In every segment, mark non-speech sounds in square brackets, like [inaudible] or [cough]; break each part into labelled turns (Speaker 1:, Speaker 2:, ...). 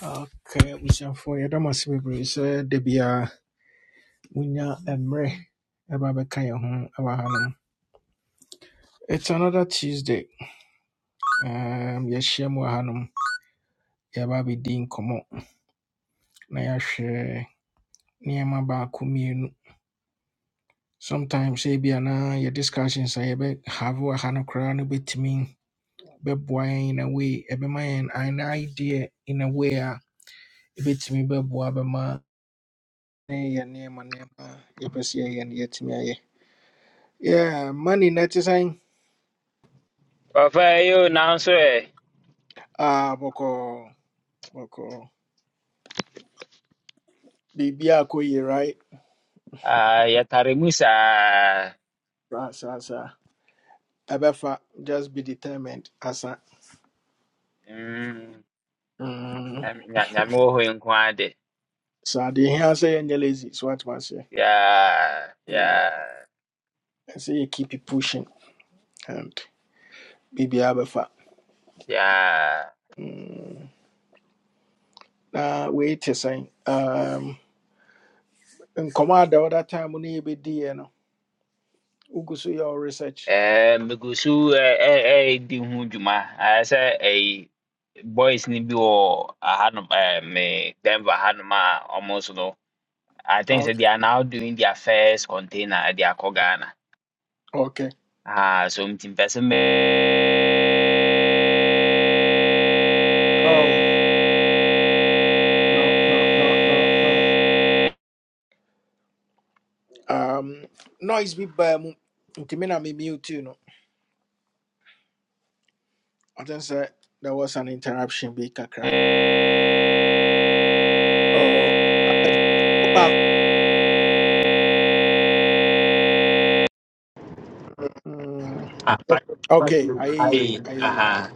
Speaker 1: Okay, abusuafoɔ yɛda mo ase bebree sɛ da biara monya mmerɛ ɛba bɛka yɛn ho wɔ hanom. It's another Tuesday. Um, yɛahyia mu wɔ hanom. Yɛaba abɛdi nkɔmmɔ na yɛahwɛ nneɛma baako mmienu. Sometimes ebia na yɛ discussions a yɛbɛhave wɔ ha no koraa no bɛtumi bɛboa yɛn in a way, ɛbɛma yɛn an idea in a way a ɛbɛtumi bɛboa bɛma ne yɛ nneɛma nneɛma a yɛpɛ sɛ yɛyɛ no yɛatumi ayɛ. Yeah, money na ɛte sɛn
Speaker 2: Papa, you now say,
Speaker 1: ah bɔkɔ bɔkɔ biribiaa kɔ yie right
Speaker 2: ah, yatarimusa.
Speaker 1: saa saa saa ɛbɛfa just be determined asa
Speaker 2: Mm,
Speaker 1: Mm,
Speaker 2: nyamu ho inkwade.
Speaker 1: saa deɛ ɛhia sɛ yɛnyɛ lazy so what, watoma aseɛ
Speaker 2: Yeah, yeah,
Speaker 1: ɛsɛ yɛ keep it pushing and biribiaa bɛfa
Speaker 2: yeah.
Speaker 1: Mm, na wait a sɛn um, nkɔmmɔ a the other time we be yɛbɛdiiɛ no wogu so yɛ wo research
Speaker 2: Eh, migusu eh eh eh di ho dwuma. I say eh boys ni bi wɔ ahanom eh me Denver hanom a almost no. I think say
Speaker 1: okay
Speaker 2: they are now doing their first container at their Ghana.
Speaker 1: Okay.
Speaker 2: Ah, so mtimpese me
Speaker 1: oh no no no no no Um, noise bi baa mu nti me na me mute no. I think sɛ there was an interruption bi kakra. Oh, baako. Mm,
Speaker 2: Ah,
Speaker 1: okay, ayɛ yie,
Speaker 2: I, aha.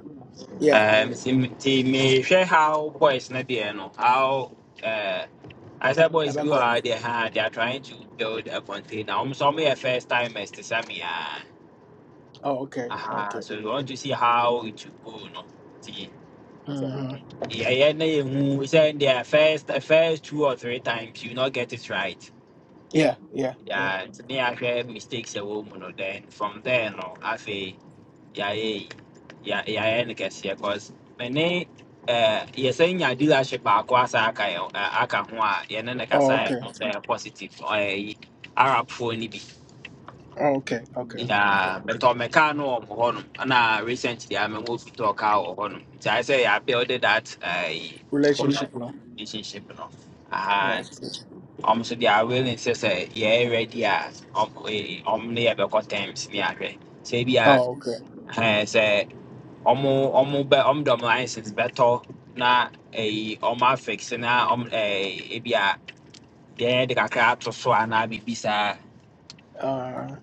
Speaker 1: Yeah, ayɛ
Speaker 2: Um,
Speaker 1: yie.
Speaker 2: see, see me. mehwɛ how boys not deɛ no how uh, I said boys bi wɔ
Speaker 1: Ɛbɛkɔ.
Speaker 2: ha deɛ they are trying to build a container wɔn nso wɔyɛ first timers te sɛ me ara.
Speaker 1: Oh, okay,
Speaker 2: aha
Speaker 1: okay.
Speaker 2: so we want to see how it will go no ti
Speaker 1: Mm-hmm.
Speaker 2: yɛyɛ na yɛhu sɛ their first uh, first two or three times you not get it right
Speaker 1: Yeah, yeah, yeah.
Speaker 2: yeah nti ne yɛahwɛ mistakes a ɛwɔ no then from there no I say. Yeah, yeah, yeah. no kɛseɛ cause me ne eh, yɛsɛ nya dealership baako asa aka yɛ- eh, aka ho a yɛne ne kasa
Speaker 1: Oh,
Speaker 2: yɛ
Speaker 1: okay,
Speaker 2: ho sɛ ɛyɛ positive ɔyɛ yi arabfoɔ no bi
Speaker 1: oh, okay, okay, okay.
Speaker 2: I'm me car no wɔ mo hɔnom na recently I'm moved to a mewɔ fitɔ car wɔ hɔnom nti ayɛ sɛ yɛabuilde that eh, yi,
Speaker 1: Relationship no.
Speaker 2: relationship no
Speaker 1: That's
Speaker 2: and
Speaker 1: good.
Speaker 2: ɔm so de are willing sɛ sɛ yɛyɛ ready a ɔm eh, ɔm ne yɛbɛkɔ terms ne ahwɛ sɛ ebia
Speaker 1: Oh, okay.
Speaker 2: eh, ɔmo ɔmo bɛ om dom ɔmo license bɛtɔ na eh, ɔmo afix na om eh. ebi a deɛ de kakra ato so anaa biribi
Speaker 1: Uh,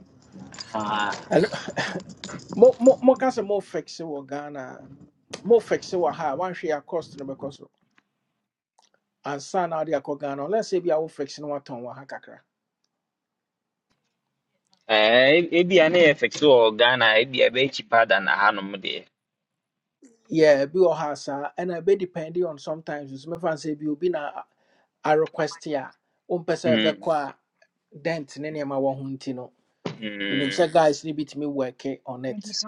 Speaker 2: Ah,
Speaker 1: and [laughs] mo mo mo kasa mo fixe wɔ Ghana. Mo fixe wɔ ha. One share cost no And na wode the ghana let's say bi a wo friction watɔn wɔ ha kakra
Speaker 2: Eh, ebi a na yɛ fix wɔ Ghana, ebi be cheaper than hanom deɛ.
Speaker 1: yeah be wɔ ha saa ɛna ɛbɛ depending on sometimes nso mɛfa sɛ bi be na a request a Um, sɛ be
Speaker 2: Mm,
Speaker 1: a dent ne nneɛma wɔ ho nti no menim sɛ
Speaker 2: mm,
Speaker 1: guys ne work on it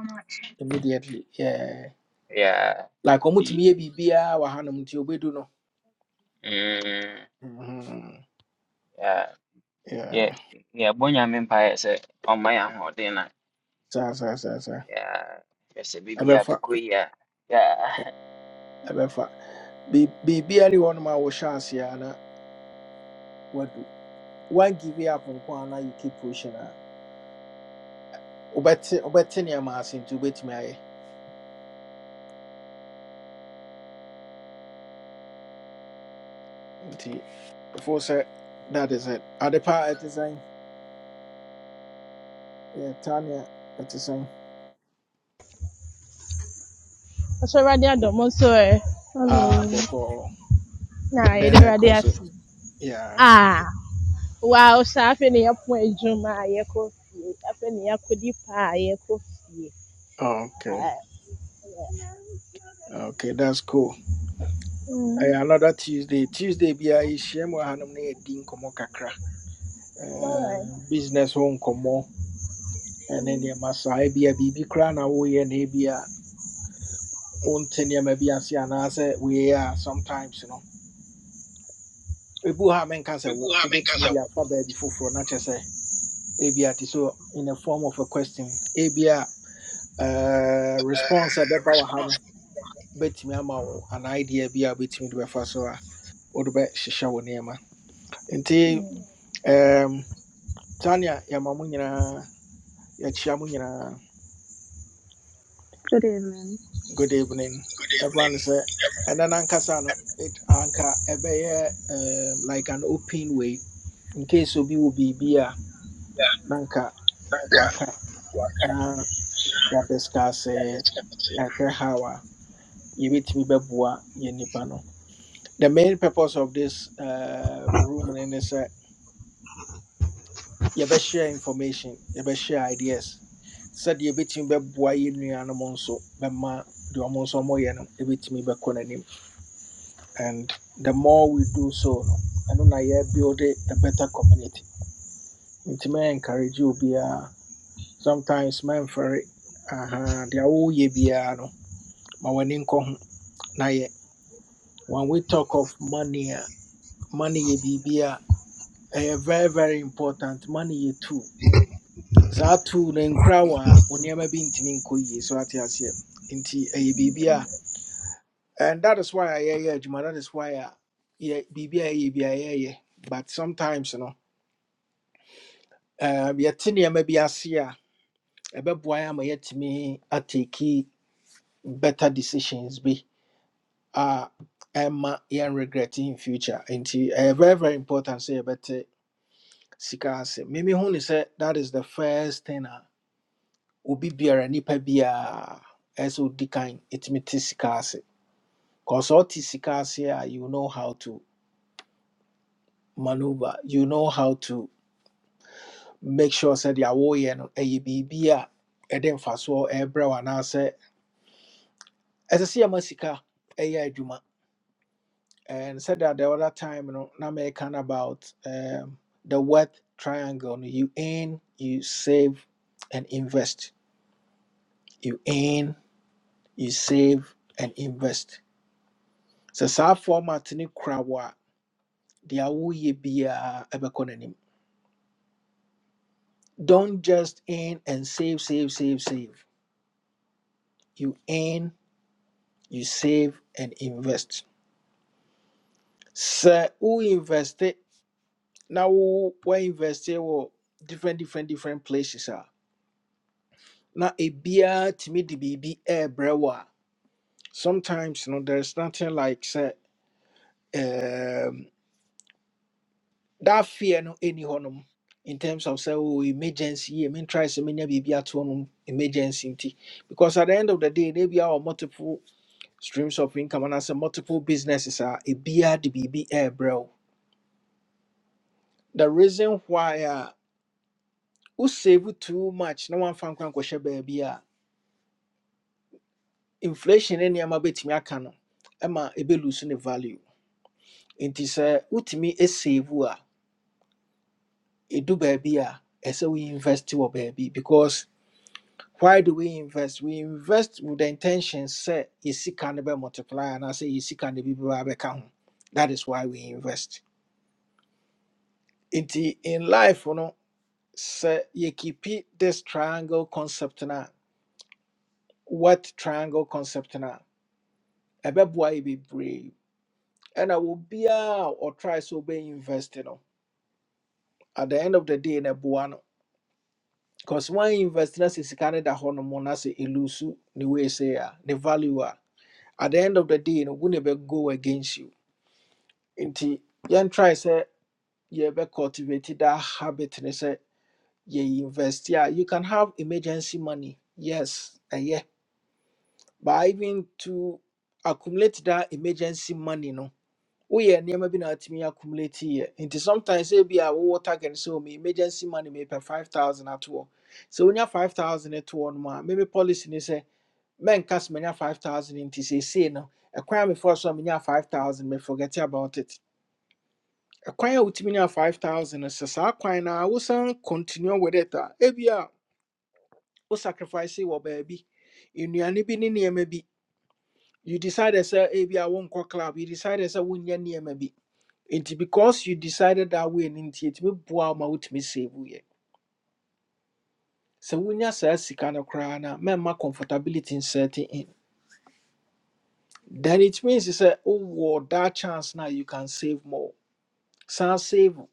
Speaker 1: immediately yeah
Speaker 2: yeah,
Speaker 1: like
Speaker 2: ti-
Speaker 1: ɔmotumi yɛ biribiaa wɔ hanom nti obɛdu no
Speaker 2: mm,
Speaker 1: Mhm.
Speaker 2: yeah, yɛ-
Speaker 1: yeah
Speaker 2: yɛbɔ Nyame mpaeɛ sɛ ɔmma yɛn ahoɔden na,
Speaker 1: saa saa saa saa
Speaker 2: yeah, hwɛ sɛ baabi a
Speaker 1: ɛbɛfa
Speaker 2: bɛkɔ yi yeah.
Speaker 1: ɛbɛfa Bi- be ne hɔ nom a wohyɛ aseɛ a na wadu Why give it up on a na you keep pushing a wobɛte wobɛte nneɛma ase nti wobɛtumi ayɛ nti before sɛ that is it ade ɛte sɛn yɛta nea ɛte sɛn
Speaker 3: Ɔsɔre Ade adom nso ɛ
Speaker 1: Ah,
Speaker 4: Hello.
Speaker 1: bɔkɔɔ
Speaker 3: na yɛde
Speaker 1: then
Speaker 3: Awurade
Speaker 1: ɛkɔ so
Speaker 3: ase.
Speaker 1: yeah
Speaker 3: Ah, wow, saa afei na yɛapo adwuma a fie. Afei na yɛakɔdi pa a fie.
Speaker 1: okay
Speaker 3: Ah,
Speaker 1: okay that's cool ɛyɛ
Speaker 3: mm,
Speaker 1: another tuesday tuesday biara yɛhyia mu wɔ hanom na yɛdi nkɔmmɔ kakra
Speaker 3: all right.
Speaker 1: Eh, business ho nkɔmmɔ ɛne nneɛma saa ebia biribi koraa na woyɛ na ebia wonte nneɛma bi ase anaasɛ woyɛ a sometimes no ebu ha menka sɛ
Speaker 3: People
Speaker 1: wo-
Speaker 3: have been
Speaker 1: wobɛtumi
Speaker 3: cancer
Speaker 1: de
Speaker 3: will
Speaker 1: afa baabi foforɔ na kyɛ sɛ ebia te sɛ in the form of a question ebia uh,
Speaker 3: uh,
Speaker 1: response a ɛbɛba wɔ ha
Speaker 3: response.
Speaker 1: no bɛtumi ama wo an idea bi a wobɛtumi de bɛfa so a wode bɛhyehyɛ wo nneɛma nti
Speaker 3: Good
Speaker 1: um, tania yɛma mo nyinaa yɛkyia mo nyinaa
Speaker 4: Good evening.
Speaker 1: good evening everyone.
Speaker 3: evening.
Speaker 1: ne sɛ ɛnɛ no ankasa no it anka ɛbɛyɛ um, like an open way in case obi wɔ biribi a
Speaker 3: Yeah,
Speaker 1: na anka
Speaker 3: thank you.
Speaker 1: waka
Speaker 3: Yeah,
Speaker 1: na yɛadiscuss
Speaker 3: yeah,
Speaker 1: yɛahwɛ how a yɛbɛtumi bɛboa yɛ nnipa no the main purpose of this uh, room no ne sɛ yɛbɛshare information yɛbɛshare ideas sɛdeɛ yɛbɛtumi bɛboa yɛ nnuanom nso bɛma deɛ ɔmo nso ɔmoyɛ no ɛbɛtumi bɛkɔ n'anim and the more we do so no ɛno na yɛbuild a better community nti mɛ encourage obiara sometimes mɛmfɛre aha deɛ woyɛ biara no ma w'ani nkɔ ho na yɛ. when we talk of money a, money yɛ biribi a ɛyɛ very very important money yɛ tool saa tool no nkura wɔ a wo nneɛma bi ntumi nkɔ yie so ate aseɛ nti ɛyɛ biribi a and that is why a yɛyɛ adwuma that is why a yɛ biribi a yɛyɛ bi a yɛyɛ but sometimes no um, yɛte nneɛma bi ase a ɛbɛboa yɛ ama yɛatumi ateki better decisions bi a ɛma yɛn regret in future nti ɛyɛ very very important sɛ yɛbɛte sika ase mimi hu ne sɛ that is the first thing a obi biara nipa biara ɛsɛ odi kan ɛtumi te sika ase cause ɔte sika ase a you know how to maneuver you know how to make sure sɛ deɛ awoyɛ no ɛyɛ biribi a ɛde mfasoɔ ɛbrɛ wo anaasɛ ɛsɛ sɛ yɛma sika ɛyɛ adwuma and said that the other time no na mekan about um, the wealth triangle no you earn you save and invest you earn you save and invest So, saa format ne kora wo a deɛ woyɛ n'anim don't just earn and save save save save you earn you save and invest Sir, sɛ woinveste Now, wo woinveste wɔ different different different places a Now, ebiara tumi de biribi ɛɛbrɛ wo a brewer. sometimes no there's nothing like sɛ that fear no any honum in terms of say oh emergency I mean try some many be at home um, emergency nti. because at the end of the day maybe our multiple streams of income and as a multiple businesses are a beer the BB air bro the reason why uh who save too much no one fan kwan kwahye baby a inflation ne nneɛma betumi aka no ɛma ebe lose ne value nti sɛ wotumi save a edu baabi a ɛsɛ we invest wɔ baabi because why do we invest? We invest with the intention say yesika ne be multiply and I say yesika ne bi ba be ka ho. That is why we invest. Inti in life you know say you keep it this triangle concept na what triangle concept na ɛbɛboa yɛ bebree ɛna obiaa a ɔtry sɛ ɔbɛyɛ invest no at the end of the day na ɛboa no because one invest na sɛ sika no da hɔ no mu na sɛ ɛlusu ne wei sɛ a ne value a at the end of the day no wo ne bɛgo against you nti yɛn try say sɛ yɛbɛ cultivate that habit ne say yɛ invest yeah you can have emergency money yes eh, yeah. but even to accumulate that emergency money no we are nneɛma bi na atumi accumulate yɛ nti sometimes say be a wowɔ target so me emergency money mepɛ five thousand at atoɔ sɛ wonya five thousand toɔ no mu maybe policy ne sɛ mɛnka sɛ manya five thousand inti say seesei no a crime mefoɔ so many five thousand May forget about it A kwan a wotumi nya 5000 no sɛ saa kwan no wosan continue with it a ebia wo sacrifice wɔ baabi nnuane bi ne nneɛma bi you decided sɛ ebia wonkɔ club you decided sɛ wonyɛ nneɛma bi nti because you decided that way no nti ɛtumi boa wo ma wotumi save woyɛ sɛ wonya saa sika no koraa no a comfortability nsetting in then it means sɛ wowɔ that chance now you can save more san save wo,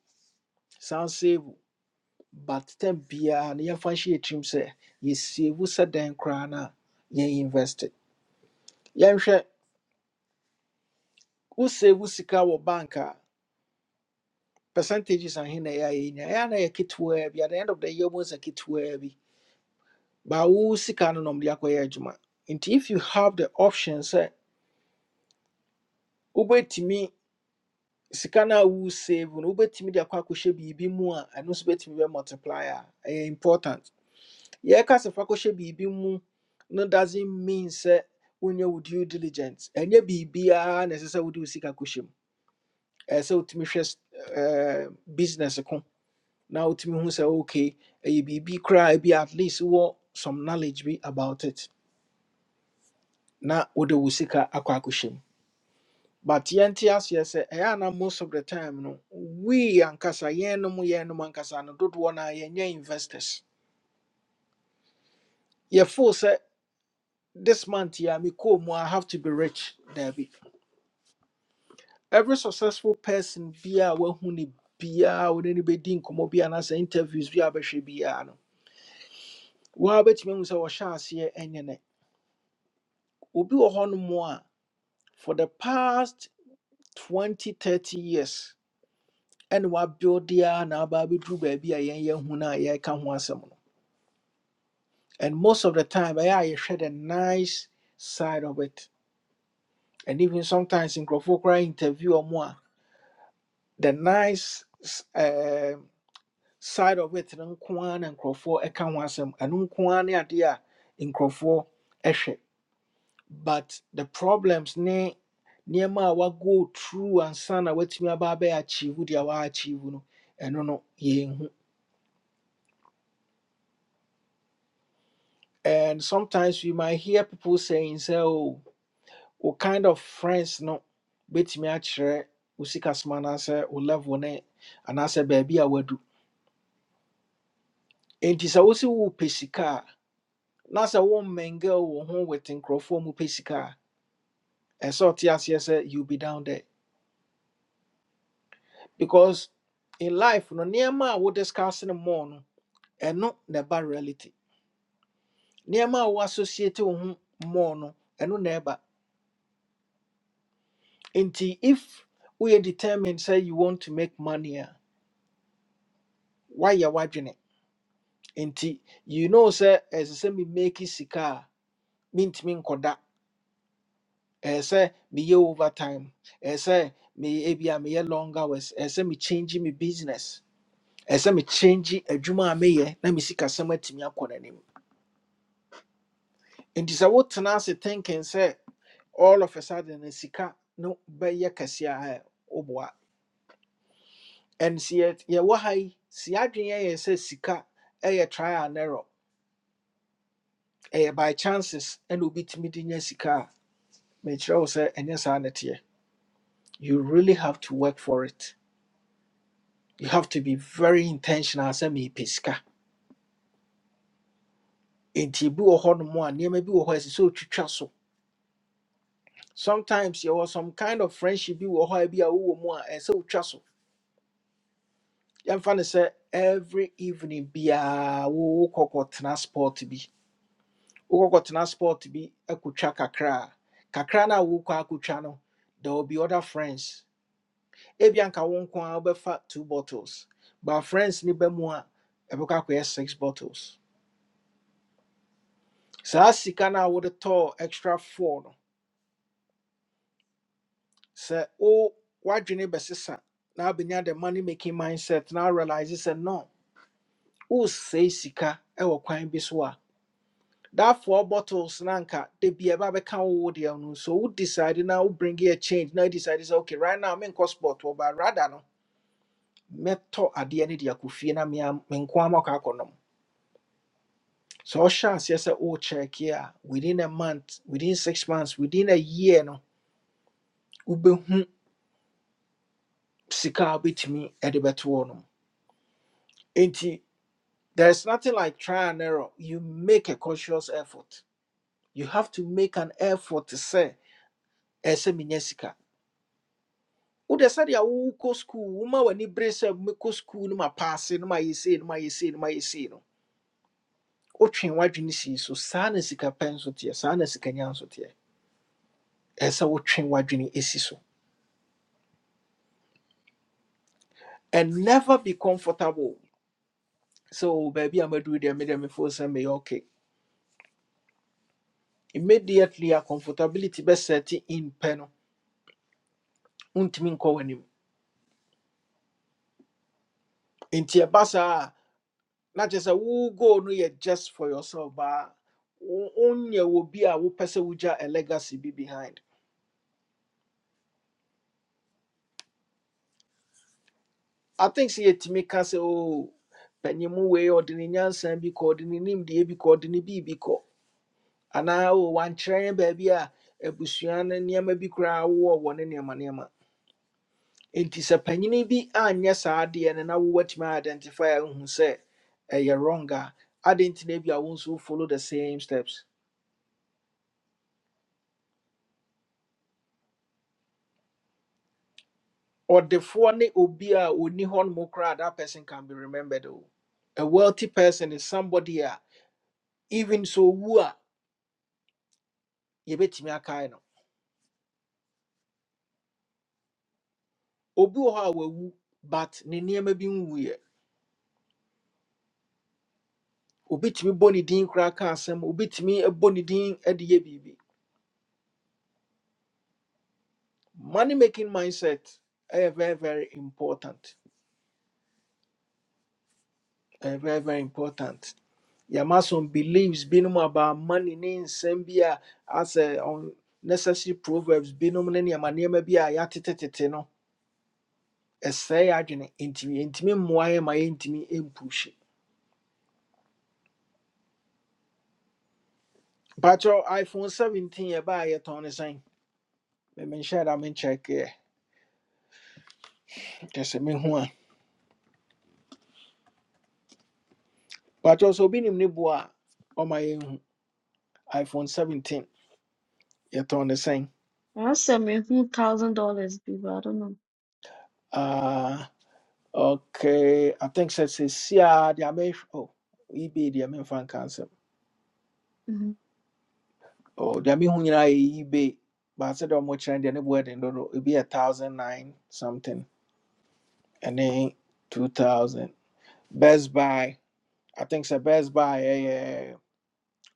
Speaker 1: san save wo. but tam biara no yɛmfa nhyɛ yɛtirim sɛ yɛsiewu sɛ dɛn koraa no a yɛn invest it. yɛnhwɛ woseewu sika wɔ bank a percentages ahe na ɛyɛ a yɛnya ɛyɛ a na yɛ ketewaa bi at the end of the year mu sɛ ketewaa bi baa wo sika no na ɔmde akɔyɛ adwuma nti if you have the option sɛ wobɛtumi sika no a wo save no wobɛtumi de akɔ akɔhyɛ biribi mu a ɛno nso bɛtumi bɛ multiply a ɛyɛ important yɛkasa fa kɔhyɛ biribi mu no doesn't mean sɛ wonyɛ wo due diligence ɛnyɛ biribiara na ɛsɛ sɛ wode wo sika kɔhyɛ mu ɛɛ sɛ wotumi hwɛ s- ɛɛ, business ko na wotumi hu sɛ okay ɛyɛ biribi koraa bi at least wɔ some knowledge bi about it na wode wo sika akɔ akɔhyɛ mu but yɛnte aseɛ sɛ ɛyɛ ana most of the time no we ankasa yɛnom yɛnom ankasa no dodoɔ no a yɛnyɛ investors yɛfoo sɛ this month yeah, me come, I have to be rich, Debbie. every successful person bia wahu ne bia wo ne no bɛdi nkɔmmɔ bi anaasɛ interviews bi a wobɛhwɛ biaa no woa wobɛtumi ahu sɛ wɔhyɛ aseɛ ɛnyɛ ne obi wɔ hɔ no mo a for the past 20, 30 years, and ɛne wabuilde a na aba abɛduru baabi a yɛn yɛahu no a yɛreka ho asɛm no and most of the time ɛyɛ a yɛhwɛ the nice side of it and even sometimes in nkurɔfoɔ koraa interview ɔmo a the nice side of it no nko ara na nkurɔfoɔ ɛka ho asɛm ɛno nko ara ne adeɛ a nkurɔfoɔ ɛhwɛ but the problems ne nneɛma wa go through ansa na watumi aba abɛyɛ achieve deɛ waachieve no ɛno no yɛnhu and sometimes we might hear people saying sɛ oh, what kind of friends no bɛtumi akyerɛ wo sika soma anaasɛ wo level ne anaasɛ baabi a wadu enti sɛ wo se wopɛ sika a na sɛ wommɛngɛ wo ho wete nkurɔfoɔ mu pɛ sika a And so Tiasia said, You'll be down there. Because in life, no nearma we discuss in the morning, and no never reality. Nearma we associate with more no, and no never. Until if we are determined, say you want to make money, a, why you watching it? Until you know, say, as I say me make it sika, mint min koda. As say me ye overtime. As say me ebia me ye long hours. As say me changing me business ɛsɛ me change adwuma a meyɛ na me sikasɛm atumi akɔ n'anim nti sɛ wotena ase thinking sɛ all of a sudden no sika no bɛyɛ kɛseɛ a woboa ɛn yet, yɛ- yɛwɔ ha yi si adwene yɛ sɛ sika ɛyɛ trial and error ɛyɛ by chances ɛna obitumi de nya sika a mekyerɛ wo sɛ ɛnyɛ saa ne teɛ you really have to work for it you have to be very intentional sɛ meepɛ sika nti ebi wɔ hɔnom a nneɛma bi wɔ hɔ a ɛsɛ sɛ otwitwa so sometimes there was some kind of friendship bi wɔ hɔ a bi a wowɔ mu a ɛsɛ sɛ wotwa so yɛmfa ne sɛ every evening biaa wo wokɔkɔtena sport bi wokɔkɔtena sport bi akotwa kakra a kakra no a wokɔ akotwa no there will be other friends ebia nka wo nko a wobɛfa two bottles but friends ne ba mu a ɛbɛkɔ akɔyɛ six bottles saa sika no a wode tɔɔ extra four no sɛ wo woadwene bɛsesa na abɛnya the money making mindset na realize sɛ no wosɛe sika wɔ kwan bi so a that four bottles na anka da bi ɛba bɛka wo wo deɛ no so wo decide na wo bring a change na wo decide sɛ okay right now menkɔ sport wɔ ba rather no meto adeɛ no de akɔ fie na mea- menko ama kɔ akɔnom sɛ ɔhyɛ aseɛ sɛ check here within a month within six months within a year no wobɛhu sika a wobɛtumi de bɛto hɔ nom enti there's nothing like trial and error you make a conscious effort you have to make an effort to say. ɛsɛ menya sika wode sɛdeɛ wokɔ skuul woma w'ani bere sɛ mekɔ skuul no mapaase no mayɛ sei no mayɛ sei no mayɛ sei no wotwe w'adwene sii so saa na sika pɛ nso teɛ saa na sikanya nso teɛ ɛsɛ sɛ wotwe w'adwene ɛsi so and never be comfortable sɛ o baabi a maduru deɛ medeɛ mefo sɛ meyɛ okay immediately a comfortability bɛsɛte in pɛ no wontumi nkɔ w'anim nti ɛba saa na kyerɛ sɛ wo goal no yɛ just for yourself but only will be bi a wopɛ sɛ wogya a legacy be behind i think sɛ yɛtumi ka sɛ Oh, panyimu wei or ne nyansan bi kɔ ɔde ne nimdeɛ bi kɔ ɔde ne biribi kɔ anaa o wankyerɛ yɛn baabi a abusua no nneɛma bi koraa wowɔ wɔ ne nneɛma nneɛma enti sɛ panyini bi anyɛ saa adeɛ no na wowatumi identify a wohu sɛ ɛyɛ wrong a adɛn nti na bi a wo nso follow the same steps Or the phone obia ɔni hɔ nom that person can be remembered Oh. A wealthy person is somebody a even so owu a yɛbɛtumi no obi wɔ hɔ a wawu but ne nneɛma bi nwuyɛ obitumi bɔ ne din koraa ka asɛm obitumi bɔ ne din de yɛ biribi money making mindset ɛyɛ very very important ɛyɛ very very important yɛma some beliefs binom about money ne nsɛm bi a asɛ on necessary proverbs binom ne nneɛma nneɛma bi a yɛatetetete no ɛsɛe yɛ adwene ntimi ntimi mmoa yɛ ma yɛntimi mpuhye patrɔ iphone 17 yɛbaa yɛtɔn no sɛn memenhyɛ da menkyɛkeɛ kyɛ sɛ mehu a patrɔ sɛ obi nim ne boa a ɔma yɛnhu iphone 17 yɛtɔn no sɛn
Speaker 4: That's seventy thousand dollars, people. I don't know.
Speaker 1: Ah, okay i think sɛ sɛsi a deɛ mɛhwɛ oh, ebay deɛ memfa nka nsɛm
Speaker 4: Mhm.
Speaker 1: Oh, deɛ mehu nyinaa yɛ ebay But baasɛ deɛ ɔmokyerɛ no deɛ ne boa den dodo ebi yɛ 1009 something and then 2000 best buy I think sɛ best buy ɛyɛ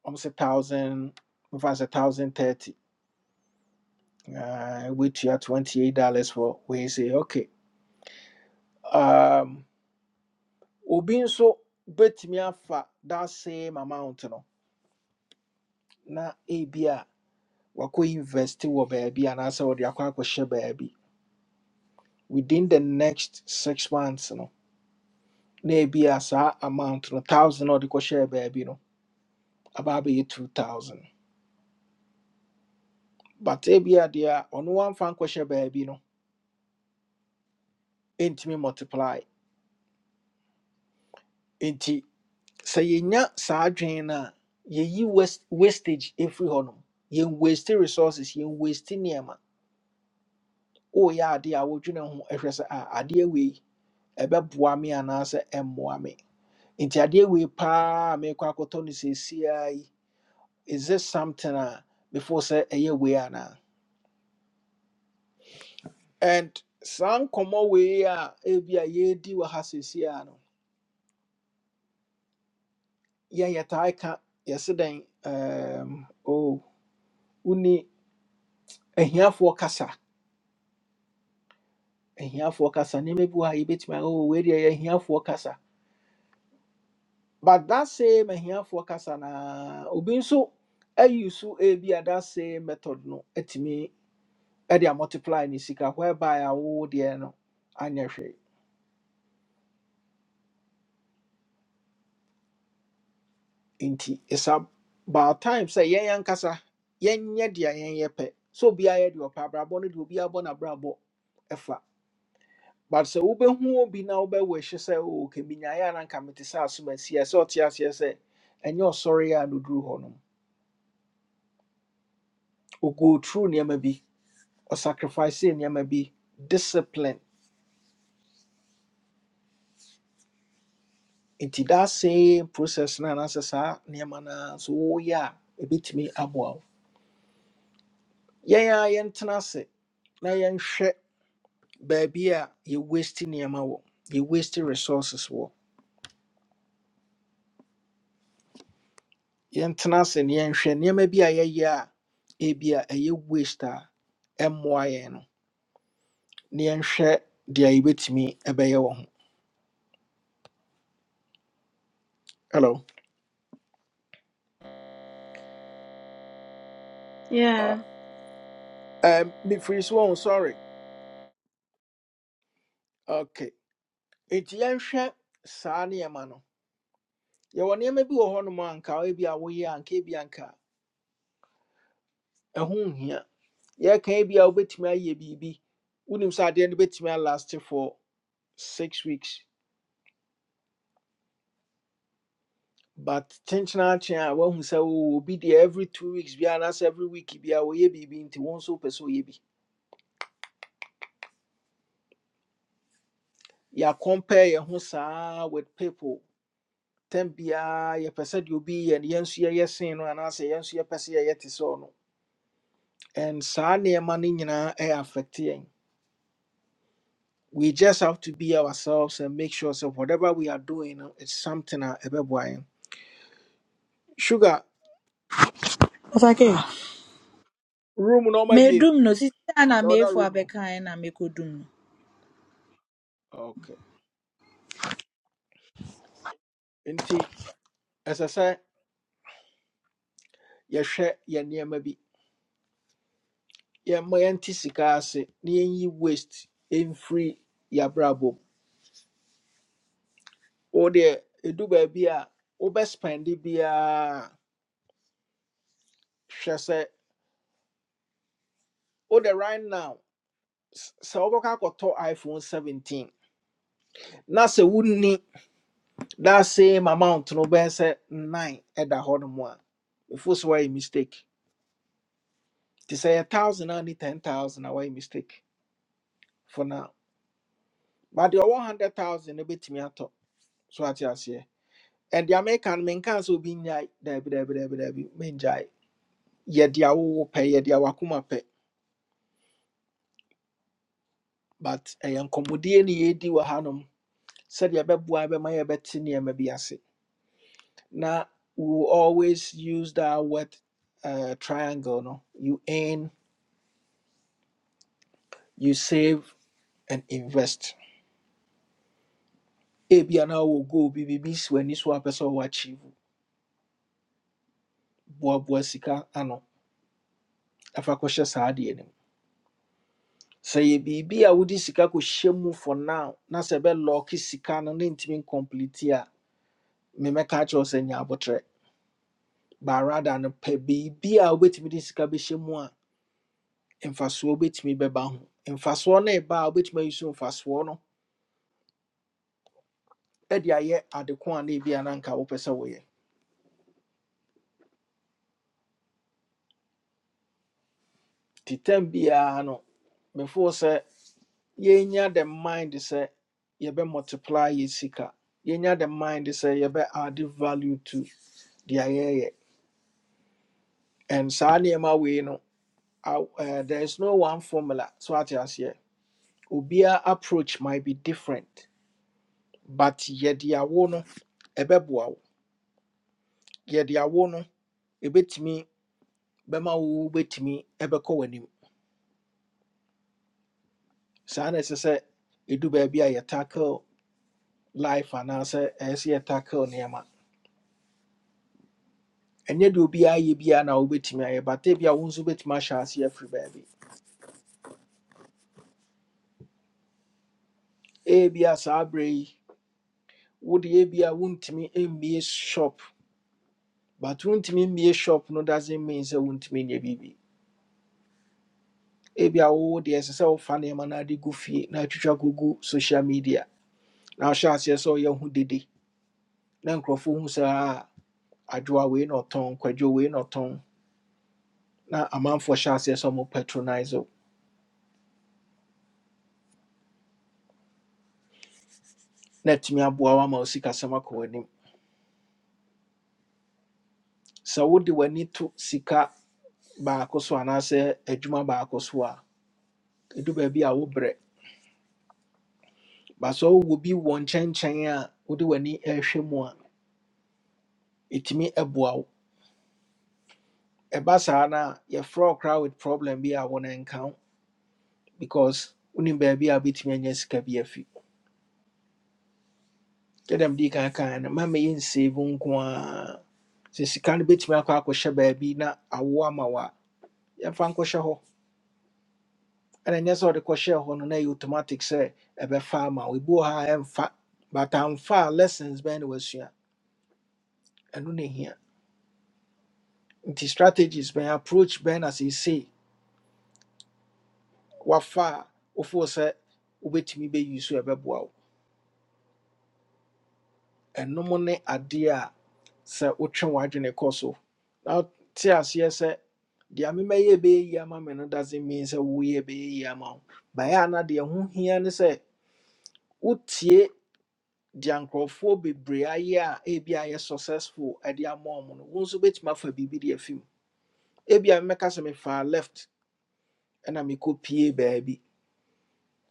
Speaker 1: almost a thousand mefa sɛ thousand thirty uh, woatua twenty eight dollars for wei sɛ okay um, Obin so, bet me afa that same amount no na ebi a wakɔ invest wɔ baabi anaasɛ wɔde akɔ akɔhyɛ baabi within the next six months no na ebi a saa amount no thousand a ɔde kɔhyɛɛ baabi no aba abɛyɛ two thousand but ebi a deɛ a ɔno wamfa nkɔhyɛ baabi no ɛntumi multiply nti sɛ yɛnya saa adwene no a yɛyi wast- wastage ɛfiri hɔ nom yɛn waste resources yɛn waste nneɛma woyɛ adeɛ a wodwene ho ɛhwɛ sɛ a adeɛ wei ɛbɛboa me anaasɛ ɛmmoa me nti adeɛ wei paa a merekɔ akɔtɔ no seesiaa yi is this something a before sɛ ɛyɛ wei anaa and saa nkɔmmɔ wei a ebi a yɛredi wɔ ha seesiaa no yɛn yɛtaa ka yɛse dɛn um, oh, woni ahiafoɔ kasa ahiafoɔ kasa nneɛma bi wɔ ha yɛbɛtumi ahɔ wɔ wei deɛ ɛyɛ ahiafoɔ kasa but that same ahiafoɔ kasa na obi nso ayi so ebi a that same method no atumi ɛde a multiply ne sika whereby a wo deɛ no anyɛ hwee nti it's about time sɛ yɛn yɛn kasa yɛnyɛ deɛ yɛn yɛ pɛ sɛ obiara yɛ deɛ ɔpɛ abrabɔ no deɛ obiara bɔ n'abrabɔ ɛfa but sɛ wobɛhu obi na wobɛwɔ ahyɛ sɛ o kɛmi nyaeɛ a na nka mete sɛ asoma si ɛ sɛ ɔte aseɛ sɛ ɛnyɛ ɔsɔre a no duru hɔ no. We go through nneɛma bi or sacrifice nneɛma bi discipline nti that same process na na saa nneɛma na ara nso woyɛ a ɛbɛtumi aboa wo yɛn a yɛntena ase na yɛnhwɛ baabi a yɛwaste nneɛma wɔ yɛwaste resources wɔ yɛntena ase na yɛnhwɛ nneɛma bi a yɛyɛ a ebi a ɛyɛ waste a ɛmmoa yɛn no na yɛnhwɛ deɛ yɛbɛtumi ɛbɛyɛ wɔ ho hello
Speaker 4: Yeah.
Speaker 1: uh, um, mefiri so wɔn sorry okay nti yɛnhwɛ saa nneɛma no yɛwɔ nneɛma bi wɔ hɔnom a anka ebi a woyɛ anka ebi anka ɛho nhia yɛka ebi a wobɛtumi ayɛ biribi wonim sɛ adeɛ no bɛtumi alaste for six weeks but kyenkyena akyen a woahu sɛ wowɔ bi deɛ every two weeks bi anaasɛ every week bi a wɔyɛ biribi nti wo nso wopɛ sɛ woyɛ bi yɛacompare yɛn ho saa with people tam biaa yɛpɛ sɛ deɛ obi yɛ no yɛn nso yɛyɛ sen no anaasɛ yɛn nso yɛpɛ sɛ yɛyɛ te sɛ ɔno and saa nneɛma no nyinaa ɛyɛ affect yɛn we just have to be ourselves and make sure so whatever we are doing uh, it's something uh ebeboy sugar
Speaker 5: Pastor K.
Speaker 1: room no maybe
Speaker 5: medum no sisi a na
Speaker 1: the other
Speaker 5: meefu
Speaker 1: room no
Speaker 5: abɛkan na mekodum
Speaker 1: okay nti as i say yɛhwɛ yɛn nneɛma bi yɛmma yɛnte sika ase na yɛnyi waste mfiri yɛabrabɔ mu wo deɛ ɛdu baabi a wobɛspɛnde biaa hwɛ sɛ wo de right now s- sɛ wobɛkɔ akɔtɔ iphone 17 na sɛ wonni that same amount no bɛyɛ sɛ nine ɛda hɔ nom a ɛfo sɛ woayɛ mistake nti sɛ yɛ thousand a ne ten thousand a woayɛ mistake for now but deɛ ɔwɔ hundred thousand no bɛtumi atɔ so ate aseɛ and deɛ meka no menkaa sɛ obi nnyae daabi daabi daabi daabi mengyae yɛde a wowɔ pɛ yɛde a wakoma pɛ but ɛyɛ nkɔmmɔdie ne yɛdi wɔ hanom sɛdeɛ ɛbɛboa bɛma yɛbɛte nneɛma bi ase na we will always use that word uh, triangle no you earn, you save and invest. Ebia na wo go bi bibi si w'ani so a wopɛ sɛ ɔwɔ achieve boa boa sika ano afa kɔhyɛ saa adeɛ no mu. Sɛ yɛ a wode sika kɔhyɛ mu for now na sɛ ɛbɛlɔɔke sika no ne ntumi nkɔmplete a memɛka kyerɛw sɛ nya abotrɛ. But rather no pe biribi a wobɛtumi de sika bɛhyɛ mu a mfasoɔ bɛtumi bɛba ho. Mfasoɔ no ɛba a wobɛtumi ayi so mfasoɔ no e de ayɛ adeko a na ebia na anka wopɛ sɛ woyɛ. Nti tam biara no, before sɛ Yenya the mind sɛ yɛbɛ multiply yɛ sika yɛnya the mind sɛ yɛbɛ add value to the yɛyɛ and saa nneɛma wei no aw- eh, there is no one formula so ate aseɛ obiara approach might be different but yɛde awo no ɛbɛboa wo yɛde awo no ɛbɛtumi bɛma wo wobɛtumi ɛbɛkɔ w'anim saa na ɛsɛ sɛ ɛdu baabi a yɛ tackle life anaasɛ ɛyɛ sɛ yɛ tackle nneɛma ɛnyɛ deɛ obiara yɛ biara na wobɛtumi ayɛ bata ebia wo nso wobɛtumi ahyɛ aseɛ afiri baabi ebia saa berɛ yi wode ebia wontumi mmie shop but wontumi mmie shop no doesn't mean sɛ wontumi nyɛ biribi ebia wowo deɛ ɛsɛ sɛ wofa nneɛma no ade gu fie na atwitwa kɔgu social media na ahyɛ aseɛ sɛ ɔyɛ ho dede na nkurɔfoɔ hu sɛ a adwoa wei na ɔtɔn kwadwo wei na ɔtɔn na amanfoɔ hyɛ aseɛ sɛ ɔmo patronize wo na atumi aboa wo ama wo sikasɛm akɔ w'anim sɛ wode w'ani to sika baako so anaasɛ adwuma baako so a ɛdu baabi a wobrɛ ba sɛ wowɔ bi wɔ nkyɛnkyɛn a wode w'ani ɛhwɛ mu a ɛtumi ɛboa wo ɛba saa no a yɛfrɛ wo koraa with problem bi a wo no nka wo because wonim baabi a wobɛtumi anya sika bi afi yɛdam dii kan kan no ma mɛyɛ nsave nko a sɛ sika no bɛtumi akɔ akɔhyɛ baabi na awo ama wo a yɛmfa nkɔhyɛ hɔ ɛna ɛnyɛ sɛ wɔde kɔhyɛɛ hɔ no na ɛyɛ automatic sɛ ɛbɛfa ama wo ebi wɔ ha a ɛmfa but amfa a lessons bɛn na wasua ɛno na ehia nti strategies bɛn approach bɛn na seesei wafa a wofoɔ sɛ wobɛtumi bɛyi so a ɛbɛboa wo ɛnom ne adeɛ a sɛ wotwe w'adwene kɔ so na te aseɛ sɛ deɛ memɛyɛ bɛyɛ yi ama me no doesn't mean sɛ woyɛ bɛyɛ yi ama wo baeɛ a na deɛ ho hia ne sɛ wotie deɛ nkurɔfoɔ bebree ayɛ a ebi ayɛ successful ɛde ama ɔmo no wo nso bɛtumi afa biribi de afi mu ebi a mɛka sɛ mefaa left ɛna mekɔ pie baabi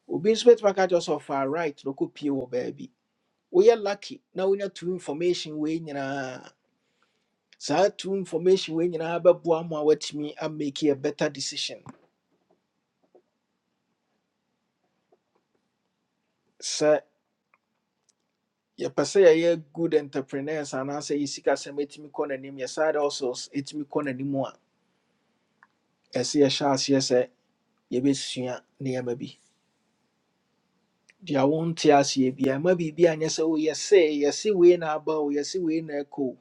Speaker 1: obi nso bɛtumi aka kyerɛ wo sɛ ɔfaa right na ɔkɔpie wɔ baabi woyɛ lucky na wonya two information wei nyinaa saa two information wei nyinaa bɛboa ma woatumi amake a better decision sɛ yɛpɛ sɛ yɛyɛ good entrepreneurs anaasɛ yɛ sikasɛm ɛtumi kɔ n'anim yɛ side hustles ɛtumi kɔ n'anim a ɛsɛ yɛhyɛ aseɛ sɛ yɛbɛsua nneɛma bi deɛ wonte aseɛ bia ma biribi anyɛ sɛ woyɛse yɛse wei na aba o yɛse wei na ɛkɔ o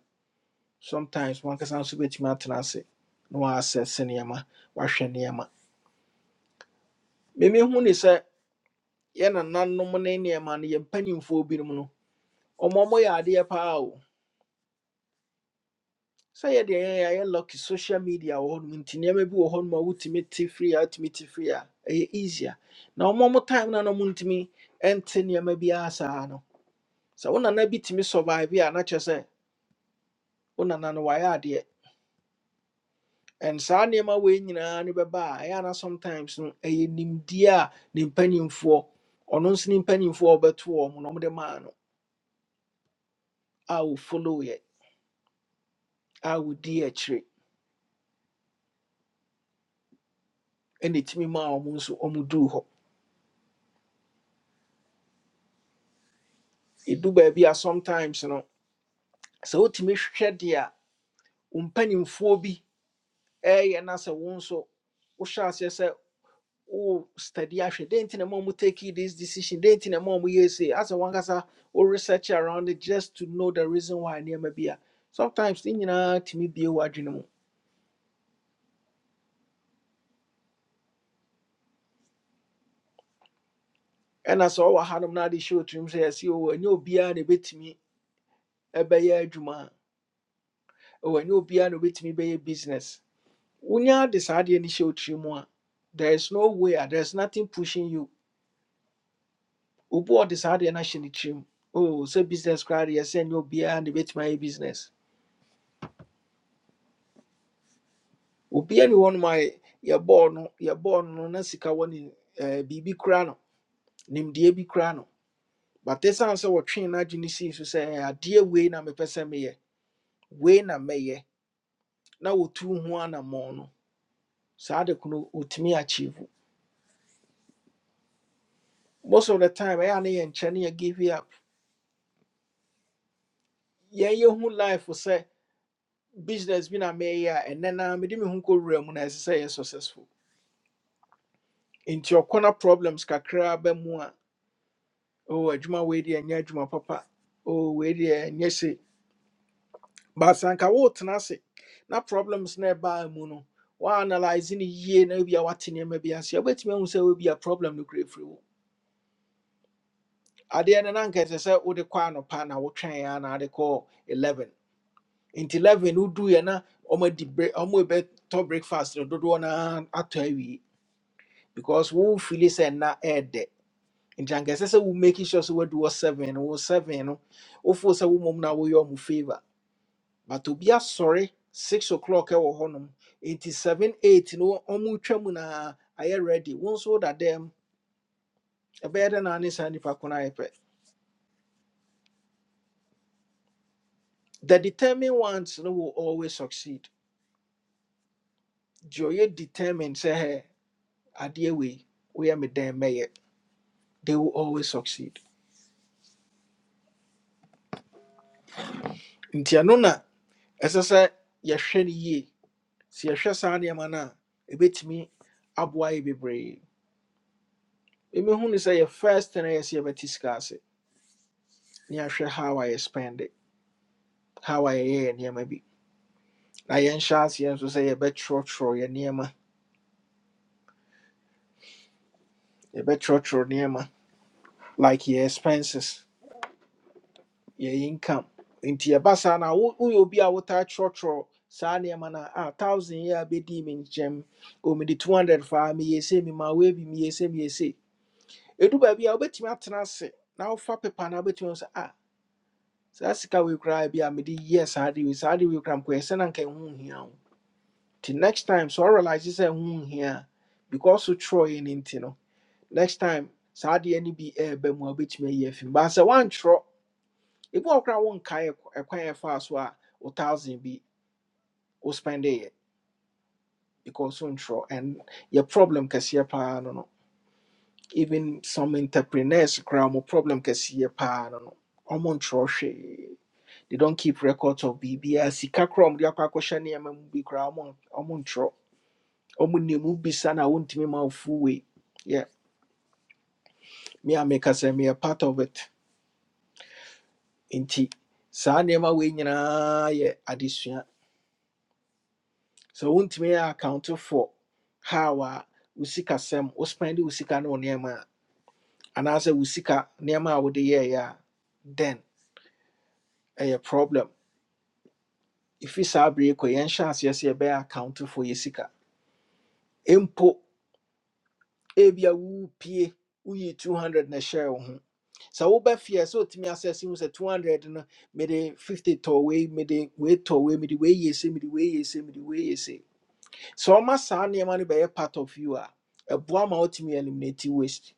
Speaker 1: sometimes one can bɛtumi atena ase na waasɛse nneɛma wahwɛ nneɛma meme hu ne sɛ yɛ nananom ne nneɛma no yɛ mpanimfoɔ binom no ɔma ɔmɔyɛ adeɛ paa o sɛ yɛdeɛ yɛyɛ a yɛ lucky social media wɔ hɔnom nti nneɛma bi wɔ hɔnom a wotumi more firi a wotumi te firi a easier Now, ɔma ɔmo time no a na ɔmontumi ɛnte nneɛma biara saa no sɛ wo I bi tumi survive yeah, na just say, wo nana no wayɛ adeɛ And saa nneɛma wei nyinaa ne bɛba a ɛyɛ ana sometimes no ɛyɛ nimdeɛ a ne mpanimfoɔ ɔno nso ne mpanimfoɔ a wɔbɛto wɔn na wɔde maa no a wɔfollowyɛ a wɔdi akyire ɛna ɛtumi maa wɔn nso wɔduu hɔ ɛdu baabi a sometimes no sɛ wotumi hwɛ deɛ a wo mpanimfoɔ bi ɛɛyɛ na sɛ wo nso wohyɛ aseɛ sɛ Oh, study ahwɛ dɛn nti in a ɔmo take this decision dɛn nti na ma ɔmo yɛ sei asɛ wankasa wo research around it just to know the reason why near may be a sometimes thing ne nyinaa tumi bie w'adwene mu ɛna sɛ ɔwɔ hanom na ade hyɛ otirim say I see oh obiara na ɛbɛtumi ɛbɛyɛ adwuma a bit me a bayer juma or ɛwɔ ɛnyɛ obiara na obɛtumi bɛyɛ business wonya de saa adeɛ no hyɛ otirim mu a there is no way there is nothing pushing you obi a ɔde saa adeɛ no ahyɛ ne tirim o sɛ business koraa deɛ sɛ ɛnyɛ obiara na ɛbɛtumi business obiara wɔ no ma yɛbɔɔ no yɛbɔɔ no no na sika wɔ eh, biribi kora no nimdeɛ bi kora no but ɛsiane sɛ wɔtwee no agye ne sii so sɛ "Eh, adeɛ wei na mepɛ sɛ meyɛ wei na mɛyɛ na wɔtu ho anammɔn no saa de kono ɔtumi achieve most of the time ɛyɛ a ne yɛ nkyɛ ne yɛ give it up yɛn yɛhu life sɛ business bi na meyɛ a ɛnɛ naa mede me ho kɔwura mu na ɛsɛ sɛ yɛ successful nti ɔkɔna problems kakra ba mu a oh adwuma wei deɛ ɛnyɛ adwuma papa oh wei deɛ but sɛ anka wotena ase na problems na ɛbaa mu no woanalyse no yie na ebia woate nneɛma bi ase obetime hu se obi a, wobɛtumi ahu sɛ wobia problem no kura firi wo adeɛ no na anka ɛsɛ sɛ wode kɔ anɔpa na wotwɛn a na ade kɔɔ 11 nti 11 woduiɛ na ɔmadi bre- be to breakfast no dodoɔ no ara atɔ awie because wofili sɛ nna ɛɛdɛ nti anka ɛsɛ sɛ wo make sure sɛ do wɔ 7 no wo 7 no wofoo sɛ wo mmom na woyɛ ɔmo favour but to be a sorry, six o'clock ɛwɔ hɔnom nti seven eight no ɔmo twa mu na ayɛ ready wɔn nso that them. ɛbɛyɛ dɛ na ne saa nipa ko no ayɛ pɛ the determined ones no will always succeed deɛ ɔyɛ determined sɛ hɛ adeɛ wei woyɛ me dɛn mɛyɛ they will always succeed nti ɛno na ɛsɛ sɛ yɛhwɛ no yie sɛ yɛhwɛ saa nneɛma no a ɛbɛtumi aboa yɛ bebree emehu ne sɛ yɛ first thing a yɛ sɛ yɛbɛte sika ase ne yɛahwɛ how I spend it how I yɛyɛ nneɛma bi na yɛnhyɛ aseɛ nso sɛ bet, tro tro, yɛbɛtwerɛtwerɛ nneɛma like yɛ expenses yɛ income nti your saa na wo- woyɛ obi a wotaa twerɛtwerɛ saa nneɛma no a thousand yɛ a bɛdii me nkyɛm o mede 200 faa meyɛ se mema woabi meyɛ se meyɛ se ɛdu baabi a wobɛtumi atena ase na wofa pepa no wobɛtumi sɛ a bet you ah, so that's koraa bi a mede yɛ saa de yes, saa de wei koraa mkɔyɛ sɛ na nka ɛho nhia wo nti next time So I realize this ho nhia here because wotwerɛeɛ no nti no next time saa adeɛ no bi ɛɛba be a bit ayi afi mu baa say one ebi If hɔ koraa one wonkae ɛk- ɛkwan a ɛfaa so a be, thousand spend it because wontwerɛ and yɛ problem kɛseɛ paa no no even some entrepreneurs koraa mo problem kɛseɛ paa no no ɔmo nkyerɛ hwee they don't keep records of biribiaa sika koraa a ɔmode akɔ akɔhyɛ nneɛma mu bi koraa ɔmo ɔmo nkyerɛ ɔmo nemu bisa na wontumi ma wofo wei yɛ me a meka sɛ meyɛ part of it nti saa nneɛma wei nyinaa yɛ adesua sɛ wontumi yɛ account for how a wo sikasɛm wo spɛnde wo sika ne wo nneɛma a anaasɛ wo sika nneɛma a wode yɛɛyɛ a then ɛyɛ problem ɛfiri saa bere yi kɔ yɛnhyɛ aseɛ sɛ yɛbɛyɛ account for yɛ sika mpo ebia wopie woyi 200 na ɛhyɛɛ wo ho So sɛ wobɛ feɛ sɛ otumi asɛse mu sɛ 200 no mede 50 tɔ wei mede wei tɔ wei mede wei yɛ se mede wei yɛ se mede wei yɛ se sɛ So ɔma saa nneɛma no bɛyɛ part of you a ɛboa ma wotumi eliminate waste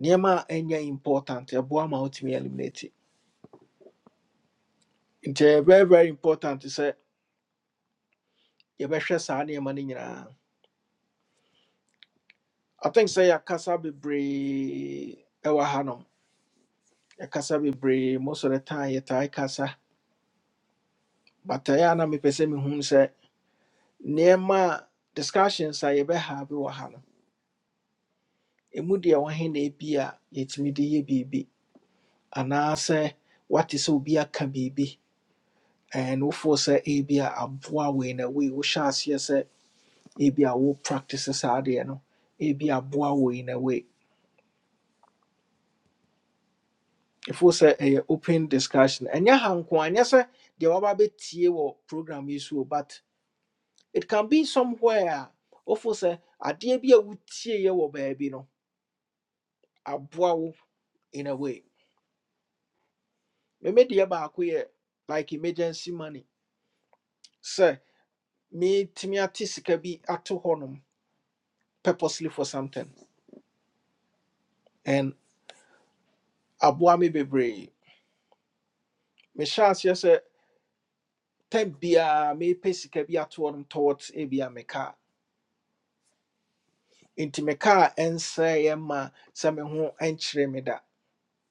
Speaker 1: nneɛma a ɛnyɛ important ɛboa ma wotumi eliminate nti ɛyɛ very very important sɛ yɛbɛhwɛ saa nneɛma no nyinaa i think sɛ yɛakasa bebree ɛwɔ ha no yɛkasa bebree most of the time yɛtae kasa but ɛyɛ a na mepɛ sɛ mehu sɛ nneɛma a discussions a yɛbɛhave wɔ ha no ɛmu deɛ wɔhe na ebi a yɛtumi de yɛ biribi anaasɛ wate sɛ obi aka biribi and wofoɔ sɛ ebi a aboa wei na wei wohyɛ aseɛ sɛ ebi a wo practice saa adeɛ no ebi aboa wei na wei ɛfoɔ sɛ ɛyɛ open discussion ɛnyɛ ha nko a, ɛnyɛ sɛ deɛ waba bɛtie wɔ program yi so o, but it can be somewhere a wofoɔ sɛ adeɛ bi a wotieɛ wɔ baabi no aboa wo in a way Me me deɛ baako yɛ like emergency money sɛ metumi ate sika bi ato hɔnom purposely for something and aboa me bebree mehyɛ aseɛ sɛ time biara mepɛ sika bi ato hɔnom towards ebia me car nti me car ɛnsɛeɛ ma sɛ me ho ɛnkyerɛ me da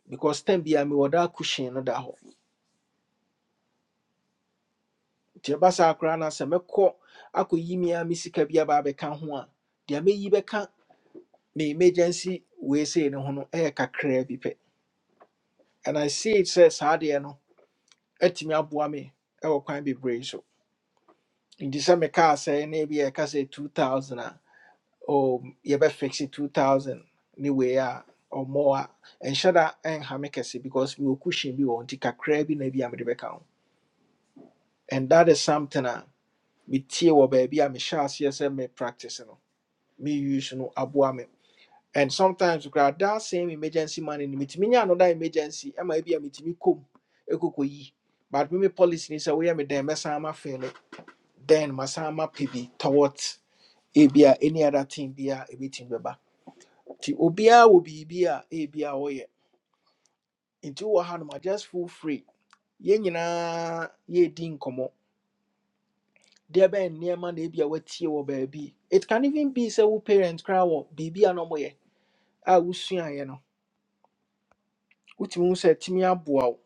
Speaker 1: because time biara mewɔ da cushion no da hɔ nti ɛba saa koraa no a sɛ mɛkɔ akɔyi me a me sika bi aba abɛka ho a deɛ mɛyi bɛka me emergency wei sei no ho no ɛyɛ kakraa bi pɛ and i see it says saa deɛ no atumi aboa me ɛwɔ kwan bebree so nti sɛ mekaa sɛ na ebi yɛka sɛ 2000 a o yɛbɛfixe 2000 ne wei a ɔmmɔ a ɛnhyɛ da ɛnha me kɛse because mewɔ cushion bi wɔ hɔ nti kakraa bi na bi a mede bɛka ho and that is something a metie wɔ baabi a mehyɛ aseɛ sɛ me practice no me use no aboa me and sometimes koraa that same emergency money no metumi nya another emergency ɛma ebi a metumi kom ekoko yi but me me policy ni sɛ woyɛ me dɛn mɛsan ma fɛlɛ then masan ma pɛ bi towards ebi a any other thing bi a ebi ti bɛba ti obiara wɔ biribi a ebi a ɔyɛ nti wɔ ha no ma just feel free yɛn nyinaa yɛredi nkɔmɔ There bɛn near na ebi a wɔatie wɔ baabi it can even be say wo parents koraa wɔ biribi a na wɔyɛ a wosuaeɛ no wotumi hu sɛ ɛtumi aboa wo.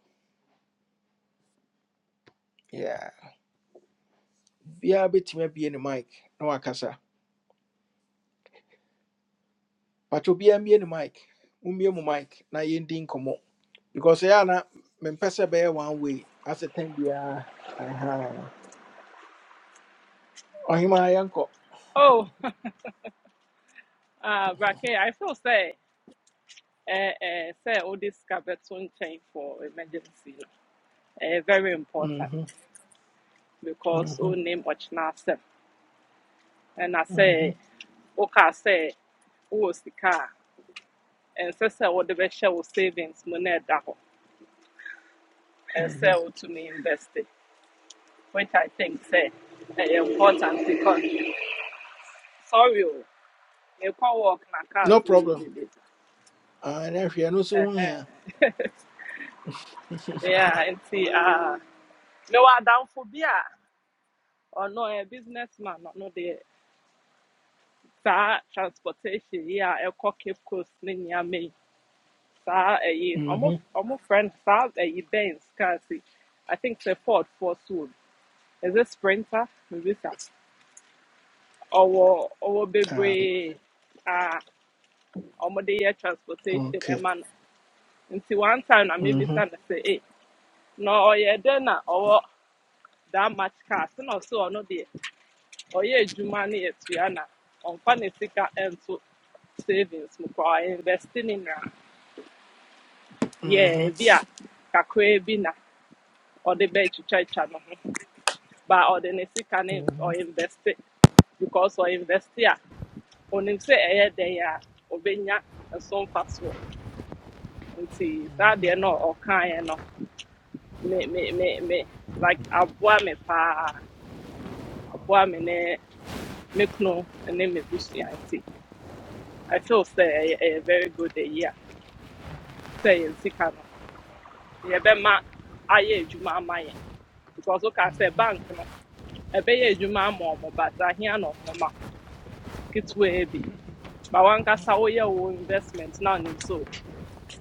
Speaker 1: biara bɛtumi abue ne mic na wakasa pakyɛ obiara mmue ne mic mummue mu mic na yɛndi nkɔmmɔ because ɛyɛ a na mempɛ sɛ ɛbɛyɛ one way asɛ tɛn biara aha ɔhema yɛnkɔ
Speaker 6: Oh, [laughs] uh, Rake, I feel say, uh, uh, say all this cabeton chain for emergency uh, very important
Speaker 1: Mhm,
Speaker 6: because
Speaker 1: mhm,
Speaker 6: all name Ochnasem. And I
Speaker 1: mhm,
Speaker 6: say, okay, say, who is the car? And say, say, what the best share was savings, money daho, and
Speaker 1: mhm.
Speaker 6: sell to me invest it, which I think say eh, important because, sorry, oh, you can't walk my cars.
Speaker 1: no
Speaker 6: ni
Speaker 1: problem
Speaker 6: yedede.
Speaker 1: Ah, ɛnɛ hwɛ ɛno nso ho hia
Speaker 6: Uh-huh. [laughs]
Speaker 1: [laughs]
Speaker 6: yeah, and see, uh, no, I down for beer. Or no, a businessman or no the sa transportation Yeah, a ɛkɔ cape coast ne nneɛma Sa saa ɛyi almost
Speaker 1: Mhm.
Speaker 6: ɔmo frɛ no saa ɛyi benz cars i think the ford ford so is it sprinter maybe sa Or or
Speaker 1: Ah,
Speaker 6: baby, ah, ɔmo the yɛ transportation ɛma
Speaker 1: okay
Speaker 6: man. Until one time i mi
Speaker 1: Mhm,
Speaker 6: bisa no sɛ e na ɔyɛ dɛ na ɔwɔ that much cars ɛna or no deɛ. ɔyɛ adwuma ne yɛtua na ɔmfa ne sika nto savings mu koraa ɔinvest ne nyinaa yɛɛ
Speaker 1: mhm.
Speaker 6: bi a kakraa bi na ɔde bɛtwitwatwa ne ho ba ɔde ne sika no in- ɔinvest because ɔinvest a onim sɛ ɛyɛ dɛn a ɔbɛnya nso mfasoɔ nti that they no or ɔkaeɛ no me me me me like aboa me paa aboa me ne me kunu ne me busua nti I feel sɛ ɛyɛ very good a year. Say in sika no be ma adwuma juma yɛn because woka say bank no ɛbɛyɛ juma ama ɔmo but ahia na ɔmo ma ketewa ebi. But ma wankasa woyɛ wo investment na ɔnim so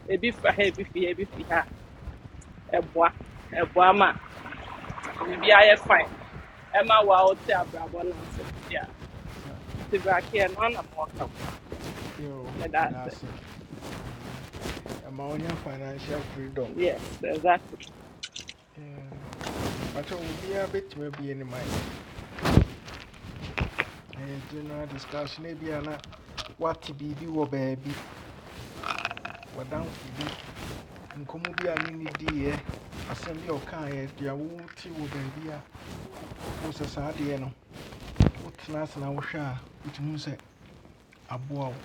Speaker 6: ebi fa ha ebi fi ebi fi ha ɛboa ɛboa ma biribi ayɛ fine Emma wa ote
Speaker 1: So,
Speaker 6: wote abrabɔ no yeah
Speaker 1: na,
Speaker 6: ti brakeɛ no ana ma wɔka
Speaker 1: yo,
Speaker 6: meda
Speaker 1: yɛda
Speaker 6: ase
Speaker 1: ase ɛma wonya financial freedom
Speaker 6: yes exactly
Speaker 1: Yeah. pakyɛ obiara bɛtumi abue ne mic general discussion ebi a na wate biribi wɔ baabi wadanfo bi nkɔmmɔ bi a ne ne diiɛ asɛm bi a ɔkaeɛ deɛ wote wɔ baabi a wo sɛ saa adeɛ no wotena ase na wohwɛ a wotumi hu sɛ aboa wo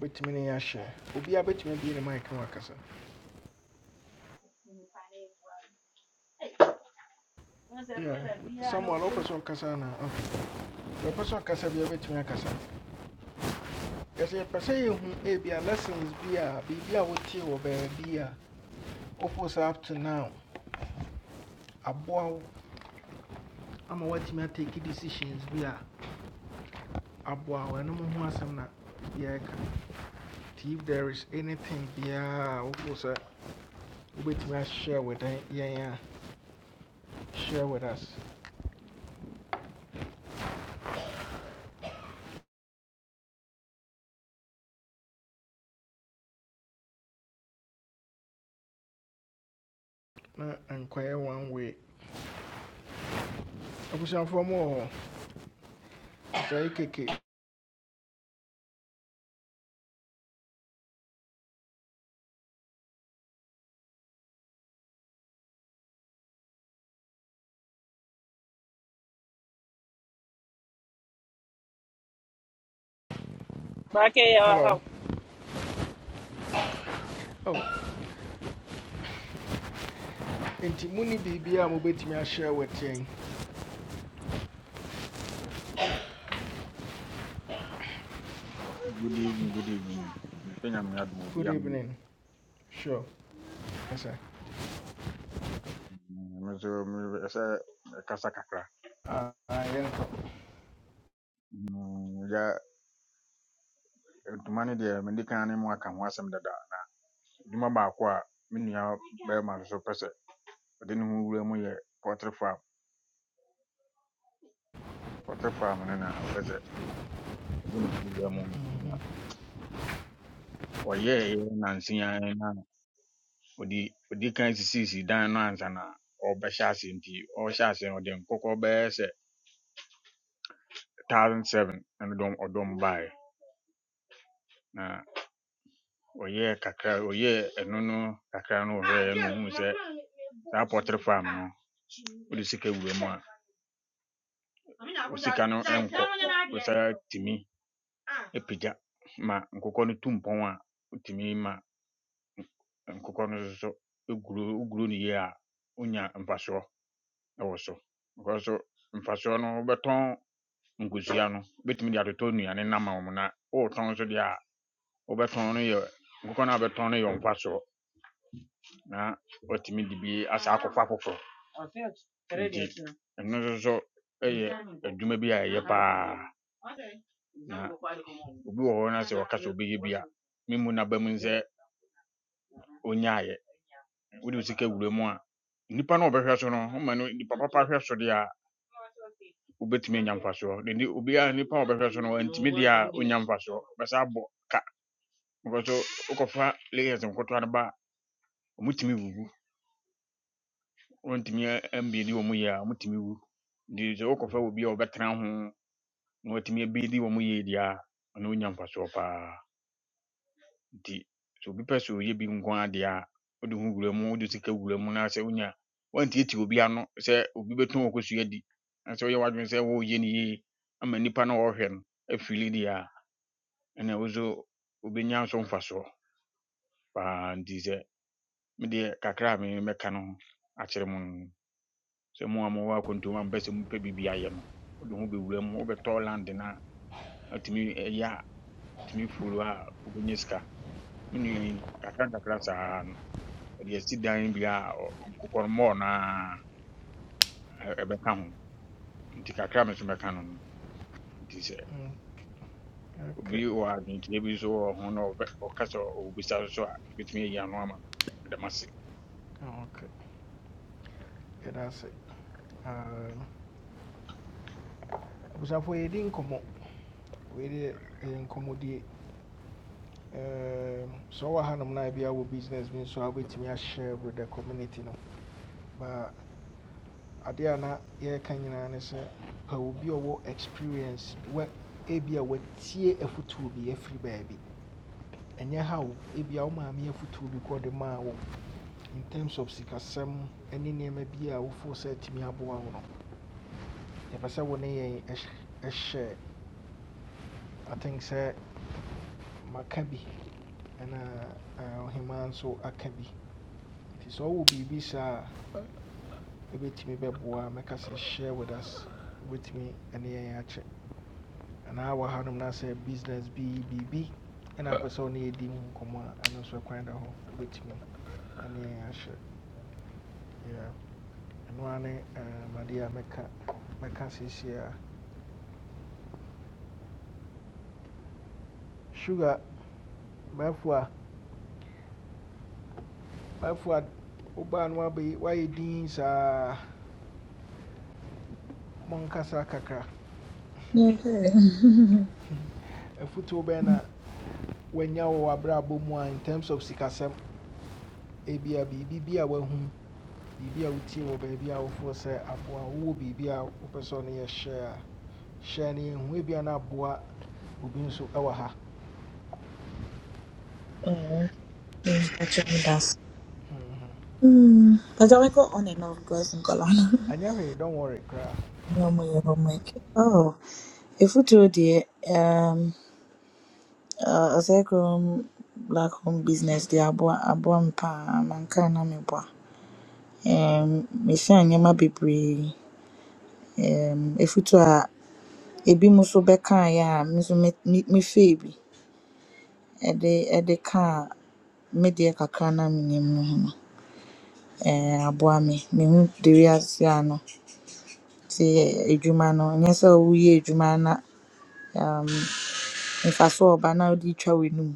Speaker 1: wobɛtumi ne yɛahyɛ obiaa bɛtumi abie ne mike no Yeah. samuel wopɛ sɛ ɔkasa na yɛpɛ sɛ ɔkasa bia wobɛtumi akasa yɛsɛ yɛpɛ sɛ yɛhu ebia lessons bi a biribi a wotee wɔ baabi a wopo up to now aboa wo I'm watching decisions take decisions, aboa wo ɛno mo ho asɛm na yɛka if there is anything yeah, wofo sɛ wobɛtumi ashare with ɛ- Yeah, share with us na nkɔyɛ one way I wish I'm for more. Say keke
Speaker 6: brakeɛ yɛ wɔ ha
Speaker 1: hello oh, enti mu ne biribiaa mobɛtumi ashare with you.
Speaker 7: Good evening, good evening. Mpe nyame adom obi
Speaker 1: good
Speaker 7: ahu.
Speaker 1: evening sure Yes, ɛsɛ
Speaker 7: Mm, Me nso me- ɛsɛ kasa kakra.
Speaker 1: yɛnkɔ
Speaker 7: Mm, Ya ntoma no deɛ mede kan ne mu aka ho asɛm dada. Dwuma baako a me nua bɛrima nso pɛ sɛ ɔde ne ho wura mu yɛ poultry farm. Poultry farm no na ɔpɛ sɛ ɔde ne ho wura mu. Na Ɔyɛɛyɛ nanse ara na ɔde ɔde kan sisiisii dan no ansa na ɔbɛhyɛ ase nti ɔhyɛ ase no ɔde nkɔkɔ bɛyɛ sɛ thousand seven ɛna ɔdɔm ɔdɔm baeɛ. wɔyɛɛ kakra wɔyɛɛ ɛno no kakra no wɔhwɛɛ no huu sɛ saa pɔtere farm no wode sika wura mu a wo sika no ɛnkɔ wosaa tumi apagya ma nkokɔ no tu mpɔn a wotumi ma nkokɔ no nso so ɛguro woguro no yie a wonya mfasoɔ ɛwɔ so nkɔ so mfasoɔ no wobɛtɔn nkosua no wobɛtumi de atotɔ nnuane no ama wo mu na wotɔn nso deɛ a wobɛtɔn no yɛ nkokɔ no a wobɛtɔn no yɛ wo mfasoɔ na watumi de bi asɛ akɔfa foforɔ nti ɛno nso so yɛ adwuma bi a ɛyɛ paa na obi wɔ hɔ na sɛ wɔka sɛ obɛyɛ bi a me mu naba mu sɛ ɔnyaayɛ wode wo sika wura mu a nnipa no a wɔbɛhwɛ so no woma no nnipa papa hwɛ so deɛ a wobɛtumi anya mfasoɔ de ne obiara nnipa a wɔbɛhwɛ so no antumi deɛ a ɔnya mfasoɔ bɛsa abɔ ka because wokɔfa layers nkotoa no ba a ɔmutumi wugu wɔntumi ambie ne wɔ mu yie a ɔmutumi wu nti sɛ wokɔfa wɔ bi a wɔbɛtena ho na watumi abɛdi wɔn yie deɛ a ɔno nya mfasoɔ paa nti sɛ obi pɛ sɛ ɔyɛ bi nko ara deɛ a wode ho wura mu wode sika wura mu na sɛ wonya wantiatia obi ano sɛ obi bɛtɔn wɔ kɔsua di na sɛ woyɛ w'adwene sɛ woyɛ no yie ama nnipa no a wɔhwɛ no afili deɛ a ɛna wo so wobɛnya nso mfasoɔ paa nti sɛ medeɛ kakra a memɛka no ho akyerɛ mu no sɛ mo a mowɔ akɔntom a mpɛ sɛ mopɛ biribi ayɛ no wode ho bɛwura mu wobɛtɔ land no a atumi ɛyɛ a atumi folo a wobɛnya sika me nua yi kakrakakra saa no ɔde asi dan bi a ɔ- nkokɔmmɔɔ no a ɛ- ɛbɛka ho nti kakra me so mɛka no no nti sɛ
Speaker 1: Mm,
Speaker 7: obi
Speaker 1: okay
Speaker 7: wɔ adwenkyerɛ bi so wɔ ho na ɔbɛ- ɔka sɛ ɔbisa so so a ɛbɛtumi ayi ano ama no meda mo ase
Speaker 1: okay yɛda ase Um, abusuafoɔ yɛdi nkɔmmɔ wei deɛ ɛyɛ nkɔmmɔdie sɛ ɔwɔ hanom no a bia wɔ business bi I a wobɛtumi ahyɛ with the community no ba adeɛ a na yɛreka nyinaa ne sɛ pa obi a ɔwɔ experience wa ebi a watie to bi afiri baabi ɛnyɛ ha wo ebi a wo maame afotuo bi kɔ de maa wo in terms of sikasɛm ne nneɛma bi a wofoo sɛ atumi aboa wo no yɛpɛ sɛ wo ne yɛn ɛhy- ɛhyɛ i think sɛ maka bi a eh, ɔhemaa nso aka bi nti sɛ ɔwɔ biribi saa a ɛbɛtumi bɛboa mɛka sɛ share with us with me. yɛn akyɛ anaa wɔ hanom na sɛ business bi biribi B. apɛ sɛ wo ne yɛdi mu nkɔmmɔ a ɛno nso ɛkwan da hɔ wobɛtumi ɛne yɛn ahyɛ Yeah. ɛno a ne um, adeɛ a mɛka mɛka sugar maafo a maafo a why no wabɛyi woayɛ din saa monkasa kakra
Speaker 5: no
Speaker 1: afotuo bɛn na wanya wɔ in terms of sikasɛm ebia biribi bi a B B B, I will. biribi a wotie wɔ baabi a wofoɔ sɛ aboa wowɔ biribi a wopɛ sɛ ɔno yɛ hyɛ a hyɛ no no obi nso ɛwɔ ha
Speaker 5: Mm, [laughs] that's that's. Hmm. But I go on and off girls in Colana.
Speaker 1: ɛnyɛ don't worry koraa
Speaker 5: No more your homework. [laughs] Oh, if you do the um, uh, a black home business, the abua abuam pa mankana meboa. Um, mehyɛ nneɛma bebree. Um, efutu a ebi mo so bɛkaeɛ a me nso me me mefɛɛ bi. ɛde ɛde kaa me deɛ kakra na menim no ho no, ɛɛ aboa me. Mehu de wiase a ano te edwuma no, ɛnyɛ sɛ woyɛ edwuma na mfasoɔ a ɔba na wode twa w'anum.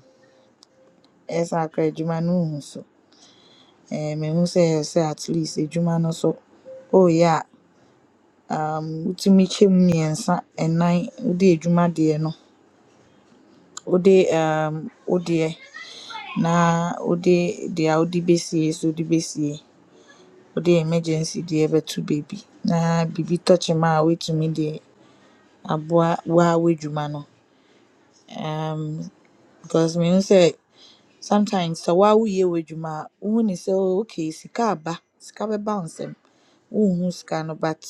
Speaker 5: Ɛyɛ saa koraa a no nnhu so. Ɛɛ mehu sɛ ɛyɛ sɛ at least edwuma no so ooyɛ a um wotumi kyɛ mu mmiɛnsa, ɛnan wode edwuma deɛ no wode um wo na wode deɛ a wode besie so de besie. wode emergency deɛ ɛbɛto baabi na biribi tɔkye wo a woetumi de aboa wo ara w'edwuma no because mehu sɛ sometimes sɛ wo ara woyɛ w'edwuma a wohu ne sɛ oh okay sika aba sika bɛba wo nsam wonnhu sika no but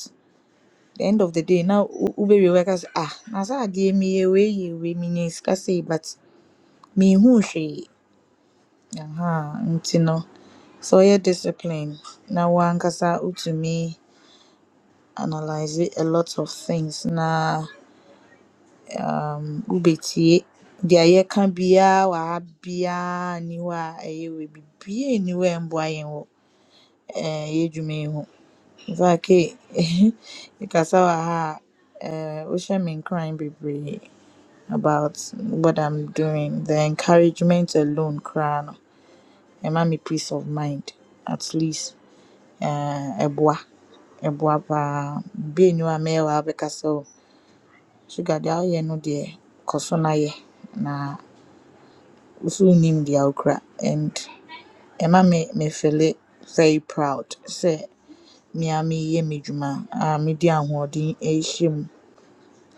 Speaker 5: the end of the day na wo- wobewie woaka sɛ ah na saa adeɛ yi meyɛɛ wei yɛɛ wei minyaa sika sei but minhuu hwee aha nti no sɛ woyɛ discipline na wo ankasa wotumi analyse a lot of things na Wobɛtie. Deɛ yɛka biara wɔ ha biara nni hɔ a ɛyɛ we. Biribiara nni hɔ a ɛmmoa yɛn wɔ ɛɛɛ yɛn dwuma yi ho. Infact ee mekasa [laughs] wɔ ha a ɛɛ wohyɛ me nkuran bebree [laughs] about what I'm doing. The encouragement alone koraa no, ɛma me peace of mind. At least eh, ɛboa. Ɛboa paa. Biribiara nni hɔ a mɛyɛ wɔ ha abɛkasa o. Sugar deɛ a woyɛ no deɛ, kɔ so na yɛ na nso nnim deɛ ɔkura and ɛma me me feeli very proud sɛ me ara mereyɛ m'adwuma a mede ahoɔden ɛrehyɛ mu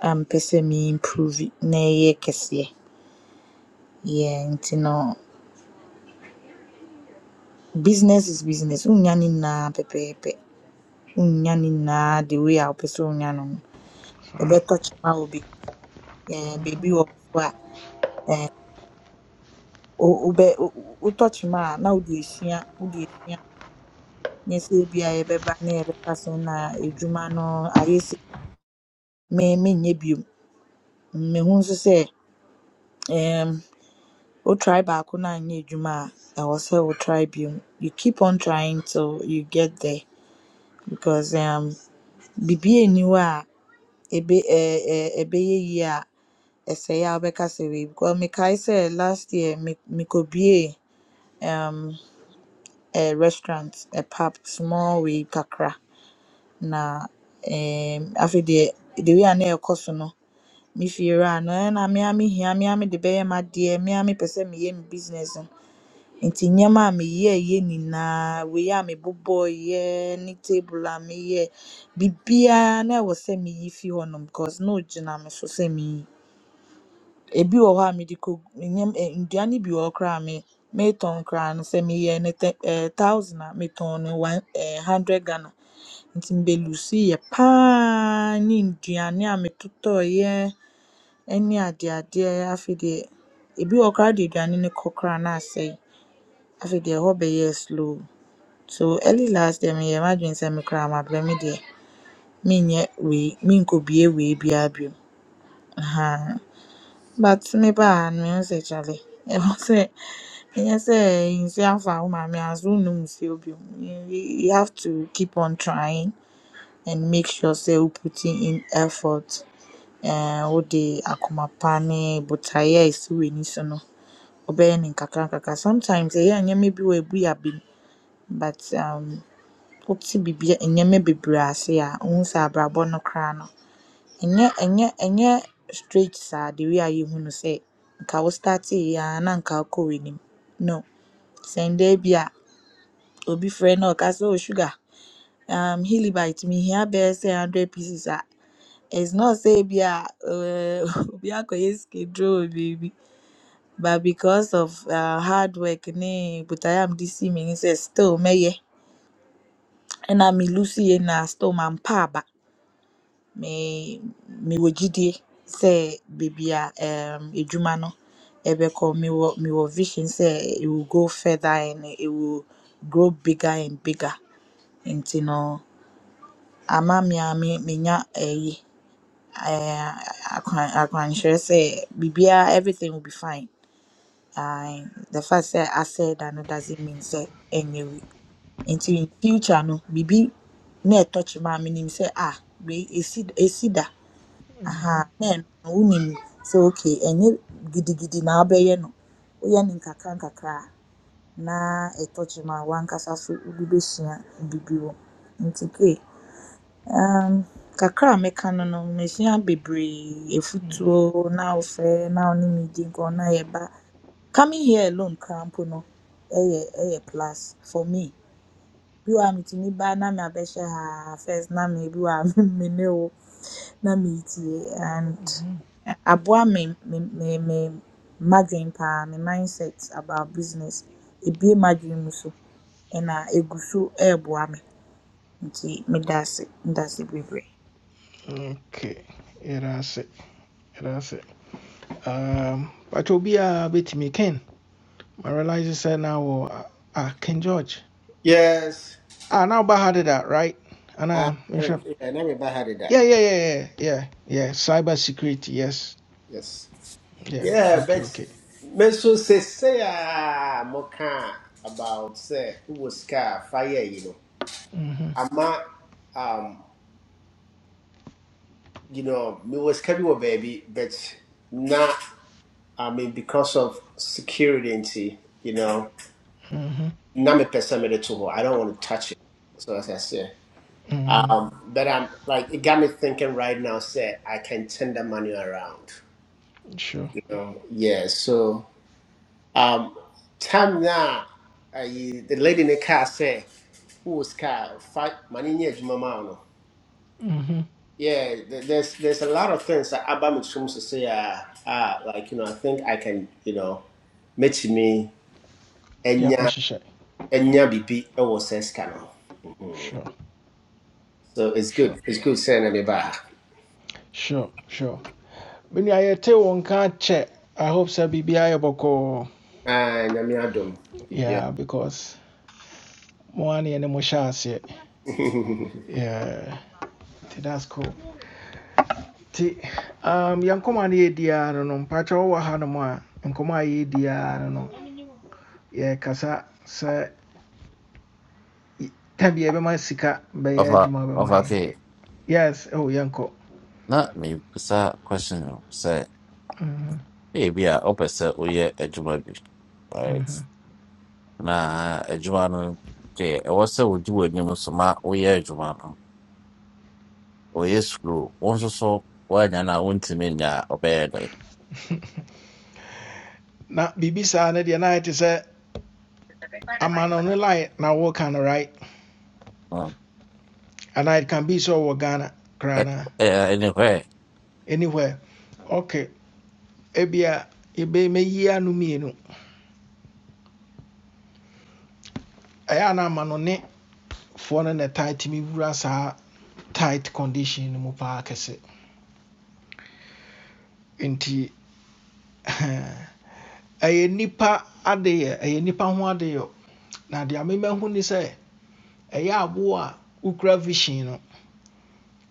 Speaker 5: a mepɛ sɛ me improve na ɛyɛ kɛseɛ. Yeah, nti no business is business wonnya ne nyinaa pɛpɛɛpɛ wonnya ne nyinaa the way a wopɛ sɛ wonya no no ɛbɛtɔ kyema wɔ baabi ɛɛ beebi wɔ so a ɛɛ wo- wobɛ wo- wo- wotɔ kyema a na wode esua wode esua nyɛ sɛ ebia yɛbɛba na yɛbɛka sɛ na edwuma no ayɛ me menyɛ bio mehu nso sɛ um, wo try baako na anyɛ adwuma a ɛwɔ sɛ wo try bio you keep on trying till you get there because um, biribi nni hɔ a ɛbɛ ɛ ɛ ɛbɛyɛ yie a ɛsɛe a wobɛka sɛ wei because mekae sɛ last year me mekɔbuee um, a restaurant a pub small wei kakra na um, afei deɛ the way a na ɛkɔ so no Mefiri a na na me ara mihia me ara mede bɛyɛ m'adeɛ me ara mepɛ sɛ meyɛ me business no nti nneɛma a meyɛeɛ nyinaa wei a mebobɔeɛ ne table a meyɛɛ biribiara na ɛwɔ sɛ meyi fi hɔnom cause na ɔgyina me so sɛ minyi ebi wɔ hɔ a mede kɔ nneɛma ɛ nnuane bi wɔ hɔ koraa a me metɔn koraa no sɛ meyɛɛ no tɛ ɛɛ thousand a metɔn no one ɛɛ hundred Ghana nti me bɛ lose yɛ paa ne nnuane a metotɔeɛ ne adeadeɛ afei deɛ ebi wɔ hɔ koraa a wode aduane no kɔ koraa na asɛe afei deɛ ɛhɔ bɛyɛɛ slow so early last deɛ meyɛɛ m'adwene sɛ me koraa mabrɛ me deɛ menyɛ wei menkɔbue wei biara bio ahaa but mebaa ha no mehu sɛ kyale [laughs] ɛwɔ sɛ ɛnyɛ sɛ nsuo afa wo maame anso wonnom nsuo bio you, you have to keep on trying and make sure sɛ wo putting in effort ɛɛ wode akoma pa ne botaeɛ a ɛsi w'ani so no ɔbɛyɛ in nkakrankakra. Sometimes ɛyɛ a nneɛma bi wɔ a ɛbu yɛ abem but um wote biribi be? bebree ase a wohu sɛ abrabɔ no koraa no ɛnyɛ ɛnyɛ straight saa the way a yɛhu say. sɛ nka wo starteeɛ na nka wokɔ w'anim. No, Send dɛn bi a obi frɛ na ɔka sɛ “Oh sugar um Helibite mihia bɛyɛ sɛ hundred pieces” a it's not say ebia Uh, [laughs] obi akɔyɛ sikeduro wɔ beebi. but because of uh, hard work ne botaeɛ a mede sii m'ani sɛ still mɛyɛ ɛna me lucy ye na still man pa aba me mewɔ gyidie sɛ baabi a um, adwuma no ɛbɛkɔ me, mewɔ vision say it will go further and it will grow bigger and bigger nti no ama me a me menya ɛyi eh, akwan akwanhyerɛ sɛ biribiara everything will be fine Ae, the fact say I said, da no doesn't mean say ɛnyɛ Until in future no biribi na touch kyema a say sɛ ah wei ɛsi ɛsi da aha na ɛno no wonim say okay ɛnyɛ gidigidi na wobɛyɛ no. Woyɛ no nkakra nkakra a na ɛtɔ kyema a w'ankasa so wode bɛsua biribi wɔ mu. Nti K, um, kakra a meka no no mesua bebree, efutuo na wofrɛ na wo me di nkɔmmɔ na yɛba Coming here alone koraa mpo no yɛ yɛ plus for me. Bi wɔ ha mitumi ba na me abɛhyɛ haa first na me bi wɔ ha [laughs] me ne wo na meetie and ɛ- aboa me me me me m'adwen paa me mindset about business. Ebue m'adwen mu so ɛna egu so ɛɛboa me nti meda ase meda ase bebree.
Speaker 1: okay Erase. ase yɛda ase um, but obi a bit me ken I realize na wɔ a ah, ken george
Speaker 8: Yes.
Speaker 1: ah, now woba ha deda right And
Speaker 8: Uh, uh,
Speaker 1: mehwɛ
Speaker 8: yeah, I never remember how did that.
Speaker 1: yeah yeah yeah yeah yeah yeah cyber security yes
Speaker 8: Yes.
Speaker 1: yeah
Speaker 8: Yeah,
Speaker 1: okay
Speaker 8: but
Speaker 1: okay
Speaker 8: me Meso say say ah moka about say who was car fire, you know.
Speaker 1: mm-hmm.
Speaker 8: Ama um you know, me was carry a baby, but not I mean because of security and see, you know,
Speaker 1: Mm-hmm.
Speaker 8: na me pesa me de to I don't want to touch it. So as I say.
Speaker 1: Mm-hmm.
Speaker 8: Um, but I'm like it got me thinking right now, say I can turn the money around.
Speaker 1: sure
Speaker 8: You know, yeah, so Um, time now, uh, the lady in the car said, "Who is was car? Fight money near Jumamano."
Speaker 1: Mhm.
Speaker 8: Yeah, th- there's there's a lot of things that Abba Mitchum to say. Uh, uh, like you know, I think I can you know, meet me
Speaker 1: Ɛde
Speaker 8: enya
Speaker 1: akɔhyehyɛ.
Speaker 8: enya bibi it was sex canal.
Speaker 1: Sure,
Speaker 8: So it's
Speaker 1: sure,
Speaker 8: good. It's good saying me back.
Speaker 1: sure, sure. When Me nua yɛte wo nka check. I hope sɛ Bibi yɛ
Speaker 8: And I'm Adam. Yeah.
Speaker 1: Yeah, because mo ara ne mo hyɛ
Speaker 8: [laughs]
Speaker 1: Yeah, that's cool. Nti um, yɛn nkɔmmɔ a no no, mpakyɛ wowɔ ha nom a, nkɔmmɔ a no no, yɛkasa sɛ y- ta bi yɛbɛma sika bɛyɛ
Speaker 9: ɔfa
Speaker 1: adwuma bɛma
Speaker 9: ɔfa ke
Speaker 1: yɛn. Yes, oh, yɛnkɔ.
Speaker 9: na mebisa question no sɛ
Speaker 1: Mhm,
Speaker 9: ebi a ɔpɛ sɛ woyɛ adwuma bi right
Speaker 1: mhm.
Speaker 9: na adwuma no ke ɛwɔ sɛ wodi w'anim so ma woyɛ adwuma no woyɛ sukuu wo nso so woanya no a wontumi nya a ɔbɛyɛ dɛn
Speaker 1: Na Bibi sa no deɛ na ayɛ te a man on the line now work on the right
Speaker 9: Mm.
Speaker 1: and it can be so Ghana
Speaker 9: Ɛ-
Speaker 1: krana
Speaker 9: ɛ- anyway
Speaker 1: anywhere okay ebia ebe me yi anu mienu ɛyɛ na ama no ne foɔ no na ɛtaa tumi wura saa tight condition no mu paa kɛse nti [laughs] ɛyɛ nipa adeyɛ ɛyɛ nipa ho adeyɛ na deɛ amema hu ni sɛ ɛyɛ aboɔ a wokura vision no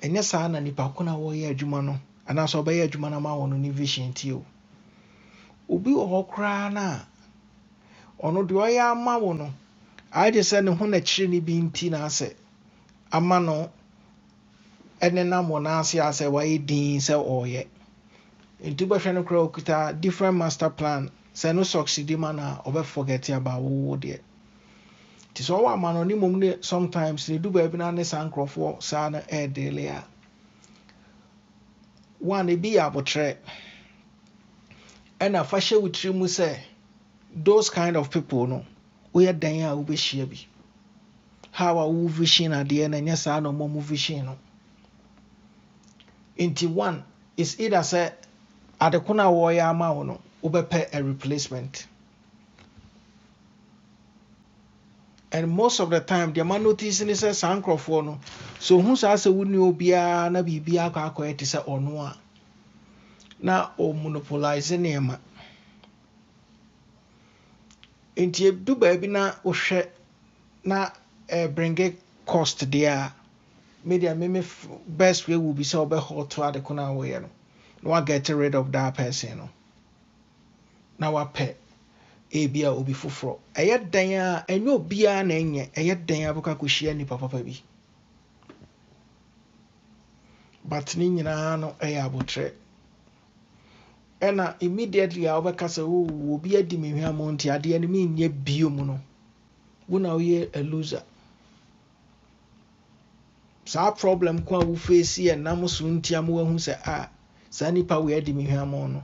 Speaker 1: ɛnyɛ saa na nipa ko na wɔyɛ adwuma no anaasɛ ɔbɛyɛ adwuma no ama wɔn no ne vision ti o obi wɔ hɔ koraa na Ono deɛ ɔyɛ ama wo no agye sɛ ne ho na kyerɛ ne bi nti na asɛ ama no ɛne nam wɔ n'ase a wa wayɛ se sɛ ɔreyɛ nti wobɛhwɛ no koraa ɔkuta different master plan sɛ no succeedi ma no a ɔbɛforget about wo deɛ nti sɛ ɔwɔ ama no ni mmom ne sometimes ne du baabi no a ne saa nkurɔfoɔ saa no ɛɛdele a one ebi yɛ abotrɛ ɛna fa hyɛ wo mu sɛ those kind of people no We woyɛ dan a wobɛhyia bi how a wo vision adeɛ no ɛnyɛ saa na ɔma mu vision no nti one is either sɛ ade ko no a wɔyɛ ama wo no wobɛpɛ a replacement and most of the time the ma notice ne sɛ saa nkurɔfoɔ no so who says sɛ wo nnuo biara na biribiara akɔ akɔyɛ te sɛ ɔno a onwa na o monopolize nneɛma nti ɛdu baabi na wohwɛ na eh, bringe cost deɛ a media meme f- best way will be sɛ wobɛhɔ to ade ko no a wɔyɛ no na woaget rid of that person Now na wapɛ ebi a obi foforɔ ɛyɛ dan a ɛnyɛ obiara na ɛnyɛ ɛyɛ dan a bɛkɔ akɔhyia nnipa papa bi but ne nyinaa no ɛyɛ abotire ɛna immediately a wobɛka sɛ "Oh, obi adi me hwɛ mo nti adeɛ no menyɛ bio no wo na woyɛ a loser saa problem ko a wofeesi ɛnam so ntia ma woahu sɛ a saa nnipa wei adi me hwɛ mo no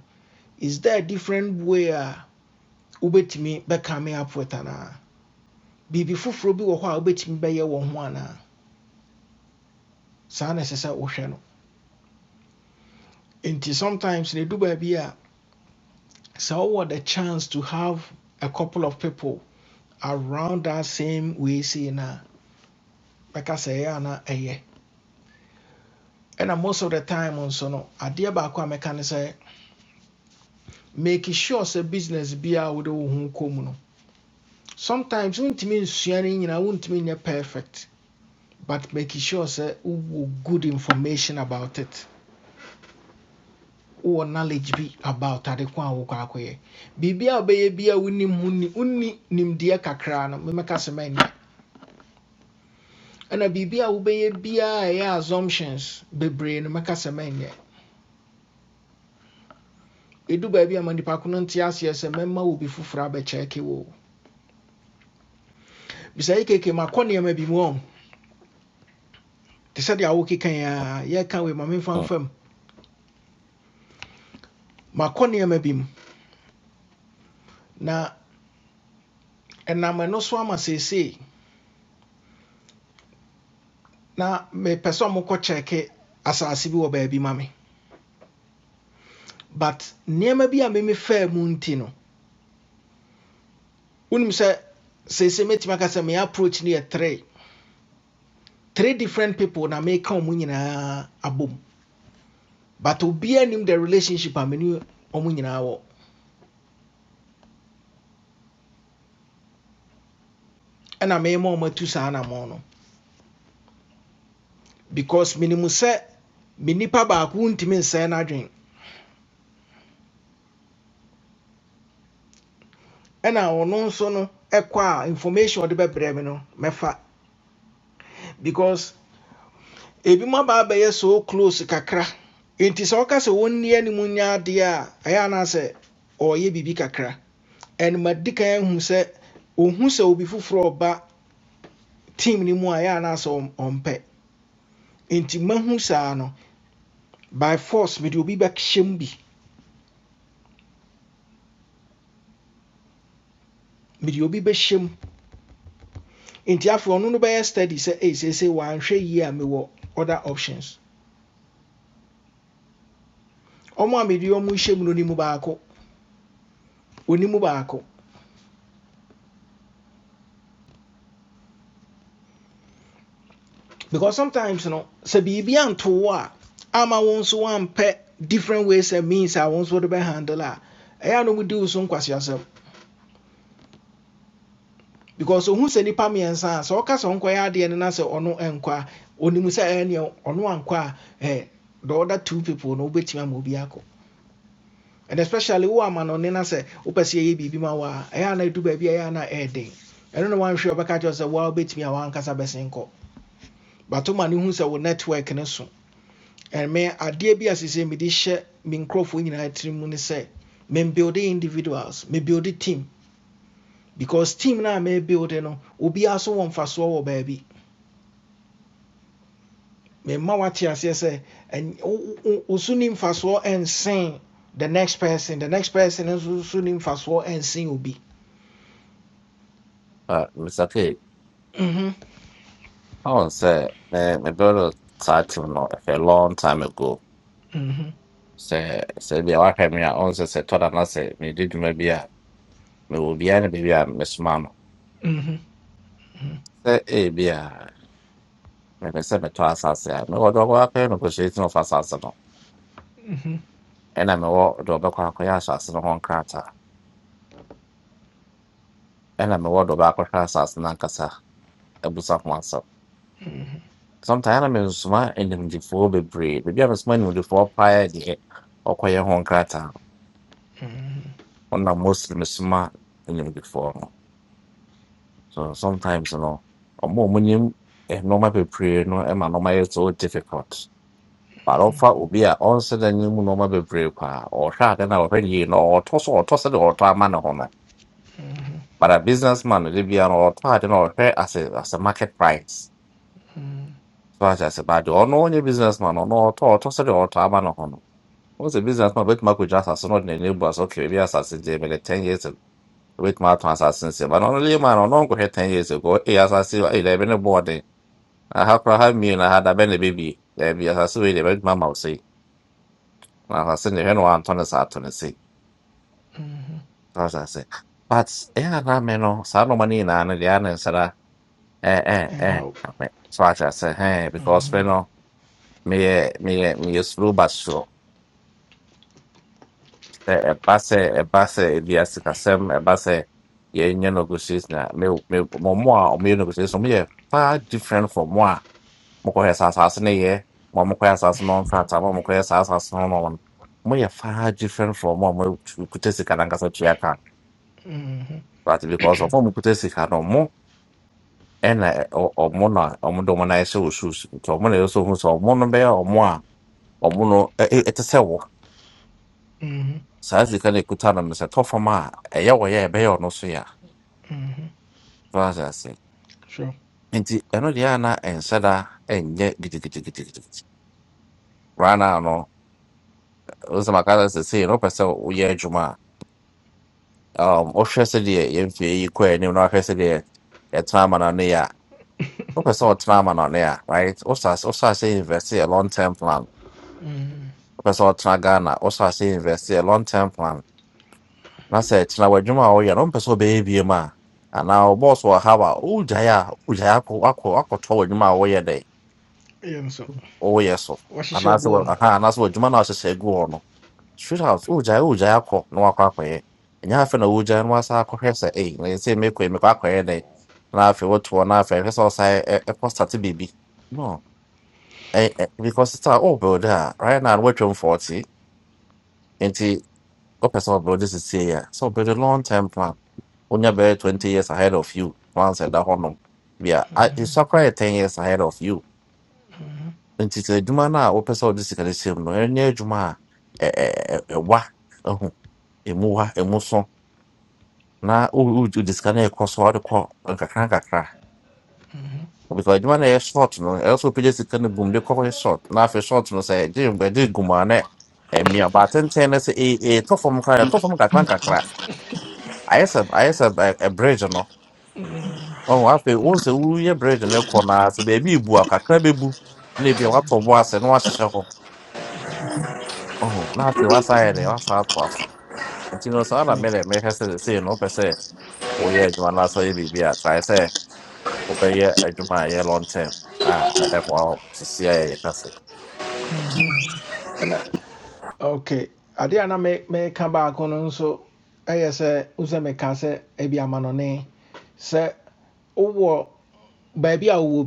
Speaker 1: is there a different way a wobɛtumi bɛka me up with anaa biribi foforɔ bi wɔ hɔ a wobɛtumi bɛyɛ wɔ ho anaa saa na ɛsɛ sɛ wohwɛ no nti sometimes na ɛdu baabi a So what a chance to have a couple of people around that same way saying na meka say yeah, na mɛka sɛ ɛyɛ ana ɛyɛ ɛna most of the time nso no adeɛ baako a mɛka ne sɛ make sure sɛ business bi a wode wo ho kɔ no sometimes wontumi nsua no nyinaa wontumi nyɛ perfect but make sure sɛ wowɔ good information about it wowɔ knowledge bi about ade kwa a wokɔ akɔyɛ biribi a wobɛyɛ bi a wonim ho ni wonni nimdeɛ kakra no memɛka sɛ mani And a baby I will be a wobɛyɛ biaa ɛyɛ assumptions bebree brain. mɛka sɛ mɛnyɛ ɛdu baabi a ma nnipa ko no nte aseɛ sɛ mɛma wo bi foforɔ abɛkyɛɛke wo bisa yi keke makɔ nneɛma bi mu ɔ te sɛdeɛ wokeka yi a yɛka wei ma memfa
Speaker 9: mm,
Speaker 1: mfam makɔ nneɛma bi mu na ɛnam ɛno so ama seesei na mepɛ sɛ mokɔ kyɛɛke asase bi wɔ baabi ma me but nneɛma bi a meme faa mu nti no wonim sɛ seesei mɛtumi aka sɛ me approach no yɛ three three different people na meka ɔ mu nyinaa abom but obiara nim the relationship a me ne ɔmo nyinaa wɔ ɛna mɛma ɔmo atu saa anamɔ no because minimu sɛ me nipa baako ntumi nsɛn n'adwen ɛna ɔno nso no ɛkɔ a information a ɔde bɛbrɛ me no mɛfa because ebi mo aba abɛyɛ so close kakra nti sɛ ɔka sɛ wɔn nni anim nyɛ adeɛ a ɛyɛ anaasɛ ɔyɛ biribi kakra ɛnum adi kan ehu sɛ ohun sɛ obi foforɔ ɔba team ne mu a ɛyɛ anaasɛ ɔm- ɔmpɛ nti mahu saa no by force mede obi back. mu bi mede obi bɛhyɛ mu nti afei ɔno no bɛyɛ study sɛ Say, seesei wanhwɛ yie a mewɔ other options ɔmo a mede ɔmo hyɛ mu no ni mu baako oni mu baako because sometimes no sɛ biribi anto wo a ama wo nso wampɛ different ways and means a wo nso wode bɛhandle a ɛyɛ a eya no mu di wo so nkwaseasɛm because ohu sɛ nnipa mmiɛnsa a sɛ ɔka sɛ ɔnkɔyɛ adeɛ no na sɛ ɔno ɛnkɔ a ɔnim sɛ ɛyɛ neɛ ɔno eh, the other two people no wobɛtumi ama obi akɔ and especially who ama no ne na sɛ ma wo a ɛyɛ a na ɛdu baabi a ɛyɛ a na ɛyɛ den ɛno ne wanhwɛ a wobɛka kyerɛ wo sɛ woa wobɛtumi a woankasa bɛsen kɔ bato ma no hu sɛ wo network ne so And me adeɛ bi a sesɛ mede hyɛ me nkurɔfoɔ nyinaa tirim mu ne sɛ membuilde individuals mebuilde team because team na me mebuilde no obiaa aso wɔ mfasoɔ wɔ baabi memma woate aseɛ sɛ ɛn- wo wo- wo so ne mfasoɔ the next person the next person nso so ne mfasoɔ obi
Speaker 9: ah, mr k
Speaker 1: Mhm.
Speaker 9: ɔn say. me- me brother title no ɛfɛ long time ago
Speaker 1: Mm-hmm.
Speaker 9: Say. sɛ bia wahwɛ me a ɔn sɛ say. tɔda na sɛ mede dwuma bi a mewɔ obiara ne baabi a mesoma no
Speaker 1: Mm-hmm. Mm-hmm.
Speaker 9: sɛ ebi a mepɛ sɛ metɔ asase a mewɔ deɛ ɔkɔ akɔyɛ negotiation of asase no
Speaker 1: Mm-hmm.
Speaker 9: ɛna mewɔ deɛ ɔbɛkɔ akɔyɛ asase no ho nkrataa ɛna mewɔ deɛ ɔbɛakɔhwɛ asase no ankasa abusa ho asɛm sometime na mensoma animdefoɔ bebree baabi a mesoma animdefoɔ paa yɛ deɛ ɔkɔyɛ ho nkrataa no
Speaker 1: Mm-hmm.
Speaker 9: ɔnam mostly mesoma animdefoɔ no so sometimes no ɔmo a ɔmo nim eh, nneɛma bebree no ɛma nneɛma yɛ so difficult But Barɔfa obi a ɔnsɛdɛ ne mu nneɛma bebree paa ɔhwɛ ade na ɔhwɛ yie na ɔtɔ so ɔtɔ sɛdeɛ ɔtɔ ama ne ho no but a businessman will be an de bia no ɔtɔ ade as a as a market price so ahyɛ ase baade ɔno ɔnyɛ business man ɔno ɔtɔ ɔtɔ sɛdeɛ ɔtɔ ama ne ho no wɔn sɛ business man obetumi akɔgya asase na ɔde n'ani ebu ase ɔkɛ ebi asase gye mi de ten years ago obetumi atɔn asase nsia but ɔno lay no go nkɔhwɛ ten years ago ee asase ee dɛbi ne bɔɔden aha koraa ha mmienu aha dabɛ na ebibie dɛbi asase wei deɛ ebetumi ama ɔsɛe na asase ne hwɛ na wantɔ ne sa atɔ ne se
Speaker 1: Mm-hmm.
Speaker 9: そうそうそう。But yeah, na meno sano mani na na dia na sara eh eh
Speaker 1: And
Speaker 9: eh.
Speaker 1: hope.
Speaker 9: Me so acha se hey because
Speaker 1: Mm-hmm.
Speaker 9: meno me me me usru basu. Se e base e base dia se kasem e base ye nye no na me me mo mo a o me no far different from mo mo ko esa sa se mo mo ko esa se no nfa mo mo ko sa se no no mo ye far different from mo mo kutesi kana ngasa tuya ka
Speaker 1: Mm-hmm.
Speaker 9: but
Speaker 1: [clears throat]
Speaker 9: because of mo kutesi kana mo ɛna ɛ- ɔ- ɔmo na ɔmo de ɔmo nan hyɛ wɔ shoes nti ɔmo na ɛsɛ ohun sɛ ɔmo no bɛyɛ ɔmo a ɔmo no ɛ- ɛ- ɛte sɛ wɔ
Speaker 1: mm-hmm.
Speaker 9: saa sika no ekuta no no sɛ tɔ fam a ɛyɛ wɔ yɛ ɛbɛyɛ ɔno so yɛ
Speaker 1: Mm-hmm.
Speaker 9: a ase
Speaker 1: Sure.
Speaker 9: nti ɛno deɛ a na ɛnhyɛ da ɛnyɛ gidigidigidigidi rana no ɔsɛ maka sɛ sɛsɛ no wopɛ sɛ woyɛ adwuma a um, ɔhwɛ sɛ deɛ yɛmfie yi kɔ anim na wahwɛ sɛ deɛ yɛtena ama no ne yɛ a
Speaker 1: [laughs]
Speaker 9: wopɛ sɛ
Speaker 1: mm-hmm.
Speaker 9: ɔtena ama no ne a right wosɛ wosɛ sɛ invest a long term plan pɛ sɛ ɔtena ghana wo sɛ asɛ invest yɛ long term plan na sɛ kyena w'adwuma a woyɛ no wompɛ sɛ wobɛyɛ bie mu a anaa wobɔɔso wɔ haw a wogyae a wogyae akɔ- akɔ- akɔtɔ w'adwuma a woyɛ dɛ
Speaker 1: Yeah, so
Speaker 9: woyɛ so
Speaker 1: what what's your
Speaker 9: anaasɛ
Speaker 1: goal?
Speaker 9: wɔ- aha, anaasɛ w'adwuma no a wɔhyehyɛ gu hɔ no straight out wogyae wogyae akɔ na wakɔ akɔyɛ ɛnyɛ afei na wogyae no wasa akɔhwɛ sɛ ei ɛsɛ mekɔ yi, mekɔ akɔyɛ dɛ na afei wotoɔ na afei ɛhwɛ sɛ ɔsa ɛ- ɛ- ɛkɔ state biribi no ɛ- ɛ- because sɛ wobɛwde a right now no woatwam 40 What person sɛ ɔbrɛ wode sesie so sɛ a long term plan Only bɛyɛ 20 years ahead of you plans at ɛda hɔnom bia ɛsua koraa yɛ 10 years ahead of you nti sɛ adwuma no a Juma now. what person wode sika no hyɛ mu no ɛnyɛ adwuma Eh, eh, eh, ɛmu wa ɛmu so na wo- wo- wode sika no ɛkɔ so a wode kɔ nkakra
Speaker 1: Mm-hmm.
Speaker 9: because adwuma na ɛyɛ short no ɛyɛ sɛ wopɛgya sika no gum de kɔkɔyɛ short na afei short no say. sɛ ɛgye Eh, me a na say, eh, no sɛ ɛtɔ fam kra ɛtɔ fam kakra
Speaker 1: [laughs]
Speaker 9: ayɛ sɛ ayɛ sɛ ɛ- ɛ- bridge no
Speaker 1: mm-hmm.
Speaker 9: ɔho afei wohu sɛ woyɛ bridge no kɔ no a sɛ baabi ebu a kakra bɛbu na ebia woatɔ bo ase na woahyehyɛ hɔ ɔho na afei woasan ayɛ dɛ
Speaker 1: Mm-hmm.
Speaker 9: woasan ato ase nti no saa na
Speaker 1: Sure.
Speaker 9: mɛdɛ mɛhwɛ sɛ sei no wopɛ sɛ woyɛ adwuma no asɛ woyɛ biribi a trae sɛ wobɛyɛ adwuma a ɛyɛ long term a ɛbɛboa wo sisi a ɛyɛ ka se
Speaker 1: Mm-hmm. And uh, okay. Ade a na me me ka baako no nso ɛyɛ sɛ wosɛ meka sɛ ebi ama no ne sɛ wowɔ baabi a wowɔ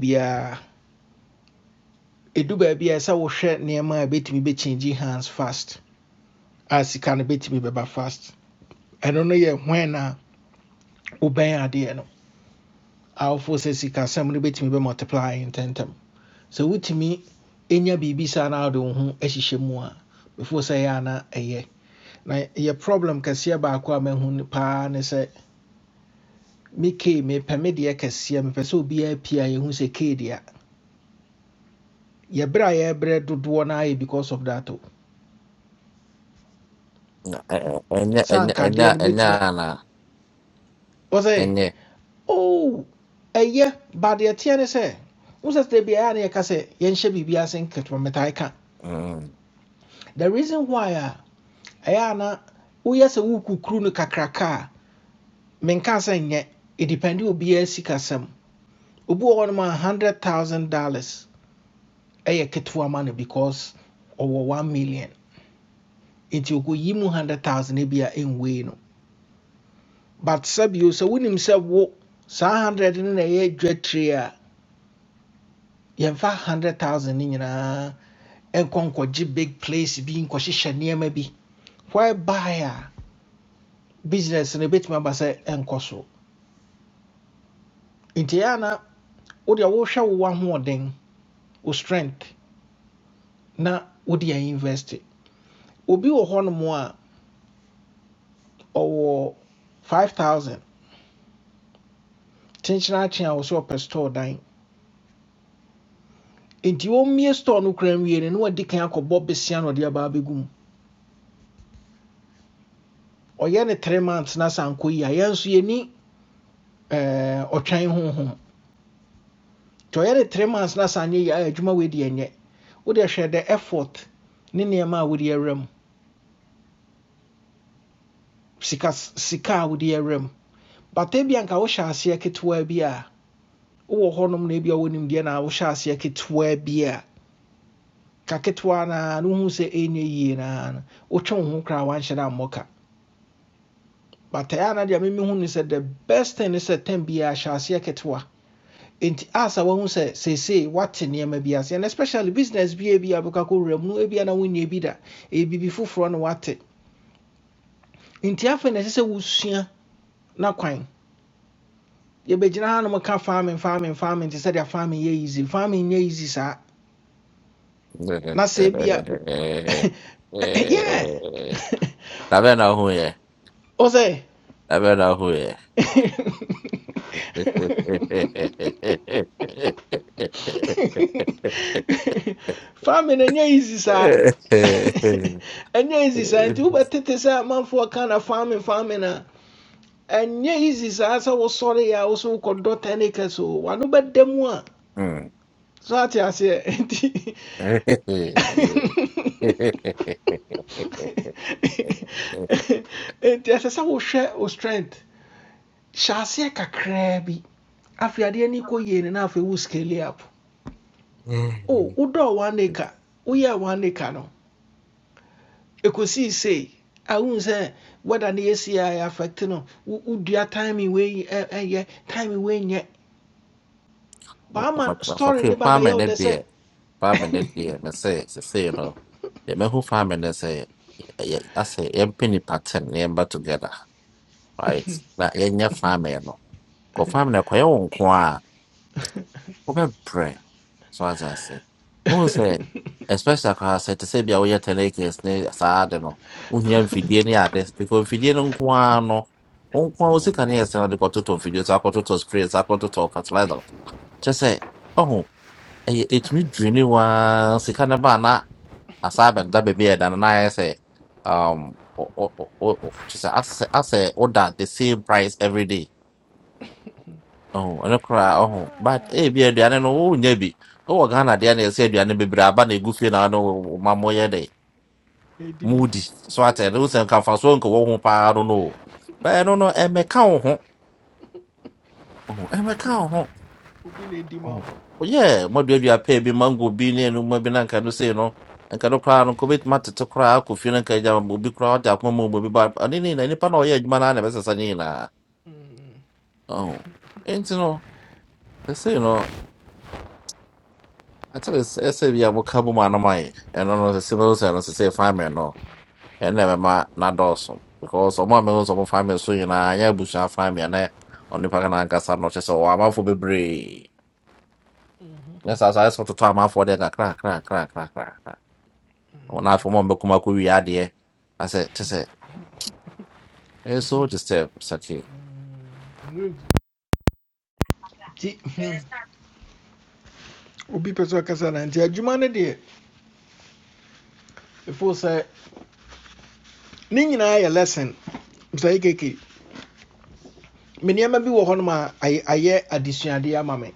Speaker 1: Edu baby, as I baabi a ɛsɛ wohwɛ nneɛma me be changing hands fast As a can no me bɛba fast I don't know yet when I obey a wobɛn adeɛ no awofo sɛ sikasɛm me be multiplying multiply ntɛntɛm sɛ wotumi ɛnya biribi saa na wode wo ho ahyehyɛ mu a before sɛ ɛyɛ ana ɛyɛ na yɛ problem kɛseɛ baako a mahu n- pan is a me kei mepɛ me deɛ kɛseɛ mepɛ sɛ obiaa pie a yɛhu sɛ kei deɛ a your a yɛbrɛ do one ayɛ because of that o
Speaker 9: Na- ɛ- ɛ- ɛnyɛ
Speaker 1: sɛ
Speaker 9: ɛnyɛ
Speaker 1: anka
Speaker 9: ɛnyɛ
Speaker 1: adeɛ
Speaker 9: a-
Speaker 1: me.
Speaker 9: ɛnyɛ
Speaker 1: mɛtumi
Speaker 9: ana
Speaker 1: ɔ
Speaker 9: ɛnyɛ
Speaker 1: oh ɛyɛ but yɛteɛ ne sɛ wo sɛ be biara ne yɛka should yɛnhyɛ biribi ase nketewa metae ka
Speaker 9: Mm.
Speaker 1: the reason why a ɛyɛ a na woyɛ sɛ wokukuru no kakraka a menka sɛ nyɛ ɛdipɛnde obiara sikasɛm obi wɔ hɔnom a sikasem. Ubu on my hundred thousand dollars ɛyɛ ketewa ma no because ɔwɔ one million nti ɔkɔyi mu hundred thousand bi a ɛnwei no but sɛbio sɛ wonim sɛ wo saa hundred no na ɛyɛ dwa tire a yɛmfa hundred thousand no nkɔ big place bi nkɔhyehyɛ nneɛma bi whereby a business no ebɛtumi aba sɛ nkɔ so nti ɛyɛ ana wode a wohwɛ wo ahoɔden wo strength na wode a invest obi wɔ hɔnom a ɔwɔ 5000 kyenkyena akye a wɔ sɛ ɔpɛ store dan nti wɔmmie store no kora nwie no na wadi kan akɔbɔ besia na ɔde aba abɛgu ɔyɛ ne 3 months na sa nkɔ yi a yɛn yɛni eh, ɔtwɛn honhom nti ɔyɛ three months na saa ya yi a adwuma wei deɛ nyɛ wode the effort ne nneɛma a wode awura mu sika s- sika a wode awura mu bata bi anka wohyɛ aseɛ ketewa bi a wowɔ hɔnom na ebi a wonim deɛ na wohyɛ aseɛ ketewa bi a ka ketewa naa na wohu sɛ ɛnyɛ yie naa no wotwe wo twe ho koraa wanhyɛ no ammɔ ka bata a na deɛ memehu ne sɛ the best thing ne sɛ tam biaa hyɛ aseɛ ketewa nti asa wɔn sɛ seesei wate nneɛma bi ase and especially business bi a ebi abɛka kɔ wura mu no ebi na wonye bi da ebibi foforɔ na wate nti afei na ɛsɛ sɛ wosua na kwan yɛbɛgyina ha nom ka farming farming farming te sɛdeɛ farming yɛ easy farming nyɛ easy saa
Speaker 9: [laughs]
Speaker 1: na
Speaker 9: da
Speaker 1: sɛ ebi a [laughs] yeah [laughs]
Speaker 9: bɛn na wohu yɛ
Speaker 1: o
Speaker 9: da bɛn na wohu yɛ
Speaker 1: [laughs] [laughs] [laughs] farming ɛnyɛ easy saa ɛnyɛ easy saa nti wobɛtete sɛ amanfoɔ ka na farming farming uh? a ɛnyɛ easy saa sɛ wosɔre a wo so wokɔdɔ 10 acres o wano bɛda mu a
Speaker 9: Fucking
Speaker 1: so ate aseɛ nti nti ɛsɛ sɛ wohwɛ wo strength hyɛ aseɛ kakraa bi afei adeɛ no kɔ yie no na afei wo scale up o wodɔɔ one acre woyɛɛ one acre no ɛkɔsii sei ahu sɛ weda no yɛsi a ɛyɛ affect no wo- wodua timing wei ɛ- ɛyɛ timing wei nyɛ baama story ne ba
Speaker 9: five
Speaker 1: bɛyɛ wo dɛ
Speaker 9: minute
Speaker 1: sɛ
Speaker 9: beer, five minute
Speaker 1: [laughs]
Speaker 9: beer, and say, say, you know, the man who five minutes say, I say, I'm penny pattern, number together, right? That any farmer, no, go farm wobɛbrɛ so ate ase wohu sɛ especially koraa sɛ te sɛ bia woyɛ tenakes ne saa ade no wohia mfidie ne ade because mfidie no nko ara no wo nko ara wo sika ne yɛ sɛ wode kɔtotɔ mfidie so akɔtotɔ spray so akɔtotɔ fertilizer kyɛ sɛ ɔho ɛyɛ ɛtumi dwini waa sika no baa na asaa bɛda baabi a ɛda no na ayɛ sɛ um, o- o- o- o- kyɛ sɛ asɛ asɛ woda the same price every day Oh, ɛno koraa Oh, But ebi aduane no wonya bi. Wowɔ Ghana deɛ na ɛsɛ aduane bebree aba na ɛgu fie na ne ma moyɛ de
Speaker 1: ɛdi bi say.
Speaker 9: moody. So atɛ ne wo sɛ nkamfa so nka wɔ ho paa no no. o. But ɛno no ɛmmɛka wo ho. Oh, ɛmmɛka wo ho.
Speaker 1: na ɛdi
Speaker 9: Oh.
Speaker 1: ma wo.
Speaker 9: oh Woyɛ mmaduadua pɛɛ bi apɛ bi mango bi ne ɛnoma bi na nka no sei no nka no koraa no nka wobɛtumi atete koraa akɔ fie no nka agya obi koraa ɔde akoma ma obi ba ɔne ne nyinaa nipa na ɔyɛ adwuma no ara na ɛbɛsesa ne nyinaa. Oh. Enti no ɛsei no Actually, sɛ sɛ bi a moka bɔ mu anoma yi, ɛno no sɛ mɛhu sɛ no sɛ sɛ family no ɛnna ɛbɛma n'adɔɔso because ɔmo a mɛhu sɛ ɔmo family so nyinaa nyɛ abusua family ɛnɛ ɔnipa ka n'ankasa no kyerɛ sɛ ɔwɔ amanfoɔ bebree ne saa saa ayɛ sɛ ɔtoto amanfoɔ deɛ kakra kakra kakra kakra kakra wɔn afei ɔmo a mbɛkum akɔ wie adeɛ asɛ kyerɛ sɛ ɛyɛ so disturb saki
Speaker 1: Nwura bi. nti hmm, obi pɛ sɛ ɔkasa na nti adwuma no deɛ ɛfo sɛ ne lesson msae keke me nneɛma bi wɔ a ay- ayɛ adesuadeɛ ama me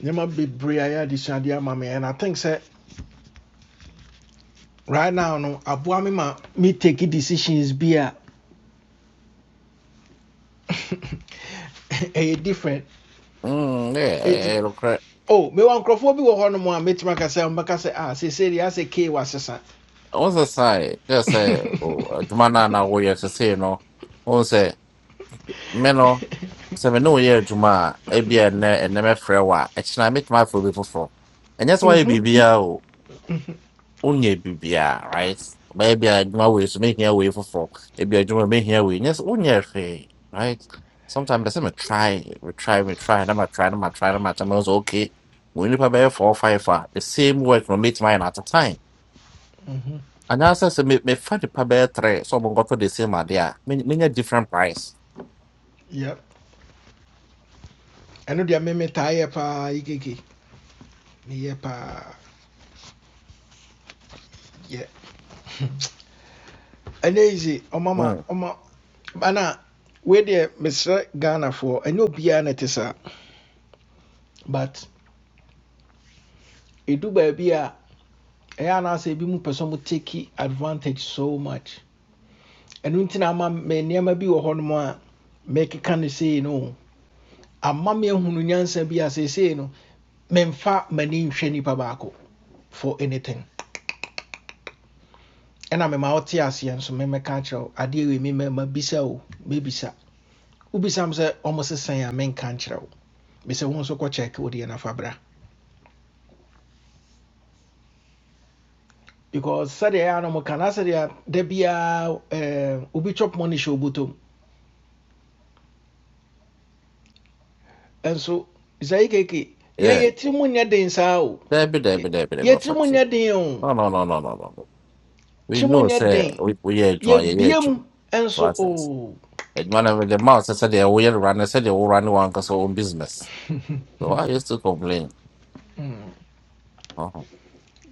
Speaker 1: nneɛma bebree ayɛ adesuadeɛ ama me and i think sɛ right now no aboa me ma me take decisions bi a [laughs] ɛyɛ different
Speaker 9: mm ɛyɛ
Speaker 1: ɛti
Speaker 9: ɛyɛ nokorɛ
Speaker 1: oh me wan nkurɔfoɔ bi wɔ hɔ nom a mɛtumi aka sɛ mbɛka say, ah say seesei deɛ asɛ kei wasesa
Speaker 9: ɔmo sɛ saa yɛ kyerɛ sɛ o
Speaker 1: [laughs]
Speaker 9: adwuma no a na woyɛ sɛ sɛ no ɔmo sɛ. me no sɛ me ne woyɛ adwuma a ebia ɛnɛ ɛnɛ mɛfrɛ wo a ɛkyena metumi afrɛ obi foforɔ ɛnyɛ sɛ woayɛ
Speaker 1: Mhm,
Speaker 9: biribiaa o wonyɛ biribiaa right bɛyɛ bia adwuma wei so mehia wei foforɔ ebia adwuma mehia wei nyɛ sɛ wonyɛ hwee right sometimes that's a try, we try, metry metry metry na matry na matry na matry ma sɛ okay mo okay. We need to pay four, five, five. the same work from metumi ayɛ no at a time
Speaker 1: mhm,
Speaker 9: anaasɛ sɛ me- me find the pay three sɛ ɔmo nkɔtɔ the same idea. Many me- different price
Speaker 1: yep. ɛno deɛ me me tie pa metaa Me paa yi keke meyɛ paa yɛ mama, yise ma.
Speaker 9: mm,
Speaker 1: ɔma ana wei deɛ mesrɛ ghanafoɔ ɛnyɛ obiara na ɛte saa but ɛdu baabi a ɛyɛ anaasɛ ebi mu pɛ sɛ take advantage so much ɛno nti na ama me nneɛma bi wɔ hɔnom a mɛkeka no sei no ama me ahunu nyansa bi a seesei no memfa m'ani nhwɛ nipa baako for anything ɛna mema wote aseɛ nso memɛka kyerɛ wo adeɛ wei me mɛma bisa o mɛbisa wobisa m sɛ ɔmo sesan a menka nkyerɛ wo mesɛ wo nso kɔkyɛke wodeɛ nafa bra because sɛdeɛ ɛyɛ a no mo ka na sɛdeɛ da biaa eh, obi chop money hyɛ obotom Ɛnso Isaiah keke yɛn
Speaker 9: yeah
Speaker 1: yɛ tiri mu nyɛ den saa o.
Speaker 9: Debbie,
Speaker 1: Yɛ
Speaker 9: Debbie, Debbie,
Speaker 1: yɛ
Speaker 9: Debbie,
Speaker 1: tiri mu
Speaker 9: factory.
Speaker 1: nyɛ den o.
Speaker 9: No, no, no, no, no, no. no. We
Speaker 1: Tiri mu
Speaker 9: know,
Speaker 1: nyɛ
Speaker 9: say,
Speaker 1: den.
Speaker 9: we we are one yeah,
Speaker 1: Yɛbie
Speaker 9: yeah, one.
Speaker 1: Biem."
Speaker 9: So I
Speaker 1: ɛnso
Speaker 9: says,
Speaker 1: o.
Speaker 9: and one of the mouse, I said, they will run, I said, they will run one because own business. So I used to complain.
Speaker 1: Mm,
Speaker 9: Uh-huh.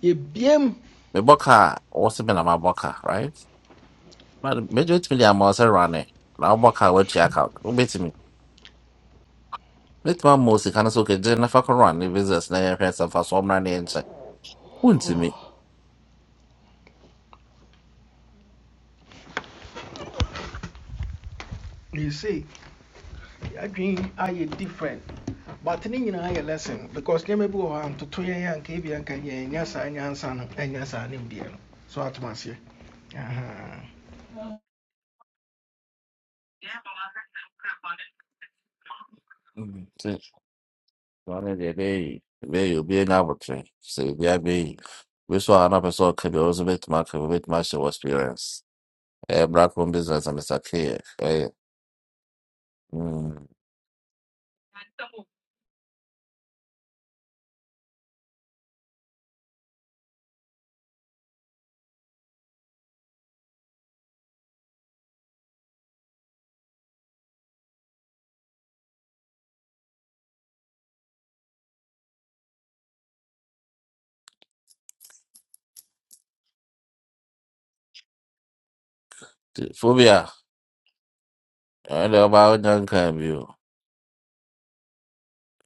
Speaker 1: Yɛbie mu.
Speaker 9: Me boka, also been my boka, right? But major to me, I'm also running. Now boka, what check out. Who beats me? Let my mouse, can I so get dinner for run, if it's a snare, and some for some running, and say, wouldn't me.
Speaker 1: You see, adwene yi ayɛ different but ne nyinaa a lesson because nneɛma bi to hɔ a ntoto yɛn a nka ebi anka yɛnya saa nyansa no ɛnya saa ne deɛ no so atom aseɛ Ahaa.
Speaker 9: Wane deɛ ɛbɛyɛ yi, ɛbɛyɛ yi, obiara nya abotire. Sɛ obiara bɛyɛ yi, obi so a na pɛ sɛ ɔka bi, ɔno nso bɛtumi experience. a black home business a Mr. K yɛ. Ɛyɛ. Mm. Nti, Phobia, ɛno deɛ ɔbaa wonya nkaa bi o.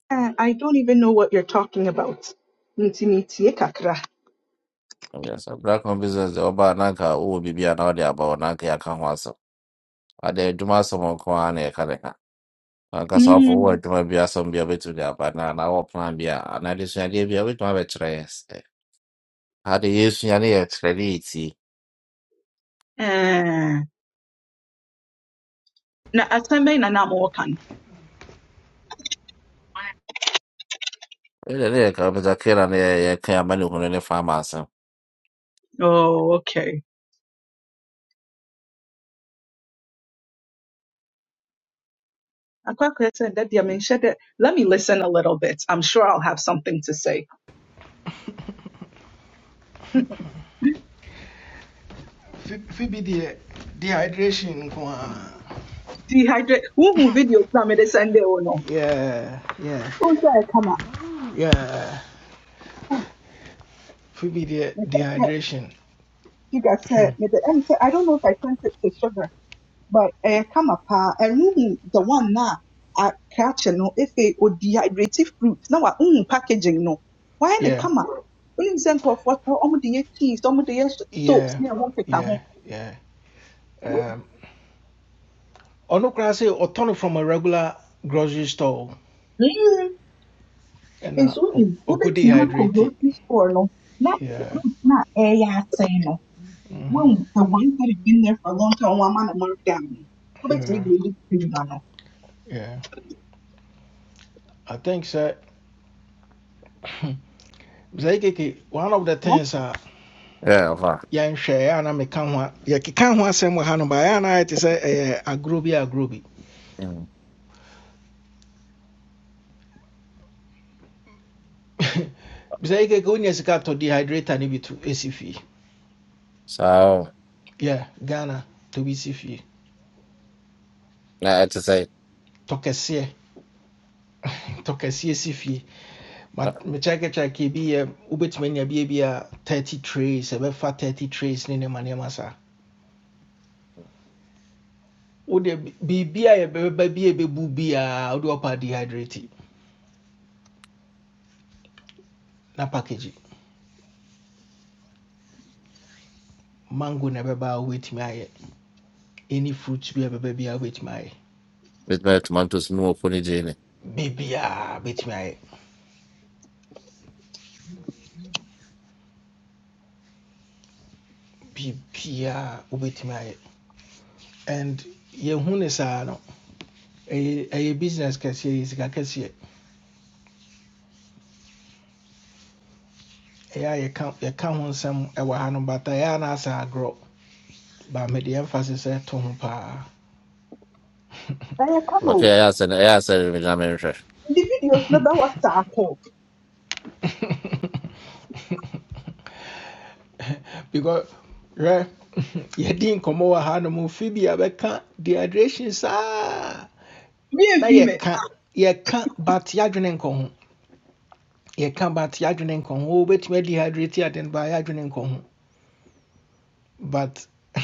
Speaker 10: Uh, I don't even know what you're talking about. Nti mitie kakra.
Speaker 9: black home business deɛ ɔbaa na anka wowɔ biribi a na wode aba hɔ na anka yɛaka ho asɛm. Ade adwuma asɛm nko ara na yɛka ne ka. Ankasa wofo wowɔ
Speaker 10: Mm.
Speaker 9: adwuma bi asɛm bi a wobɛtumi de aba na anaa wɔ plan bi a anaa adesuadeɛ bi a wobɛtumi abɛkyerɛ yɛ sɛ ade yɛsua ne yɛkyerɛ ne
Speaker 10: Eh, na asɛm bɛn na na mowɔ ka no?
Speaker 9: Ile ile kabisa kila ni yake ambaye uko nile pharmacy.
Speaker 10: Oh, okay. Akɔ akɔyɛ sɛ da deɛ menhyɛ dɛ- Let me listen a little bit. I'm sure I'll have something to say. [laughs]
Speaker 1: Fi- fi bi dehydration nko
Speaker 10: Dehydrate. Who who video kora mede send wo no?
Speaker 1: yeah yeah
Speaker 10: Wohu sɛ ɛkama.
Speaker 1: yeah
Speaker 10: Ah,
Speaker 1: Maybe de-
Speaker 10: mepɛ sɛ
Speaker 1: dehydration.
Speaker 10: Giga sɛ
Speaker 1: [clears throat]
Speaker 10: mede ɛm sɛ I don't know if I sent it to Sugar. but ɛyɛ kama paa and the one na aka akyɛ no afei odi hydrative fruit na wa wohu packaging no wayɛ ne
Speaker 1: yeah,
Speaker 10: kama wonim sɛ nkurɔfoɔ tɔ ɔmode yɛ cheese ɔmode yɛ s- soaps
Speaker 1: yeah,
Speaker 10: ne ɛho nkeka ho
Speaker 1: yeah, yeah. Um, ɔno koraa sɛ ɔtɔ no from a regular grocery store
Speaker 10: Mm.
Speaker 1: and ɛna
Speaker 10: nso
Speaker 1: ɔ-
Speaker 10: wonim
Speaker 1: ɔkɔ
Speaker 10: wobɛtumi a
Speaker 1: dehydrate.
Speaker 10: grocery store no na
Speaker 1: Yeah,
Speaker 10: fruit na ɛyɛ asɛe no
Speaker 1: mhm,
Speaker 10: wohu sɛ one that had been there for a long time wɔn ama no market ano wobɛtumi
Speaker 1: yeah,
Speaker 10: de ebi tumi ma no
Speaker 1: yeah. I think sɛ sɛ keke [coughs] [clears throat] one of the things a
Speaker 9: Yeah, va.
Speaker 1: yɛnhwɛ ɛyɛ a na meka ho Yeah, yɛkeka ho asɛm wɔ ha no baeɛ a groovy, a groovy. sɛ ɛyɛ agorɔ bi agorɔ bi. sɛ keke wonya [coughs] sika no to ɛsi fie.
Speaker 9: So,
Speaker 1: Yeah, Ghana to bi si fie.
Speaker 9: na ati say
Speaker 1: Tɔ tɔ kɛseɛ si fie But mekyɛkekyɛke bi yɛ wobɛtumi anya bia bi a 30 trays ɛbɛfa 30 trays ne nneɛma nneɛma saa wode biribi a yɛbɛba bi a ɛbɛbu biaa wode ɔpa dehydrate na package mango na ɛbɛba a wobɛtumi ayɛ any fruit bi a ɛbɛba bi a wobɛtumi ayɛ
Speaker 9: mit mir tumantus nur von Hygiene.
Speaker 1: biribiaa wobɛtumi ayɛ biribiaa wobɛtumi ayɛ and yɛhu ne saa no ɛyɛ ɛyɛ business kɛseɛ yɛ sika kɛseɛ ɛyɛ a yɛka yɛka ho nsɛm ɛwɔ ha no bata ɛyɛ a na asa agorɔ But mede emphasis ɛto ho paa
Speaker 10: Eh, come on.
Speaker 9: Okay, ja, sana ja, sen mit na Mensch.
Speaker 10: The videos na that was tackle.
Speaker 1: because right? You hwɛ yɛdi nkɔmmɔ wɔ ha no mu fi bi yɛbɛka dehydration saa
Speaker 10: Me and
Speaker 1: na
Speaker 10: female.
Speaker 1: yɛka yɛka but yɛadwene nkɔ ho yɛka but yɛadwene nkɔ ho wobɛtumi adehydrate aden ba yɛadwene nkɔ ho but [laughs]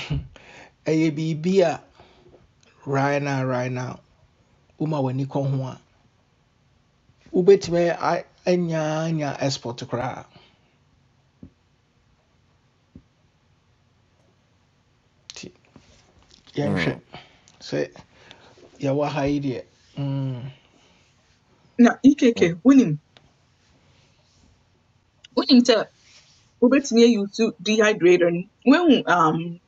Speaker 1: ɛyɛ biribi a baby right now right now Uma woma w'ani kɔ ho a wobɛtumi a- anyaanya export koraa nti yɛnhwɛ
Speaker 9: Mhm.
Speaker 1: sɛ yɛwɔ ha yi deɛ mm.
Speaker 10: Na Ikeke. winning. Winning te wobetumi ayi wo su dehydrator no. um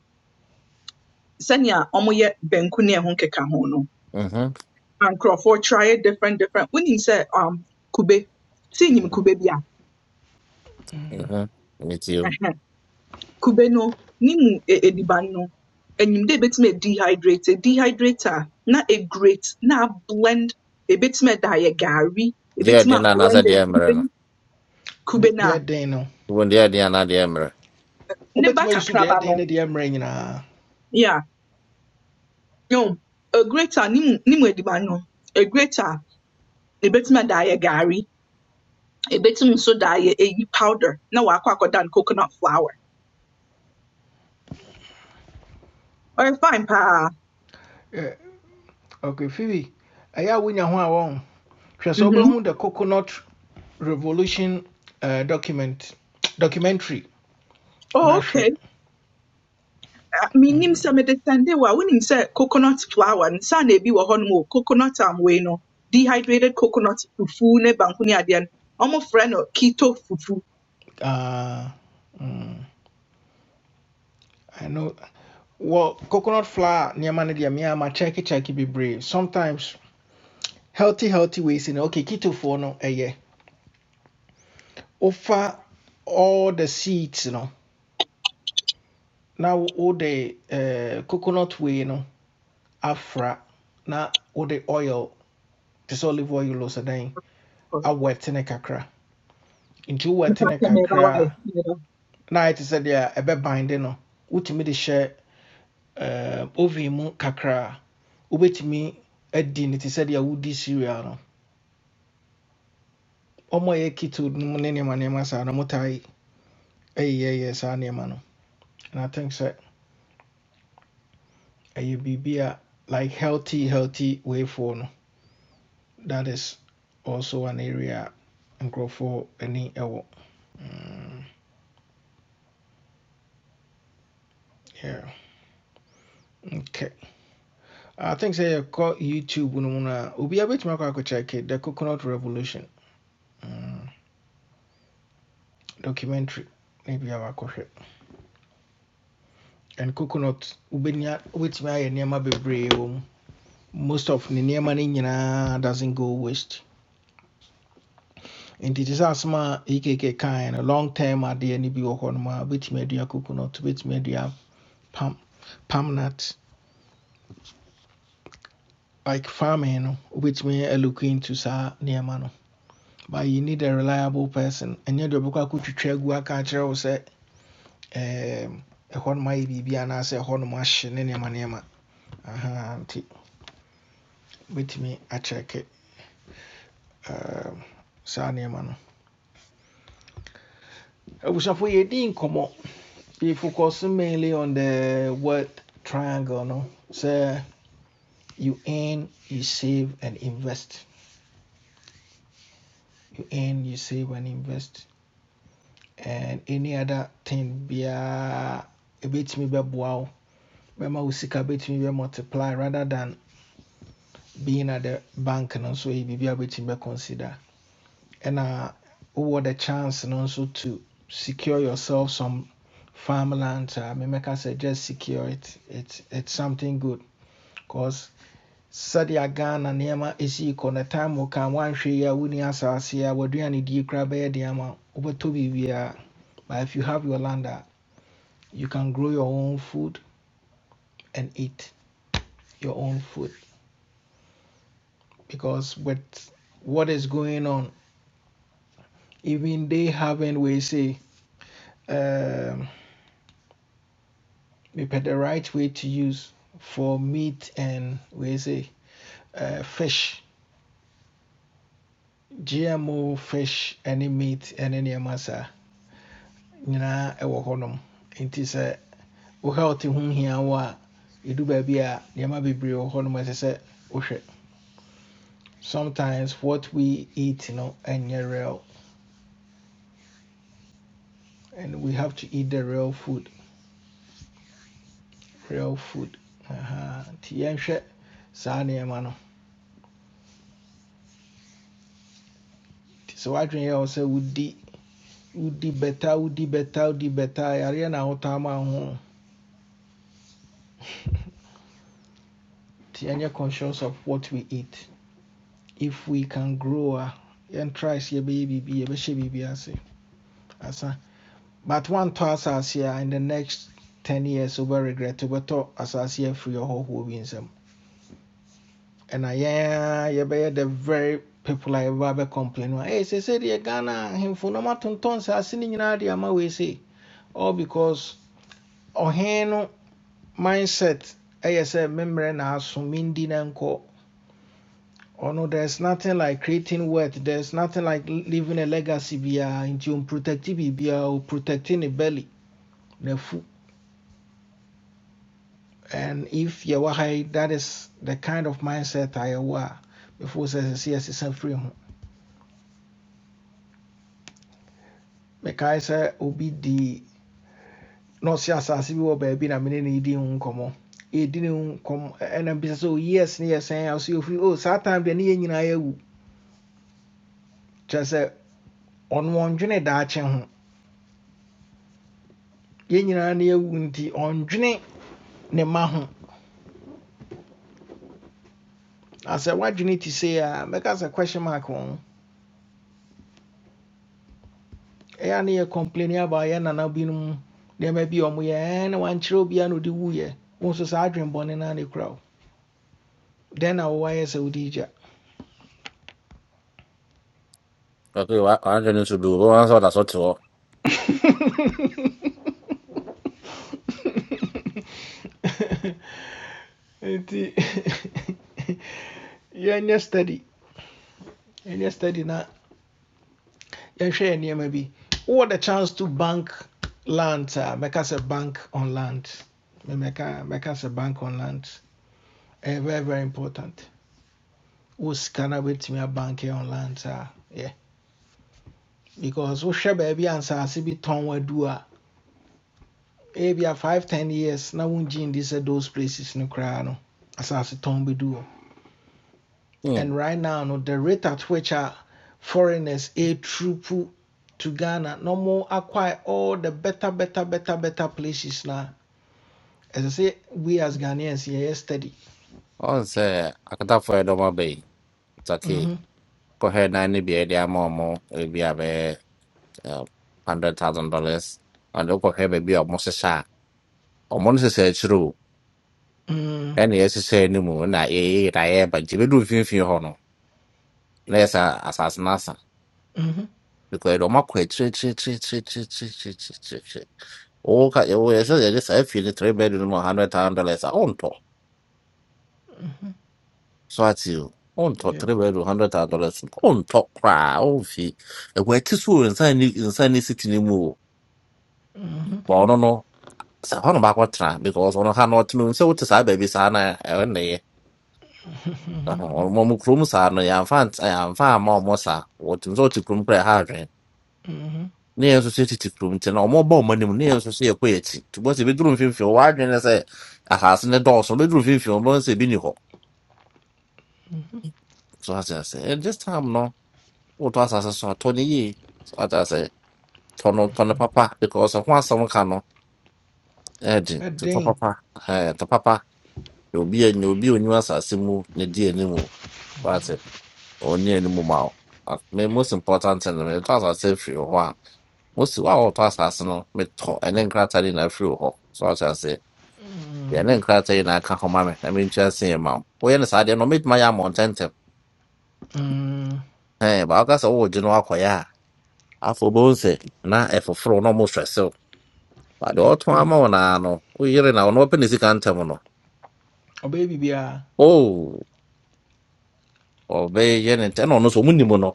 Speaker 10: sanya ɔmoyɛ banku ne ɛho keka ho no.
Speaker 9: Mhm.
Speaker 10: And nkurɔfoɔ try it different different. Winning sɛ um kube. Sɛ nim kube bia.
Speaker 9: Mhm. Mit you.
Speaker 10: Kubeno, nimu e mu e- ediban no enyim dɛ ebetumi dehydrator dehydrate a na egrate na ablend ebetumi ɛda ayɛ gari
Speaker 9: Dia
Speaker 10: ebetumi
Speaker 9: dia na na sa
Speaker 10: ablend blend
Speaker 9: dia mre
Speaker 10: kube
Speaker 9: no.
Speaker 10: no a kuben,
Speaker 1: de-
Speaker 10: kubena,
Speaker 1: deɛ den no
Speaker 9: Won dia dia na dia mre.
Speaker 10: ne ba
Speaker 1: wobɛtumi ayi so
Speaker 10: kakraba
Speaker 1: deɛ
Speaker 10: no
Speaker 1: den no deɛ mmerɛ
Speaker 10: yeah yom a ne nimu nimu mu ediban no egrate a ebetumi ɛda ayɛ gari ebetumi nso da ayɛ eyi powder No wakɔ akɔda no coconut flour ɔyɛ fine pa.
Speaker 1: Eh, ok phoebe ɛyɛ a wonya ho a wɔn hwɛ sɛ
Speaker 10: Mm-hmm.
Speaker 1: wobɛhu the coconut revolution eh, document documentary
Speaker 10: Oh,
Speaker 1: na
Speaker 10: okay. menim
Speaker 1: Mm,
Speaker 10: sɛ mede sɛnde wo a wonim sɛ coconut flour no na ebi wɔ hɔnom o coconut am wei no dehydrated coconut fufu ne banku ne adeɛ no ɔmofrɛ no keto fufu
Speaker 1: ah, mm, I know. Well, coconut flour nneɛma no deɛ mea makyɛkekyɛke bebree sometimes healthy healthy ways no okay ketofoɔ no ɛyɛ Offer all the seeds no Now all the eh, coconut wei no afra na wode oil te olive oil o sɛ dɛn awɛte ne kakra nti
Speaker 10: Mepɛ
Speaker 1: wowɛte
Speaker 10: sɛ meba
Speaker 1: kakra
Speaker 10: wo ayɛ.
Speaker 1: a
Speaker 10: Meba.
Speaker 1: na ayɛ te sɛ deɛ ɛbɛbande no wotumi de share eh, oven kakra a edin adi said te sɛ deɛ wodi cereal no ɔmo a ɛyɛ keto no mu ne nneɛma nneɛma saa no motae ɛyeyɛyɛ saa nneɛma no and i think sɛ ɛyɛ biribi a bibia like healthy healthy way for no that is also an area a nkurɔfoɔ ani ɛwɔ mm, yeah Okay. I think sɛ call YouTube no mu no a obiara bɛtumi akɔ akɔkyɛke The Coconut Revolution mm, documentary na biara wakɔhwɛ. And coconut wobɛnya wobɛtumi ayɛ nneɛma bebree wɔ mu. Most of ne nneɛma no nyinaa doesn't go waste. And te sɛ asɛm a EKK kind. A long term adeɛ no bi wɔ hɔ nom a wobɛtumi adua coconut, wobɛtumi adua palm, palm nut. Like farming no wobɛtumi alook into saa nneɛma no. but you need a reliable person ɛnyɛ do ɔbɛkɔ akɔtwitwa agu aka akyerɛ wo sɛ em, ɛhɔ nom ayɛ biribi anaasɛ ɛhɔ nom ahye ne nneɛma nneɛma Aha, nti wobɛtumi akyɛke em, saa nneɛma no abusafo yɛdi nkɔmmɔ we focus mainly on the word triangle no So you earn you save and invest you earn you save and invest and any other thing biara ɛbɛtumi bɛboa wow. bɛma wo sika bɛtumi bɛ multiply rather than being at the bank And also, yɛ biribi a wobɛtumi bɛ consider ɛna wowɔ the chance and also, to secure yourself some farmland a memɛka sɛ just secure it it's, it's something good cause sɛdeɛ ghana nneɛma ɛsii kɔ no time wo ka one share a wonni asase You waduane die koraa bɛyɛ deɛ ama wo. wobɛtɔ but if you have your land uh, you can grow your own food and eat your own food because with what is going on, even they haven't we say um, we put the right way to use for meat and we say uh, fish, GMO fish, any meat, and any nneɛma saa nyinaa ɛwɔ hɔnom nti sɛ wo health ho hia wo a ɛdu baabi a nneɛma bebree wɔ hɔnom a ɛsɛ sɛ sometimes what we eat you know, ɛnyɛ real and we have to eat the real food real food aha nti yɛnhwɛ saa nneɛma no nti sɛ woadwene yɛ wo sɛ wodi wodi bɛta wodi bɛta wodi bɛta a, yareɛ na wotaa ma wo ho no. nti conscious of what we eat if we can grow uh, and try see baby, yɛbɛyɛ biribi yɛbɛhyɛ biribi ase asa but woantɔ asase a in the next 10 years wobɛ regret to better as wobɛtɔ free afiri ɔhɔhoɔ bi nsam ɛna yɛn a yɛbɛyɛ the very people a yɛbɛba complain "Hey, ɛyɛ sɛ sɛdeɛ ghana ahemfo na ɔmatotɔn saase no nyinaa de ama wei se all because ɔhen no mindset I say, memmerɛ na aso mendi na nko. Oh no, there's nothing like creating wealth there's nothing like leaving a legacy biara nti ɔmprotecti biribiara protecting a belly and if you're yi that is the kind of mindset a yɛwɔ a before sɛ sɛ sɛ free firi ho mekae sɛ obi the na ɔse asase bi wɔ baabi na mene ne yɛdi ho nkɔmmɔ yɛdi ne ho nkɔmmɔ ɛna bisa yes ne yɛsɛn a so yɛfiri o saa time deɛ ne yɛn nyinaa yɛawu kyerɛ sɛ ɔno ɔndwene daakye ho yɛn nyinaa ne yɛawu nti ɔndwene ne ma ho na sɛ woadwene te sei a mɛka sɛ question mark wɔ ho ɛyɛ a ne complain about yɛ nana binom nneɛma bi a ɔmo yɛ ɛɛ na wankyerɛ obiara na ɔde wuyɛ wo nso saa adwene bɔne no a ne kura wo dɛn na wowayɛ sɛ wode
Speaker 9: Okay, wa anje ni su wa so da so to.
Speaker 1: [laughs] nti yɛnyɛ [laughs] study yɛnyɛ study na yɛnhwɛ yɛ nneɛma bi wowɔ the chance to bank land uh, make us a mɛka sɛ bank on land Me- mɛka mɛka sɛ bank on land ɛyɛ very very important We wo sika me a bank on land a yeah. because we wohwɛ baabi a nsaase bi tɔn wadu a Maybe a five ten years na won gin this at those places no koraa no asase tɔn bɛdu hɔ
Speaker 9: Mhm.
Speaker 1: and right now no the rate at which a foreigners a ɛtrupu to ghana no more acquire all the better better better better places now. As I say, we as ghanaians here steady
Speaker 9: On se akata fo edo ma be. It's okay.
Speaker 1: Mhm,
Speaker 9: Ko he na ni bi e dia mo mo e bi abe. uh, hundred thousand dollars and look here baby or Moses or Moses said true
Speaker 1: mhm,
Speaker 9: and yes say no more na eh eh but jibe do fin fin ho no na yes asas nasa
Speaker 1: mhm,
Speaker 9: because o makwa tre tre tre tre tre tre tre tre tre tre oh ka o yes yes yes I feel the three bedroom one hundred thousand dollars on top
Speaker 1: mhm,
Speaker 9: so at you on top
Speaker 1: yep,
Speaker 9: three bedroom hundred thousand dollars on top cry on fee e wa ti so inside ni inside ni city ni mu
Speaker 1: mhm,
Speaker 9: Sahana bakwatra because ono hano tunu so to sa baby sana ene.
Speaker 1: mhm,
Speaker 9: Ono mo mu krum sa no ya fan ya fan ma mo sa. Wotu so to krum pre ha dwen.
Speaker 1: mhm,
Speaker 9: Ne enso se titi krum te na omo ba omo nim ne enso se ekwe eti. To bo se be drum fimfi o wa dwen na se ahas ne do so be drum fimfi o bo se bi ni ho.
Speaker 1: mhm.
Speaker 9: So ha se se eh, this time no wo to asase so to ni yi. So ata se tono tono papa because of one some kind ɛde
Speaker 1: A
Speaker 9: totɔ
Speaker 1: ɛden
Speaker 9: papa ɛɛ tɔ papa na obi a na obi a onyi asase mu ne di anim o. That's it. Onye anim ma o. A- Me most important thing no metɔ asase firi hɔ a mosi wa a wɔtɔ asase no metɔ ɛne nkrataa de na afiri hɔ so ɔkyɛ ase deɛ
Speaker 1: Mm,
Speaker 9: ne nkrataa yi na aka hɔ ma me na mentwa se yɛ ma wo woyɛ no saa deɛ no mɛtuma yɛ amɔntɛntɛm
Speaker 1: mm,
Speaker 9: ɛn baaka sɛ wowɔ gye no akɔyɛ a afɔ bɛhu sɛ na ɛfoforo na ɔmo hwɛ sew ba deɛ
Speaker 1: eh,
Speaker 9: ɔto ama wo naa no woyere na ɔno ɔpɛ ne sika ntɛm no
Speaker 1: ɔbɛyɛ biribiara
Speaker 9: oh! or be yen and ten on us munimono,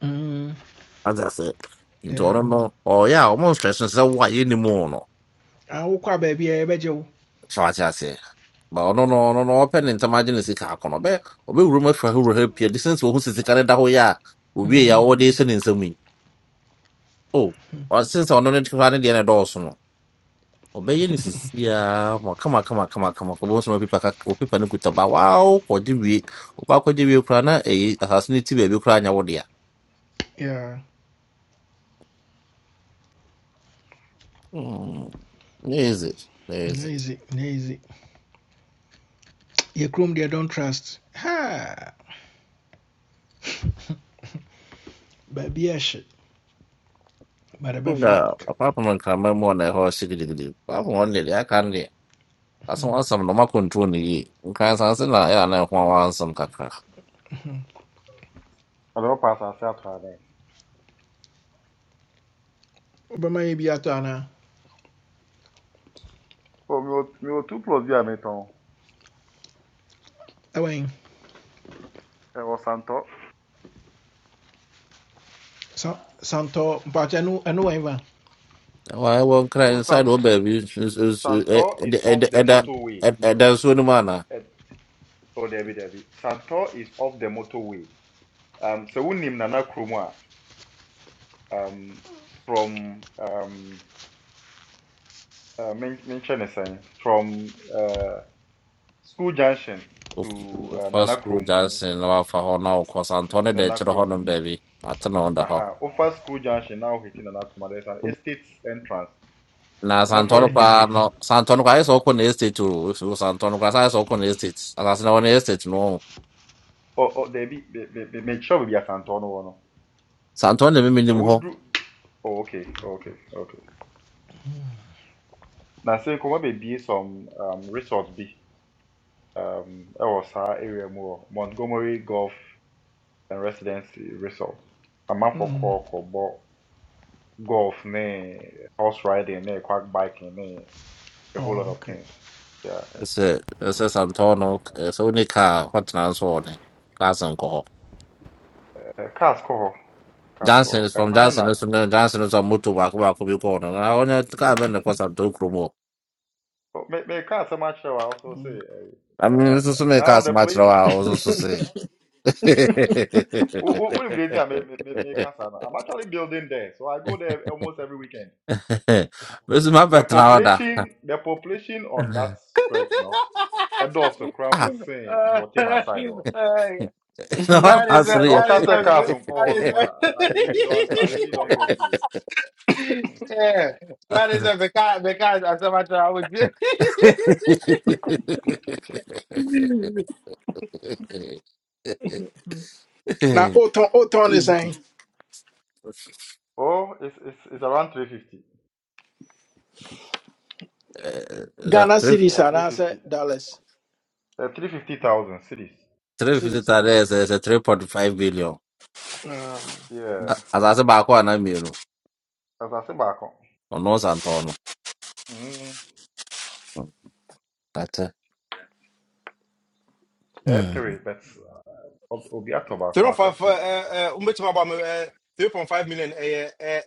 Speaker 1: Mm,
Speaker 9: as I say. Into
Speaker 1: yeah.
Speaker 9: no, or yeah, almost stress and so why any mono.
Speaker 1: Ah, wokɔ a baabi a yɛbɛgye wo
Speaker 9: So as I say, but no, no, no, no, open and imagine is a car on a bear, or be rumor for who will help your distance or who's the carrier that we are, will be our days and in some mean. Oh, or since on it to run the end also. No, or be yen
Speaker 1: [laughs]
Speaker 9: is yeah, come on, come on, come on, come on, for most of people, people no good about wow, or the week, or back with the week, Ukraine, a has native baby crying out there.
Speaker 1: yeah
Speaker 9: Hmm, there is it,
Speaker 1: easy easy yɛ kurom They don't trust ha [laughs] baabi a but bade bɛfa
Speaker 9: Sudah, apa pun kamar mau naik hawa sikit sikit. Apa pun ni dia kan ni. Asam asam nama kuntu ni. Kan saya sen lah ya naik hawa asam kakak.
Speaker 11: Alors, on passe à ça à travers.
Speaker 1: wobɛma yɛ bi atɔ anaa
Speaker 11: Oh, Mio- Miotu plus bi
Speaker 1: ɛwɛn
Speaker 11: E Santo.
Speaker 1: sa- santɔ mpakyɛ ɛno ɛno wɛn ba
Speaker 9: Wah, wah kena
Speaker 11: So
Speaker 9: inside oh
Speaker 11: Sant-
Speaker 9: baby.
Speaker 11: Santo
Speaker 9: Ada
Speaker 11: is off the
Speaker 9: ada
Speaker 11: motorway.
Speaker 9: ada ada suatu mana.
Speaker 11: Eh, oh, Debbie, Debbie. Santo is off the motorway. Um, so we unim nana krumwa. Um, from um, uh, mention is saying from uh, school junction to uh,
Speaker 9: First
Speaker 11: Nana
Speaker 9: school
Speaker 11: Krum.
Speaker 9: Johnson, nama faham nak kau santone deh
Speaker 11: Nana
Speaker 9: cerah
Speaker 11: Krum.
Speaker 9: honom baby. Atau nak dah kau.
Speaker 11: Aha. Over school junction now hitting Nana Krum. There's an estate entrance.
Speaker 9: Na
Speaker 11: Come for
Speaker 9: Santoro
Speaker 11: estate
Speaker 1: Mm,
Speaker 9: kwa
Speaker 11: gates.
Speaker 9: no Santoro ka yeso ko na estate ro so Santoro ka sa yeso ko na estate asase na wona estate no
Speaker 11: Oh, oh, daabi be- be- be- make mekyerɛw baabi asantew no wɔ no
Speaker 9: Santoro na mimi nim
Speaker 11: sɛ do. oh, okay okay okay na sɛ nkɔmmɔ be some um, resorts be um, ɛwɔ saa area more montgomery golf and residency resort amanfoɔ
Speaker 1: mm,
Speaker 11: kɔɔ kɔbɔ golf ne horse riding ne quack biking ne a whole lot of
Speaker 1: okay
Speaker 11: things yeah.
Speaker 9: Sɛ sɛ Santoro no sɛ wone kaa hɔtena nso wɔ ne class nkɔ hɔ
Speaker 11: eh, cars kɔ hɔ cars kɔ
Speaker 9: Johnson
Speaker 11: hɔ
Speaker 9: is from
Speaker 11: ɛkwan no
Speaker 9: Johnson
Speaker 11: na
Speaker 9: no so no Johnson no so a moto baako baako bi kɔɔ no na ɔnyɛ kaa bɛn ne kɔ Santoro kurom hɔ
Speaker 11: meka so much. I also say.
Speaker 9: I
Speaker 11: eh, eh,
Speaker 9: mean,
Speaker 11: eh,
Speaker 9: nso so meka
Speaker 11: now the
Speaker 9: asɛm match
Speaker 11: place
Speaker 9: wo a wo nso so se
Speaker 11: Wh- wh- When they say I make, make, make make cassava, I'm actually building there, so I go there almost every weekend.
Speaker 9: mɛso
Speaker 11: The
Speaker 9: mabɛtena hɔ [laughs] [laughs]
Speaker 11: population, the population on that stretch, no, and also cramp
Speaker 9: Ah,
Speaker 11: was saying,
Speaker 12: Uh,
Speaker 11: but
Speaker 12: [laughs]
Speaker 11: him
Speaker 12: uh,
Speaker 11: aside, oh,
Speaker 9: [laughs] na wana
Speaker 12: God
Speaker 11: And
Speaker 12: is
Speaker 11: see,
Speaker 12: a,
Speaker 9: asere
Speaker 11: so
Speaker 9: yɛ
Speaker 12: God is a,
Speaker 11: cancer
Speaker 12: God
Speaker 11: cars on call no
Speaker 12: is a,
Speaker 11: more. I really don't, I really
Speaker 12: [laughs]
Speaker 11: don't get you.
Speaker 12: yeah, God is a because because as a matter I would [laughs]
Speaker 1: Now, wotɔn wotɔn ne sɛn
Speaker 9: [laughs]
Speaker 11: Oh, it's it's, it's around 350,
Speaker 9: Eh, that
Speaker 1: ghana
Speaker 9: three
Speaker 1: series
Speaker 11: uh,
Speaker 1: anaasɛ
Speaker 11: 350,
Speaker 1: dollars
Speaker 11: uh, 350,000 cities.
Speaker 9: three fifty
Speaker 1: series a
Speaker 9: tare ɛsɛ
Speaker 1: okay
Speaker 9: sɛ three point five billion
Speaker 1: Ah,
Speaker 11: Yeah,
Speaker 9: A- asase baako ana mmienu
Speaker 11: as I say back on,
Speaker 9: ɔno santɔɔ
Speaker 11: mm,
Speaker 9: no tata
Speaker 11: eh,
Speaker 9: Mm.
Speaker 11: three, but uh, Obiato back
Speaker 12: three
Speaker 11: on, I
Speaker 12: for
Speaker 11: got
Speaker 12: uh
Speaker 11: two.
Speaker 12: uh um bit about uh three point five million uh uh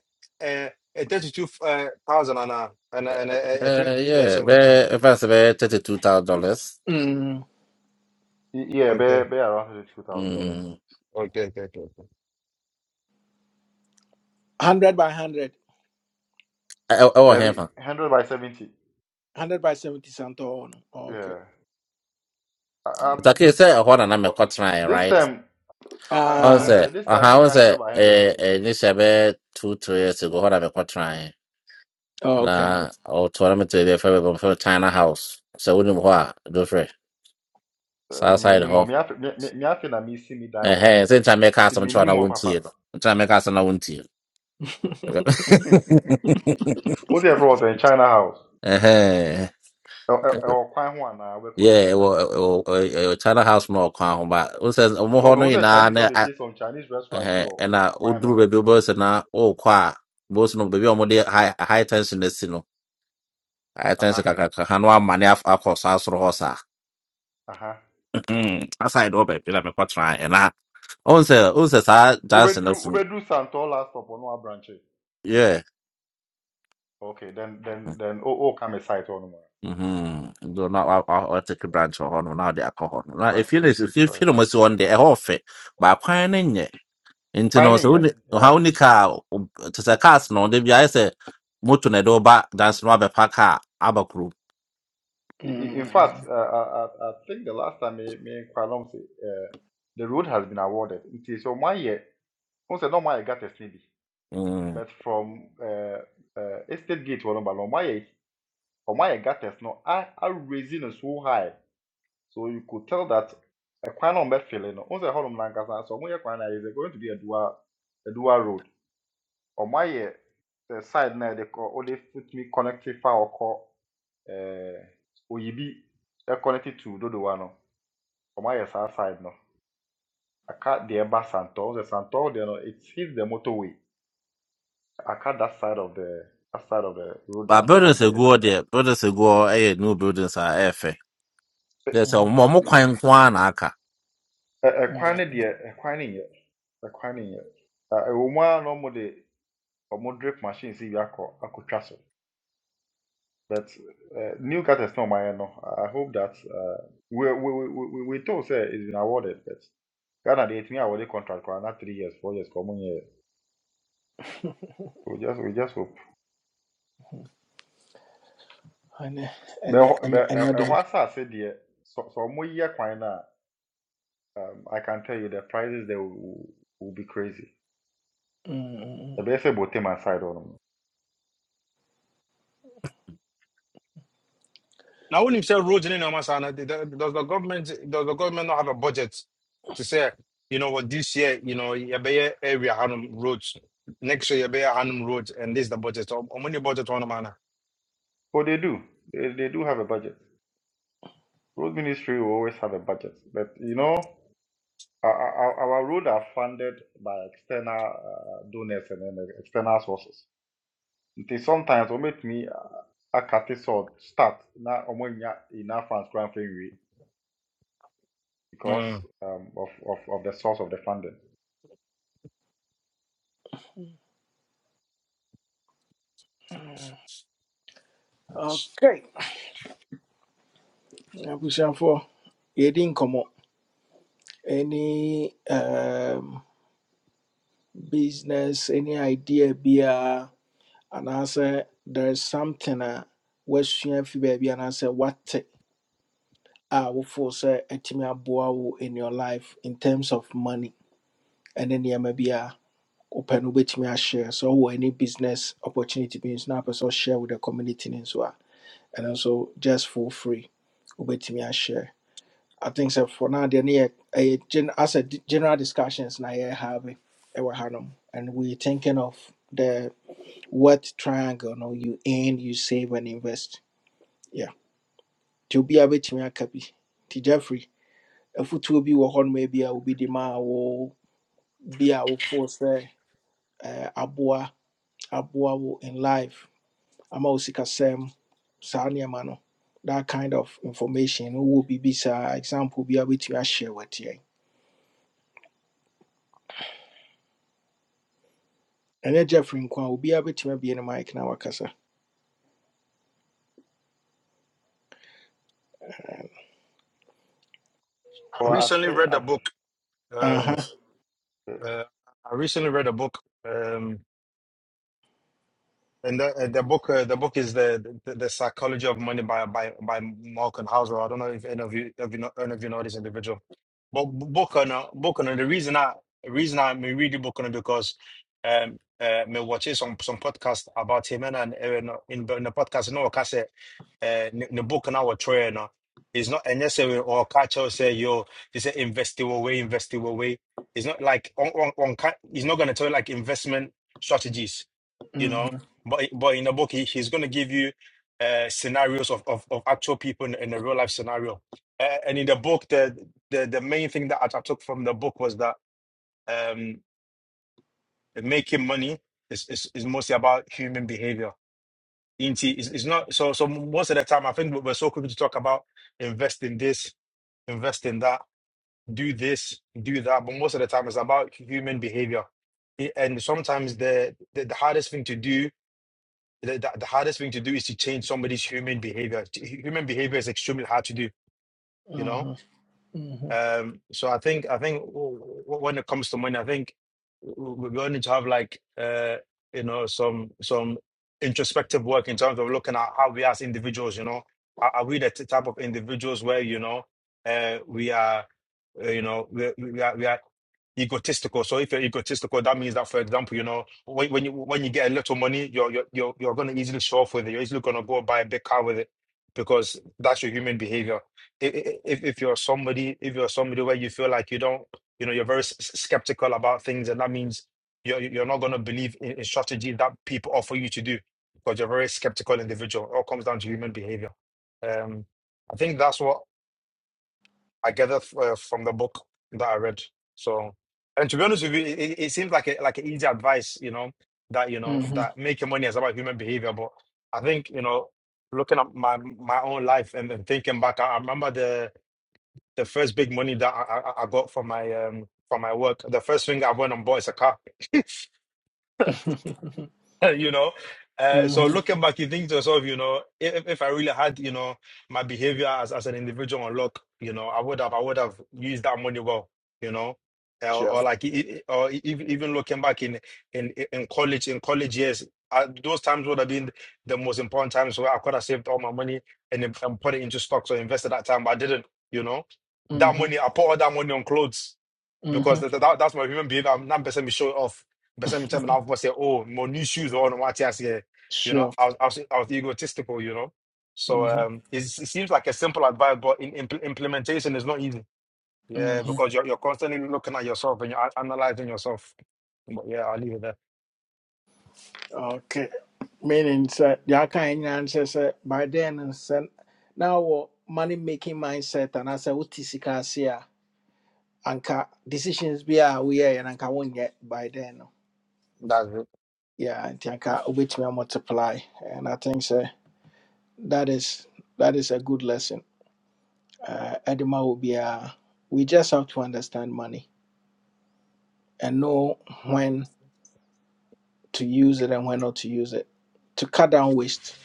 Speaker 12: uh thirty two uh thousand and uh and uh, and uh, uh, three
Speaker 9: Eh
Speaker 12: yeah
Speaker 9: yeah
Speaker 12: so
Speaker 9: bɛɛ ɛfa sɛ bɛyɛ thirty two thousand dollars
Speaker 1: mm,
Speaker 11: Y- Yeah,
Speaker 12: okay
Speaker 11: be be around two thousand dollars.
Speaker 9: Mm.
Speaker 12: okay okay okay
Speaker 1: 100 by 100
Speaker 9: I ɛwɔ hɛn
Speaker 11: Debbie,
Speaker 9: fa
Speaker 11: 100 by 70.
Speaker 1: 100 by 70 Santo. Okay.
Speaker 11: Yeah. I,
Speaker 1: okay
Speaker 11: um,
Speaker 9: taki sɛ ɛhɔ
Speaker 11: w-
Speaker 9: nana
Speaker 11: w-
Speaker 9: mɛkɔtenaeɛ
Speaker 11: this
Speaker 9: right
Speaker 11: time, I, I,
Speaker 9: ɔn
Speaker 1: Ah,
Speaker 11: I,
Speaker 9: sɛ
Speaker 11: I- this time,
Speaker 9: ɔhan I
Speaker 11: only 100
Speaker 9: say,
Speaker 11: by 100.
Speaker 9: eh,
Speaker 11: Oh.
Speaker 9: eh, ne hyɛ bɛyɛ two three years ago hɔ na mɛkɔtenaeɛ
Speaker 1: oh, okay.
Speaker 9: na ɔtoɔ na mɛtɔ to ɛfɛ bɛbɛ mfɛ China house sɛ wonim hɔ a dofrɛ
Speaker 11: Uh,
Speaker 9: saa side hɔ
Speaker 11: minimum. Me, afe- me, me, me afe na me see me die Oh,
Speaker 9: Ehe, sɛ nkyɛ mɛka i make
Speaker 11: it's
Speaker 9: us, I'm trying to
Speaker 11: minimum, papa.
Speaker 9: wontie no. I'm trying to wontie no.
Speaker 11: [laughs]
Speaker 1: [laughs]
Speaker 9: [laughs]
Speaker 11: What's the problem in China house?
Speaker 9: Ehe.
Speaker 11: Or quite one, I will call
Speaker 9: Yeah,
Speaker 11: inside
Speaker 9: ɛwɔ
Speaker 11: kakra.
Speaker 9: ɛwɔ- ɛwɔ- ɛwɔ China house na ɔkwan ho ba. Wo sɛ ɔmo
Speaker 11: Because
Speaker 9: hɔ no
Speaker 11: me say
Speaker 9: nyinaa
Speaker 11: Chinese
Speaker 9: na
Speaker 11: one be some Chinese restaurant
Speaker 9: ɛhɛ
Speaker 11: bi or
Speaker 9: ɛna
Speaker 11: quite
Speaker 9: woduru
Speaker 11: no.
Speaker 9: baabi wobɛhu sɛ na wokɔ a bɛhu sɛ no baabi a ɔmode high high tension no si no high tension
Speaker 11: Aha,
Speaker 9: kakraka ha no amane af- akɔ saa soro hɔ saa.
Speaker 11: aha.
Speaker 9: Aside hɔ baabi na mekɔtena ɛna ɔhu sɛ wohu sɛ saa Johnson no
Speaker 11: Ubedru,
Speaker 9: so no,
Speaker 11: ubedru Santor last stop on one branch. eh?
Speaker 9: yeah.
Speaker 11: Okay, then, then, then, oh, oh, come a site on
Speaker 9: Mm-hmm. Do not I I I take a branch or no now they are called. Now
Speaker 11: one. I
Speaker 9: if you
Speaker 11: see,
Speaker 9: if you
Speaker 11: Right, I
Speaker 9: feel
Speaker 11: see.
Speaker 9: almost one day a off it, but I can't in it. into no
Speaker 11: Finding
Speaker 9: so
Speaker 11: yet, yeah.
Speaker 9: how ni car um, to the cars no they be I say motor na do back dance no be park car aba
Speaker 11: I- In fact,
Speaker 1: Mm,
Speaker 11: uh, I, I I think the last time me, me and Kwalong, uh, the road has been awarded. It is on one year, once no one year got a CB,
Speaker 9: Mm.
Speaker 11: but from uh, uh, Estate Gate, one by one year, on one year got a snow, I, I raising it so high. So you could tell that a Kwalong bed feeling, once a Holland Lancaster, so one year Kwalong is going to be a dual, a dual road. On my year, the side now they call, only put me connected far or call, uh, Oyibi, uh, connected to Dodo Comot your south side no. Aka the Eba Santor, the Santor you know, it hits the motorway. I Aka that side of the that side of the road
Speaker 9: But
Speaker 11: that on
Speaker 9: buildings a
Speaker 11: the
Speaker 9: go there, buildings a go eh yeah, new buildings are eh fair. There's a
Speaker 1: mm,
Speaker 9: more mo kwan kwan aka.
Speaker 11: ɛkwan
Speaker 1: mm.
Speaker 11: no deɛ ɛkwan no nyɛ ɛkwan no nyɛ Ɛ- ɛwɔ mu a na ɔmo de ɔmo drip machine si bi akɔ akɔtwa so but uh, new cutters is not my no i hope that uh, we we we we we told say it's been awarded but ghana deɛ me awarded contract for another three years four years kɔ ɔmo we just we just hope.
Speaker 1: Ɛnɛ- ɛnɛ-
Speaker 11: But
Speaker 1: ɛnɛ- ɛnɛ deɛ.
Speaker 11: ɛhɔ asase deɛ sɛ sɛ ɔmoyɛ kwan no a um, i can tell you the prices there will, will will be crazy
Speaker 1: Mm,
Speaker 11: The ɛbɛyɛ sɛ them aside on. nom
Speaker 12: Now, I wouldn't even say roads in no man's Does the government does the government not have a budget to say, you know what, this year, you know, you better area Hanum roads, next year you better Hanum roads, and this is the budget. How how many budget on a
Speaker 11: oh they do they, they do have a budget road ministry will always have a budget but you know our, our our road are funded by external uh, donors and then the external sources It is sometimes wɔmɛtumi akate sɛ ɔ- start Now ɔmoanya enough funds koraa mfa nwie because
Speaker 12: Mm.
Speaker 11: um, of, of, of the source of the funding
Speaker 1: Okay. Abushan for yɛdi nkɔmmɔ. Any um, business, any idea biara, anaasɛ there is something a woasua fi baabi anaasɛ woate a wofoo sɛ atumi aboa wo in your life in terms of money ɛne nneɛma biara. wopɛ no wobɛtumi ahyɛ sɛ wowɔ any business opportunity bi nso na apɛ sɛ with the community no nso a ɛno nso just for free wobɛtumi share. i think so for now deɛ ne a gen- as a di- general discussions na yɛhave ɛwɔ hanom and we thinking of the what triangle no you earn you save and invest yeah to nti obiaa bɛtumi aka copy, nti jeffrey afotuo bi wɔ hɔnom ebi a obi de maa wo bi a wofoo sɛ eh, aboa aboa wo in life ama wo sikasɛm saa nneɛma no that kind of information no will be, saa example be able to share with you. And ɛnyɛ jeffrey Nkwan will be able to be in the mic now, na wakasa
Speaker 12: I
Speaker 11: so I
Speaker 12: recently
Speaker 11: think.
Speaker 12: read a book.
Speaker 1: Uh
Speaker 12: Um,
Speaker 1: huh.
Speaker 11: I,
Speaker 12: uh, I recently read a book. Um, And the, uh, the book, uh, the book is the, the the Psychology of Money by by by Malcolm Houser. I don't know if any of you, if you know, any of you know this individual, but B- Buchanan, Buchanan. The reason I, the reason I'm reading Buchanan because um uh, me watch some some podcast about him and and uh, no, in in the podcast you know like I say uh the Buchanan was trying no. It's not and necessarily or catch or say yo, it's say invest your way, invest your way, It's not like on on on. ca- He's not gonna tell you like investment strategies. you know.
Speaker 1: Mhm,
Speaker 12: But but in the book, he, he's going to give you uh, scenarios of, of, of actual people in, in a real life scenario. Uh, and in the book, the, the the main thing that I I took from the book was that um, making money is, is, is mostly about human behavior. Into is is not so so most of the time I think we're so quick to talk about invest in this, invest in that, do this, do that, but most of the time it's about human behavior. It- And sometimes the, the the hardest thing to do the, the, the hardest thing to do is to change somebody's human behavior. T- Human behavior is extremely hard to do, you know?
Speaker 1: mhm,
Speaker 12: Um, so I think I think w- w- when it comes to money, I think w- we're going to have like uh, you know some some introspective work in terms of looking at how we as individuals, you know, are, are we the t- type of individuals where you know uh, we are uh, you know we, we are we are egotistical. So if you're egotistical, that means that, for example, you know, when, when you when you get a little money, you're you're you're, you're going to easily show off with it. You're easily going to go buy a big car with it because that's your human behavior i- i- if if you're somebody if you're somebody where you feel like you don't you know you're very s- s- skeptical about things and that means you're you're not going to believe in, in strategy that people offer you to do because you're a very skeptical individual it all comes down to human behavior um i think that's what i gathered uh, from the book that i read so and to be honest with you it, it it seems like a like an easy advice you know that you know
Speaker 1: mhm,
Speaker 12: that making money is about human behavior but i think you know looking at my my own life and then thinking back i I remember the the first big money that I, I, I got from my um from my work, the first thing I went and bought is a car. [laughs]
Speaker 1: mhm. [laughs]
Speaker 12: [laughs] you know. Uh, so
Speaker 1: Mhm.
Speaker 12: looking back, you think to yourself, you know, if, if I really had, you know, my behavior as, as an individual on lock, you know, I would have, I would have used that money well, you know, Uh,
Speaker 1: sure
Speaker 12: or, like, e- e- or e- even even looking back in in in college, in college years, uh those times would have been the most important times where I could have saved all my money and, then- and put it into stocks or invested that time, but I didn't, you know. That
Speaker 1: Mhm,
Speaker 12: money, I put all that money on clothes because
Speaker 1: mhm.
Speaker 12: that, that, that's my human behavior. I'm not person me show off. Person me tell me now
Speaker 1: [laughs]
Speaker 12: for say, oh, my new shoes or on what yes, yeah. You know,
Speaker 1: sure
Speaker 12: I was, I was I was egotistical, you know. So
Speaker 1: Mhm,
Speaker 12: um, it's, it seems like a simple advice, but in, impl- implementation is not easy. Yeah,
Speaker 1: mhm.
Speaker 12: because you're you're constantly looking at yourself and you're a- analyzing yourself. But yeah, I'll leave it there.
Speaker 1: okay meaning sɛ deɛ aka ɛ nyinaa no sɛ sɛ by then no sɛ na wɔ money making mindset anaasɛ wote sika ase a utisika here. anka decisions be a woyɛɛ no anka won't yet by then no
Speaker 12: That's it.
Speaker 1: yeah nti anka wobɛtumi may multiply and i think so. that is that is a good lesson uh, ɛde ma wo biara we just have to understand money and know when to use it and when not to use it to cut down waste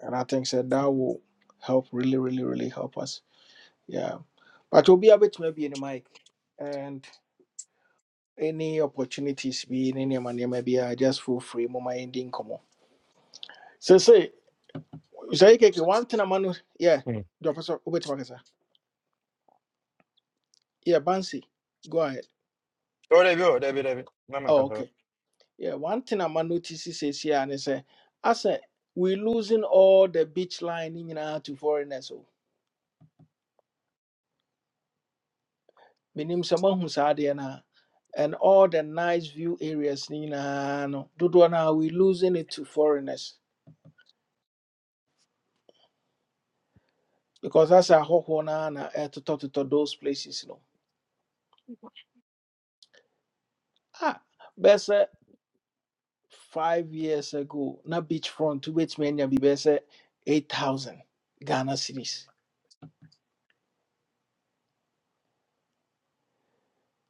Speaker 1: and i think so that will help really really really help us yeah but will be obiara bɛtumi abie ne mic and any opportunities be ne nneɛma nneɛma bi a just feel free moma yɛndi nkɔmmɔ Sensei, say yɛkeke one thing ama no yɛ
Speaker 12: Mm.
Speaker 1: deɛ ɔpɛ sɛ wobɛtumi akasa yɛ bansi go ahead
Speaker 12: Oh, there you go, there you go, there you go. No, man,
Speaker 1: oh,
Speaker 12: 'cause, uh,
Speaker 1: okay yeah, one thing ama no ti si seesie a man notices says here and they say sɛ asɛ we losing all the beach line ne nyinaa to foreigners o menim sɛ moahu saa adeɛ no and all the nice view areas ne nyinaa no dodoɔ no we losing it to foreigners because that's a asɛ one. no to na to those places no ah, best. five years ago na beachfront wobɛtumi anya biribi sɛ 8000 ghana series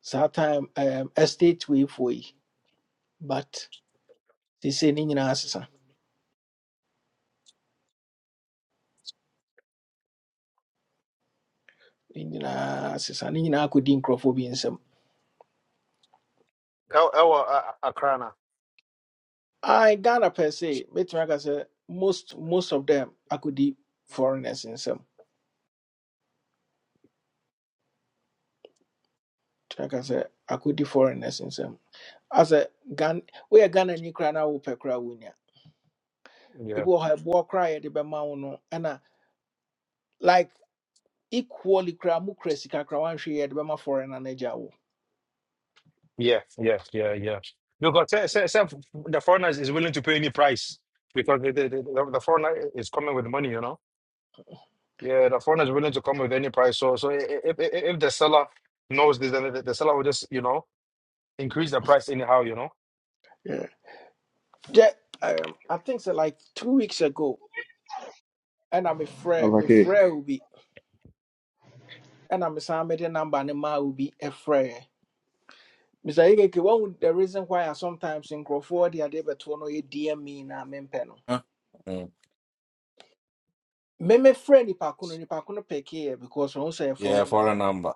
Speaker 1: saa time um, estate weifoɔ yi but they say nyinaa asesa ne nyinaa asesa ne nyinaa akɔdi nkurɔfoɔ bi
Speaker 12: El- El, uh, Accra
Speaker 1: I, ghana per se mɛtumi aka sɛ most most of them akɔdi foreigners nsɛm mɛtumi aka sɛ akɔdi foreigners nsɛm asɛ Ghan woyɛ ghanani koraa na wopɛ koraa wonya
Speaker 12: now.
Speaker 1: ebi wɔ hɔ a ɛboɔ koraa a yɛde bɛma wo no ɛna like. equally koraa mu kura sika koraa wanhwɛ yɛ de bɛma foreigner no agya wo
Speaker 12: Yeah, yeah, yeah, yeah. Because se- se- se- the foreigner is willing to pay any price because the, the, the, the foreigner is coming with money, you know. Yeah, the foreigner is willing to come with any price. So, so i- i- if if, if the seller knows this, then the, the seller will just you know increase the price anyhow, you know.
Speaker 1: Yeah. Gye- um, I think sɛ like two weeks ago ɛna mefrɛ
Speaker 13: Al-Fakir
Speaker 1: mefrɛ wo bi ɛna mesan mede number ne maa wo bi ɛfrɛɛ Mr. Ikeke, one the reason why I sometimes nkurɔfoɔ de adeɛ bɛtoɔ no yɛ DM me na mempɛ no.
Speaker 9: Huh? Mm.
Speaker 1: meme frɛ nipa ko no nipa ko no pɛkee ɛ because ɔho sɛ ɛyɛ
Speaker 9: Yeah,
Speaker 1: foreign
Speaker 9: for a
Speaker 1: number
Speaker 9: number.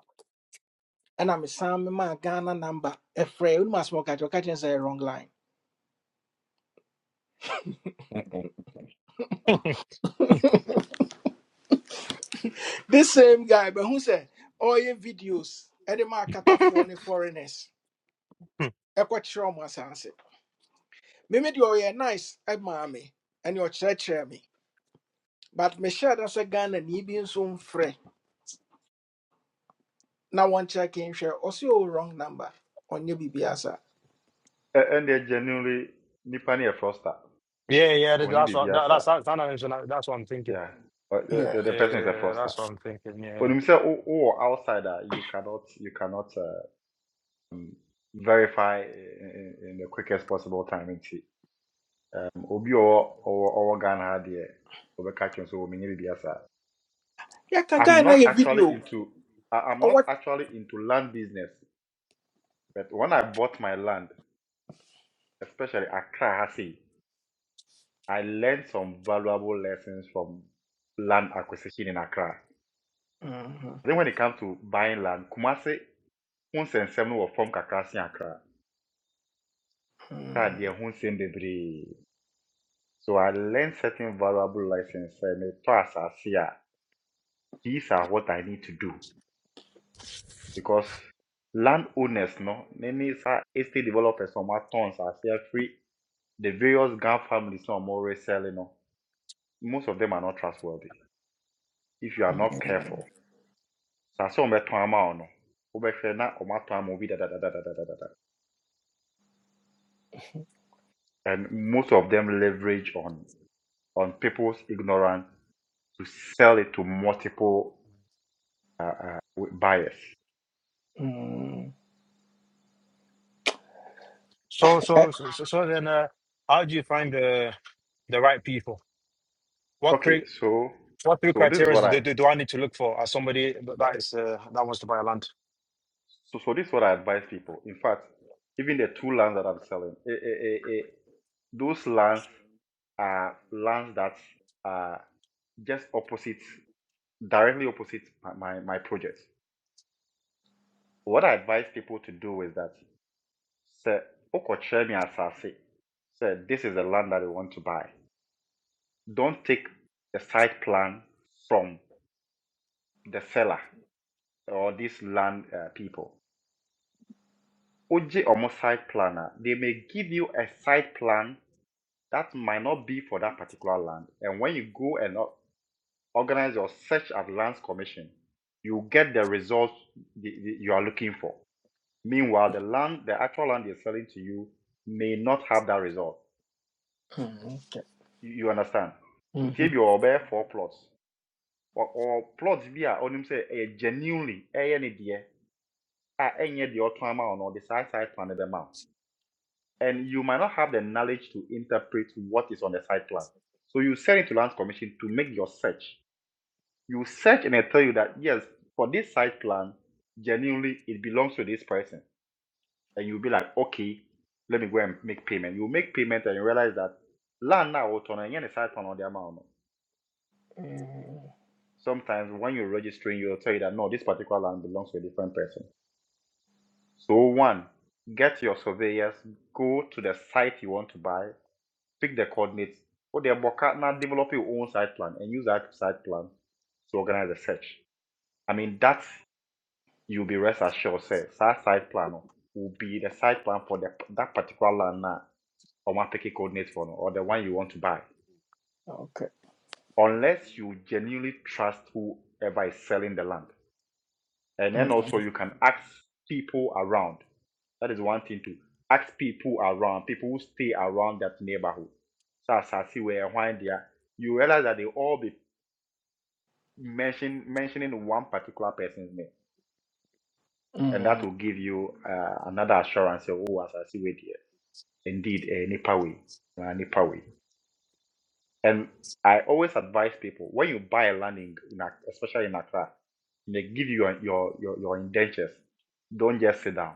Speaker 1: ɛna mesan mema ghana number ɛfrɛ wonim asɛm ɔka kyerɛ ɔka kyerɛ sɛ say wrong line
Speaker 9: Mm-mm.
Speaker 1: this same guy bɛhu all ɔyɛ videos ɛde ma akatafoɔ ne foreigners
Speaker 12: Hmm.
Speaker 1: A quite ɛkɔkyerɛ ɔmo asase meme deɛ ɔyɛ nice ɛmaa me ɛne ɔkyerɛkyerɛ me but me share da sɛ ghana ni bi nso mfrɛ na wɔnkyerɛ ke nhwɛ ɔse ɔwɔ wrong number ɔnyɛ biribiaa saa
Speaker 11: Ɛ- ɛndeɛ genuinely nipa no yɛ froster
Speaker 12: Yeah, yeah, that-
Speaker 11: ɔni
Speaker 12: that's
Speaker 11: biribi
Speaker 12: what that, that's
Speaker 11: asa
Speaker 12: that's not an issue, that's what I'm thinking.
Speaker 11: yeah But the,
Speaker 1: Yeah.
Speaker 11: the,
Speaker 12: Yeah,
Speaker 11: person is a
Speaker 12: yeah,
Speaker 11: froster
Speaker 12: that's what I'm thinking. Yeah.
Speaker 11: When you say, oh, outsider, you cannot you cannot uh, um, verify in, in the quickest possible time and see. obi a ɔwɔ ɔwɔ ɔwɔ ghana ha deɛ ɔbɛka kyerɛ
Speaker 1: Yeah, can guy
Speaker 11: i'm
Speaker 1: na
Speaker 11: not
Speaker 1: your
Speaker 11: actually
Speaker 1: video
Speaker 11: into I, i'm not
Speaker 1: ɔwɔ
Speaker 11: actually into land business but when i bought my land especially accra Hasi. I learned some valuable lessons from land acquisition in Accra.
Speaker 1: Mhm.
Speaker 11: I think when it comes to buying land, Kumasi, ho nsɛnsɛm no wɔ fam kakra Accra. Accra deɛ ho nsɛm bebree. So I learned certain valuable lessons and metɔ asase here. these are what I need to do because land owners no ne ne saa estate developers from a wɔatɔn asase free the various gang families na selling, no most of them are not trustworthy if you are
Speaker 1: Mhm.
Speaker 11: not careful. na sɛ wɔbɛtɔn ama wo no wobɛhwɛ na wɔatɔn and most of them leverage on on people's ignorance to sell it to multiple buyers
Speaker 1: Mm.
Speaker 12: So,
Speaker 1: Eh,
Speaker 12: so, so, so so then, uh, how do you find the the right people? What
Speaker 11: okay so
Speaker 12: What three
Speaker 11: so this is
Speaker 12: criteria
Speaker 11: what i
Speaker 12: do, do, do I need to look for as somebody that is uh, that wants to buy a land?
Speaker 11: so, so this is what i advise people in fact even the two lands that i'm selling eh, eh, eh, eh, those lands are lands that are just opposite directly opposite my, my, my project what i advise people to do is that sɛ wokɔkyerɛ me asase sɛ this is the land that we want to buy don't take the site plan from the seller or these land uh, people Oji ɔmo site planner. they may give you a site plan that might not be for that particular land and when you go and o- organize your search at lands commission you get the results the- the- you are looking for meanwhile the land the actual land they're selling to you may not have that result
Speaker 1: mm, Okay.
Speaker 11: you you understand nti
Speaker 1: Mhm.
Speaker 11: you wɔ four plots or ɔwɔ plot bi a ɔnim say ɛyɛ genuinely ɛyɛ ne deɛ a ɛnyɛ deɛ ɔtɔn ama wo no ɔde saa side plan of the wo and you might not have the knowledge to interpret what is on the site plan so you send it to land commission to make your search you search and they tell you that yes for this site plan genuinely it belongs to this person and you'll be like okay let me go and make payment you make payment and you realize that land now ɔtɔn no ɛnyɛ ne side plan a ɔde ama no
Speaker 1: Mm,
Speaker 11: sometimes when you're registering, you'll tell you that no, this particular land belongs to a different person. So, one, get your surveyors, go to the site you want to buy, pick the coordinates, or the boka, now develop your own site plan and use that site plan to organize the search. I mean, that you'll be rest assured, say, that site plan no, will be the site plan for the, that particular land now, or one picky coordinates for, no, or the one you want to buy.
Speaker 1: Okay.
Speaker 11: Unless you genuinely trust whoever is selling the land And then also
Speaker 1: Mm,
Speaker 11: you can ask people around. That is one thing too. Ask people around, people who stay around that neighborhood. So as I see where when they are, you realize that they all be mention, mentioning one particular person's name. And that
Speaker 1: mm,
Speaker 11: will give you uh, another assurance of, oh, as I see where they are. Indeed, a Nipa way. A Nipa way. And I always advise people when you buy a land in, in Ac- especially in Accra, they give you your, your your your indentures. Don't just sit down.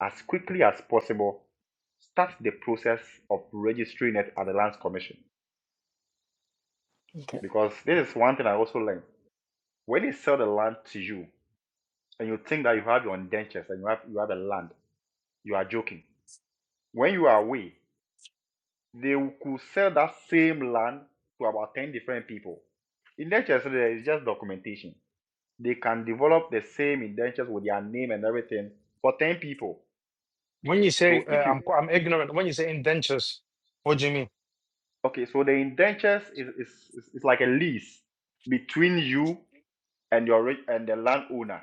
Speaker 11: As quickly as possible, start the process of registering it at the Lands Commission.
Speaker 1: Okay.
Speaker 11: Because this is one thing I also learned. When they sell the land to you, and you think that you have your indentures and you have you have a land, you are joking. When you are away, they could sell that same land to about ten different people. Indentures is just documentation they can develop the same indentures with their name and everything for 10 people.
Speaker 12: When you say
Speaker 11: So
Speaker 12: uh,
Speaker 11: if you
Speaker 12: I'm qu- I'm ignorant, when you say indentures, what do you mean?
Speaker 11: okay, so the indentures is is, is, is like a lease between you and your re- and the landowner.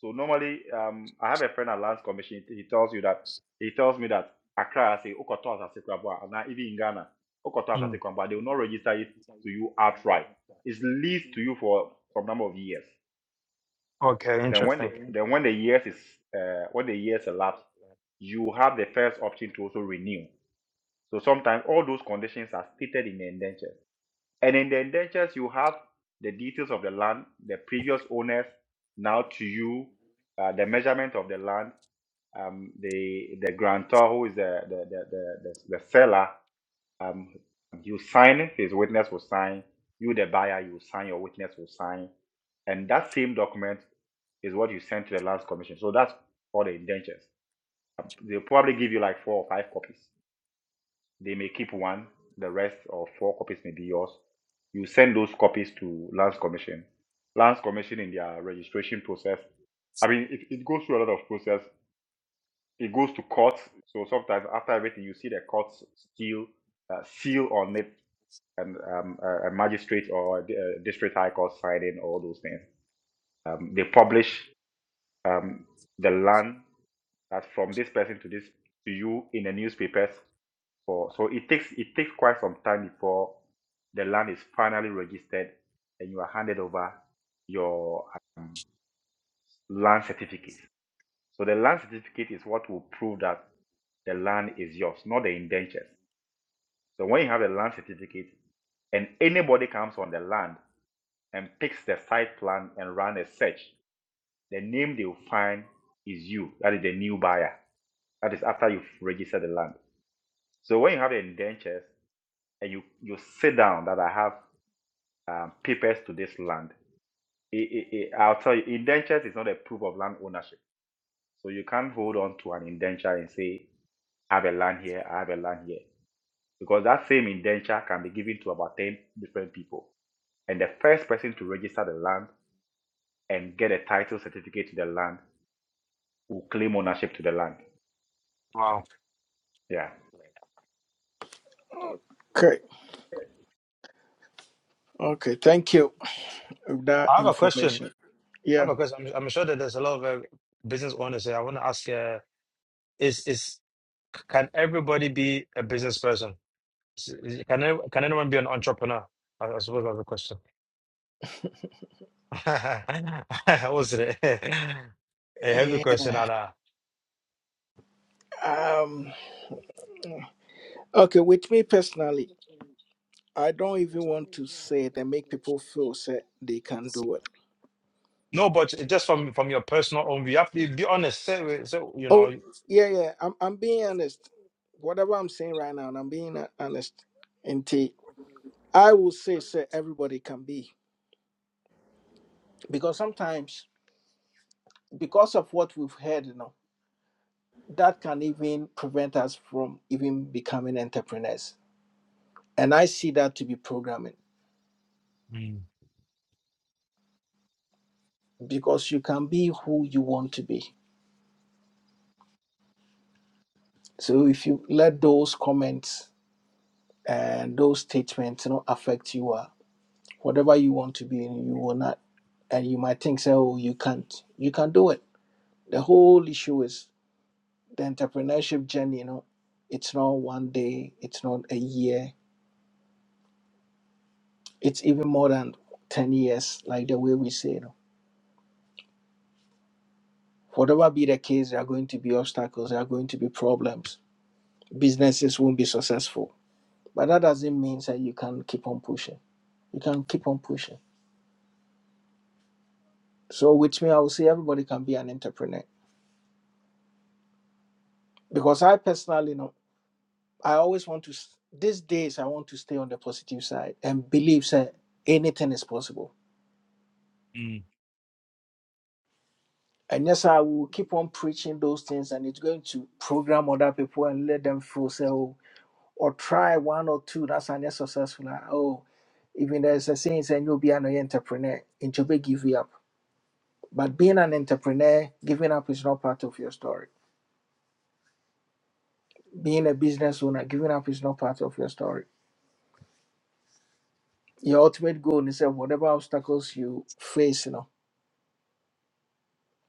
Speaker 11: So normally, um, I have a friend at Lands Commission. He tells you that he tells me that Accra, I say Okoto Asase Krabwa, and now even in Ghana, Okoto
Speaker 12: Mm.
Speaker 11: Asase Krabwa, they will not register it to you outright. It's leased to you for some number of years.
Speaker 12: Okay,
Speaker 11: Then when the
Speaker 12: interesting.
Speaker 11: then when the years is uh, when the years elapse, you have the first option to also renew. So sometimes all those conditions are stated in the indentures. And in the indentures, you have the details of the land, the previous owners, now to you, uh, the measurement of the land, um, the the grantor who is the the the, the, the, the seller, um, you sign, his witness will sign. You, the buyer, you sign, your witness will sign. And that same document is what you send to the lands commission. So that's all the indentures. Um, They'll probably give you like four or five copies. They may keep one, the rest or four copies may be yours. You send those copies to lands commission. Lands commission in their registration process. I mean, it, it goes through a lot of process. It goes to court. So sometimes after everything, you see the courts seal uh, seal on it and um, a a magistrate or a di- a district high court signing all those things. Um, they publish um, the land that from this person to this to you in the newspapers. For so it takes it takes quite some time before the land is finally registered and you are handed over your um, land certificate. So the land certificate is what will prove that the land is yours, not the indentures. So when you have a land certificate and anybody comes on the land and picks the site plan and run a search, the name they will find is you. That is the new buyer. That is after you've registered the land. So when you have the indentures and you, you sit down that I have um, papers to this land, it, it, it- I'll tell you, indentures is not a proof of land ownership. So you can't hold on to an indenture and say, I have a land here, I have a land here. Because that same indenture can be given to about 10 different people and the first person to register the land and get a title certificate to the land who claim ownership to the land.
Speaker 12: Wow.
Speaker 11: Yeah.
Speaker 1: Okay. Okay. Thank you for that
Speaker 12: I have a question.
Speaker 1: information.
Speaker 12: I have
Speaker 1: Yeah.
Speaker 12: a question. I'm, I'm sure that there's a lot of uh, business owners here. I want to ask: uh, Is is can everybody be a business person? Is- is- Can any- can anyone be an entrepreneur? I, I suppose that's the question. [laughs] What was it? [laughs] A heavy question,
Speaker 1: Yeah.
Speaker 12: Anna.
Speaker 1: Um. Okay. With me personally, I don't even want to say it and make people feel say they can do it.
Speaker 12: No, but it- just from from your personal own view, you have to be honest. Say, it- say you
Speaker 1: Oh,
Speaker 12: know.
Speaker 1: yeah, yeah. I'm I'm being honest. Whatever I'm saying right now, and I'm being honest. Indeed, I will say say everybody can be because sometimes. because of what we've heard, you know, that can even prevent us from even becoming entrepreneurs. And I see that to be programming
Speaker 12: Mm.
Speaker 1: because you can be who you want to be. So if you let those comments and those statements, you know, affect you, uh, whatever you want to be, you will not. And you might think, say, oh, you can't. You can do it. The whole issue is the entrepreneurship journey, you know, it's not one day, it's not a year, it's even more than 10 years, like the way we say, you know. Whatever be the case, there are going to be obstacles, there are going to be problems. Businesses won't be successful. But that doesn't mean that you can keep on pushing. You can keep on pushing. So, which means I will say everybody can be an entrepreneur. Because I personally know, I always want to, these days, I want to stay on the positive side and believe that anything is possible. And yes, I will keep on preaching those things and it's going to program other people and let them feel so. or try one or two that's an they successful ah, oh even there's a saying saying you'll be an entrepreneur and you'll give you up but being an entrepreneur giving up is not part of your story being a business owner giving up is not part of your story your ultimate goal is that whatever obstacles you face you know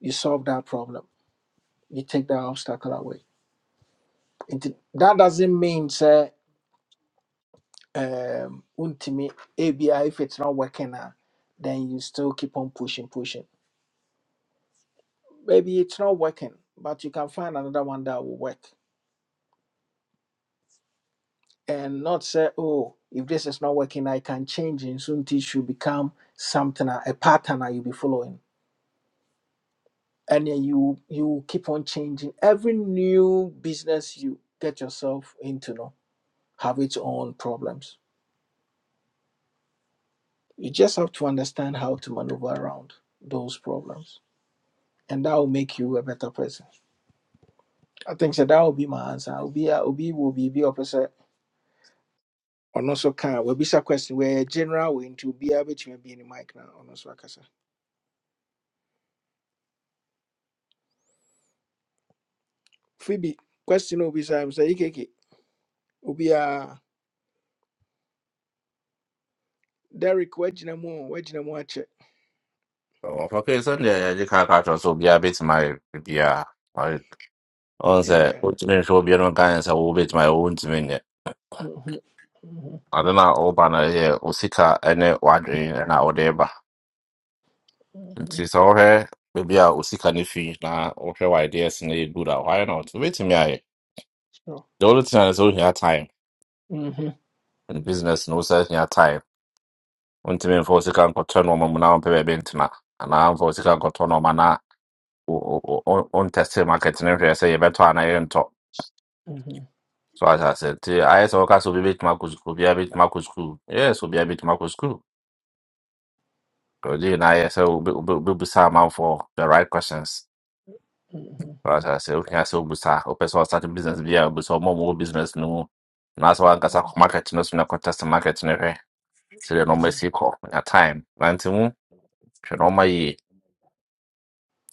Speaker 1: you solve that problem you take that obstacle away Nti, that doesn't mean say um untimi ABI if it's not working ah, then you still keep on pushing pushing maybe it's not working, but you can find another one that will work. And not say, oh, if this is not working, I can change it. Soon it should become something, a pattern that you'll be following. And then you you keep on changing. Every new business you get yourself into no, have its own problems. You just have to understand how to maneuver around those problems. And that will make you a better person. I think so that will be my answer. Obi a- obi will be be opposite ɔno we kaa wabisa question wɔyɛ general we into be nti obiara bɛtumi in the mic na ɔno nso akasa phoebe question will be some say ikeke. Obi a obisa m sɛ yikeke obiara derek wagyina mu o wagyina ache?
Speaker 9: Oh, okay, so yeah, yeah, you can't catch us. So, yeah, bit my, yeah. Once,
Speaker 1: Yeah.
Speaker 9: what you need to be able to gain is a budget. My own time,
Speaker 1: Mhm, mhm,
Speaker 9: now that now I'm planning to go to school, I need one day off. Now whatever,
Speaker 1: mhm.
Speaker 9: maybe I go to school and finish. Now okay, why do I need to do that? Why not? To be
Speaker 1: Sure.
Speaker 9: honest, I don't have time.
Speaker 1: Mhm,
Speaker 9: And Business knows I have time. When time for school, I'm going to turn on my phone and play the internet. Now when I'm going to school, I'm going to test the market. Now I say, if I talk to anyone,
Speaker 1: mhm,
Speaker 9: so as I said, I say, I'm going to school. Yes, I'm going to school. Oje na yes, so busa man for the right questions.
Speaker 1: mhm,
Speaker 9: Right, I say okay, I say busa. Open source starting business via busa more more business no. Na so anka sa market no so na contest market no hwe. So the normal
Speaker 1: mhm.
Speaker 9: see call na time. Na ntimu hwe normal yi.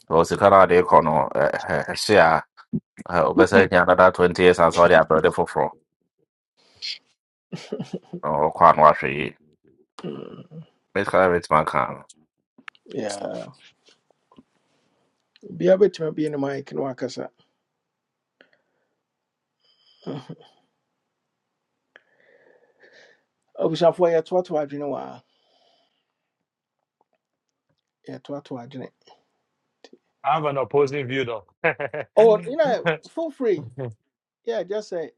Speaker 9: Wo se kana de call no eh eh share. Open say nya another 20 years and so they are brother for for. No kwa no ahwe yi. Make sure it man can.
Speaker 1: Yeah. obiara bɛtumi in ne mic na wakasa Mhm. abusuafoɔ yɛtoatoa adwene wɔ a yɛtoatoa adwene
Speaker 12: I have an opposing view though. [laughs]
Speaker 1: oh you know feel free yeah just say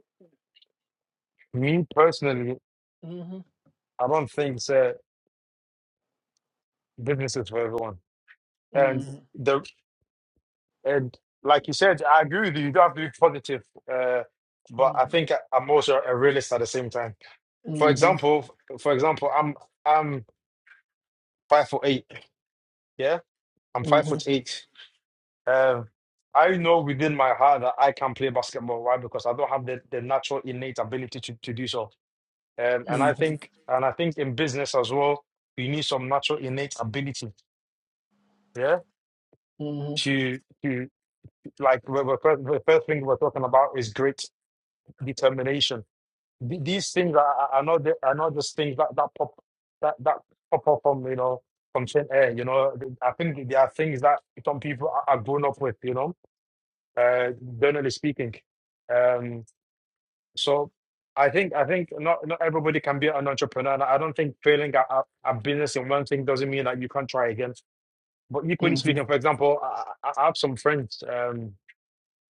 Speaker 12: Me personally,
Speaker 1: mhm,
Speaker 12: I don't think uh, business is for everyone. And
Speaker 1: mhm,
Speaker 12: the and like you said, I agree with you. You don't have to be positive, uh, but I
Speaker 1: mhm,
Speaker 12: think I, I'm also a realist at the same time. For
Speaker 1: mhm,
Speaker 12: example, for example, I'm Five foot eight. Yeah, I'm five foot
Speaker 1: mhm,
Speaker 12: eight. Um, I know within my heart that I can play basketball. Why? Because I don't have the, the natural innate ability to, to do so. Um, and I
Speaker 1: mhm.
Speaker 12: think and I think in business as well, you need some natural innate ability. Yeah.
Speaker 1: Hmm.
Speaker 12: To to like the the first, the first thing we're talking about is great determination. Th- These things are, are are not the, are not just things that, that pop that, that pop up from you know from thin air. You know, I think there are things that some people are are grown up with. You know, uh, generally speaking. Um, so I think I think not not everybody can be an entrepreneur. And I don't think failing at at at business in one thing doesn't mean that you can't try again. But
Speaker 1: hmm
Speaker 12: equally speaking, for example, I, I I have some friends, um,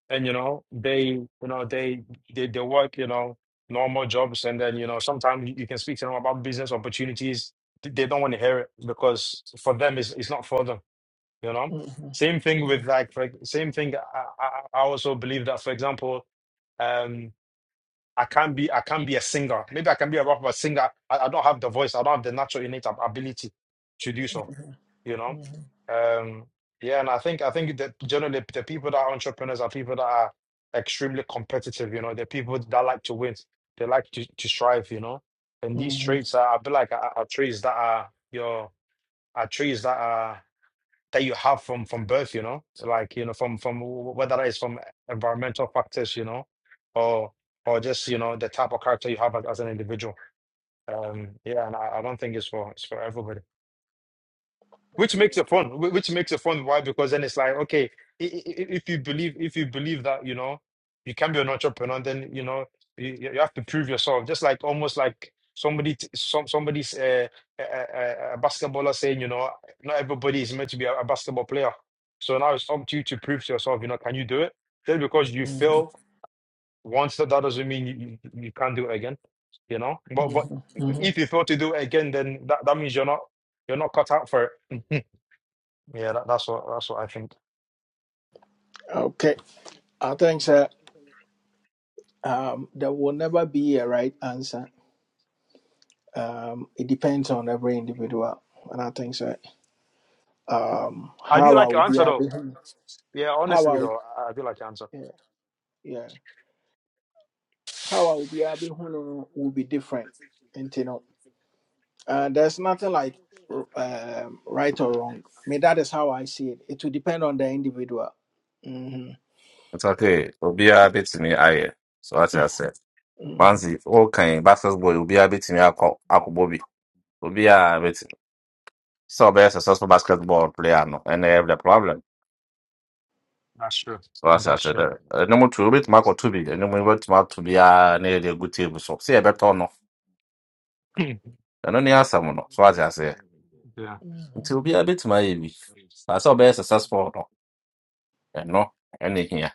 Speaker 12: and you know they you know they they they work you know normal jobs, and then you know sometimes you you can speak to them about business opportunities. They they don't want to hear it because for them it's it's not for them you know,
Speaker 1: Hmm. hmm
Speaker 12: same thing with like, for, same thing. I, I, I also believe that, for example, um, I can't be, I can't be a singer. Maybe I can be a rapper, but singer. I, I don't have the voice. I don't have the natural innate ab- ability to do so. You know,
Speaker 1: Hmm.
Speaker 12: um, yeah. And I think, I think that generally the people that are entrepreneurs are people that are extremely competitive. You know, they're people that like to win. They like to, to strive. You know, and these
Speaker 1: hmm
Speaker 12: traits are, I feel like, are, are traits that are your, are traits that are that you have from from birth you know so like you know from from wh- whether that is from e, environmental factors you know or or just you know the type of character you have as, as an individual um yeah and I, I don't think it's for it's for everybody which makes it fun wh- which makes it fun why because then it's like okay i- i- i- if you believe if you believe that you know you can be an entrepreneur then you know you, you have to prove yourself just like almost like somebody t- some somebody's uh, a, a, a basketballer saying you know not everybody is meant to be a, a basketball player so now it's up to you to prove to yourself you know can you do it just because you
Speaker 1: hmm
Speaker 12: fail once that, that doesn't mean you, you, you can't do it again you know but but
Speaker 1: hmm hmm
Speaker 12: if you fail to do it again then that, that means you're not you're not cut out for it yeah, that, that's what that's what I think.
Speaker 1: Okay. I think sir, um, there will never be a right answer. Um, it depends on every individual, and I think so. Um,
Speaker 12: I do
Speaker 1: how I
Speaker 12: like your
Speaker 1: will be
Speaker 12: answer though.
Speaker 1: able,
Speaker 12: Yeah,
Speaker 1: how
Speaker 12: honestly
Speaker 1: I,
Speaker 12: though, I, I do like your answer.
Speaker 1: yeah, yeah, how I will be able to will be different, and you know, uh, there's nothing like um, right or wrong. I mean, that is how I see it. It will depend on the individual. Hmm.
Speaker 9: It's okay. Obi a bit me aye. So what I say.
Speaker 1: Mm-hmm.
Speaker 9: Manzi, okay, basketball, obi a bit me akọ akọbọ bi. Obi a betimi sɛ ɔbɛyɛ successful basketball player no, ɛna ɛyɛ the problem.
Speaker 12: That's true.
Speaker 9: So I ase
Speaker 12: That's
Speaker 9: ate
Speaker 12: true.
Speaker 9: dɛ, ɛnum tu, obi tuma akɔto bi, ɛnum obi tuma ato bi a na yɛ de egu table so. Se ɛbɛtɔ no,
Speaker 12: [clears throat]
Speaker 9: ɛno ne asɛm no, so ase ase.
Speaker 12: Hmm. yeah.
Speaker 1: Mm-hmm.
Speaker 9: Nti obi a betumi ayɛ bi, ba sɛ ɔbɛyɛ successful no, ɛno ɛna ehia.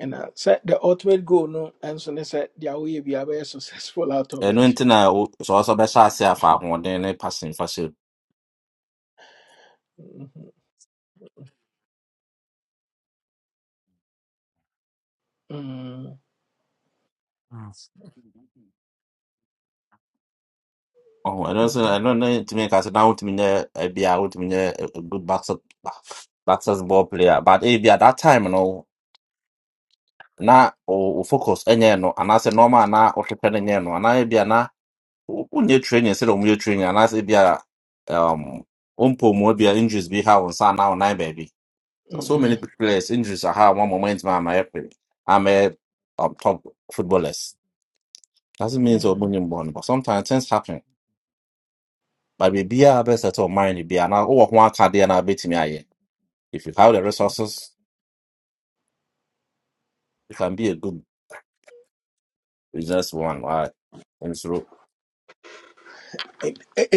Speaker 1: ɛna sɛ the ultimate goal no and ɛnso ne sɛ deɛ woyɛ biara very successful out of
Speaker 9: Ɛno
Speaker 1: it
Speaker 9: nti na o- sɛ i ɔbɛhyɛ ase afa ahoɔden ne passing for
Speaker 1: Mhm, mhm,
Speaker 9: Oh, I don't say
Speaker 1: mhm,
Speaker 9: I don't know to me because now to me there I be out to me there a a good boxer [sighs] boxers ball player. But if at that time you know na o o focus any no and I say normal na or prepare any no and I be na when you train instead of you training and I say be a um umpo mo be injuries be how on sa now nine baby. So so many
Speaker 1: mhm,
Speaker 9: players injuries are how one moment man my I'm a um, top footballers. Doesn't mean so
Speaker 1: mhm.
Speaker 9: born, but sometimes things happen. But be a best at all mind be no bi anaa wowɔ ho I no wobɛtumi aye. if you have the resources you can be a good business one why nsoro
Speaker 1: Ent- ɛ-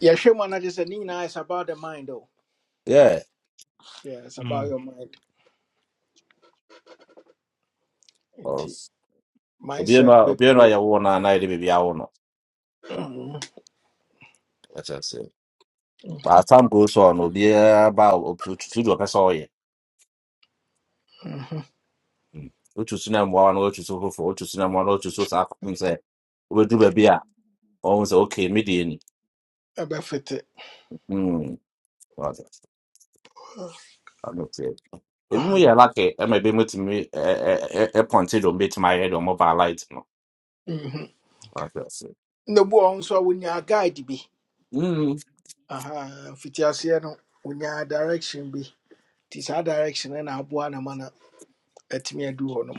Speaker 1: yɛhwɛ mu anagye sɛ ne nyinaa is about the mind though.
Speaker 9: yeah
Speaker 1: yeah, it's
Speaker 12: Mm.
Speaker 1: about
Speaker 12: Mm.
Speaker 1: your mind enti
Speaker 9: because obiara no
Speaker 1: mindset
Speaker 9: a obiara no a
Speaker 1: bɛplay
Speaker 9: yɛwo no a na yɛde biribi awo no
Speaker 1: Mhm,
Speaker 9: ɛkyɛ but as
Speaker 1: mhm,
Speaker 9: time goes on obiara ba a otu otu deɛ ɔpɛ sɛ ɔyɛ
Speaker 1: mhm.
Speaker 9: Mm. wotu so na mmoawa no wotu so foforɔ wotu so na mmoawa no wotu so saa kɔkɔm sɛ wobɛduru baabi a ɔhu sɛ okay medeɛ ni
Speaker 1: ɛbɛfete
Speaker 9: Hmm. ebi mu yɛ lake ɛma ebi mu tumi ɛpɔnte dɔm betumi ayɛ dɔm ɔba light no
Speaker 1: Mhm.
Speaker 9: wate ase
Speaker 1: na bu a ɔho nso a wonya guide bi
Speaker 9: Mm.
Speaker 1: Aha, mfitiaseɛ no wonya direction bi nti saa direction no na aboa na ma no atumi adu hɔ nom.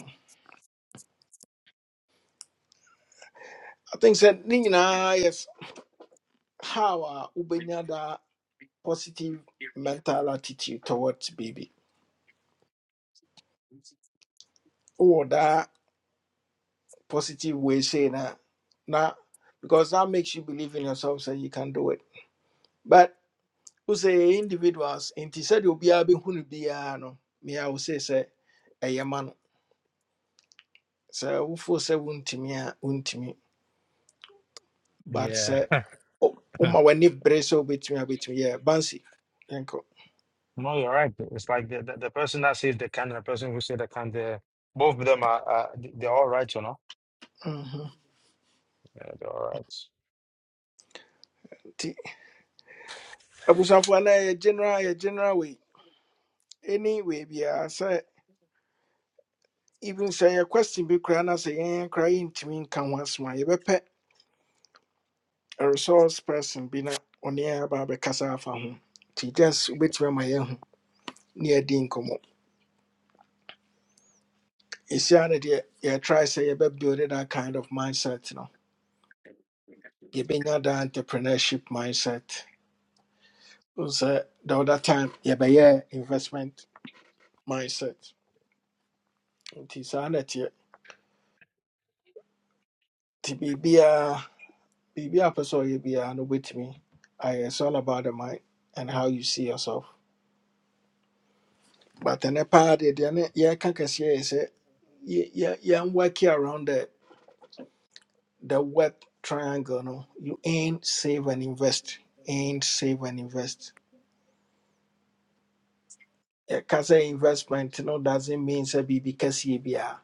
Speaker 1: I think said ne nyinaa yɛ s- how a wobɛnya that positive mental attitude towards baby. Wowɔ that positive way say na na because that makes you believe in yourself so you can do it. But wo sɛ individuals nti sɛdeɛ obiara bɛhu no biara no mea wo sei sɛ ɛyɛ ma no. Sɛ wofoo sɛ wontumi a wontumi
Speaker 12: Yeah.
Speaker 1: but sɛ wo- woma w'ani bere sɛ wobɛtumi a wobɛtumi yɛ bansi yɛnkɔ.
Speaker 12: No, you're right. It's like the, the, the person that says they can and the person who says they can, they both of them are uh, they're all right, you know.
Speaker 1: Mhm.
Speaker 12: Yeah, they're all right.
Speaker 1: abusuafoɔ na yɛ general yɛ general way. ɛne wei biara sɛ even sɛ yɛ question bi koraa na sɛ yɛn koraa yɛntumi nka ho asɛm a yɛbɛpɛ a resource person bi na ɔne yɛn aba abɛkasa afa ho nti just wobɛtumi ama yɛahu ne yɛadi nkɔmmɔ ɛsia no deɛ yɛtry sɛ yɛbɛbuild that kind of mindset no yɛbɛnya that entrepreneurship mindset Wo sɛ the other time yɛbɛyɛ investment mindset nti saa na ɛteɛ nti biribiara Baby, a pɛ sɛ ɔyɛ biara no wobɛtumi ayɛ it's all about the mind and how you see yourself but ɛnɛ paa deɛ deɛ ne yɛreka kɛseɛ yɛ sɛ yeah, yɛ- yɛn work it around the the work triangle no you ain't save and invest ain't save and invest yɛka sɛ investment no doesn't mean sɛ biribi kɛseɛ biara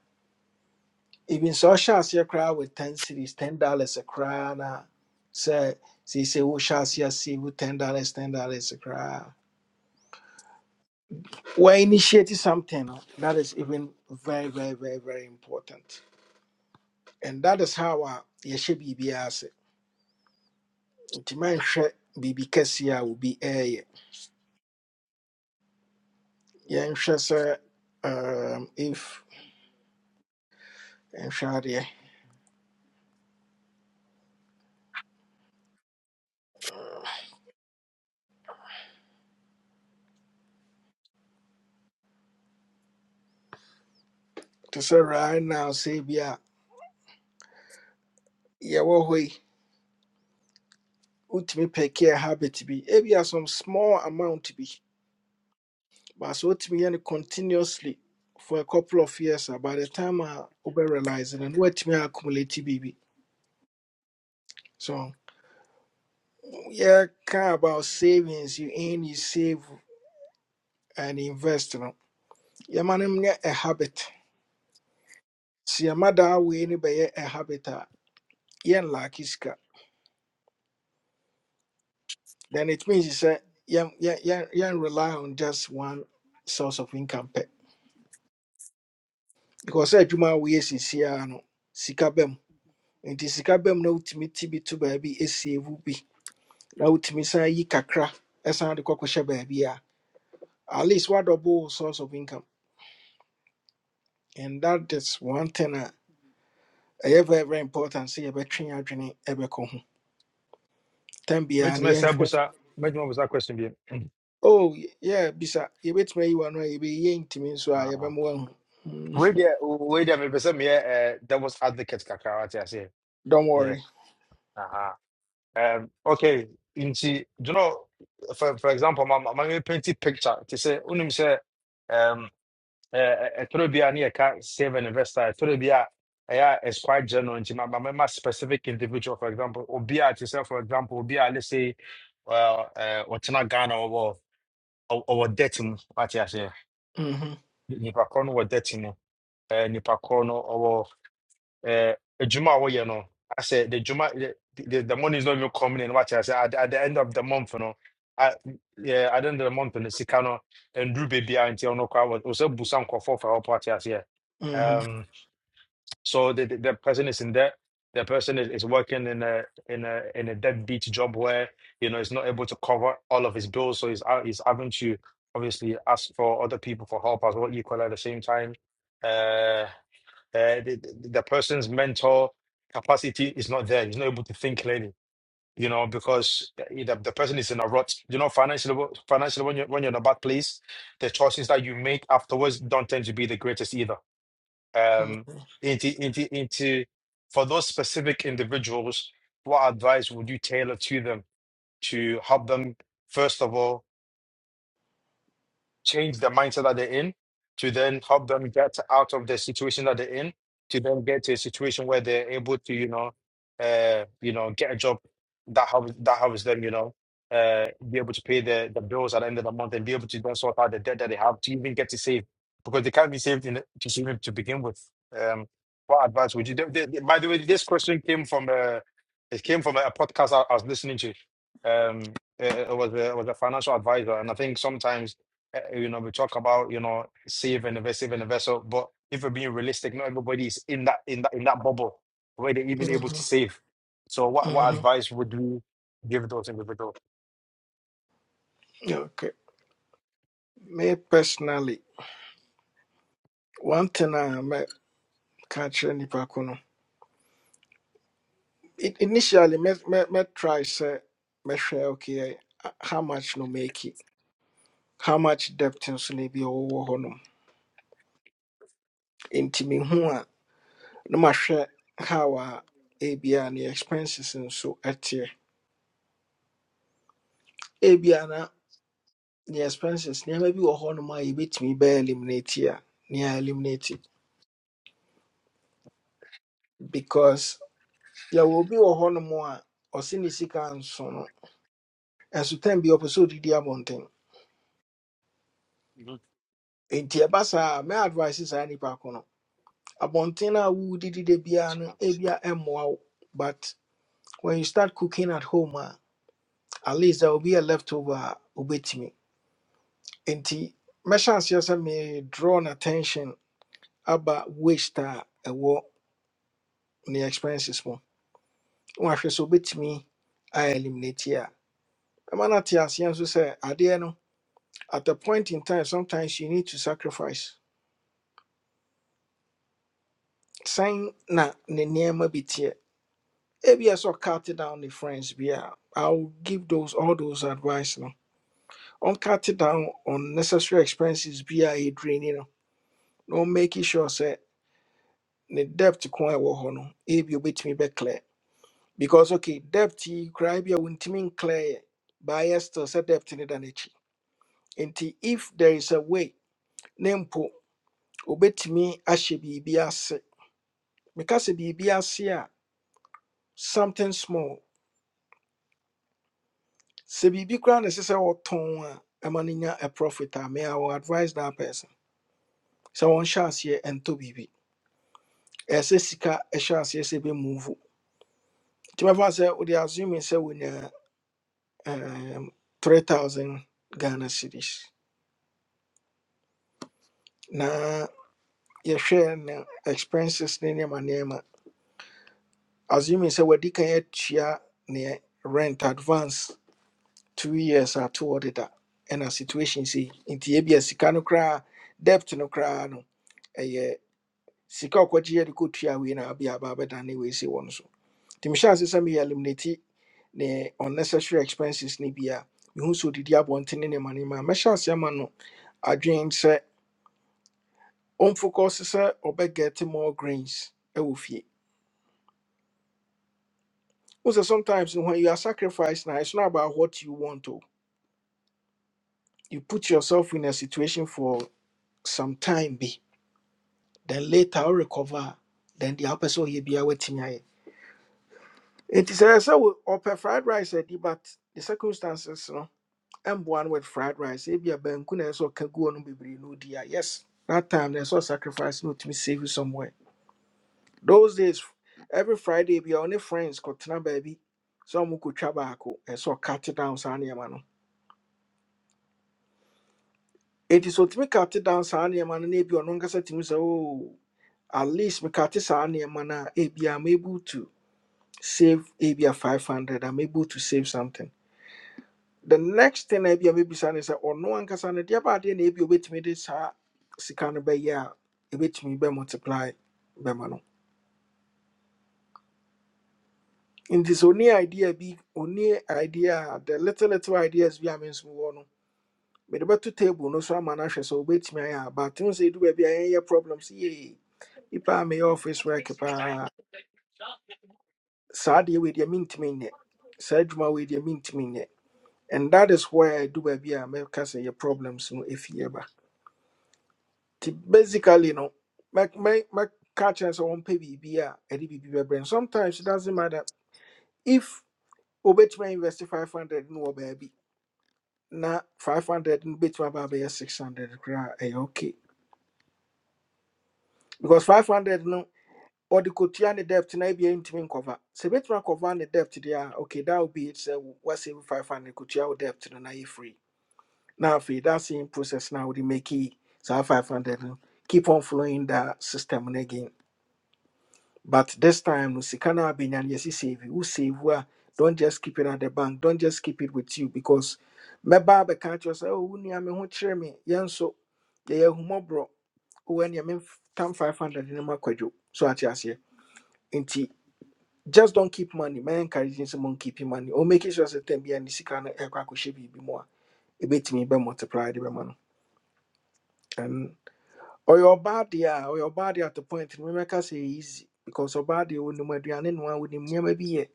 Speaker 1: even social, ɔhyɛ aseɛ koraa with 10 cities, 10 dollars a koraa say, sɛ seesei wohyɛ aseɛ see with 10 dollars 10 dollars a crowd. we're initiating something that is even very, very, very, very important. And that is how our yɛhyɛ biribi ase. Nti manhwɛ biribi kɛseɛ a obi ɛɛyɛ. Yɛnhwɛ sɛ um, if nhwɛ adeɛ. To say right now sɛ bi a yɛwɔ hɔ yi, wotumi pɛkɛ a habit bi. Ebi some small amount bi. But sɛ wotumi yɛ no continuously for a couple of years a by the time a wobɛ realize no, na woatumi accumulate biribi. So, Yeah, kind about savings you aim you save and invest no. Yeah, man, I'm a habit. See, your mother way ni be a habit. Yen like iska. Then it means you say yeah, yeah, yeah, yeah, rely on just one source of income pay. Because I juma we is here no. Sika bem. Nti sika bem na utimi tibi to baabi esave bi. Na utimi san yi kakra ɛsan de kɔkɔhyɛ baabi a. At least what double source of income. And that is one thing. uh, ɛyɛ very very important sɛ yɛbɛtwe yɛn adwene ɛbɛkɔ ho tam biara
Speaker 12: Make
Speaker 1: no
Speaker 12: me say
Speaker 1: yɛnhwɛ
Speaker 12: Busa. Make me Busa question.
Speaker 1: oh y- yeah bisa yɛbɛtumi ayi wano a yɛbɛyi yɛntumi nso a
Speaker 12: Uh,
Speaker 1: yɛbɛma wahu Mm,
Speaker 12: wait there, wait there, maybe some yeah, uh, that was advocate kakra what I say.
Speaker 1: don't
Speaker 12: Yeah,
Speaker 1: worry
Speaker 12: uh-huh. Um, okay, in you know, for, for example, my, my my painting picture, to say, unim say, um, a Torobia near ka save an investor, Torobia, yeah, it's quite general, and my, my, my specific individual, for example, Obia, to say, for example, Obia, let's say, well, uh, what's not Ghana or or debt, mu what I say,
Speaker 1: Mhm,
Speaker 12: Nipacono or debt, Nipacono uh, a Juma away, you know. I said the Juma, the, the, the money is not even coming in. Watch, I said at, at the end of the month, you know. I, yeah, at the end of the month, in the Sikano and Drew baby auntie, you know, I was also Busan for for our party as yeah.
Speaker 1: mhm,
Speaker 12: Um, so the, the the person is in debt. The person is, is working in a in a in a deadbeat job where you know he's not able to cover all of his bills, so he's out- he's having to obviously ask for other people for help as well, equally at the same time. Uh, uh, the, the person's mental capacity is not there. He's not able to think clearly, you know, because uh, the, the person is in a rut. You know, financially, financially, when you're when you're in a bad place, the choices that you make afterwards don't tend to be the greatest either. Um,
Speaker 1: mhm,
Speaker 12: into into into for those specific individuals, what advice would you tailor to them to help them first of all? change the mindset that they're in to then help them get out of the situation that they're in to then get to a situation where they're able to you know uh you know get a job that helps that helps them you know uh be able to pay the the bills at the end of the month and be able to then sort out the debt that they have to even get to save because they can't be saved in to save it to begin with um what advice would you they, they, by the way this question came from uh it came from a podcast I, I was listening to um it, it was a, it was a financial advisor and I think sometimes uh, you know, we talk about, you know, save and invest, save and invest. So, but if we're being realistic, not everybody is in that in that in that bubble where they're even able to
Speaker 1: mhm,
Speaker 12: save. So, what what
Speaker 1: mhm.
Speaker 12: advice would you give those individuals?
Speaker 1: okay me personally one thing a mɛka kyerɛ nnipa ko no i- initially mɛ mɛ- mɛtry sɛ mɛhwɛ okay eh, how much no make it? how much debt nso na bi ɛwɔwɔ hɔ nom na mahwɛ how a ebia ne expenses nso ɛteɛ ebia na ne expenses nneɛma bi wɔ hɔnom a yɛbɛtumi bɛyɛ eliminate a ne a eliminate because yɛwɔ obi wɔ hɔnom a ɔse ne sika nso no ɛsotan bi ɔpɛ sɛ ɔdidi abɔnten nti ɛba saa mɛ advice saa nipa ko no abɔnten a wodidi da biara no ebia ɛmmoa wo but when you start cooking at home a at least there will be a leftover a obetumi. nti mɛhyɛ aseɛ sɛ me draw n attention aba waste a ɛwɔ ne expenses mu na wahwɛ sɛ obɛtumi a eliminate yi a ɛma no ate aseɛ nso sɛ adeɛ no at a point in time sometimes you need to sacrifice sɛn na ne nneɛma bi teɛ ebia sɛ cut down the friends bi a i'll give those all those advice no cut down on necessary expenses bi a ɛdraini no na ɔmmake sure sɛ ne debt ko a ɛwɔ hɔ no ebi obɛtumi bɛclear because okay debt yi koraa bi a wontumi nclear yɛ but ayɛ still sɛ debt ne da n'akyi nti if there is a way ne mpo obetumi ahyɛ biribi ase meka sɛ biribi ase a something small sɛ biribi koraa na ɛsɛ sɛ wɔtɔn a ɛma no nya a profit a may I will advise that person sɛ wɔnhyɛ aseɛ ɛntɔ biribi ɛyɛ sɛ sika ɛhyɛ aseɛ sɛ ɛbɛmuvu nti mɛfa sɛ wode assuming sɛ wonya um, 3000 ghana cities Nah. yɛhwɛ ne expenses ne nneɛma nneɛma assuming sɛ wadi kan atua ne rent advance two years a towɔ deda ɛna situation sei nti ebia sika no koraa debt no koraa no ɛyɛ sika a ɔkɔgye yɛde kɔtua wei na abia aba abɛda ne wei sei wɔ no so nti mehyɛ ase sɛ meyɛ eliminate ne unnecessary expenses ne bi a mehu sɛ odidi abɔnten ne nneɛma nneɛma a mɛhyɛ ase ama no adwene sɛ ɔmfokɔse sɛ ɔbɛgɛte more grains ɛwɔ fie Also, sometimes when you are sacrificed now, it's not about what you want to. You put yourself in a situation for some time, be then later you recover. Then the person will be away It is a so upper fried rice, ɛdi, but the circumstances, no, and one with fried rice, if you are bankuna, so can go on be no dear. Yes, that time there's all sacrifice, no to me save you somewhere. Those days, every Friday, be only friends, Kotana baby, some who could travel, and so cut it down, Sanya Enti sɛ ɔtumi kate down saa nneɛma no na ebi ɔno ankasa tumi oh, at least mekate saa nneɛma no a ebi I'm able to save ebi a 500 I'm able to save something. The next thing a ebi a mebisa say sɛ ɔno ankasa no deɛ baadeɛ na ebi a obetumi de saa sika no bɛyɛ a ebetumi bɛ multiply bɛma no. Nti sɛ idea bi ɔne idea the little little ideas we are me nso wɔ no mede bɛto table no so ama no ahwɛ sɛ obetumi ayɛ a but n sɛ edu baabi a yɛnyɛ problems yie nipa a meyɛ office work if I deɛ with deɛ mint nyɛ saa with wei mint mentumi and that is where I do baabi a mɛka sɛ yɛ problems no ɛfie ba nti basically no mɛ- mɛ- mɛka kyerɛ sɛ pay biribi a ɛde biribi bɛbrɛ no sometimes it doesn't matter if wobɛtumi a invest 500 no baby. baabi na 500 no bɛtumi aba 600 koraa a, okay because 500 no ɔde kɔtua ne debt na ebia ntumi nkɔva sɛ ebɛtumi akɔva the debt deɛ a okay that would be it sɛ woasave five hundred kɔtua wo debt no na yɛ free Now, afei that same process now wode make it. So five hundred no keep on following that system no again but this time no sika no abɛnya no yɛsi save Who save wo don't just keep it at the bank don't just keep it with you because me mɛba abɛka kyerɛ sɛ oh wo nua me ho kyerɛ me yɛn nso yɛyɛ ahummɔborɔ wowɛ nea memtam 500 no mu akwadwo so ate aseɛ just don't keep money man encouraging someone keeping money or making sure that them be any sika na ekwa ko shebi bi mo a me be multiply the man and or your body yeah, or your body at the point we make us say easy because your body will no aduane no a wonim nyama bi ye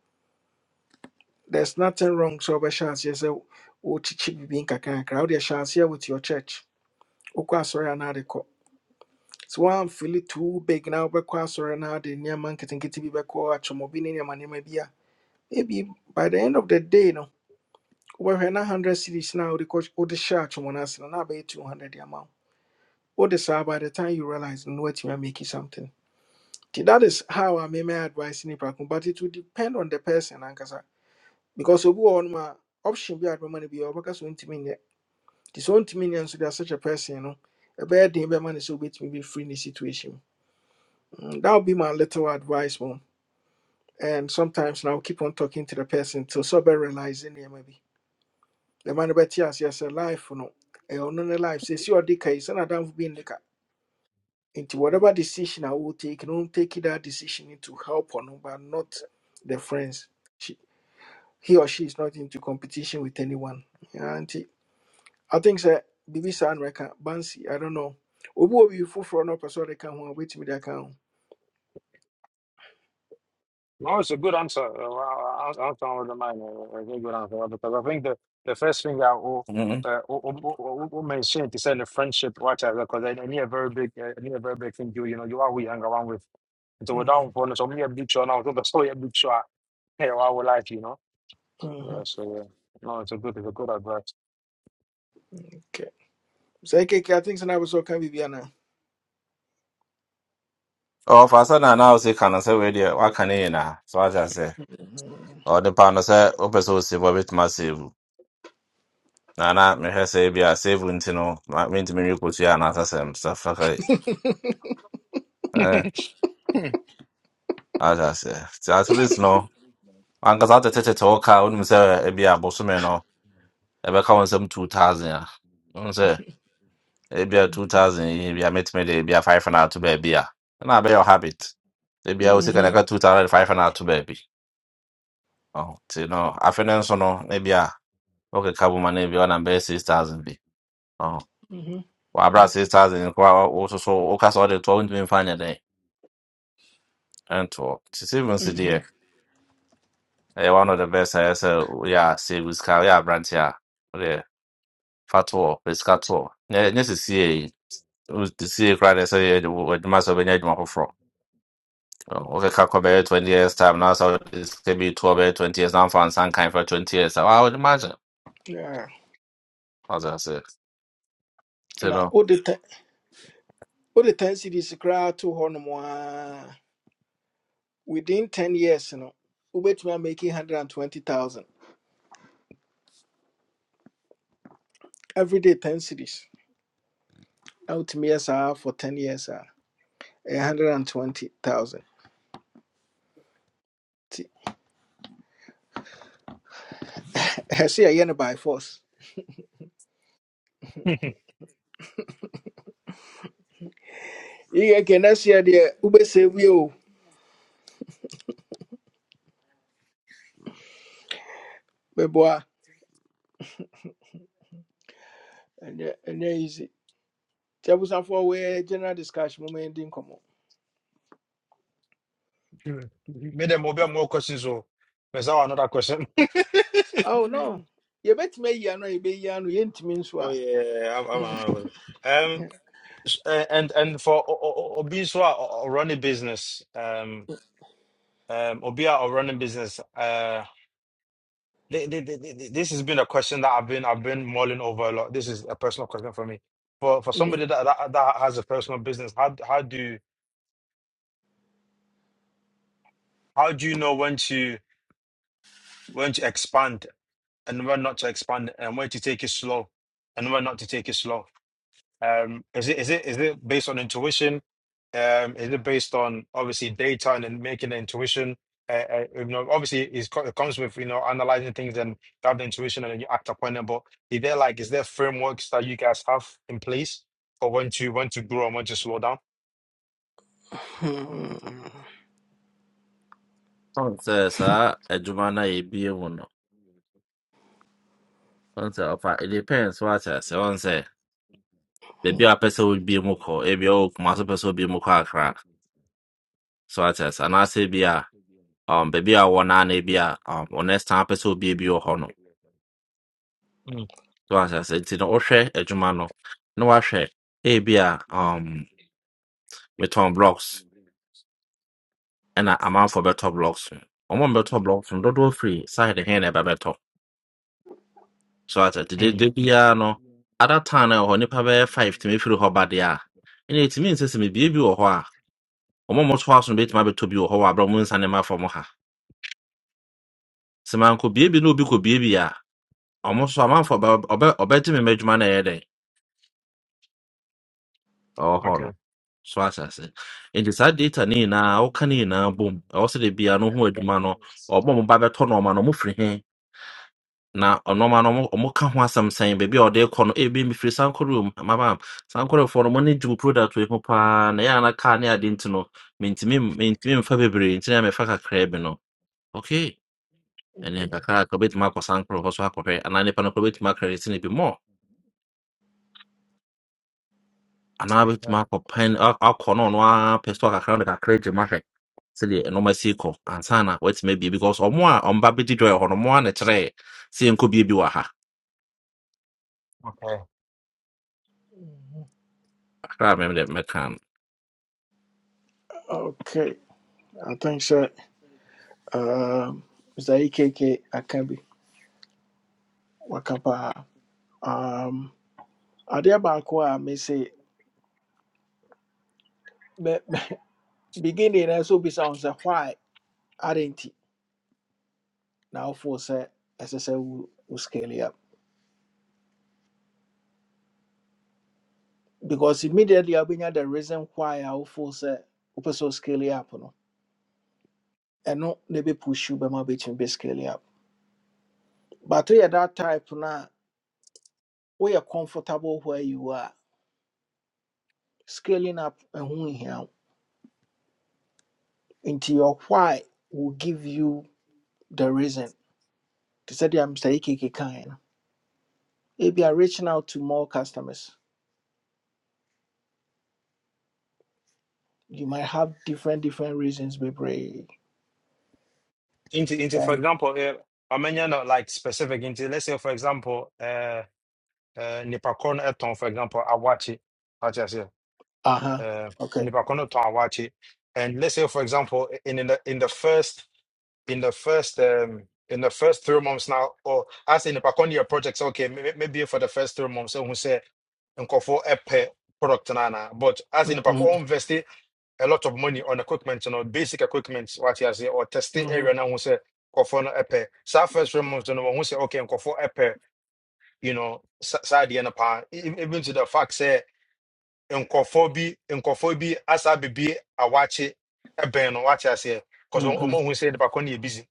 Speaker 1: there's nothing wrong so be chance yes o chichi bi bi nkaka crowd your chance here with your church okwa sorry na de ko so one feel it too big now be kwa sorry na de nyama nketenkete bi be ko achomo bi ne nyama nyama bi a by the end of the day no wɔhwɛ na 100 cities no a wode kɔ- the hyɛ atwom no ase no na abɛyɛ 200 the amount. wo the saa by the time you realize no what you are making something nti that is how I may my advice nipa ko but it will depend on the person ankasa because obi wɔ hɔnom a option bi a my money be. biaa wɔbɛka sɛ ɔntumi nyɛ nti sɛ ɔntumi nyɛ nso de such a person you know, no ɛbɛyɛ den bɛma no sɛ wobɛtumi bɛfiri ne situation mu. Mm, that would be my little advice mom and sometimes now keep on talking to the person till sober realize nneɛma bi the man bet yes yes a life for no a on the life says you are the case and I don't be in the car. into whatever decision i will take don't take that decision into help on but not the friends she, he or she is not into competition with anyone yeah auntie i think sir bibi san reka bansi i don't know obi obi foforo no person they can one wait me that can
Speaker 12: No, it's a good answer. Uh, well, ans- Answer on the mind. A very good answer right? because I think the the first thing that will
Speaker 9: Mm.
Speaker 12: uh, will will- will- will mention to say the friendship right because I I need a very big uh, I need a very big thing you you know you are we hang around with so without
Speaker 1: Mm-hmm.
Speaker 12: one so many a big show now [laughs] so that's why a big show hey I would like you know.
Speaker 1: mm-hmm.
Speaker 12: Yeah, so yeah. No, it's a good, it's a good advice.
Speaker 1: okay so okay i think so now so can be biana
Speaker 9: ɔfa sɛ na na ɔsi ka no sɛ wei deɛ waka ne nyinaa so wate ase
Speaker 1: mhm
Speaker 9: ɔde pa no sɛ wopɛ sɛ osave a betumi asave wo. na na mehwɛ sɛ ebi a save wo nti no ma- mentumi nwe kosua anaasɛ safaka eh
Speaker 12: [laughs]
Speaker 9: wate ase nti at least no ankasa wotetetete wo ka wonim sɛ ebi a bosome no ɛbɛka wo nsɛm 2000 a wonim ebi a 2000 yi bia metumi de bia 500 ato baabi a na be your habit ebia wo sika
Speaker 1: mhm
Speaker 9: na ɛka 2500 ato baby. Oh, nti no afe no nso no na bia wokeka boma no bia ɔnam bɛyɛ 6000 bi ɔho
Speaker 1: mhm
Speaker 9: wɔabrɛ 6000 nko a wo so oka so woka sɛ wode toɔ wontumi mfa nyɛ dɛn ɛntoɔ nti savings deɛ
Speaker 1: mhm.
Speaker 9: ɛyɛ one of the best I sɛ yeah. a save Yeah, woyɛ aberante a wode fa toɔ pɛ sika toɔ nyɛ nyɛ The yi wo- sesie koraa deɛ sɛ yɛ adwuma sɛ wobɛnya Oh, Okay, Kakobere 20 years time now, so this could be 12 years, 20 years now, for Sankai for 20 years. So I would imagine.
Speaker 1: yeah
Speaker 9: As I say, you
Speaker 1: na
Speaker 9: know,
Speaker 1: all the time. wode 10 cities koraa to hɔ within 10 years You know, we are making 120000 everyday 10 cities Out wotumi yɛ saa for 10 years are hundred and twenty thousand. I see a ɛyɛ 120000 nti ɛsɛ sɛ yɛyɛ no by force yiyɛ kɛ na seɛ deɛ wobɛsɛ wie And yeah, and yeah, easy nti abusafoɔ wɔyɛ general discussion moma yɛdi nkɔmmɔ
Speaker 12: Made them will be more questions or there's now another question. [laughs]
Speaker 1: oh no you bet me, a yɛbɛyi ano yɛntumi nso
Speaker 12: Oh
Speaker 1: a
Speaker 12: yeah, I'm, I'm,
Speaker 1: Mm,
Speaker 12: I'm- um s- uh, and and for o- o- o- Obi so or running business, um um Obi or running business, uh th- th- th- th- this has been a question that I've been I've been mulling over a lot. This is a personal question for me. For for
Speaker 1: mm,
Speaker 12: somebody that that, that has a personal business, how how do how do you know when to when to expand and when not to expand it and when to take it slow and when not to take it slow. Um, is it is it is it based on intuition? Um, is it based on obviously data and then making the intuition? Uh, uh, you know, obviously it's, co- it comes with you know analyzing things and you have the intuition and then you act upon them. But is there like is there frameworks that you guys have in place for when to when to grow and when to slow down?
Speaker 1: mm,
Speaker 9: don't say, sir, a Jumana, a Bimuno. Don't say, okay, it depends what I say. Don't say, maybe a person will be Muko, a Bio, Master person will be Muka crack. So I say, and I say, be um, baby, I want an Abia, um, or next time person will be a Bio Hono. So I say, you know, Oshe, a Jumano, no I share, A Abia, um, with Tom Blocks. ɛna amanfoɔ bɛtɔ blocks no ɔmo mbɛtɔ blocks no dodoɔ firi side he na ɛbɛbɛtɔ so ata
Speaker 12: Mm,
Speaker 9: dedede biara no ada time na ɛwɔ hɔ nipa bɛyɛ five tumi firi hɔ ba deɛ a ɛna etumi nsɛ sɛ mebie bi wɔ hɔ a ɔmo a ɔmɔto aso no betumi abɛtɔ bi wɔ hɔ wɔ abira ɔmo nsa ne ma fam ha sɛ manko bie bi na obi kɔ bie bi a ɔmo so amanfoɔ bɛ ɔbɛ ɔbɛgye me mɛdwuma na ɛyɛ dɛ ɛwɔ hɔ
Speaker 12: okay.
Speaker 9: no so ata ase nti saa data ne nyinaa ɔka ne nyinaa bom ɛwɔ sɛ de bia no ho adwuma no ɔmo a ɔmo ba bɛtɔ nɔɔma no ɔmo firi he na ɔno ma no ɔmo ɔmo ka ho asɛm sɛn baabi a ɔde kɔ no ebi mfiri sankorew mu mabam sankorefoɔ no mo ne gyew product wei ho paa na yɛ ana kaa ne ade nti no mentimi mentimi mfa bebree nti na mefa kakraa bi no okay ɛne kakra ka obɛtumi akɔ sankore hɔ so akɔhwɛ anaa nipa no kora obɛtumi akredite no bi mɔ anaa
Speaker 12: Yeah.
Speaker 9: obɛtumi akɔ pɛn ak- akɔ no ɔno ara pɛ so akakra no de kakra gye mahwɛ sɛdeɛ ɛnɔma si kɔ ansa na watumi abie because ɔmo a ɔmba bɛdi dɔ hɔ no ɔmo a ne kyerɛ sɛ yɛnkɔ bie bi wɔ ha
Speaker 12: Okay.
Speaker 9: kakra a mɛmɛ mɛka no.
Speaker 1: [laughs] okay I think so. Um, Mr. AKK Akambi Wakapa. Um, adeɛ baako a mese me- me- beginning as so bisa on sɛ why aren't now for sɛ as I say, we scale it up because immediately I wobɛnya the reason why I wofo force wopɛ sɛ wo scale it up no and ɛno na ɛbɛpush wo bɛma wobɛtumi bɛ scale it up but woyɛ that type no we are comfortable where you are scaling up ɛho nhia wo nti your why will give you the reason they said i'm saying kind if you are reaching out to more customers you might have different different reasons baby.
Speaker 12: Into into for
Speaker 1: um,
Speaker 12: example, uh, I mean, you know, like specific into let's say for example, uh. Eh, nnipa korɔ no ɛtɔn for example awakye wate aseɛ
Speaker 1: uh-huh
Speaker 12: Eh,
Speaker 1: okay
Speaker 12: nnipa korɔ no tɔn awakye and let's say for example in, in the in the first in the first um in the first three months now or I say nnipa korɔ no projects okay may- maybe for the first three months so ɛhu sɛ nkurɔfoɔ ɛpɛ product nana. but as in nnipa
Speaker 1: mm-hmm.
Speaker 12: korɔ invest a lot of money on equipment you know, basic equipment what you say, or testing
Speaker 1: Mm-hmm.
Speaker 12: area now ho say nkurɔfoɔ no ɛpɛ saa first three months no wɔhu say okay nkurɔfoɔ ɛpɛ you know sa- saa deɛ no paa E- even to the fact sɛ nkɔfoɔ bi nkɔfoɔ bi asa bebe a wakye bɛn no wate aseɛ because
Speaker 1: Mm-hmm.
Speaker 12: ɔmahu sɛ nipa ko no yɛ busy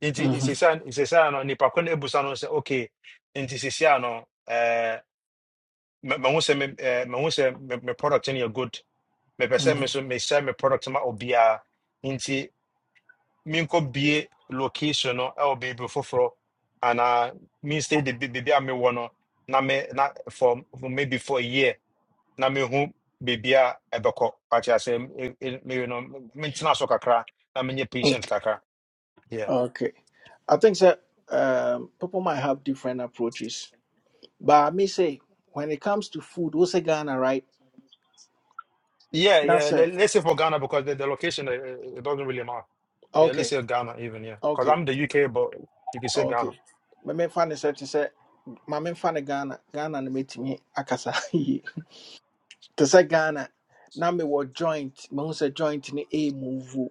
Speaker 12: nti
Speaker 1: Mm-hmm.
Speaker 12: nsesa nsesa no nipa ko no abusa no sɛ okay nti sesia no ɛɛ, ma- mahu sɛ me ɛɛ, mahu sɛ me me product no yɛ good mepɛ sɛ
Speaker 1: Mm-hmm.
Speaker 12: me so mehyɛ me product ma obiara nti menkɔbue location no ɛwɔ baabi foforɔ anaa menstay de baabi a mewɔ no na me na for for maybe for a year na me mehu baabi a ɛbɛkɔ pakyɛ you know, no mentena so kakra na menyɛ
Speaker 1: okay
Speaker 12: patient kakra yeah
Speaker 1: okay i think that um, people might have different approaches but i may say when it comes to food what's a ghana right
Speaker 12: yeah yeah
Speaker 1: that's
Speaker 12: le-
Speaker 1: it
Speaker 12: let's say for ghana because the, the location uh, uh, it doesn't really matter yeah let's
Speaker 1: okay
Speaker 12: say ghana even yeah because
Speaker 1: okay
Speaker 12: i'm the uk but you can say ghana
Speaker 1: okay my main fan is to say my main fan ghana ghana and meet me akasa [laughs] te sɛ ghana na mewɔ joint mahu sɛ joint no ɛɛmuvu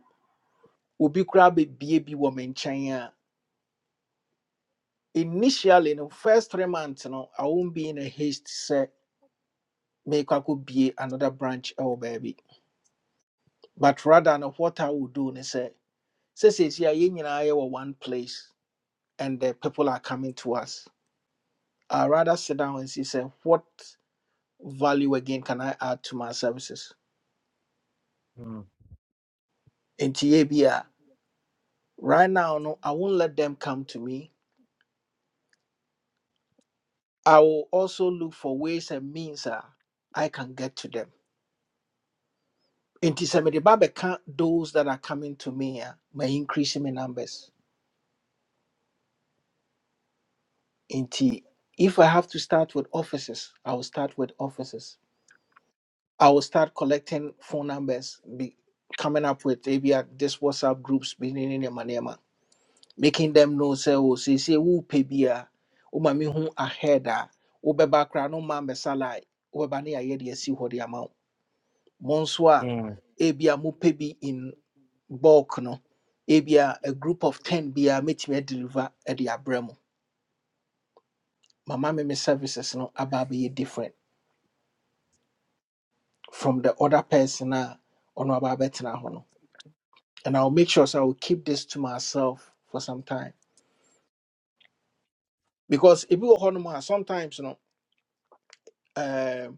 Speaker 1: obi koraa bɛbie bi wɔ me nkyɛn a initially no first three months no i won't be in a haste sɛ meekɔ akɔbie another branch ɛwɔ baabi but rather no what i would do ne sɛ sɛseesi a yɛn nyinaa yɛwɔ one place and the people are coming to us i rather sit down and see say, what value again can i add to my services nti yɛ bi a right now no i won't let them come to me I will also look for ways and means a I can get to them. Nti sɛ mede ba bɛka those that are coming to me a, my increase in my numbers. Nti if I have to start with offices, I will start with offices. I will start collecting phone numbers, be coming up with maybe uh, this WhatsApp groups, beginning in manema, making them know say oh say say who pay be a, oh my me who mami ahead a, who be background, who mami salary, who be bani ayendi si hodi mo nso a
Speaker 12: Mm,
Speaker 1: ebia mopɛ bi in bulk no ebia a group of 10 biaa mɛtumi adeliver de abrɛ mu mama me me services no aba abɛyɛ different from the other person a ɔno aba abɛtena hɔ no and i'll make sure so i will keep this to myself for some time because ebi wɔ hɔ nom a sometimes no um,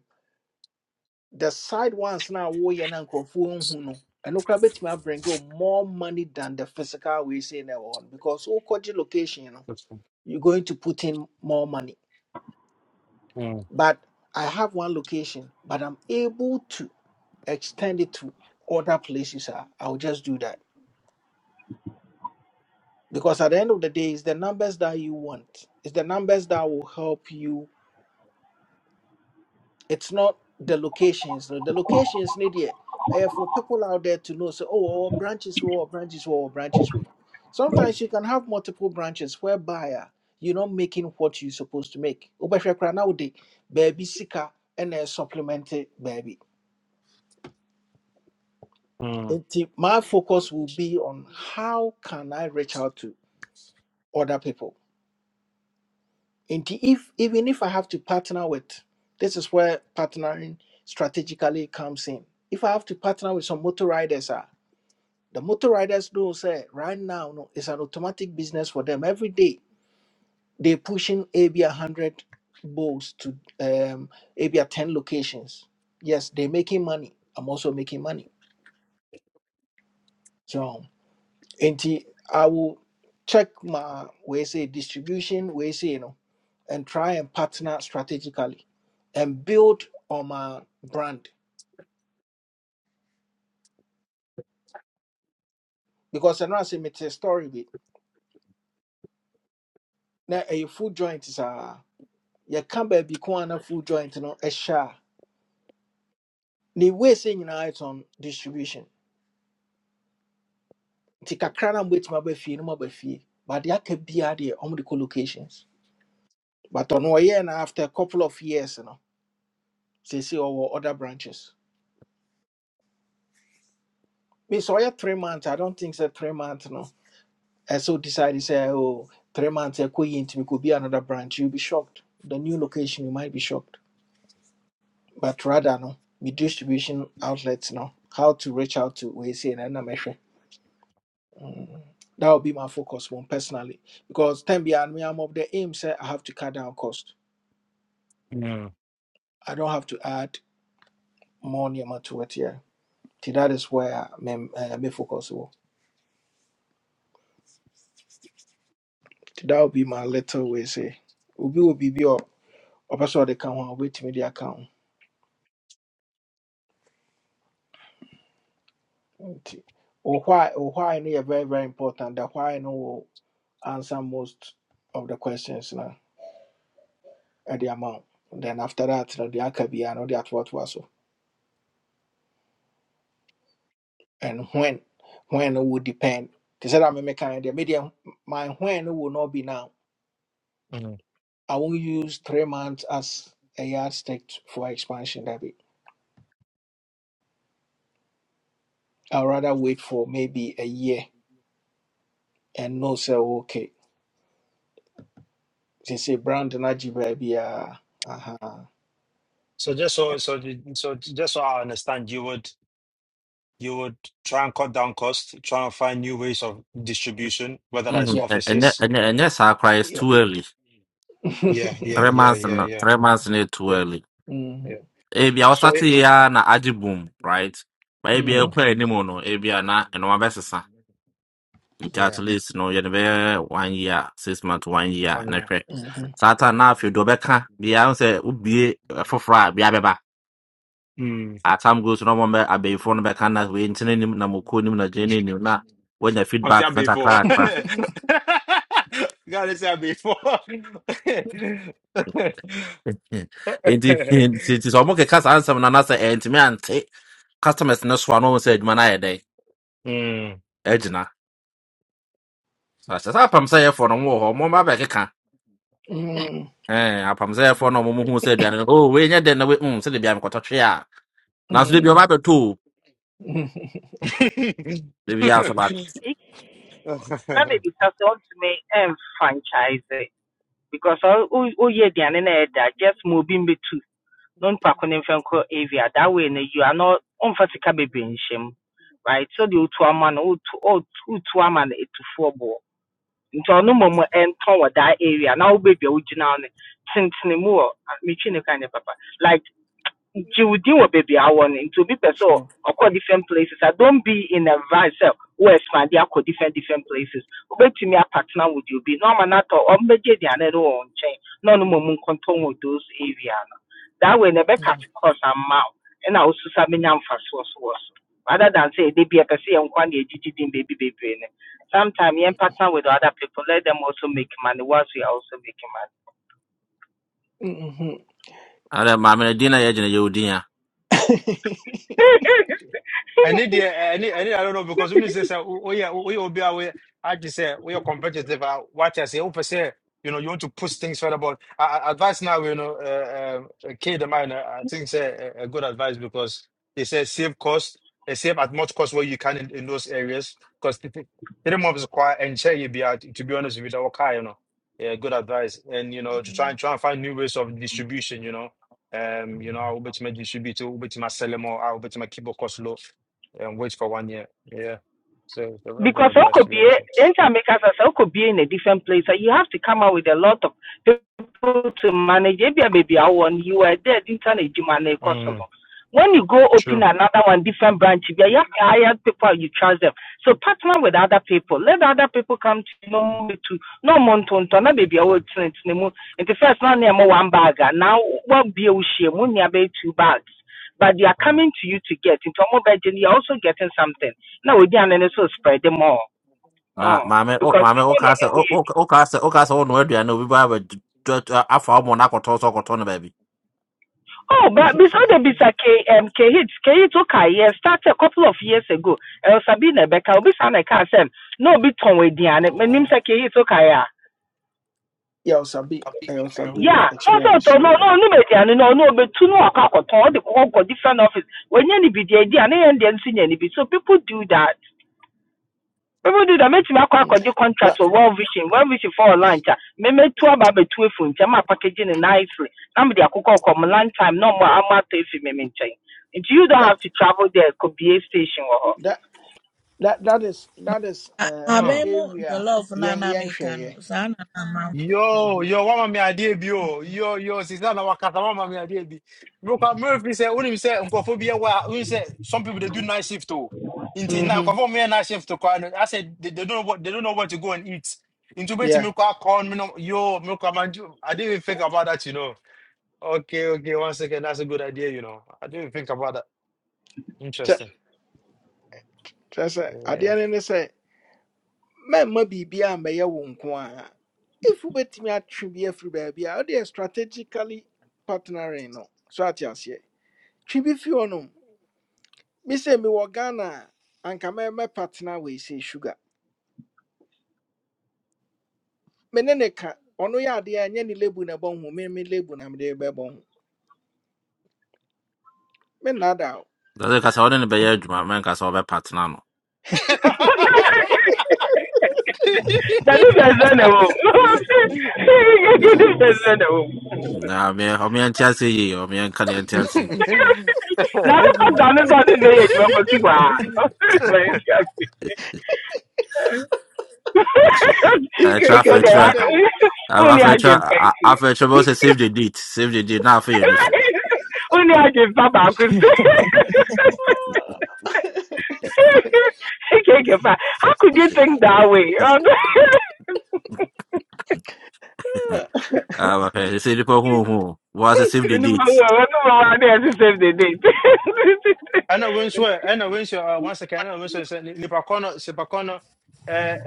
Speaker 1: the side ones na woyɛ na nkurɔfoɔ nhu no ɛno koraa bɛtumi abring you more money than the physical we say na ɛwɔ hɔ no because wokɔgye location no
Speaker 12: that's cool.
Speaker 1: you're going to put in more money.
Speaker 12: mm,
Speaker 1: But I have one location, but I'm able to extend it to other places. ah, I'll just do that. Because at the end of the day, it's the numbers that you want. It's the numbers that will help you it's not the locations. No, the locations need it uh, for people out there to know. So, oh, our branches were, our branches were, our branches we. Sometimes you can have multiple branches whereby uh, you're not making what you're supposed to make. Obafrekra nowadays, baby sika and then supplement it, baby.
Speaker 12: mm,
Speaker 1: Nti, My focus will be on how can I reach out to other people. And if even if I have to partner with, this is where partnering strategically comes in. If I have to partner with some motor riders, ah. The motor riders do say right now no, it's an automatic business for them. Every day they they're pushing AB hundred bulls to um AB ten locations. Yes, they're making money. I'm also making money. So and I will check my way say distribution, way say you know, and try and partner strategically and build on my brand. Because I know I say me a story with now a food joint is a you can't be food joint, you know, a share. ne wɔɛsɛ nyinaa it's on distribution nti kakra na mobɛtumi aba fie no maba fie but they deɛ aka biara deɛ the kɔ locations but ɔno ɔyɛɛ no after a couple of years you no seesei ɔwɔ other branches me sɛ ɔyɛ three months i don't think so. three months no And so decide say, oh, three months a queen to yie could be another branch you'll be shocked the new location you might be shocked but rather no the distribution outlets no how to reach out to we say, no ɛna mɛhwɛ Mm. That would be my focus one personally. Because ten beyond me, I'm of the aim say I have to cut down cost.
Speaker 12: mm,
Speaker 1: I don't have to add more niyama to it here. Till that is where me uh, me focus wo. Till that would be my little way say. Obi will be be or person they can one wait me the account. Nti, Or why or why no yɛ very very important. That why no will answer most of the questions na at the amount. Then after that, you know, the akabi and all that what was so. and when when it would depend. They said I'm a mechanic. The medium my when will not be now.
Speaker 12: mm.
Speaker 1: I won't use three months as a yardstick for expansion. That be. I'd rather wait for maybe a year and no say okay. They say brand energy baby. Uh huh.
Speaker 12: So just so so the- so just so I understand, you would you would try and cut down costs, try and find new ways of distribution, whether that's
Speaker 9: Mhm.
Speaker 1: Yeah.
Speaker 9: And, and, that-
Speaker 12: offices.
Speaker 9: and, that- and that sacrifice is
Speaker 1: Yeah.
Speaker 9: too early.
Speaker 1: [laughs] mm-hmm.
Speaker 12: Yeah, yeah,
Speaker 9: Three
Speaker 12: yeah,
Speaker 9: months,
Speaker 12: yeah,
Speaker 9: no,
Speaker 12: yeah,
Speaker 9: three months is too
Speaker 12: yeah,
Speaker 9: early.
Speaker 12: yeah.
Speaker 9: Maybe I was
Speaker 12: So
Speaker 9: starting
Speaker 12: It,
Speaker 9: here na aji boom, right? Maybe I
Speaker 12: mm,
Speaker 9: quit anymore, no. Maybe I na and one versus son. It at
Speaker 12: yeah,
Speaker 9: least no, you know, one year, six months, one year,
Speaker 12: fun,
Speaker 9: next
Speaker 12: yeah.
Speaker 9: week.
Speaker 1: Mm-hmm.
Speaker 9: Satan now if you do beka, be I say would be for fry, be a beba.
Speaker 12: Mm.
Speaker 9: As time goes no more, I be phone back and we intending him na mukuni na jenny ni na when the
Speaker 12: I've
Speaker 9: feedback
Speaker 12: done
Speaker 9: not a
Speaker 12: before. [laughs]
Speaker 9: crack.
Speaker 12: Gotta tell before. [laughs]
Speaker 9: [laughs] nti nti nti sɛ ɔmo keka saa nsɛm no anasɛ ɛntumi ante customers no soa no ɔmo sɛ adwuma no ayɛ dɛn
Speaker 12: Mm.
Speaker 9: agyina sɛ ahyɛ sɛ apam sɛ yɛfoɔ no mo wɔ hɔ ɔmo ma bɛkeka
Speaker 1: mm
Speaker 9: ɛn apam sɛ yɛfoɔ no ɔmo mo hu sɛ aduane no oh wei nyɛ dɛn na wei mm sɛ debia mekɔtɔ twe a nanso debia
Speaker 1: mm
Speaker 9: ɔba abɛtɔ o
Speaker 1: Hmm.
Speaker 9: debia so ba
Speaker 14: Ik- na
Speaker 12: [laughs]
Speaker 14: mebisa sɛ ɔntumi franchise because ɔ- oh yeah aduane no a just moving obi mbɛtu na onipa ko ne avia that way no you are not ɔmfa sika bebree nhyɛ mu right so deɛ wotu ama no wotu ɔt- wotu ama no ɛtufoɔ boɔ nti ɔno
Speaker 1: [laughs]
Speaker 14: mmom
Speaker 1: [laughs]
Speaker 14: that area na wobɛdua wogyina hɔ no tentene mu wɔ ah, metwi ne ka nyɛ papa like nti wo din wɔ baabi a awɔ no nti obi pɛ sɛ
Speaker 1: Sure.
Speaker 14: ɔkɔ different places I don't be in a vibe sɛ wo expande akɔ different different places wobɛtumi apatena with you. obi na ɔma no atɔ ɔmbɛgye aduane no wɔ wo nkyɛn na ɔno mmom nkɔntɔn wɔ those area no that way na ɛbɛkate cost ama wo ɛna wo so sa bɛnya mfasoɔ so wɔ so rather than sɛ ɛde bi ɛpɛ sɛ yɛnkwa ne yɛgyegye din baabi baby baby. sometimes you're partner with other people let them also make money whilst we are also making money
Speaker 9: ɛnɛ maame no din na yɛgyina yɛ odin a
Speaker 1: Mm-hmm.
Speaker 12: I
Speaker 14: [laughs]
Speaker 12: need the I need I need I don't know because when you say say, oh oh, yeah woyɛ will be obi I just say we are competitive a wate ase wopɛ sɛ you know you want to push things further but a- a- advice now you know uh, uh, kid of mine uh, I think say a a good advice because they say save cost eh, save at much cost where you can in, in those areas because three three months is quite and share you be out to be honest with you that car you know yeah good advice and you know to try and try and find new ways of distribution you know um you know I will bet you my distribute I will bet you my sell more I will bet you my keep your cost low and wait for one year. Yeah. So it's a very good
Speaker 14: because
Speaker 12: advice to be
Speaker 14: Okobie,
Speaker 12: honest with
Speaker 14: anytime make us as Okobie in a different place, so you have to come out with a lot of people to manage. Maybe maybe I want you are there, didn't turn a gym
Speaker 12: you.
Speaker 14: of
Speaker 12: Mm,
Speaker 14: When you go open
Speaker 12: true.
Speaker 14: another one, different branch, you have to hire people, you trust them. So partner with other people. Let other people come to know me to no montonto, na baby I will train to know. And the first one near one bag, now what be a about two bags. But they are coming to you to get into a mobile, you're also getting something na ogya no no so spread them all.
Speaker 9: na
Speaker 14: oh
Speaker 9: maame ɔ-
Speaker 14: because
Speaker 9: maame
Speaker 14: nipa na
Speaker 9: wokaa
Speaker 14: ɛyɛ
Speaker 9: sɛ ɔ- O wokaa sɛ wokaa sɛ wɔnoa aduane a obi ba abɛd afa ɔmo no akɔtɔ so ɔkɔtɔ no baabi
Speaker 14: oh but bisa de bisa k um k hits k hits okay yeah started a couple of years ago el sabina beka obi sa na ka sɛ na obi tɔn aduane
Speaker 1: [laughs]
Speaker 14: menim sɛ k hits okay a yeah
Speaker 1: yeah, it was a bit, it was a bit
Speaker 14: Yeah, no so
Speaker 1: experience.
Speaker 14: to no
Speaker 1: Yeah.
Speaker 14: no no aduane no no obetu no akɔ akɔtɔn ɔde kɔkɔ kɔ different office wɔnyɛ ne need deɛ adi a ne yɛn deɛ nso nya ne so people do that Bɛbɛ du da mɛtumi akɔ
Speaker 1: Mm.
Speaker 14: akɔgye
Speaker 1: Now
Speaker 14: contract or World Vision World Vision for lunch a mɛmɛtu aba abɛtu efu nkyɛn ma apakagye ne nan firi na mede akokɔ kɔ mo lunch time na ɔmo ama atɔ efi me me nkyɛn nti you don't
Speaker 1: that
Speaker 14: have to travel there it Could be a station.
Speaker 1: that that that is
Speaker 5: Na
Speaker 1: that is uh, the
Speaker 12: Huh.
Speaker 5: ahaban mu
Speaker 1: area.
Speaker 5: jollof no
Speaker 1: Yeah,
Speaker 5: na
Speaker 1: yeah,
Speaker 5: mereka no
Speaker 1: yeah.
Speaker 5: saa na na
Speaker 12: Yo,
Speaker 1: Mm-hmm.
Speaker 12: yo, mama me idea bi o. Yo, yo, sister na wakata mama me idea bi. Mroka Murphy said, "When say said bi wa, unim say some people they do night shift too. Inti na
Speaker 1: Mm-hmm.
Speaker 12: nkofo me night shift to I said they, they don't know what they don't know what to go and eat. Into beti
Speaker 1: Yeah.
Speaker 12: me kwa corn me no yo, me kwa I didn't even think about that, you know. Okay, okay, one second. That's a good idea, you know. I didn't even think about that.
Speaker 1: Kyɛ
Speaker 12: Interesting.
Speaker 1: kyerɛ sɛ
Speaker 12: Yeah.
Speaker 1: adeɛ no ne sɛ mɛmma biribi a mɛyɛ wo nko a if wobɛtumi atwe bi afiri baabi a wode yɛ strategically partnering no so ate aseɛ twe bi fi hɔnom me sɛ mewɔ ghana a anka mɛ- mɛpatena weisei sugar me ne ne ka ɔno yɛ adeɛ a ɛnyɛ ne lebu na ɛbɔ ho me me lebu na mede bɛbɔ ho me nnaada o
Speaker 9: sɛ sɛ ka sɛ wɔde no bɛyɛ adwuma mɛnka sɛ wɔbɛpa tena no
Speaker 1: [laughs]
Speaker 12: [laughs]
Speaker 14: dade [laughs] that is na wɔ mu dade bɛsɛ na wɔ mu
Speaker 9: Nah, man, I'm in Chelsea. yeah, I'm in Kanye Chelsea.
Speaker 14: na akokɔ
Speaker 12: Yes.
Speaker 14: dane sɛ ɔde bɛyɛ adwuma kɔsi hɔ [laughs] a general. Now the company is on the way. You are going to see what. [laughs]
Speaker 9: It's right. Uh, try
Speaker 14: Because
Speaker 9: for
Speaker 1: ikeke
Speaker 14: they
Speaker 9: try.
Speaker 14: want-
Speaker 1: adɛn
Speaker 14: who
Speaker 9: I
Speaker 14: need
Speaker 15: [laughs]
Speaker 9: for
Speaker 14: I give thank
Speaker 9: try. I
Speaker 14: you?
Speaker 9: for try. Both save the date. Save the date. Now for you, know so.
Speaker 14: I give Papa Kusu? How could you think that way? I
Speaker 9: Um, they say the people who who was save the
Speaker 14: don't
Speaker 9: date.
Speaker 14: know how to save the date.
Speaker 12: ɛna wo nso ɛ- ɛna wo nso ɛ, one second ɛna wo nso sɛ ni- nipa kɔ no nipa kɔ no ɛ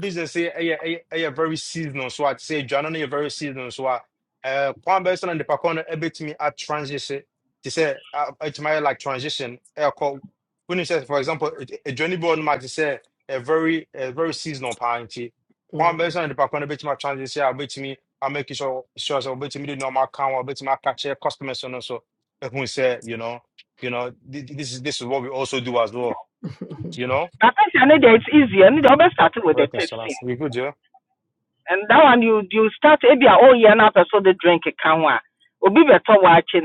Speaker 12: business yɛ ɛyɛ ɛyɛ ɛyɛ very seasonal so a te sɛ aduane no yɛ very seasonal so a ɛ kwan bɛyɛ sɛ na nipa kɔ no ɛbɛtumi a transition te sɛ a- ɛtumi ayɛ like transition ɛkɔ woni sɛ for example ɛ- ɛ, aduane bi wɔ nom a te sɛ ɛ very ɛ very seasonal paa nti kwan bɛyɛ sɛ na nipa kɔ no ɛbɛtumi a transition a ɔbɛtumi a make sure sure sɛ ɔbɛtumi de nneɛma aka ho a ɔbɛtumi aka kyerɛ customers no so ɛhu sɛ you know. You know, th- th- this is this is what we also do as well.
Speaker 1: [laughs]
Speaker 12: You know.
Speaker 14: But I know that it's easier. You always
Speaker 12: Oh,
Speaker 14: start with the
Speaker 12: welcome,
Speaker 14: testing.
Speaker 12: Salas. We good, yeah?
Speaker 14: And that one you you start maybe Oh yeah, year now so the drink can one. Obi better watch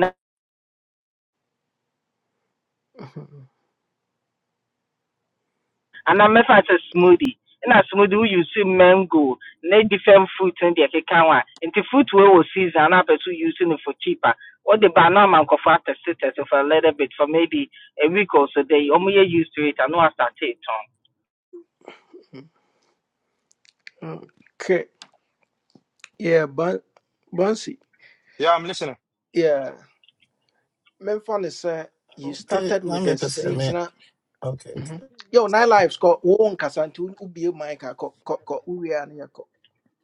Speaker 14: anaa mɛfa sɛ smoothie ɛna smoothie woyi use mango ne different fruit ne deɛ ɛkeka ho a nti fruit we wɔ season anaa pɛ so use no for cheaper wɔde ba na ama nkɔfoɔ atɛsetɛse for a little bit for maybe a week or so they ɔmo yɛ used to it ano asate tɔn
Speaker 1: okay yeah but Bonsi,
Speaker 12: Yeah, I'm listening.
Speaker 1: yeah memfa is sɛ you
Speaker 15: Okay,
Speaker 1: started
Speaker 15: na
Speaker 1: with the
Speaker 15: mepɛsɛ me
Speaker 1: seasonal
Speaker 15: okay
Speaker 1: Mhm.
Speaker 15: okay
Speaker 1: yo nine lives kɔ wo wo nkasa nti wo- ko ko a kɔ kɔ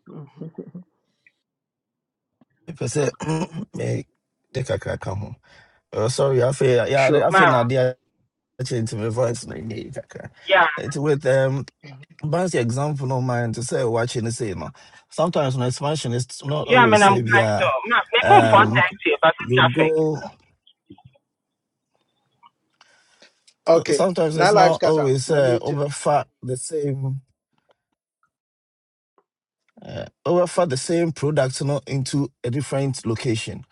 Speaker 1: Mhm.
Speaker 15: mepɛ sɛ [clears throat] me de kakra ka ho uh, sorry I feel yeah,
Speaker 1: sure
Speaker 15: I feel
Speaker 14: ma
Speaker 15: na adeɛ change nti me voice na ɛnyɛ yi kakra
Speaker 14: yeah
Speaker 15: It's with um Bansi example no mind to say watching the say no. Sometimes when expansion is not
Speaker 14: yeah I mean,
Speaker 15: always
Speaker 14: I'm
Speaker 15: say
Speaker 14: kind
Speaker 15: yeah.
Speaker 14: of. ma me phone for
Speaker 15: Um
Speaker 14: taxi but
Speaker 15: you
Speaker 14: traffic
Speaker 15: go
Speaker 1: okay
Speaker 15: sometimes it's
Speaker 1: nine lives
Speaker 15: not
Speaker 1: kasa
Speaker 15: always
Speaker 1: ma
Speaker 15: uh,
Speaker 1: mute no
Speaker 15: overfat the same uh, overfat the same product you know, into a different location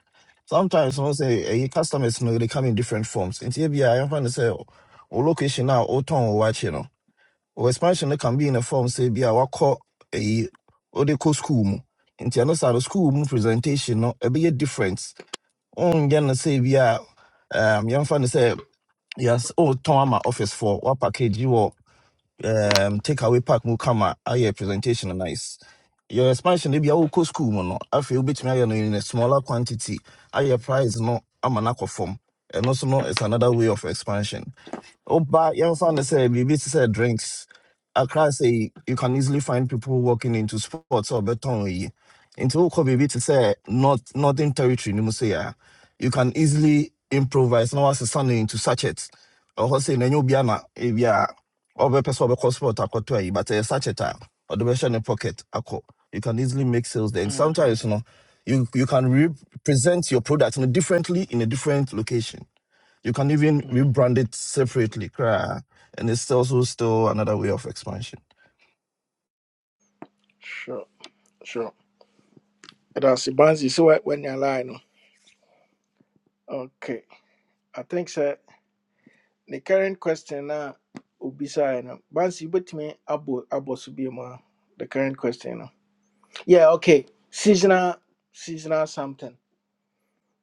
Speaker 15: Sometimes someone say eh, your customers you know they come in different forms. In TBI, I I find to say oh location now or town or watch you know. Or expansion they can be in a form say be our call a or they call school mu. In the other side of school mu presentation no a be a difference. On gonna say be a um young fan say yes oh town my office for what package you um takeaway pack, mu kama ayɛ presentation no nice your expansion maybe I will wokɔ school mu no afei wobɛtumi ayɛ no in a smaller quantity ayɛ price no ama no akɔ fam ɛno so no It's another way of expansion Oba, Yansan
Speaker 1: Mhm.
Speaker 15: said, BBC said drinks. Accra say you can easily find people walking into sports or beton. yi. Into Oko Bibi to say not northern territory, ni mo say ah. you can easily improvise now as a son into sachets. Or say na biana if ya or be person or sport akotwa but a sachet ah, or the version in pocket ako. You can easily make sales there. And sometimes you know you you can represent your product you know, differently in a different location. You can even
Speaker 1: Mhm.
Speaker 15: rebrand it separately, cra, and it's also still another way of expansion.
Speaker 1: Sure, sure. But as Bansi, so what when you're lying. no? Okay. I think sir the current question now Ubisa no. Bansi but me abo abo subiuma. The current question no. Yeah, okay. Seasonal seasonal something.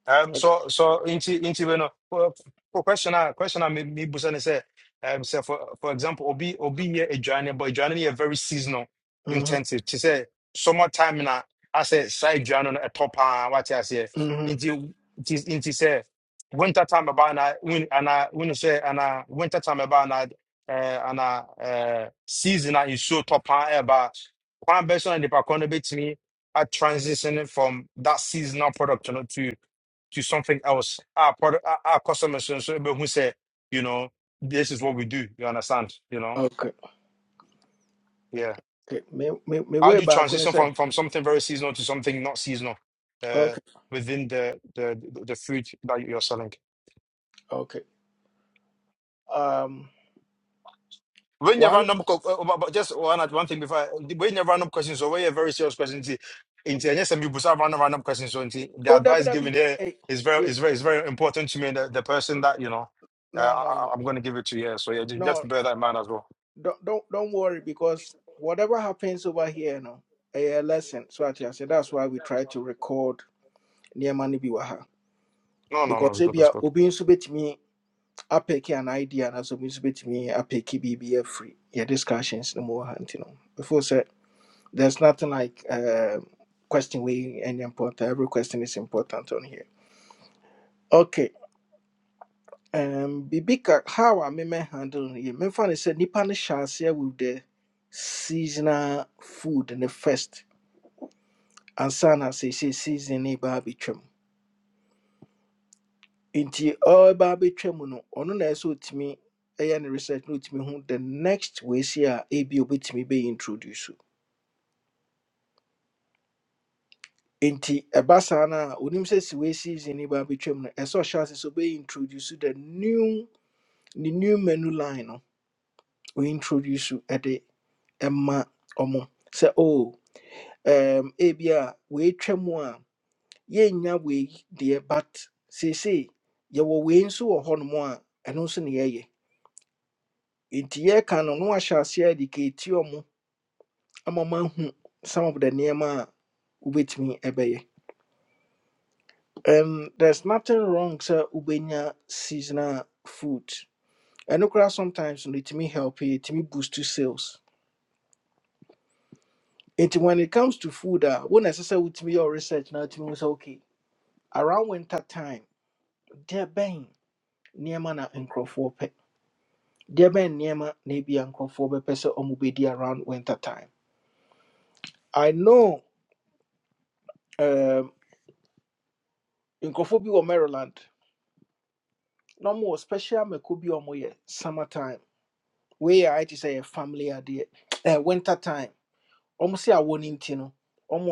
Speaker 12: Um, so so inti inti bueno for question ah question ah me me busa ne say um say for for example obi obi here adwane but adwane here very seasonal
Speaker 1: Mm-hmm.
Speaker 12: intensive to say summer time na I say side adwane no a top ah what I say
Speaker 1: Mm-hmm.
Speaker 12: inti inti inti say winter time about na when and when say and winter time about na eh and eh season ah is so top ah about one person in the back on bit me a transitioning from that seasonal product you know, to to something else. Our product, our, our customers, so- so who said, you know, this is what we do. You understand? You know,
Speaker 1: Okay.
Speaker 12: yeah.
Speaker 1: Okay. Me me me
Speaker 12: How
Speaker 1: way
Speaker 12: do you
Speaker 1: back when I
Speaker 12: transition
Speaker 1: say.
Speaker 12: from from something very seasonal to something not seasonal uh,
Speaker 1: Okay.
Speaker 12: within the the the food that you're selling?
Speaker 1: Okay. Um
Speaker 12: When you
Speaker 1: one
Speaker 12: random, co- uh, uh, but but just one one thing before, I- when you random questions or when you very serious questions, see, into yes, and people start random random questions. So nti, the
Speaker 1: oh W
Speaker 12: advice
Speaker 1: W
Speaker 12: given
Speaker 1: E.
Speaker 12: here
Speaker 1: Hey,
Speaker 12: is very
Speaker 1: yeah.
Speaker 12: is very is very important to me. The, the person that you know, uh, I,
Speaker 1: No, No
Speaker 12: I-
Speaker 1: no
Speaker 12: I'm going to give it to you. Yeah. So yeah, ju-
Speaker 1: no.
Speaker 12: just bear that in mind as well.
Speaker 1: don't don't don't worry because whatever happens over here, you know, a lesson. So I say that's why we try to record near money biwaha
Speaker 12: No, no, no,
Speaker 1: because
Speaker 12: It's
Speaker 1: if
Speaker 12: good,
Speaker 1: you
Speaker 12: it's
Speaker 1: are
Speaker 12: good.
Speaker 1: obin subit me apeki an idea and as obin subit me apeki BBF free. Yeah, discussions no more hunting. You know. Before said there's nothing like um question we any important. Every question is important on here. Okay. Um Bibika, how I may handle you. Me fan is said nipa ne shall share with the seasonal food in the first. ansa na seesei season no ɛbaa bɛtwam nti ɔbaa bɛtwam no ɔno na ɛsɛ sɛ ɔtumi ɛyɛ ne research na ɔtumi hu the next weesi a ebi a ɔbɛtumi bɛyɛ introduce o. nti ɛba saa no a onim sɛ si wei season no baa bɛtwam no ɛsɛ sɛ ɔhyɛ ase sɛ ɔbɛyɛ introduce the new the new menu line no ɔintroduce ɛde ɛma ɔmo sɛ o um, ebi a weetwa mu a yɛnnya wei deɛ but seesei yɛwɔ wei nso wɔ hɔnom a ɛno nso ne yɛyɛ nti yɛreka no na wahyɛ aseɛ adikɛti ɔmo ama mahu some of the nneɛma a wobɛtumi ɛbɛyɛ and there's nothing wrong sɛ wobɛnya seasonal food ɛno koraa sometimes no ɛtumi help yɛ ɛtumi boost to sales nti when it comes to food a wo na ɛsɛ sɛ wotumi yɛ wo research na wotumi hu sɛ okay around winter time deɛ bɛn nneɛma na nkurɔfoɔ pɛ There bɛn nneɛma na ebi a nkurɔfoɔ bɛpɛ sɛ ɔmo bɛdi around winter time i know um, nkurɔfoɔ bi wɔ maryland no more special mako bi a ɔmo yɛ summer time wei I ayɛ say sɛ family idea eh, winter time ɔmo se awɔ ne nti no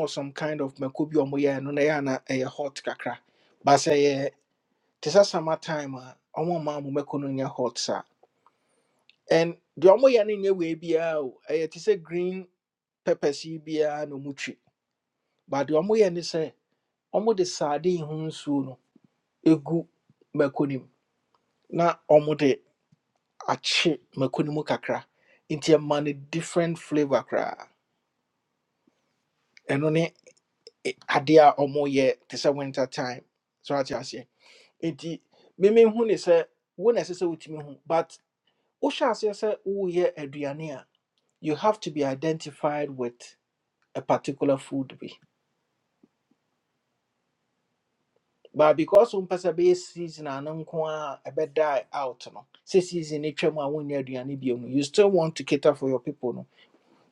Speaker 1: some kind of mako bi a ɔmo yɛ no na ɛyɛ ana ɛyɛ hot kakra But say ɛyɛ te summer time a ɔmo ma ɔmo mako no nyɛ hot saa and the ɔmo yɛ no nyɛ wei biara o ɛyɛ te green peppers yi biara na ɔmo twi but the ɔmo yɛ ne wɔde sradeɛ ho nsuo no ɛgu mako no na wɔde akye mako no mu kakra nti ɛma no different flavour kra ɛno ne ɛ- adeɛ a wɔyɛ te sɛ winter time so ate aseɛ nti memehu ne sɛ wo na ɛsɛ sɛ wotumi hu but wohyɛ aseɛ sɛ woyɛ aduane a you have to be identified with a particular food bi but because wɔn mpɛ sɛ bɛyɛ season ano nko a bed die out no sɛ season no twam when you're bio no you still want to cater for your people no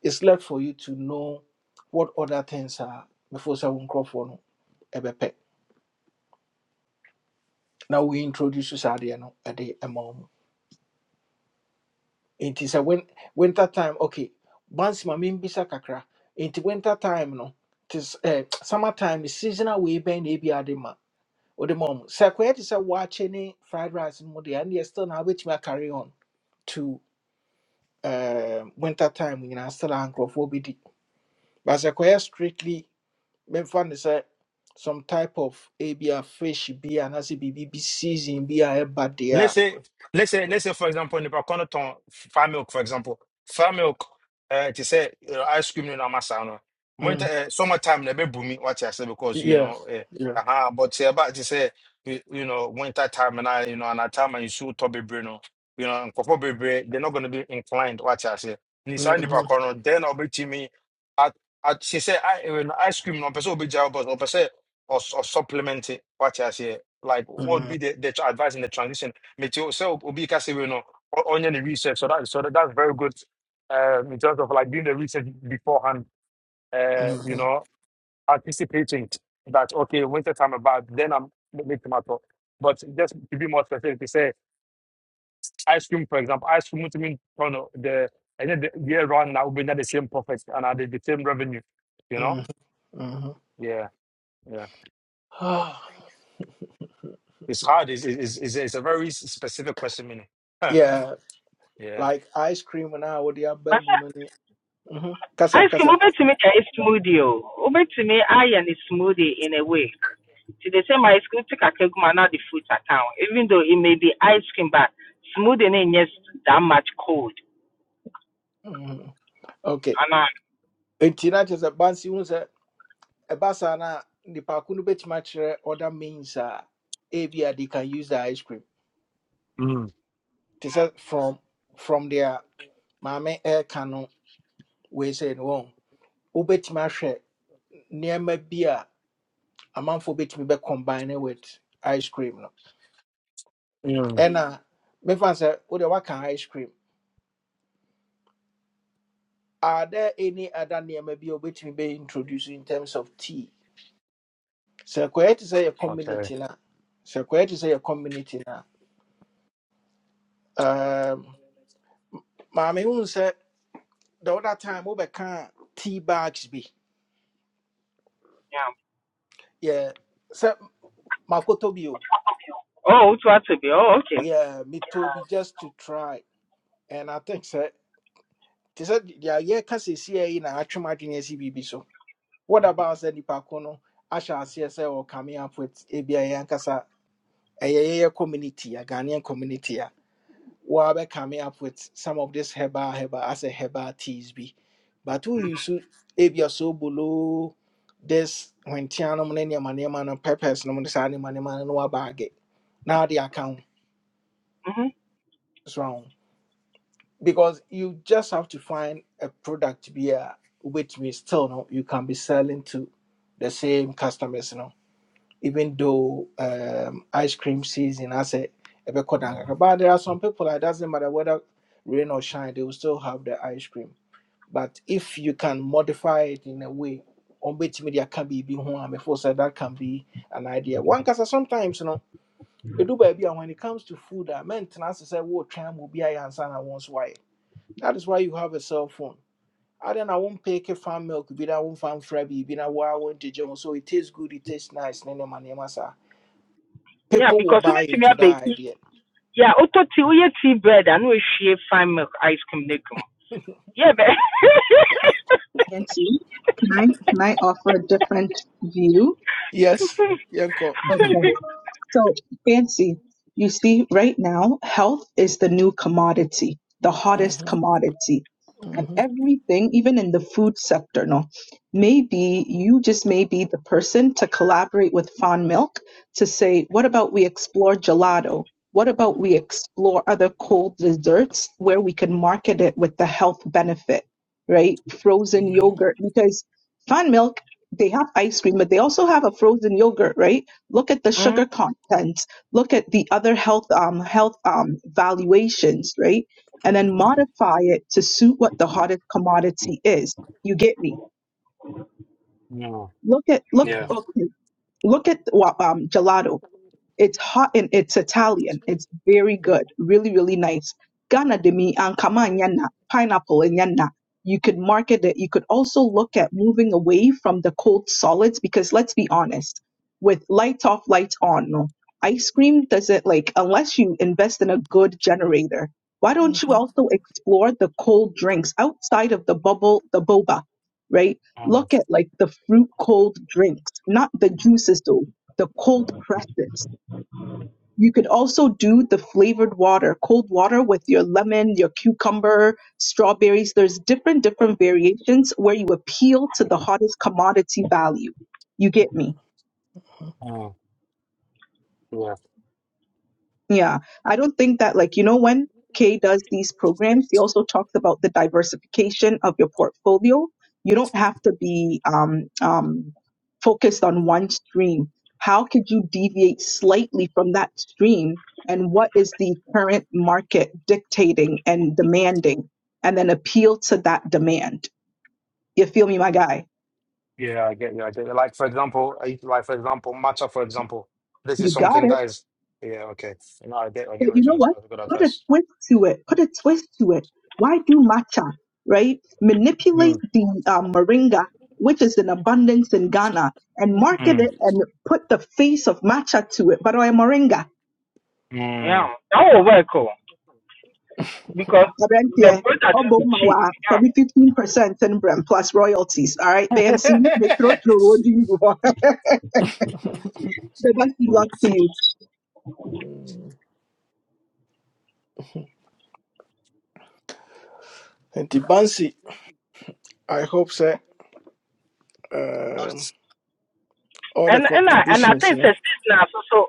Speaker 1: it's left for you to know what other things are before sɛ wo for no A ɛbɛpɛ na wointroduce saa adeɛ no ɛde ɛma wo mu nti sɛ win, winter time okay once my ma membisa kakra nti winter time no tis, eh, summer time is seasonal wei bɛn na ebi ade ma wode ma wo mu sɛ akɔyɛ te sɛ waakye ne fried rice no mu deɛ ɛneɛ still na which a carry on to um winter time nyinaa still a nkurɔfoɔ bɛdi but sɛ kɔyɛ strictly bɛmfa found sɛ some type of ebi a fish bi anaasɛ biribi bi season bi a ɛba Yeah,
Speaker 12: Let's say, let's say, let's say, for example, ne pas qu'on ton farm milk, for example, farm milk, uh, tu sais, uh, ice cream in amasa, no.
Speaker 1: yeah.
Speaker 12: Winter,
Speaker 1: mm,
Speaker 12: uh, summertime, ne be booming, what I say, because you
Speaker 1: yeah,
Speaker 12: know, uh,
Speaker 1: yeah.
Speaker 12: uh-huh, but say about to say, you you know, winter time and I, you know, and I time and you shoot Toby Bruno, you know, and Kopo Bebre, they're not going to be inclined, what I say. Nissan ne pas
Speaker 1: Mhm,
Speaker 12: qu'on then I'll be to me at, at, she say, I, when ice cream, no, person will be jail, but, or person, or, or supplement it, what I say. Like, what would
Speaker 1: mhm,
Speaker 12: be the, the advice in the transition? Meti so Obi Kasewe no on any research. So that so that, that's very good um, in terms of like doing the research beforehand. Uh, you
Speaker 1: mhm,
Speaker 12: know, anticipating that okay, winter time about then I'm making my thought. But just to be more specific, to say ice cream, for example, ice cream to mean you know, the and then the year round now we not the same profit and at the, the same revenue. You know,
Speaker 1: mhm, mhm.
Speaker 12: yeah, yeah. It's hard. It's it's, it's, it's a very s- specific question, meaning. [laughs]
Speaker 1: [sighs] yeah,
Speaker 12: yeah.
Speaker 1: like ice cream na I would
Speaker 14: but
Speaker 1: mu
Speaker 14: uh,
Speaker 1: no ne Mhm, kasa
Speaker 14: ice cream
Speaker 1: kasa
Speaker 14: wobɛtumi ayɛ smoothie o wobɛtumi ayɛ ne smoothie in a way See, they say my school took a cake, not the fruit account. Even though it may be ice cream, but smooth and it yes that much cold.
Speaker 1: Mhm. okay
Speaker 14: And I,
Speaker 1: nti na kyerɛ sɛ bansi hu ɛba saa na nipa ko no bɛtumi other means a ebia they can use the ice cream
Speaker 12: Mm,
Speaker 1: te sɛ from from their maame ɛɛka no wei sɛ no wɔn wobɛtumi ahwɛ nneɛma bi a amanfoɔ bɛtumi be combine with ice cream no
Speaker 12: mm,
Speaker 1: ɛna mefa sɛ wode waka ice cream are there any other nneɛma bi a wobɛtumi bɛ introduce in terms of tea sɛ kɔɛ te sɛ your
Speaker 12: okay.
Speaker 1: community no a sɛ kɔɛ te sɛ yɛ community no a um, maame hu sɛ the other time wobɛka tea bags be
Speaker 14: yeah.
Speaker 1: yeah sɛ makɔtɔ bi o
Speaker 14: Oh, what what to be? Oh, okay.
Speaker 1: yeah metɔ bi just to try and i think so. sɛ te sɛ deɛ yɛka seesia yi na atwem adwene asi biribi so what about sɛ nnipa I shall see, aseɛ sɛ ɔcome up with ebia yɛ ankasa a yɛyɛ community a ghanaian community A We Wabe coming up with some of this herbal herbal as a herbal teas be. But who you should if you're so below this when Tiano Mania Mania Man and peppers no this animal and no bag it. Now the account
Speaker 14: hmm
Speaker 1: is wrong. Because you just have to find a product be a which means still no you can be selling to the same customers no. even though um, ice cream season, I said, but there are some people that doesn't matter whether rain or shine, they will still have the ice cream. But if you can modify it in a way, on which media can be home, before said that can be an idea. One because sometimes you know, you do baby, and when it comes to food, I maintenance is a what time will be I answer and I will why. That is why you have a cell phone. I then I won't pick a farm milk, be that one farm frabby, be that why I won't so it tastes good, it tastes nice, and then
Speaker 14: Yeah,
Speaker 1: people will
Speaker 14: because when
Speaker 1: buy
Speaker 14: to me
Speaker 1: into
Speaker 14: a bake,
Speaker 1: that idea.
Speaker 14: yeah, auto tea, we eat tea bread and we share fine milk ice cream. they come. Yeah, but
Speaker 10: Nancy, Can I, can I offer a different view?
Speaker 1: Yes,
Speaker 14: [laughs]
Speaker 1: Yanko.
Speaker 10: Okay. So, Fancy, you see, right now, health is the new commodity, the hottest
Speaker 1: Mhm,
Speaker 10: commodity. And
Speaker 1: mhm,
Speaker 10: everything, even in the food sector, no, maybe you just may be the person to collaborate with Fond Milk to say, what about we explore gelato? What about we explore other cold desserts where we can market it with the health benefit, right? Frozen
Speaker 1: mhm,
Speaker 10: yogurt, because Fond Milk, they have ice cream, but they also have a frozen yogurt, right? look at the
Speaker 14: mm
Speaker 10: sugar content, look at the other health um, health um, valuations, right? And
Speaker 1: mhm,
Speaker 10: then modify it to suit what the hottest commodity is. You get me?
Speaker 12: Mm,
Speaker 10: Look at look
Speaker 12: yeah.
Speaker 1: mhm,
Speaker 10: okay, look at well, um, gelato. It's hot and it's Italian. It's very good. Really, really nice. Ghana de mi ankama and yana, pineapple and yana. You could market it. You could also look at moving away from the cold solids because let's be honest, with lights off, lights on, no. Ice cream doesn't like unless you invest in a good generator. Why don't you
Speaker 1: mhm,
Speaker 10: also explore the cold drinks outside of the bubble, the boba, right?
Speaker 12: Mm,
Speaker 10: Look at like the fruit cold drinks, not the juices though the cold presses. You could also do the flavored water, cold water with your lemon, your cucumber, strawberries. There's different, different variations where you appeal to the hottest commodity value. You get me?
Speaker 12: Yeah,
Speaker 10: Yeah, I don't think that, like, you know, when Kay does these programs, he also talks about the diversification of your portfolio. You don't have to be um, um, focused on one stream. How could you deviate slightly from that stream? And what is the current market dictating and demanding? And then appeal to that demand. You feel me, my guy?
Speaker 12: yeah, I get you. I get you. Like for example, I- like for example, matcha. For example, this
Speaker 10: You
Speaker 12: is
Speaker 10: got
Speaker 12: something
Speaker 10: it.
Speaker 12: that is. Yeah, okay. No, I get. I get
Speaker 10: But
Speaker 12: what you're
Speaker 10: you know
Speaker 12: trying to say.
Speaker 10: what?
Speaker 12: That's good
Speaker 10: Put a
Speaker 12: advice.
Speaker 10: twist to it. Put a twist to it. Why do matcha, right? Manipulate
Speaker 12: Mm,
Speaker 10: the uh, moringa, which is in abundance in Ghana, and
Speaker 1: mhm.
Speaker 10: market it
Speaker 12: mm,
Speaker 10: and put the face of matcha to it. But I moringa,
Speaker 14: yeah,
Speaker 12: mm.
Speaker 14: that will work. Oh, because the
Speaker 10: Abrante,
Speaker 14: product will be cheap.
Speaker 10: Obomawa,
Speaker 14: Yeah.
Speaker 10: probably 15% in Brem plus royalties. All right, BNC, they throw
Speaker 12: [laughs]
Speaker 10: through what do you want? [laughs] The best luck to you.
Speaker 1: Mm. And the Bansi, I hope that um, all the
Speaker 14: And and I and I
Speaker 1: contributions, you
Speaker 14: think it's now so so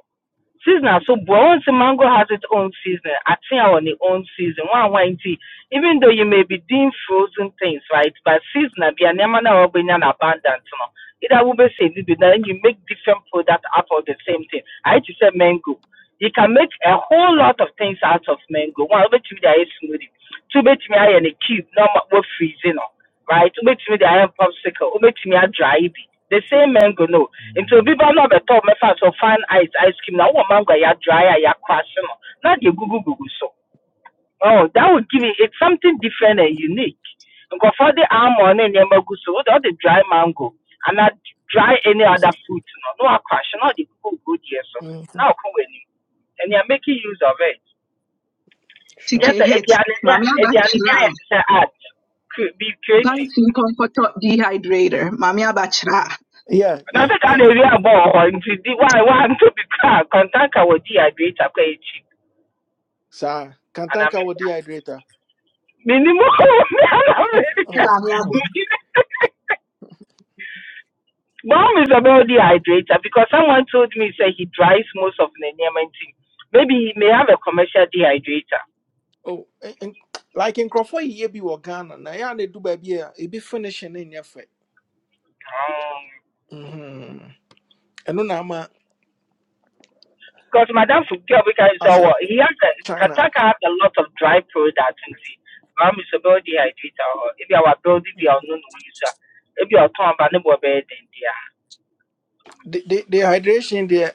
Speaker 14: seasonal. So once the mango has its own season, I think on the own season. One wine tea. Even though you may be doing frozen things, right? But seasonal be an emana or be an abundant no. Either will be say then you make different product out of the same thing. I just say mango you can make a whole lot of things out of mango. One, obetumi de ayɛ smoothie. Two, obetumi ayɛ ne cube na ɔma wɔ Right? Two, right? me de ayɛ popsicle. over to me Obetumi dry bi. The same mango no. Nti not ba na My fans so fine ice ice cream Now, wɔn mango I dry, yɛadry a yɛakrash no na de egugugugu so. Oh, that would give it, it's something different and unique. Because for the almond and nneɛma gu so, wode ɔde dry mango and anaa dry any other fruit no, no na woakwahye the ɔde gugu gudeɛ so,
Speaker 1: know. hmm
Speaker 14: na ɔkɔ w'anim. And you're making use of it.
Speaker 1: Sure.
Speaker 14: Just
Speaker 10: TK
Speaker 14: sɛ
Speaker 10: hits.
Speaker 14: aduane ne
Speaker 10: Mami
Speaker 14: a- aduane ne
Speaker 10: Abachra.
Speaker 14: ayɛ te sɛ art, Cre- be creative.
Speaker 10: Dancing comforter dehydrator. Mami Abachra.
Speaker 1: Yeah,
Speaker 14: Na
Speaker 1: yeah,
Speaker 14: sɛ ka
Speaker 1: yeah.
Speaker 14: na ewie abɔ wɔ hɔ nti di wa wa nto bi kra kɔntanka wɔ dehydrator kɔ yɛ cheap
Speaker 1: So,
Speaker 14: anaa
Speaker 1: Kantanka will
Speaker 14: mɛka.
Speaker 1: dehydrator.
Speaker 14: Minimu kɔ wɔ mi anaa
Speaker 1: Oh,
Speaker 14: mɛka. [laughs] Mom is a bit dehydrator because someone told me say he dries most of the Nigerian tea. Maybe he may have a commercial dehydrator.
Speaker 1: oh, and, and, like in Crawford, ye be wo Ghana. Now, yeah, they do baby, it be finishing in your
Speaker 14: Um,
Speaker 1: hmm And no, i
Speaker 14: because Madame Fukio, because
Speaker 1: as
Speaker 14: uh,
Speaker 1: a
Speaker 14: he has a,
Speaker 1: China.
Speaker 14: Kataka has a lot of dry products in tea. Mom is a bit dehydrator. If you are building the unknown user, if you are talking about the bed in
Speaker 1: the, the, the hydration there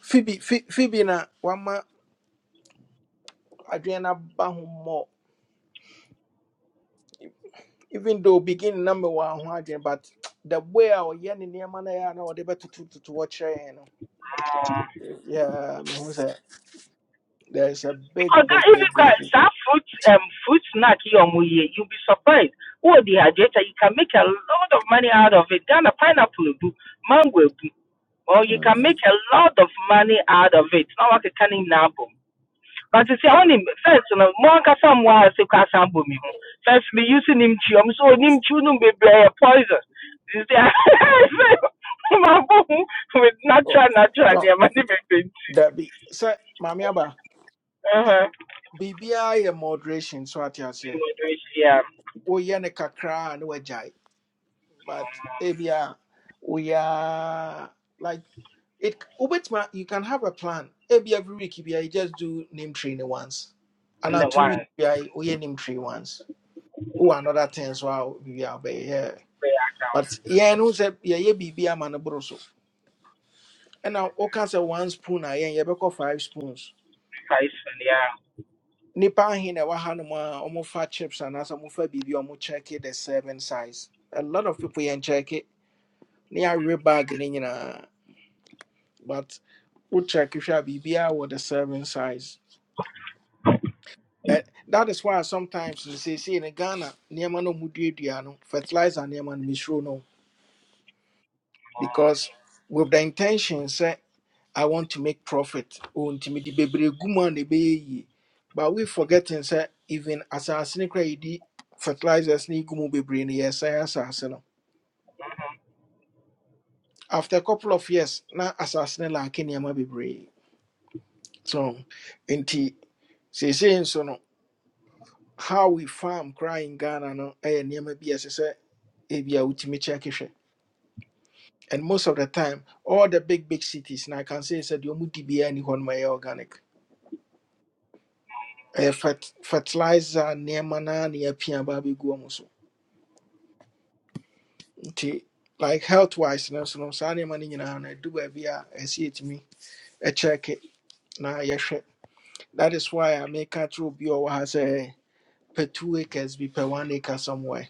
Speaker 1: phoebe Phoe- phoebe na wama adrena ba ho even though beginning number one ho but the way our yen in nneɛma na ya na whatever to to to watch kyerɛ yɛn know
Speaker 14: there.
Speaker 1: yeah me hu sɛ there's a big
Speaker 14: Because that,
Speaker 1: big
Speaker 14: if
Speaker 1: big
Speaker 14: you
Speaker 1: big,
Speaker 14: got
Speaker 1: big.
Speaker 14: that fruit, um, fruit snack here on Muye, you'll be surprised. Oh, the hydrator, you can make a lot of money out of it. Ghana pineapple, mango, will or you can
Speaker 1: Mm.
Speaker 14: make a lot of money out of it. Now I can nabo. But you see,
Speaker 12: Mm.
Speaker 14: only first, you know, more than some was a class ambo me. First, me using him chium, so him chunum be poison. You see, [laughs] my boom with
Speaker 1: Oh,
Speaker 14: natural, natural,
Speaker 1: no
Speaker 14: yeah, money be
Speaker 1: that be sɛ maame aba
Speaker 14: Uh huh.
Speaker 1: biribiara yɛ moderation so ate aseɛ
Speaker 14: Yeah,
Speaker 1: woyɛ no kakraa a na wagyae but ebia we are like It Ubetima, you can have a plan. Maybe every week if you just do name training once. And now
Speaker 14: no
Speaker 1: two
Speaker 14: one.
Speaker 1: weeks if you name training once. Oh another ten so I'll be yeah.
Speaker 14: React
Speaker 1: But yeah, no say yeah yeah be be a man broso. And now all can say one spoon I yeah beko five spoons.
Speaker 14: precisely. Yeah.
Speaker 1: Nipa hin na wahanuma almost fat chips and as a mufa bibi or check it the serving size. A lot of people yeah check it. Near rebag ni nyina. but we check if you be with the serving size. Eh, that is why sometimes you say, see in Ghana, nneɛma no mu duadua no, fertilizer nneɛma no misro no. Because with the intention, say, I want to make profit. Oh, nti mede bebree gu mu a na ɛbɛyɛ yie. But we forgetting say even asase no koraa a yɛdi fertilizers ne gu mu bebree no yɛsɛe asase no. After a couple of years, na asase no laake nneɛma bebree. So nti seesei nso no how we farm cry in Ghana no ɛyɛ nneɛma bi a ɛsɛ sɛ ebi a wotumi check hwɛ and most of the time all the big big cities na I can say sɛ deɛ ɔmo di biara ni hɔ nom organic ɛyɛ fert fertilizer nneɛma na ne apia ba abɛgu ɔmo so nti like health wise no so no saa nneɛma no nyinaa no ɛdu baabi a ɛsɛ check it. na yɛhwɛ that is why I make a true bi a ɔwɔ two acres be per one acre somewhere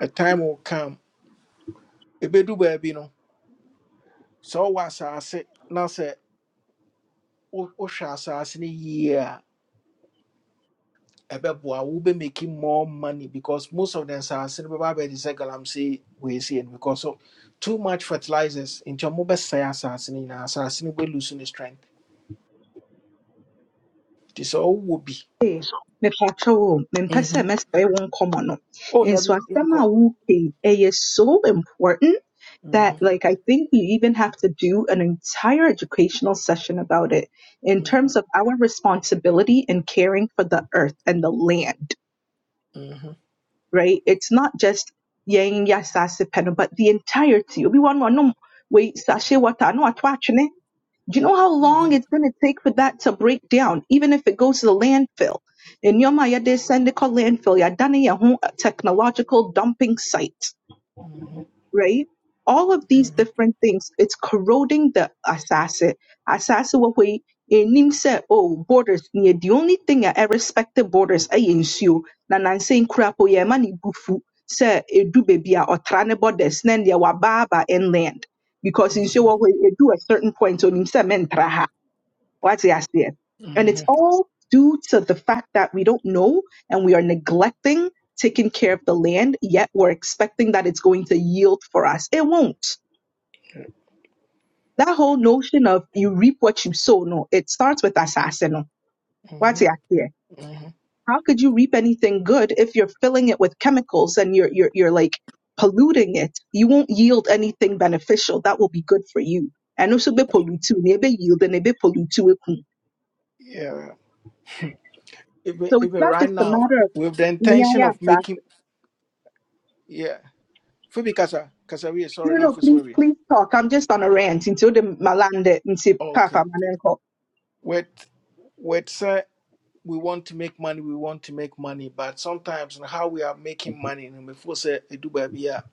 Speaker 1: a time will come ebedu baabi no. sɛ ɔwɔ asase na sɛ wo- wohwɛ asase no yie a beboa will be making more money because most of them are saying, Baba, the nsase no bɛba abɛgye sɛ galamsey weesie no because of too much fertilizers nti ɔmobɛsɛe asase no nyinaa asase will lose its strength nti sɛ ɔwowɔ bi
Speaker 10: Ee, mepatwa wo, mempɛ sɛ
Speaker 1: Mhm,
Speaker 10: mesɛe wo nkɔmmɔ no.
Speaker 1: o
Speaker 10: Nso
Speaker 1: dabi
Speaker 10: asɛm
Speaker 1: yɛnkɔ
Speaker 10: so important that
Speaker 1: mhm,
Speaker 10: like I think we even have to do an entire educational session about it in
Speaker 1: mhm,
Speaker 10: terms of our responsibility in caring for the earth and the land,
Speaker 1: mhm,
Speaker 10: right? It's not just yɛn yasase asase no, but the entirety. Obi wɔ no ɔnom wei sachet water a do you know how long
Speaker 1: mhm,
Speaker 10: it's going to take for that to break down, even if it goes to the landfill? In Yoma, ya de send it called landfill, ya done ya hon- a technological dumping site,
Speaker 1: mhm, mhm,
Speaker 10: right? All of these different things, it's corroding the assassin. Assassin, what we in him said, oh, borders, nye, the only thing I respected borders, I ensure, na nan saying crap, oh, yeah, money bufu, say, it do baby, or trane borders, nan, ya wababa inland. Because in show,
Speaker 1: mhm,
Speaker 10: what we do a certain point, on him said, what's the idea? And it's
Speaker 1: mhm,
Speaker 10: all due to the fact that we don't know and we are neglecting taking care of the land, yet we're expecting that it's going to yield for us. It won't. That whole notion of you reap what you sow, no, it starts with assassino. What's
Speaker 1: mhm,
Speaker 10: the idea?
Speaker 1: mhm.
Speaker 10: How could you reap anything good if you're filling it with chemicals and you're you're you're like polluting it? You won't yield anything beneficial that will be good for you. And also be pollutu, ne be yield, and be pollutu eku.
Speaker 1: yeah even
Speaker 10: So it's
Speaker 1: even
Speaker 10: not
Speaker 1: right
Speaker 10: just a
Speaker 1: now
Speaker 10: matter of
Speaker 1: with the
Speaker 10: yeah,
Speaker 1: intention
Speaker 10: yeah,
Speaker 1: of making
Speaker 10: Pastor.
Speaker 1: yeah Phoebe Kasa, Kasaria,
Speaker 10: No,
Speaker 1: sorry,
Speaker 10: no,
Speaker 1: not
Speaker 10: please,
Speaker 1: sorry.
Speaker 10: please talk. I'm just on a rant into the malande into Papa
Speaker 1: Okay.
Speaker 10: Manenko.
Speaker 1: With with sir, we want to make money, we want to make money, but sometimes in how we are making money, and before say Eduba Bia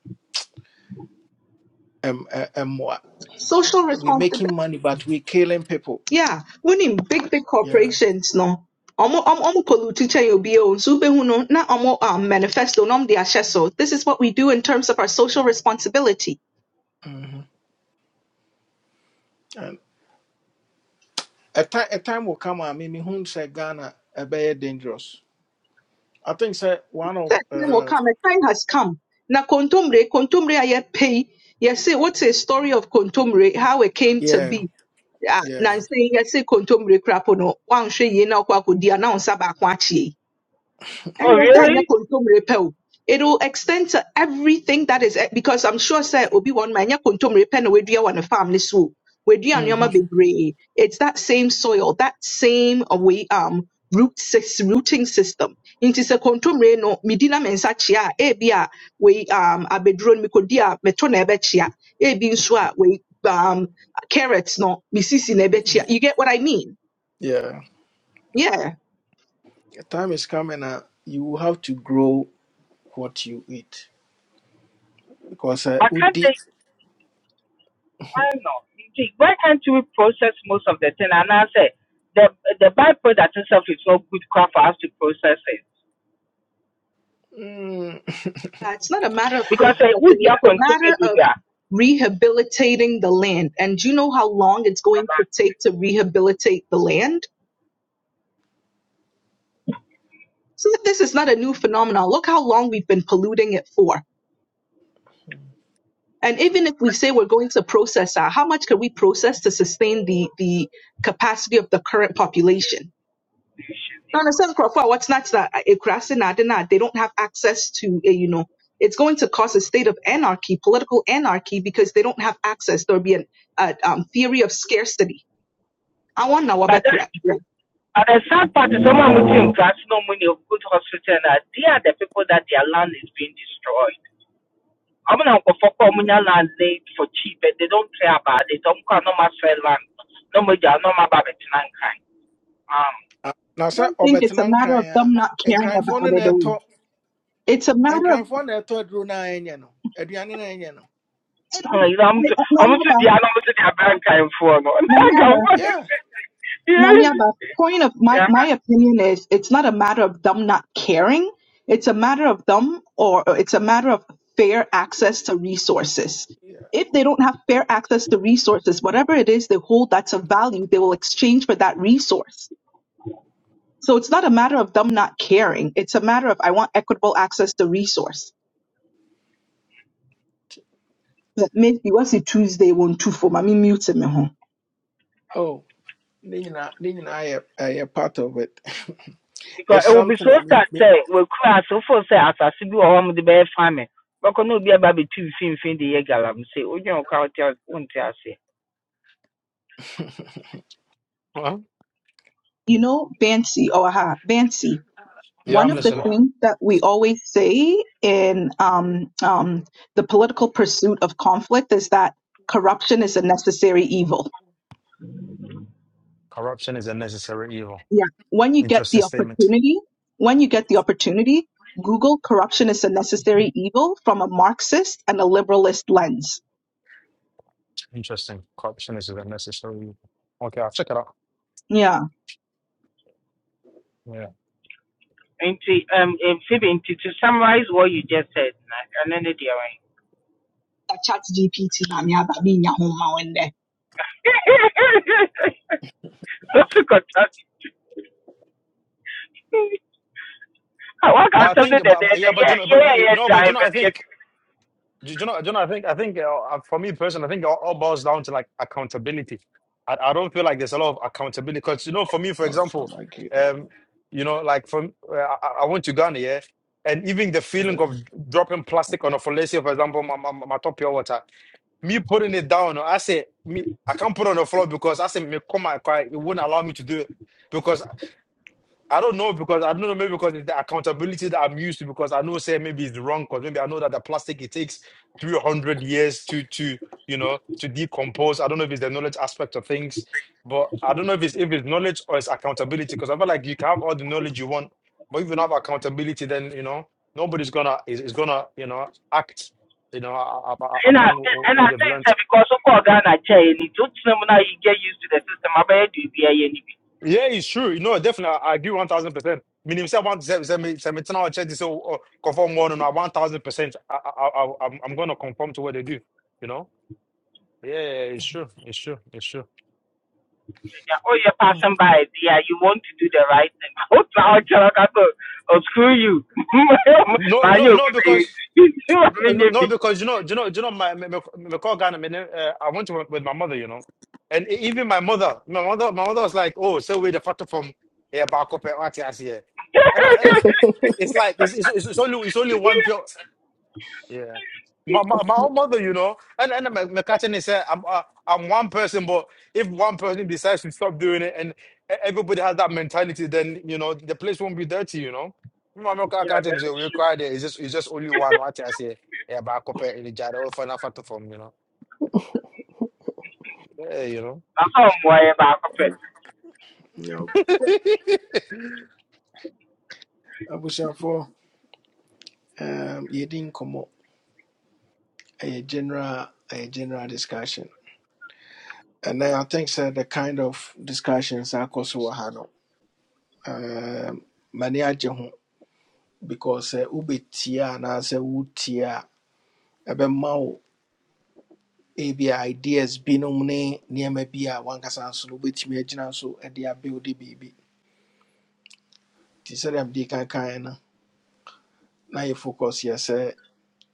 Speaker 1: um uh, um what
Speaker 10: Social
Speaker 1: we're
Speaker 10: responsibility.
Speaker 1: making money but we're killing people.
Speaker 10: Yeah, winning big, big
Speaker 1: Yeah.
Speaker 10: corporations, no. Omo omo omo polutiche yobi o nsu behu no na omo um, manifesto nom de ahyɛ so. This is what we do in terms of our social responsibility.
Speaker 1: hmm And a time a time will come I mean whom say Ghana a very dangerous. I think say one of
Speaker 10: That time will
Speaker 1: uh
Speaker 10: come. A time has come. Na kontumre, kontumre aye pay. Yes, what's a story of kontumre? how it came to
Speaker 1: yeah,
Speaker 10: be a
Speaker 1: yeah.
Speaker 10: na nsɛ yi yɛse kontommire no woanhwɛ yie na wokɔ akɔdi a na onsa ba baako akyea and
Speaker 14: Oh
Speaker 10: yes, sir, yeah,
Speaker 14: really?
Speaker 10: kontom repair o. It'll extend to everything that is eh, because I'm sure sir Obi one man yeah, kontom repair no we do on the farm this so we do
Speaker 1: hmm
Speaker 10: bebre. It's that same soil, that same uh, um root sys- rooting system. Into se kontom re no medina mensa chia e bia we um abedron mi kodia metona ebe chia e bi nso a we um carrots no misisi na ebe chia. You get what I mean?
Speaker 1: Yeah.
Speaker 10: Yeah.
Speaker 1: A time is coming uh, you will have to grow what you eat. because uh,
Speaker 14: But can't
Speaker 1: Udi
Speaker 14: they? I
Speaker 1: [laughs]
Speaker 14: don't know. Gee, Why can't we process most of the thing? And I say the the byproduct itself is not good crap for us to process it
Speaker 1: mm,
Speaker 10: Uh, It's not a matter of
Speaker 14: because it would
Speaker 10: processing.
Speaker 14: be
Speaker 10: It's a matter
Speaker 14: continue to
Speaker 10: of
Speaker 14: that.
Speaker 10: rehabilitating the land. And do you know how long it's going to take to rehabilitate the land? So this is not a new phenomenon. Look how long we've been polluting it for. And even if we say we're going to process that, how much can we process to sustain the the capacity of the current population? Now, in a sense, Crawford, what's not that eh, Kurasi na adi na, they don't have access to, eh, you know, it's going to cause a state of anarchy, political anarchy, because they don't have access. There'll be a uh, um, theory of scarcity. I
Speaker 14: But that
Speaker 10: want
Speaker 14: but the sad part is someone within class no money of good hospital and they are the people that their land is being destroyed. I'm not going for communal land laid for cheap and they don't care about it. Don't call no mass land. No more no more about it. Um,
Speaker 1: ah, na
Speaker 10: I
Speaker 1: sɛ
Speaker 10: don't think it's a
Speaker 1: ɔbɛtena
Speaker 10: matter
Speaker 1: nkran
Speaker 10: of them not
Speaker 1: a
Speaker 10: caring
Speaker 1: nkranfoɔ
Speaker 10: about
Speaker 1: no
Speaker 10: it.
Speaker 1: na
Speaker 10: all.
Speaker 1: ɛtɔ
Speaker 10: it's a matter of
Speaker 1: nkranfoɔ na ɛtɔ aduro no a ɛnyɛ no aduane no ɛnyɛ no
Speaker 14: Ah, you know, I'm too, I'm too
Speaker 10: Mariaba,
Speaker 14: the I'm too the bank I'm for no. [laughs] Like,
Speaker 10: Mariaba,
Speaker 14: I'm funny.
Speaker 1: yeah
Speaker 14: Yes.
Speaker 10: Mariaba. Point of my
Speaker 14: Yeah.
Speaker 10: my opinion is it's not a matter of them not caring. It's a matter of them, or or it's a matter of fair access to resources.
Speaker 1: yeah
Speaker 10: If they don't have fair access to resources, whatever it is they hold that's of value, they will exchange for that resource. So it's not a matter of them not caring. It's a matter of I want equitable access to resource. but maybe what's it Tuesday one two for mommy mute me home.
Speaker 1: oh ne nyinaa ne nyinaa yɛ ɛyɛ part of it [laughs]
Speaker 14: Because
Speaker 1: it's
Speaker 14: it will be
Speaker 1: something
Speaker 14: so
Speaker 1: I mean
Speaker 14: sad
Speaker 1: me,
Speaker 14: say we cry so for say as I see or home with the bear farming. But can no be about between fin fin the year galam say oh you know count won't I say.
Speaker 12: Well,
Speaker 10: You know, Bansi, or ha Bansi.
Speaker 12: yeah,
Speaker 10: One
Speaker 12: I'm
Speaker 10: of
Speaker 1: mm
Speaker 10: the
Speaker 12: listening.
Speaker 10: things that we always say in um, um, the political pursuit of conflict is that corruption is a necessary evil.
Speaker 12: Corruption is a necessary evil.
Speaker 10: Yeah. When you get
Speaker 12: Interesting
Speaker 10: the
Speaker 12: statement.
Speaker 10: opportunity, when you get the opportunity, Google corruption is a necessary evil from a Marxist and a liberalist lens.
Speaker 12: Interesting. Corruption is a necessary evil. Okay, I'll check it out.
Speaker 10: Yeah.
Speaker 12: Yeah,
Speaker 14: And to um and Phoebe and to, to summarize what you just said na- and then the dear one.
Speaker 10: Chat GPT
Speaker 14: [laughs] That's a good [laughs] I work to
Speaker 12: but I
Speaker 14: something that
Speaker 12: think, but but- yeah, but
Speaker 14: yeah
Speaker 12: you know, but
Speaker 14: yeah
Speaker 12: you know, but
Speaker 14: yeah
Speaker 12: you know, I
Speaker 14: yeah
Speaker 12: think Do you know? Do you know? I think. I think uh, uh, for me personally, I think it all, all boils down to like accountability. I, I don't feel like there's a lot of accountability because you know, for me, for
Speaker 1: oh it's not
Speaker 12: example,
Speaker 1: my god
Speaker 12: um, you know, like from uh, I, I I went to Ghana, yeah, and even the feeling of dropping plastic on a fellatio, for example, my, my, my top pure water, me putting it down, I say me, I can't put it on the floor because I say me come my car, it wouldn't allow me to do it because. I don't know because I don't know maybe because it's the accountability that I'm used to because I know say maybe it's wrong because maybe I know that the plastic it takes 300 years to to you know to decompose. I don't know if it's the knowledge aspect of things, but I don't know if it's if it's knowledge or it's accountability because I feel like you can have all the knowledge you want, but if you don't have accountability, then you know nobody's gonna is, is gonna you know act you know a- a- a-
Speaker 14: And I
Speaker 12: upon wh-
Speaker 14: and
Speaker 12: what
Speaker 14: I
Speaker 12: they've
Speaker 14: think
Speaker 12: learned.
Speaker 14: that because of all Ghana chain, it took them now you get used to the system. I bet you be a any
Speaker 12: Yeah, it's true. You know, definitely, I I agree one thousand percent. Meaning, say one seventy seventeen hour check this oh, oh, conform one and one thousand percent. I I I I'm I'm gonna conform to what they do. You know. Yeah, yeah, it's true. It's true. It's true.
Speaker 14: Oh, you're passing by there. You want to do the right thing. [laughs] Oh, now I tell you, oh, screw you. [laughs]
Speaker 12: No,
Speaker 14: Man,
Speaker 12: no,
Speaker 14: you'll
Speaker 12: no,
Speaker 14: be
Speaker 12: because
Speaker 14: [laughs] you see what I
Speaker 12: no,
Speaker 14: mean?
Speaker 12: no,
Speaker 14: you
Speaker 12: no,
Speaker 14: be-
Speaker 12: because you know, you know, you know, my my, my my call Ghana. my name, uh, I went to with with my mother. You know, and e- even my mother, my mother, my mother was like, "Oh, so we the photo from yeah, back up at here." And I, and I- it's like it's,
Speaker 14: [laughs]
Speaker 12: it's it's only it's only one. Yeah. My, my, my own mother, you know, and and my, my catching is uh, I'm uh, I'm one person, but if one person decides to stop doing it, and e- everybody has that mentality, then you know the place won't be dirty, you know. My mom
Speaker 14: Yeah,
Speaker 12: catch him say
Speaker 14: that's
Speaker 12: we
Speaker 14: true.
Speaker 12: cry there. It's just it's just only one. What I say, yeah, but I compare in the jar. Oh, find out from you know. Yeah, you know.
Speaker 14: That's all I'm worried about. it.
Speaker 1: Yo,
Speaker 12: [laughs]
Speaker 1: abusuafoɔ um, yɛdi nkɔmmɔ ɛyɛ general ɛyɛ general discussion and then I think sɛ the kind of discussions akɔ so wɔ ha no, um, m'ani agye ho because sɛ wobɛtie a anaasɛ wotie a ɛbɛma wo ebia ideas binom ne nneɛma bi a wankasa nso no wobɛtumi agyina so de abuilde biribi nti sɛdeɛ mede kankan no na na you focus yes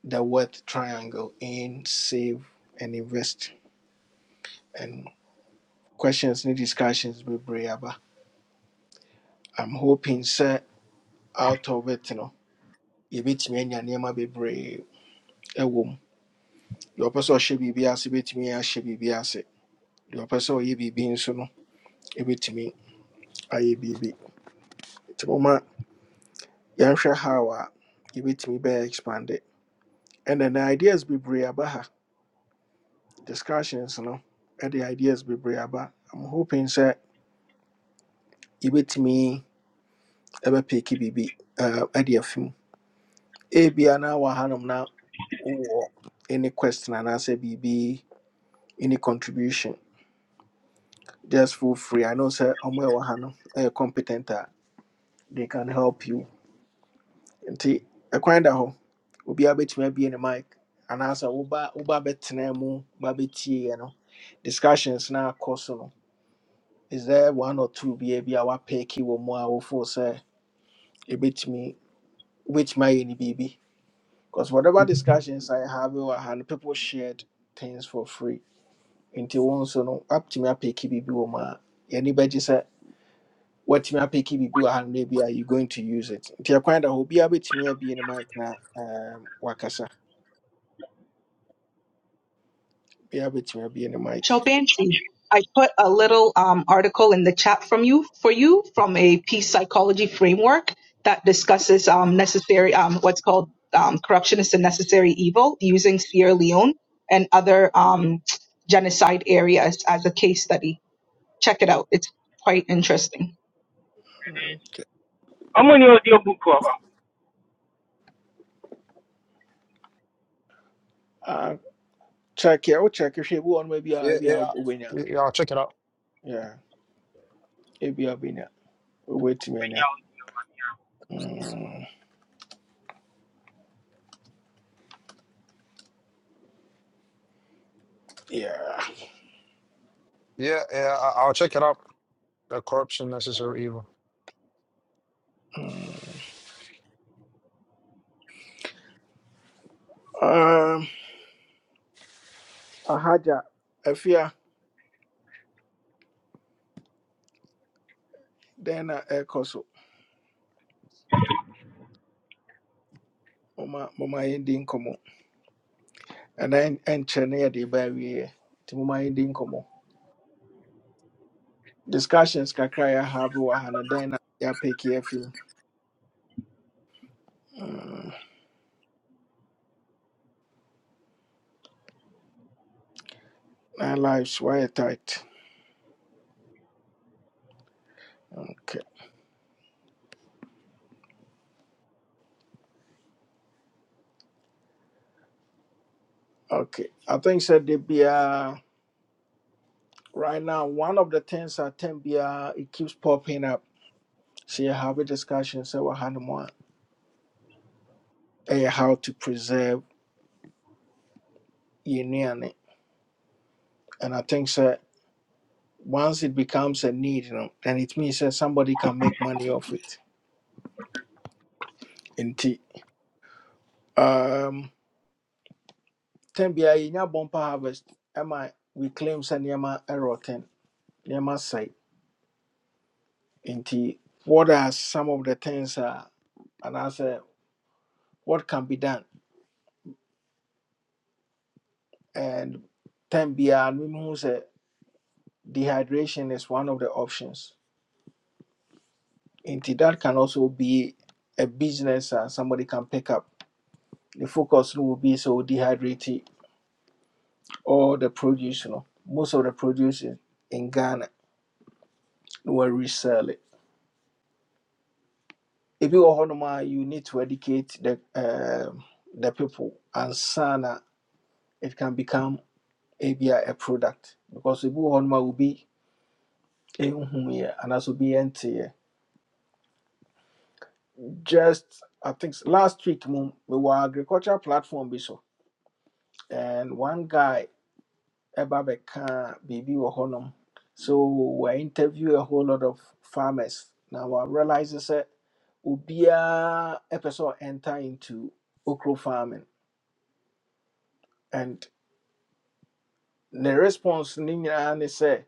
Speaker 1: the worth triangle in save and invest and questions ne discussions bebree aba i'm hoping sir out of it no yɛbɛtumi anya nneɛma bebree ɛwɔ mu deɛ ɔpɛ sɛ ɔhyɛ biribi ase bɛtumi ahyɛ biribi ase deɛ ɔpɛ sɛ ɔyɛ be nso no ɛbɛtumi ayɛ biribi nti moma yɛnhwɛ you a yɛbɛtumi bɛyɛ expanded, and then the ideas be aba ha discussions no and the ideas bebree aba i'm hoping sɛ yɛbɛtumi ɛbɛpeki biribi uh, ɛde afi mu ebia na wɔ hanom na wowɔ any question anaasɛ biribi any contribution just feel free i know sɛ ɔmo ɛwɔ ha no ɛyɛ competent a they can help you nti ɛkwan da hɔ obiara bɛtumi abie ne mic anaasɛ woba woba bɛtena mu woba bɛtieɛ no discussions na akɔ so no is there one or two biaa bi a wapɛɛki wɔ mu a wofoo sɛ ɛbɛtumi wobɛtumi ayɛ ne biribi because whatever discussions i have wɔ ha no people shared things for free nti wo nso no woatumi apɛɛki biribi wɔ mu a yɛni bɛgye sɛ woatumi apɛɛki biribi wɔ ha no na bi a you going to use it nti ɛkwan da hɔ obiara bɛtumi abie ne mic na um, wakasa obiara bɛtumi abie ne mic
Speaker 10: Chopin, I put a little um, article in the chat from you for you from a peace psychology framework that discusses um, necessary um, what's called um, corruption is a necessary evil using Sierra Leone and other um, genocide areas as a case study. Check it out; it's quite interesting.
Speaker 14: I'm on your audio book cover.
Speaker 1: Uh, check yeah, we check if you want maybe I'll
Speaker 12: Yeah,
Speaker 1: be
Speaker 12: yeah,
Speaker 1: a winner.
Speaker 12: yeah. I'll check it out.
Speaker 1: Yeah, it'll be a winner. Wait a minute.
Speaker 14: Yeah,
Speaker 1: Mm, yeah.
Speaker 12: Yeah, yeah. I- I'll check it out. The corruption, necessary evil.
Speaker 1: Mm. Um, Ahaja, Afia, then a Ekoso, Mama, Mama Indian Como, and then and Chennai, the baby, to Mama Indian Como. Discussions Kakaya have Wahana, then ya pick your few. Mm, our lives were tight. Okay, okay. I think said they be a. right now one of the things at 10 biara it keeps popping up so you have a discussion so what more how to preserve union and i think so once it becomes a need you know then it means that somebody can make money off it in tea um 10 biara bumper harvest am i we claim say near error 10 near say in tea what are some of the things uh, and i say what can be done and 10 B I who say. Dehydration is one of the options. Into that can also be a business and somebody can pick up. The focus no will be so dehydrate all the produce. You know, most of the produce in, Ghana no will resell it. If you are Honoma, you need to educate the um the people and sana it can become a be a product because if you are Honoma will be a here and also be empty. Just I think last week, we were agricultural platform. bi so. and one guy ɛba bɛka biribi wɔ hɔnom so wɔ interview a whole lot of farmers Now na wɔrealize sɛ obiaa a sɛ enter into okro farming and the response ne nyinaa ne sɛ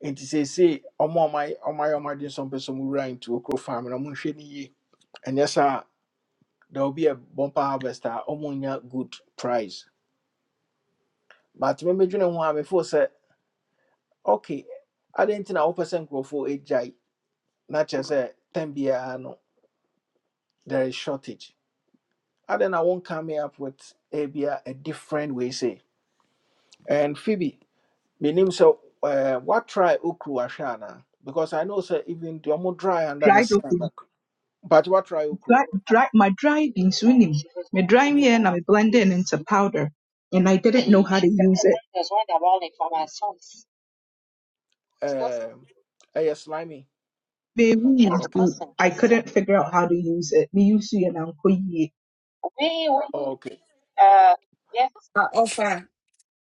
Speaker 1: say seesei ɔmo a ɔmayɛ ɔmayɛ ɔmo adwene sɛ ɔmpɛ into okro farming ɔmo nhwɛ ne yie ɛnyɛ saa a there will be a bumper harvest a nya good price but me mɛmɛdwene ho a mefo say okay adɛn nti na wopɛ for a jai. na kyerɛ sɛ tɛm biara no there is shortage adɛn na wɔn coming up with a bia a different way say and phoebe menim sɛ uh, what try okru ahwɛ because i know sɛ even the ɔmo dry under the
Speaker 10: Dried
Speaker 1: sun
Speaker 10: okra,
Speaker 1: no but what try okru
Speaker 10: dry, dry, my dried beans, unim. my dry
Speaker 1: Mm,
Speaker 10: here and I blend it into powder, and I didn't
Speaker 1: mm.
Speaker 10: know how to use it.
Speaker 1: Um, ɛyɛ slimy
Speaker 10: Baby,
Speaker 1: okay
Speaker 10: I couldn't figure out how to use it. Me use you and Uncle Ye.
Speaker 1: Oh, okay
Speaker 16: a ɔfa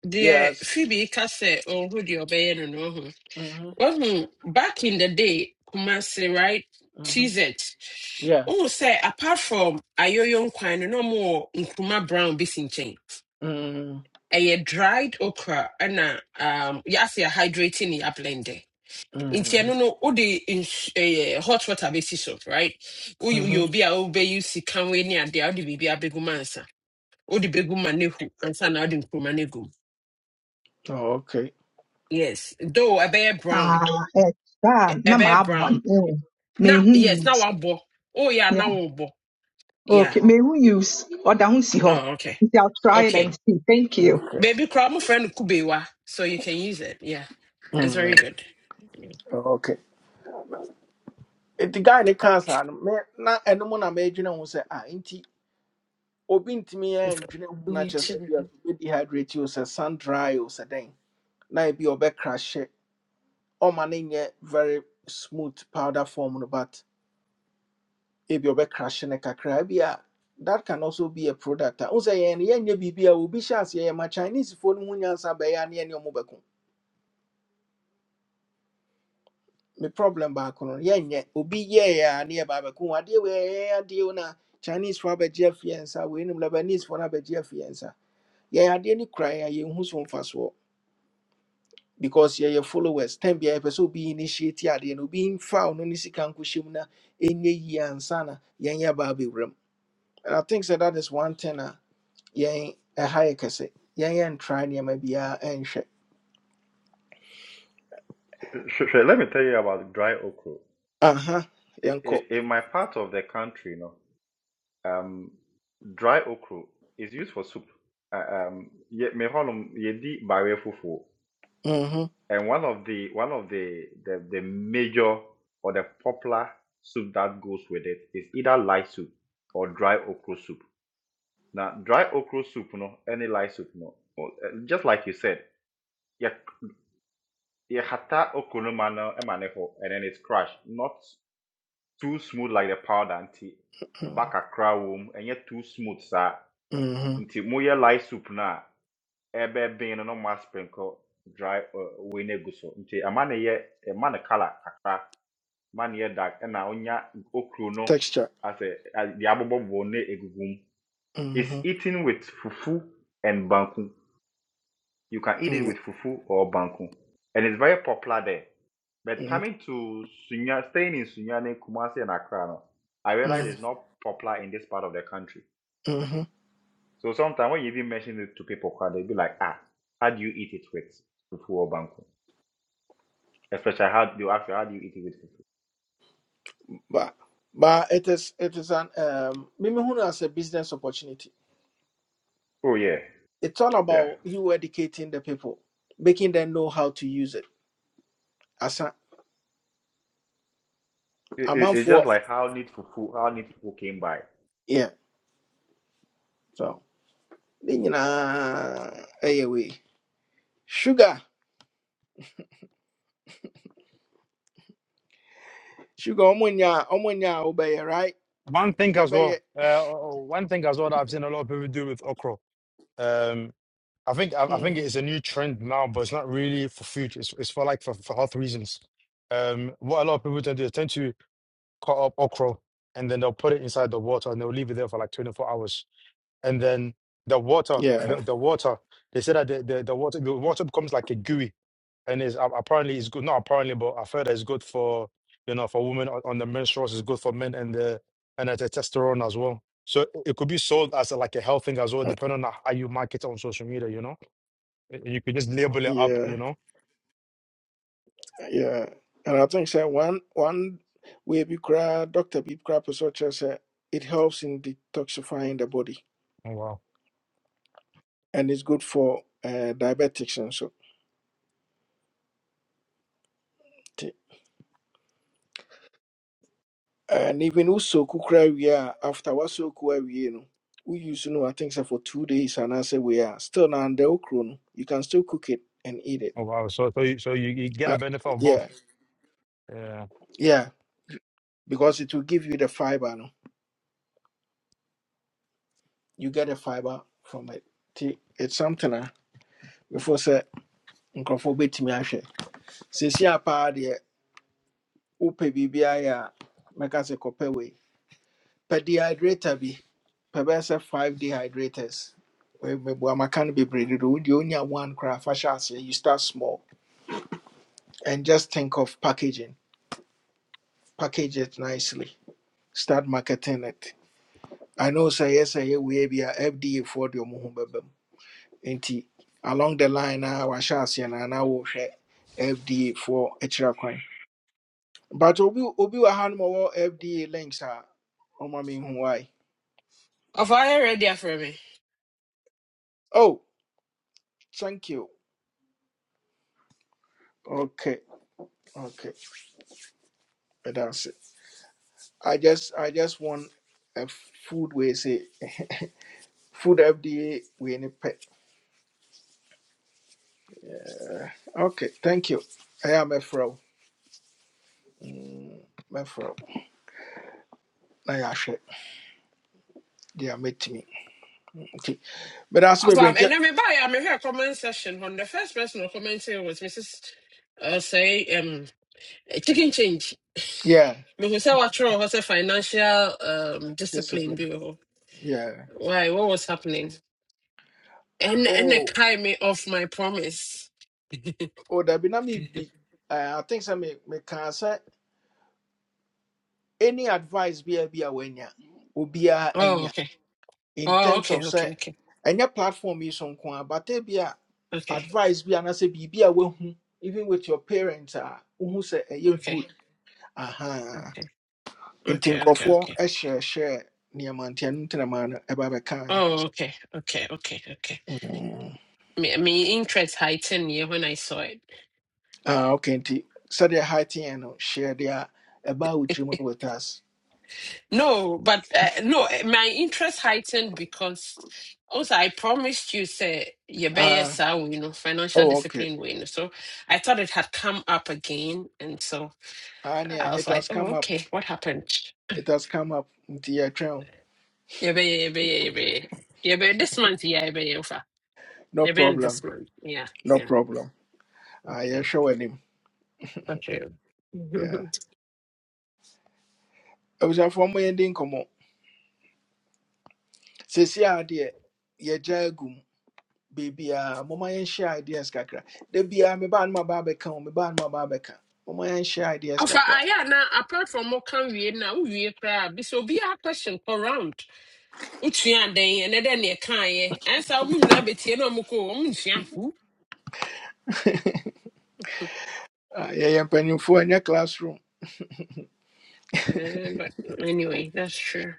Speaker 16: deɛ
Speaker 1: yes
Speaker 16: phoebe ka sɛ ɔho deɛ ɔbɛyɛ no no ho
Speaker 1: mm-hmm.
Speaker 16: wahu back in the day Kumasi right
Speaker 1: Mm-hmm.
Speaker 16: tizet
Speaker 1: yeah
Speaker 16: wohu say apart from ayoyon nkwan no na ɔmowɔ nkruma brown bi si nkyɛn
Speaker 1: mm-hmm.
Speaker 16: dried okra and ɛna um, yɛase a hydrating ne yɛablende nti
Speaker 1: Mm-hmm.
Speaker 16: ɛno no wode ns- ɛyɛ hot water bɛsi so right woyɛ obi a wobɛyi sikanwei ne adeɛ a wode biribi abɛgu ma ansa wode bɛgu ma no hu ansa na wode nkruma no
Speaker 1: Oh, okay
Speaker 16: Yes, though a bear
Speaker 10: Ah,
Speaker 16: brown,
Speaker 10: that
Speaker 16: a
Speaker 10: na
Speaker 16: bear
Speaker 10: my one.
Speaker 16: brown.
Speaker 10: Oh, may
Speaker 16: Now,
Speaker 10: who
Speaker 16: yes, now
Speaker 10: use?
Speaker 16: I'm bo. Oh yeah, now
Speaker 10: Yeah.
Speaker 16: I'm bo. Yeah.
Speaker 10: Okay, may who use? Or down see her.
Speaker 16: Oh okay,
Speaker 10: I'll try it and
Speaker 16: okay.
Speaker 10: see. Thank you.
Speaker 1: okay
Speaker 16: Baby, cry my friend Kubewa, so you can use it. Yeah, it's
Speaker 1: mm
Speaker 16: very good.
Speaker 1: okay. The guy ne kaa saa no me na ɛno mu na meedwene ho sɛ ah nti obi ntumi ɛndwene ho na
Speaker 16: Me
Speaker 1: kyerɛ sɛ
Speaker 16: too.
Speaker 1: bia bɛdehydrate o sɛ sun dry o sɛ dɛn na ebi ɔbɛkrahye ɔma no nyɛ very smooth powder form no but ebi ɔbɛkrahye no kakra ebi a that can also be a product a wo sɛ yɛn no yɛnyɛ biribi a obi hyɛ aseɛ yɛma chinesefoɔ no ho nyansa bɛyɛ a ne yɛne ɔmo bɛko me problem baako no yɛnyɛ obi yɛɛ a ne yɛ baabɛko ho adeɛ wei yɛyɛ adeɛ o no chinese fo abɛgye afie nsa wei nim lebanese fo no abɛgye afie nsa yɛyɛ adeɛ no kura a yɛnhu so mfasoɔ because yɛyɛ followers time biara yɛpɛ sɛ obi initiate adeɛ no obi mfa ɔno ne sika nkɔhyɛ mu na ɛnyɛ yie ansa na yɛnyɛ baa bɛwura mu and i think sɛ that is one thing a yɛn ɛha yɛ kɛse yɛnyɛ ntra nneɛma biara ɛnhwɛ
Speaker 11: Sure, sure. Let me tell you about dry okra.
Speaker 1: aha
Speaker 11: I-
Speaker 1: yɛnkɔ
Speaker 11: I- In my part of the country, you know, um, dry okra is used for soup. Uh, Um, ye- me hɔ nom, yɛdi barɛ fufuo.
Speaker 1: Mhm,
Speaker 11: and one of the one of the, the the major or the popular soup that goes with it is either light soup or dry okra soup. Now, dry okra soup, you know, any light soup, you know, or, uh, just like you said, yeah. It Yehata Okonomano Emaneho, and then it's crushed. Not too smooth like the powder anti
Speaker 1: mhm,
Speaker 11: Back a crowd, and yet too smooth saa
Speaker 1: mhm.
Speaker 11: Until moyɛ light soup na, ebe ɛbɛben no na sprinkle dry uh, wei no agu so nti ɛma no yɛ no colour kakra ma no yɛ dark ɛna onya okuro no
Speaker 1: texture
Speaker 11: asɛ a- the abobɔbobɔ no na ɛgugu is
Speaker 1: Mhm,
Speaker 11: eaten with fufu and banku You can eat it
Speaker 1: mhm.
Speaker 11: with fufu or banku, and it's very popular there. But coming to Sunya, staying in Sunyane, Kumasi, and Accra, no, I realize it's not popular in this part of the country.
Speaker 1: Mm-hmm.
Speaker 11: So sometimes when you even mention it to people, they'll be like, ah, how do you eat it with fufu or banku? Especially how do you ask you, how do you eat it with fufu?
Speaker 1: But but it is it is an um Mimihunu as a business opportunity.
Speaker 11: Oh yeah,
Speaker 1: It's all
Speaker 11: yeah.
Speaker 1: about you educating the people, making them know how to use it. As a
Speaker 11: It, it-
Speaker 1: amount
Speaker 11: it's just
Speaker 1: for
Speaker 11: like how neat fufu, how neat fufu came by.
Speaker 1: yeah. So ne nyinaa ɛyɛ wei. Sugar. Sugar omunya omunya obey, right?
Speaker 12: One thing as
Speaker 1: Yebeye.
Speaker 12: well. Uh, oh, oh, one thing as well that I've seen a lot of people do with okra. Um. I think I, I think
Speaker 1: Mm-hmm.
Speaker 12: it is a new trend now, but it's not really for food. It's it's for like for, for health reasons. Um, what a lot of people tend to do, they tend to cut up okra and then they'll put it inside the water and they'll leave it there for like 24 hours. And then the water, the,
Speaker 1: Yeah.
Speaker 12: the water, they say that the, the, the water the water becomes like a gooey and is apparently it's good. Not apparently, but I've heard that it's good for you know for women on, on the menstruals. It's good for men and the and the testosterone as well. So it it could be sold as a, like a health thing as well, depending on how you market it on social media. You know. Y- You could just label it up,
Speaker 1: Yeah.
Speaker 12: you know.
Speaker 1: Yeah. And I think say one one way be cry, Dr. Bib Crap is such as uh, it helps in detoxifying the body.
Speaker 12: Oh wow.
Speaker 1: and it's good for uh, diabetics and so. And even also kukra we are after wasoku we no we use no I think so for two days and I say we are still now under okro you can still cook it and eat it.
Speaker 12: Oh wow. So so you, so you, you get a
Speaker 1: Uh,
Speaker 12: benefit of both.
Speaker 1: yeah,
Speaker 12: Yeah.
Speaker 1: yeah, because it will give you the fiber no. You get the fiber from it. Nti, It's something ah before say nkrofo betimi ahwe. Sisi apa de upe bibia ya meka se kope we. Pe dehydrator bi pɛ bɛyɛ sɛ five dehydrators meboa not no bebree dodo wodeɛ onya one koraa fa hyɛ aseɛ you start small and just think of packaging package it nicely start marketing it i know sɛ Yes, sɛ We wei bi a fda foɔ deɛ ɔmo ho along the line a wahyɛ and I will share fda for extra coin. but obi obi wɔ ha no fda links a ɔma me hu
Speaker 16: Of I already have for me.
Speaker 1: oh thank you okay okay ɛda ase I just I just want a food we say food FDA we any pet. Okay, thank you. I am a fro. Mefro, I ashe. They are met me. Okay, but as we
Speaker 16: Of
Speaker 1: bring
Speaker 16: I'm and I'm by I'm here comment session. When the first person who commented was Mrs. Uh, say um chicken change.
Speaker 1: yeah,
Speaker 16: Me who say what wrong was a financial um discipline.
Speaker 1: discipline.
Speaker 16: Be wɔ hɔ.
Speaker 1: Yeah.
Speaker 16: Why? What was happening? And and they
Speaker 1: Oh,
Speaker 16: carry me off my promise. [laughs]
Speaker 1: oh, that be na me be. Uh, I think some me me can say any advice be a be a wenya. Obiya enya.
Speaker 16: oh, okay.
Speaker 1: in
Speaker 16: Oh,
Speaker 1: terms
Speaker 16: okay,
Speaker 1: of say,
Speaker 16: okay, okay,
Speaker 1: any platform yi so nko but but ebi a
Speaker 16: okay,
Speaker 1: advice be and I say be a woahu even with your parents ah, who say sɛ you good
Speaker 16: okay,
Speaker 1: aha
Speaker 16: okay,
Speaker 1: nti
Speaker 16: okay, okay,
Speaker 1: nkurɔfoɔ
Speaker 16: okay.
Speaker 1: hyɛɛhyɛɛ nneɛma share ɛno nti na maa man ɛba bɛkae
Speaker 16: Oh, okay, okay, okay, okay.
Speaker 1: Mm.
Speaker 16: My, my interest heightened yeah, when I saw it.
Speaker 1: ah okay nti sɛdeɛ hateɛ no hyɛ deɛ a ɛbaa wo tirim no
Speaker 16: [laughs]
Speaker 1: with us
Speaker 16: no, but uh, no, eh, my interest heightened because also I promised you, say, you better,
Speaker 1: ah
Speaker 16: so, you know, financial
Speaker 1: oh okay
Speaker 16: discipline, you So I thought it had come up again, and so
Speaker 1: ah nea
Speaker 16: I was
Speaker 1: it
Speaker 16: like,
Speaker 1: has
Speaker 16: oh,
Speaker 1: come up
Speaker 16: okay, what happened?
Speaker 1: it has come up nti yɛtwɛn
Speaker 16: Yebe, yebe, yebe. Yebe, this month, yeah, yebe, Yofa.
Speaker 1: no
Speaker 16: Yebe, in this
Speaker 1: problem
Speaker 16: month. Yeah,
Speaker 1: no
Speaker 16: yeah.
Speaker 1: problem ah
Speaker 16: Okay,
Speaker 1: yɛhwɛ w'anim
Speaker 16: okay. [laughs]
Speaker 1: Yeah. abusuafoɔ mo yɛn di nkɔmɔ sɛsi adeɛ yɛgya agu mu beebiara mɔmɔ yɛn hyɛ ideas kakra da biara me baa no ma baa bɛka o me baa no ma baa bɛka mɔmɔ yɛn hyɛ ideas
Speaker 16: Ofa,
Speaker 1: kakra
Speaker 16: aya na apart from what can we na who we crab. This will be our question for round. Uchian day and then you can answer um na beti no muko um fu.
Speaker 1: Ah, yɛyɛ mpanyinfoɔ ɛnyɛ classroom
Speaker 16: Eh, But anyway, that's true.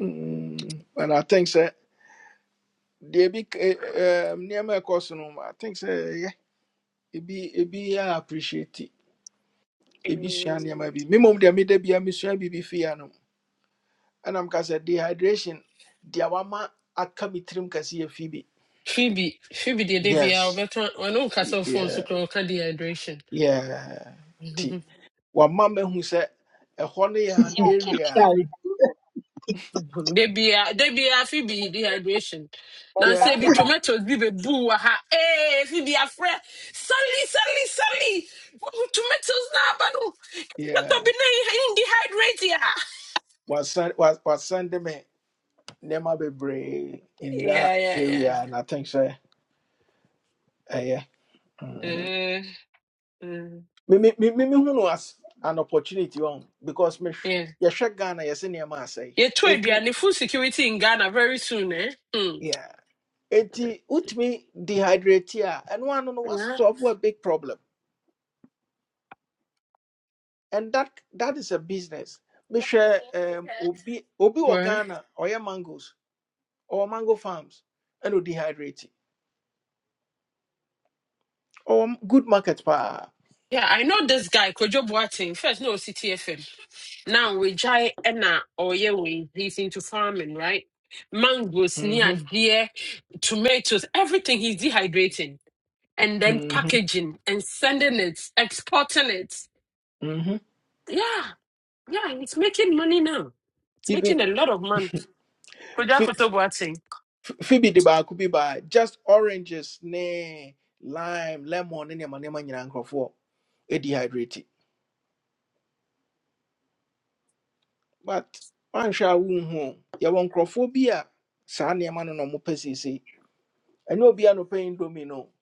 Speaker 1: Mm, and i think sɛ deɛ bi k- eh, eh, mm, nneɛma a ɛkɔ so no i think sɛ ɛyɛ ebi ebi yɛ appreciate it. ebi sua nneɛma bi mmom deɛ meda biara mesua biribi fie anom ɛna mka sɛ dehydration deɛ wama aka me tirim kɛse yɛ fi bi
Speaker 16: Phoebe, Phoebe, the day be our
Speaker 1: yes
Speaker 16: veteran. I know castle phone so called dehydration.
Speaker 1: Yeah.
Speaker 16: [laughs]
Speaker 1: T. Wama mama who said, "A honey
Speaker 10: [laughs]
Speaker 1: an area
Speaker 10: Sorry.
Speaker 16: They be a they be a fi be dehydration. Now say
Speaker 1: yeah,
Speaker 16: be tomatoes be be boo ha. Eh, fi be a friend. Suddenly, suddenly, suddenly. Oh, Tomatoes na but oh,
Speaker 1: yeah,
Speaker 16: that
Speaker 1: yeah.
Speaker 16: be na in dehydrate ya.
Speaker 1: Wasan wa- wasande me nneɛma bebree in that
Speaker 16: Yeah, yeah,
Speaker 1: area and I think sɛ Yeah,
Speaker 16: yeah.
Speaker 1: Mhm.
Speaker 16: Uh, mm,
Speaker 1: Me me me me who no an opportunity on because me
Speaker 16: yeah.
Speaker 1: yɛhwɛ Ghana yɛsɛ nneɛma asɛe.
Speaker 16: Yeah, two
Speaker 1: Etu
Speaker 16: and the food security in Ghana very soon, eh? Hmm.
Speaker 1: yeah. Eti utumi dehydrate a ɛno ano was
Speaker 16: Yeah.
Speaker 1: solve a big problem. and that that is a business. Mehwɛ um, obi obi wɔ
Speaker 16: Well.
Speaker 1: Ghana ɔyɛ mangoes or mango farms and ɛna dehydrating or good market paa.
Speaker 16: Yeah, I know this guy, Kojo Boateng. First, no CTFM. Now Rejai enna or we he's into farming, right? Mangoes, near
Speaker 1: Mhm,
Speaker 16: deer, tomatoes, everything he's dehydrating and then
Speaker 1: mhm,
Speaker 16: packaging and sending it, exporting it.
Speaker 1: mhm.
Speaker 16: Yeah, yeah, he's making money now. It's
Speaker 1: Even
Speaker 16: making a lot of money. Koja
Speaker 1: Ph-
Speaker 16: Kotobuati.
Speaker 1: Phoebe de baako bi ba could be by just oranges ne lime lemon ne nneɛma nneɛma nyinaa nkurɔfoɔ dehydrating. But wanhwɛ a wonhu o, yɛwɔ nkurɔfoɔ bi a saa nneɛma no na wɔpɛ seesei. Ɛnyɛ obi a na ɔpɛ indomie no.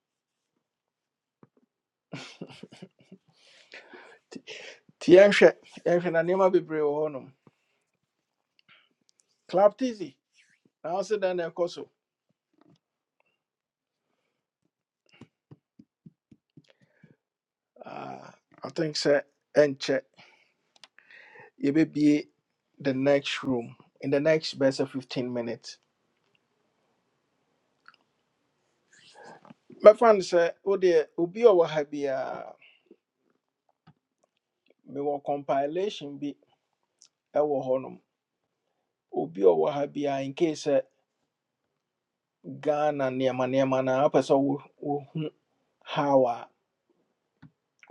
Speaker 1: Nti yɛnhwɛ yɛnhwɛ na nneɛma bebree wɔ hɔnom. Club Tizzy. Now also then of course. Uh I think sir and check. You may be the next room in the next best of fifteen minutes. My friend sir, oh dear, Ubi or Wahabi uh me wɔ compilation be a honum. Obi or wahabia. in case uh Ghana near my near man person how uh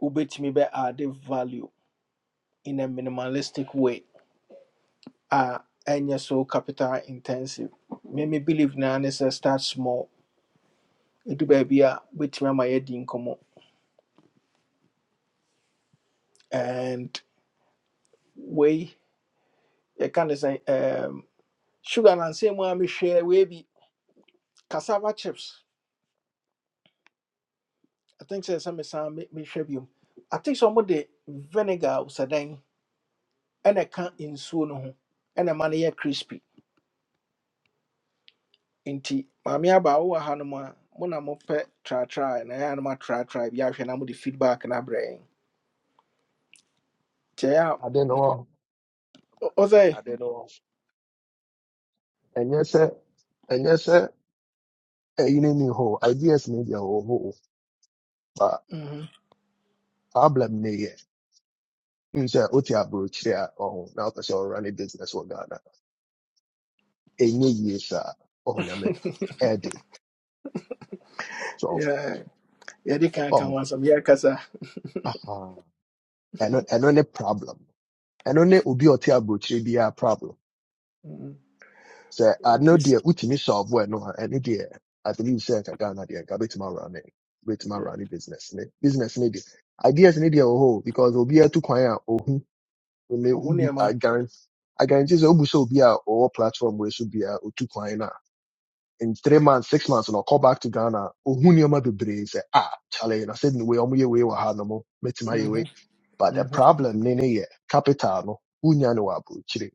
Speaker 1: ubet me be add value in a minimalistic way. Uh and so capital intensive. Me me believe na ne sɛ start small ɛdu baabi a wobɛtumi ama yɛadi nkɔmmɔ and wei yɛka ne sɛ um, sugar nansɛm mu a mehwɛ wei bi cassava chips i think sɛ sɛ mesan me- mehwɛ biom i think sɛ ɔmode vinegar a osadan ɛna ɛka nsuo no ho ɛna ɛma no yɛ crispy nti maame aba wowɔ ha no a mo na mopɛ tratra na ɛyɛ a no matratra bi ahwɛ na mode feedback no abrɛ yɛn nti ɛyɛ
Speaker 17: ade no wɔ hɔ
Speaker 1: a ɔ- ɔsɛ
Speaker 17: ade no wɔ hɔ. ɛnyɛ sɛ ɛnyɛ sɛ ɛyi ne ni hɔ o. ideas ne deɛ wɔ hɔ o, but
Speaker 1: Mhm.
Speaker 17: problem ne yɛ n sɛ o te aburokyire a ɔho na ɔpɛ sɛ ɔrun ne business wɔ ghana ɛnyɛ yie saa ɔho ne america
Speaker 1: [laughs]
Speaker 17: ɛde so
Speaker 1: Yeah, yɛde ka ka
Speaker 17: ɔho
Speaker 1: ho asɛm yɛrekasa
Speaker 17: aha ɛno ɛno ne problem ɛno ne obi a ɔte aburokyire biara problem. sɛ ano deɛ wotumi solve well no a no, ɛno deɛ i believe say, I nka ghana deɛ I bet awura ne Bet awura ne business ne business ne deɛ ideas ne deɛ wɔ hɔ o, because obiara tu kwan a ohu
Speaker 1: Who near
Speaker 17: I guarantee, I guarantee sɛ we sɛ obi a ɔwɔ platform wɔ should be a two kwan na in three months six months we'll call back to ghana or who ohu nneɛma bebree say ah kyale I said ne wei ɔmo yɛ wei wɔ ha nom mɛtumi ayɛ
Speaker 1: hmm
Speaker 17: wei but the problem ne ne yɛ capital no wonya no wɔ aburokyire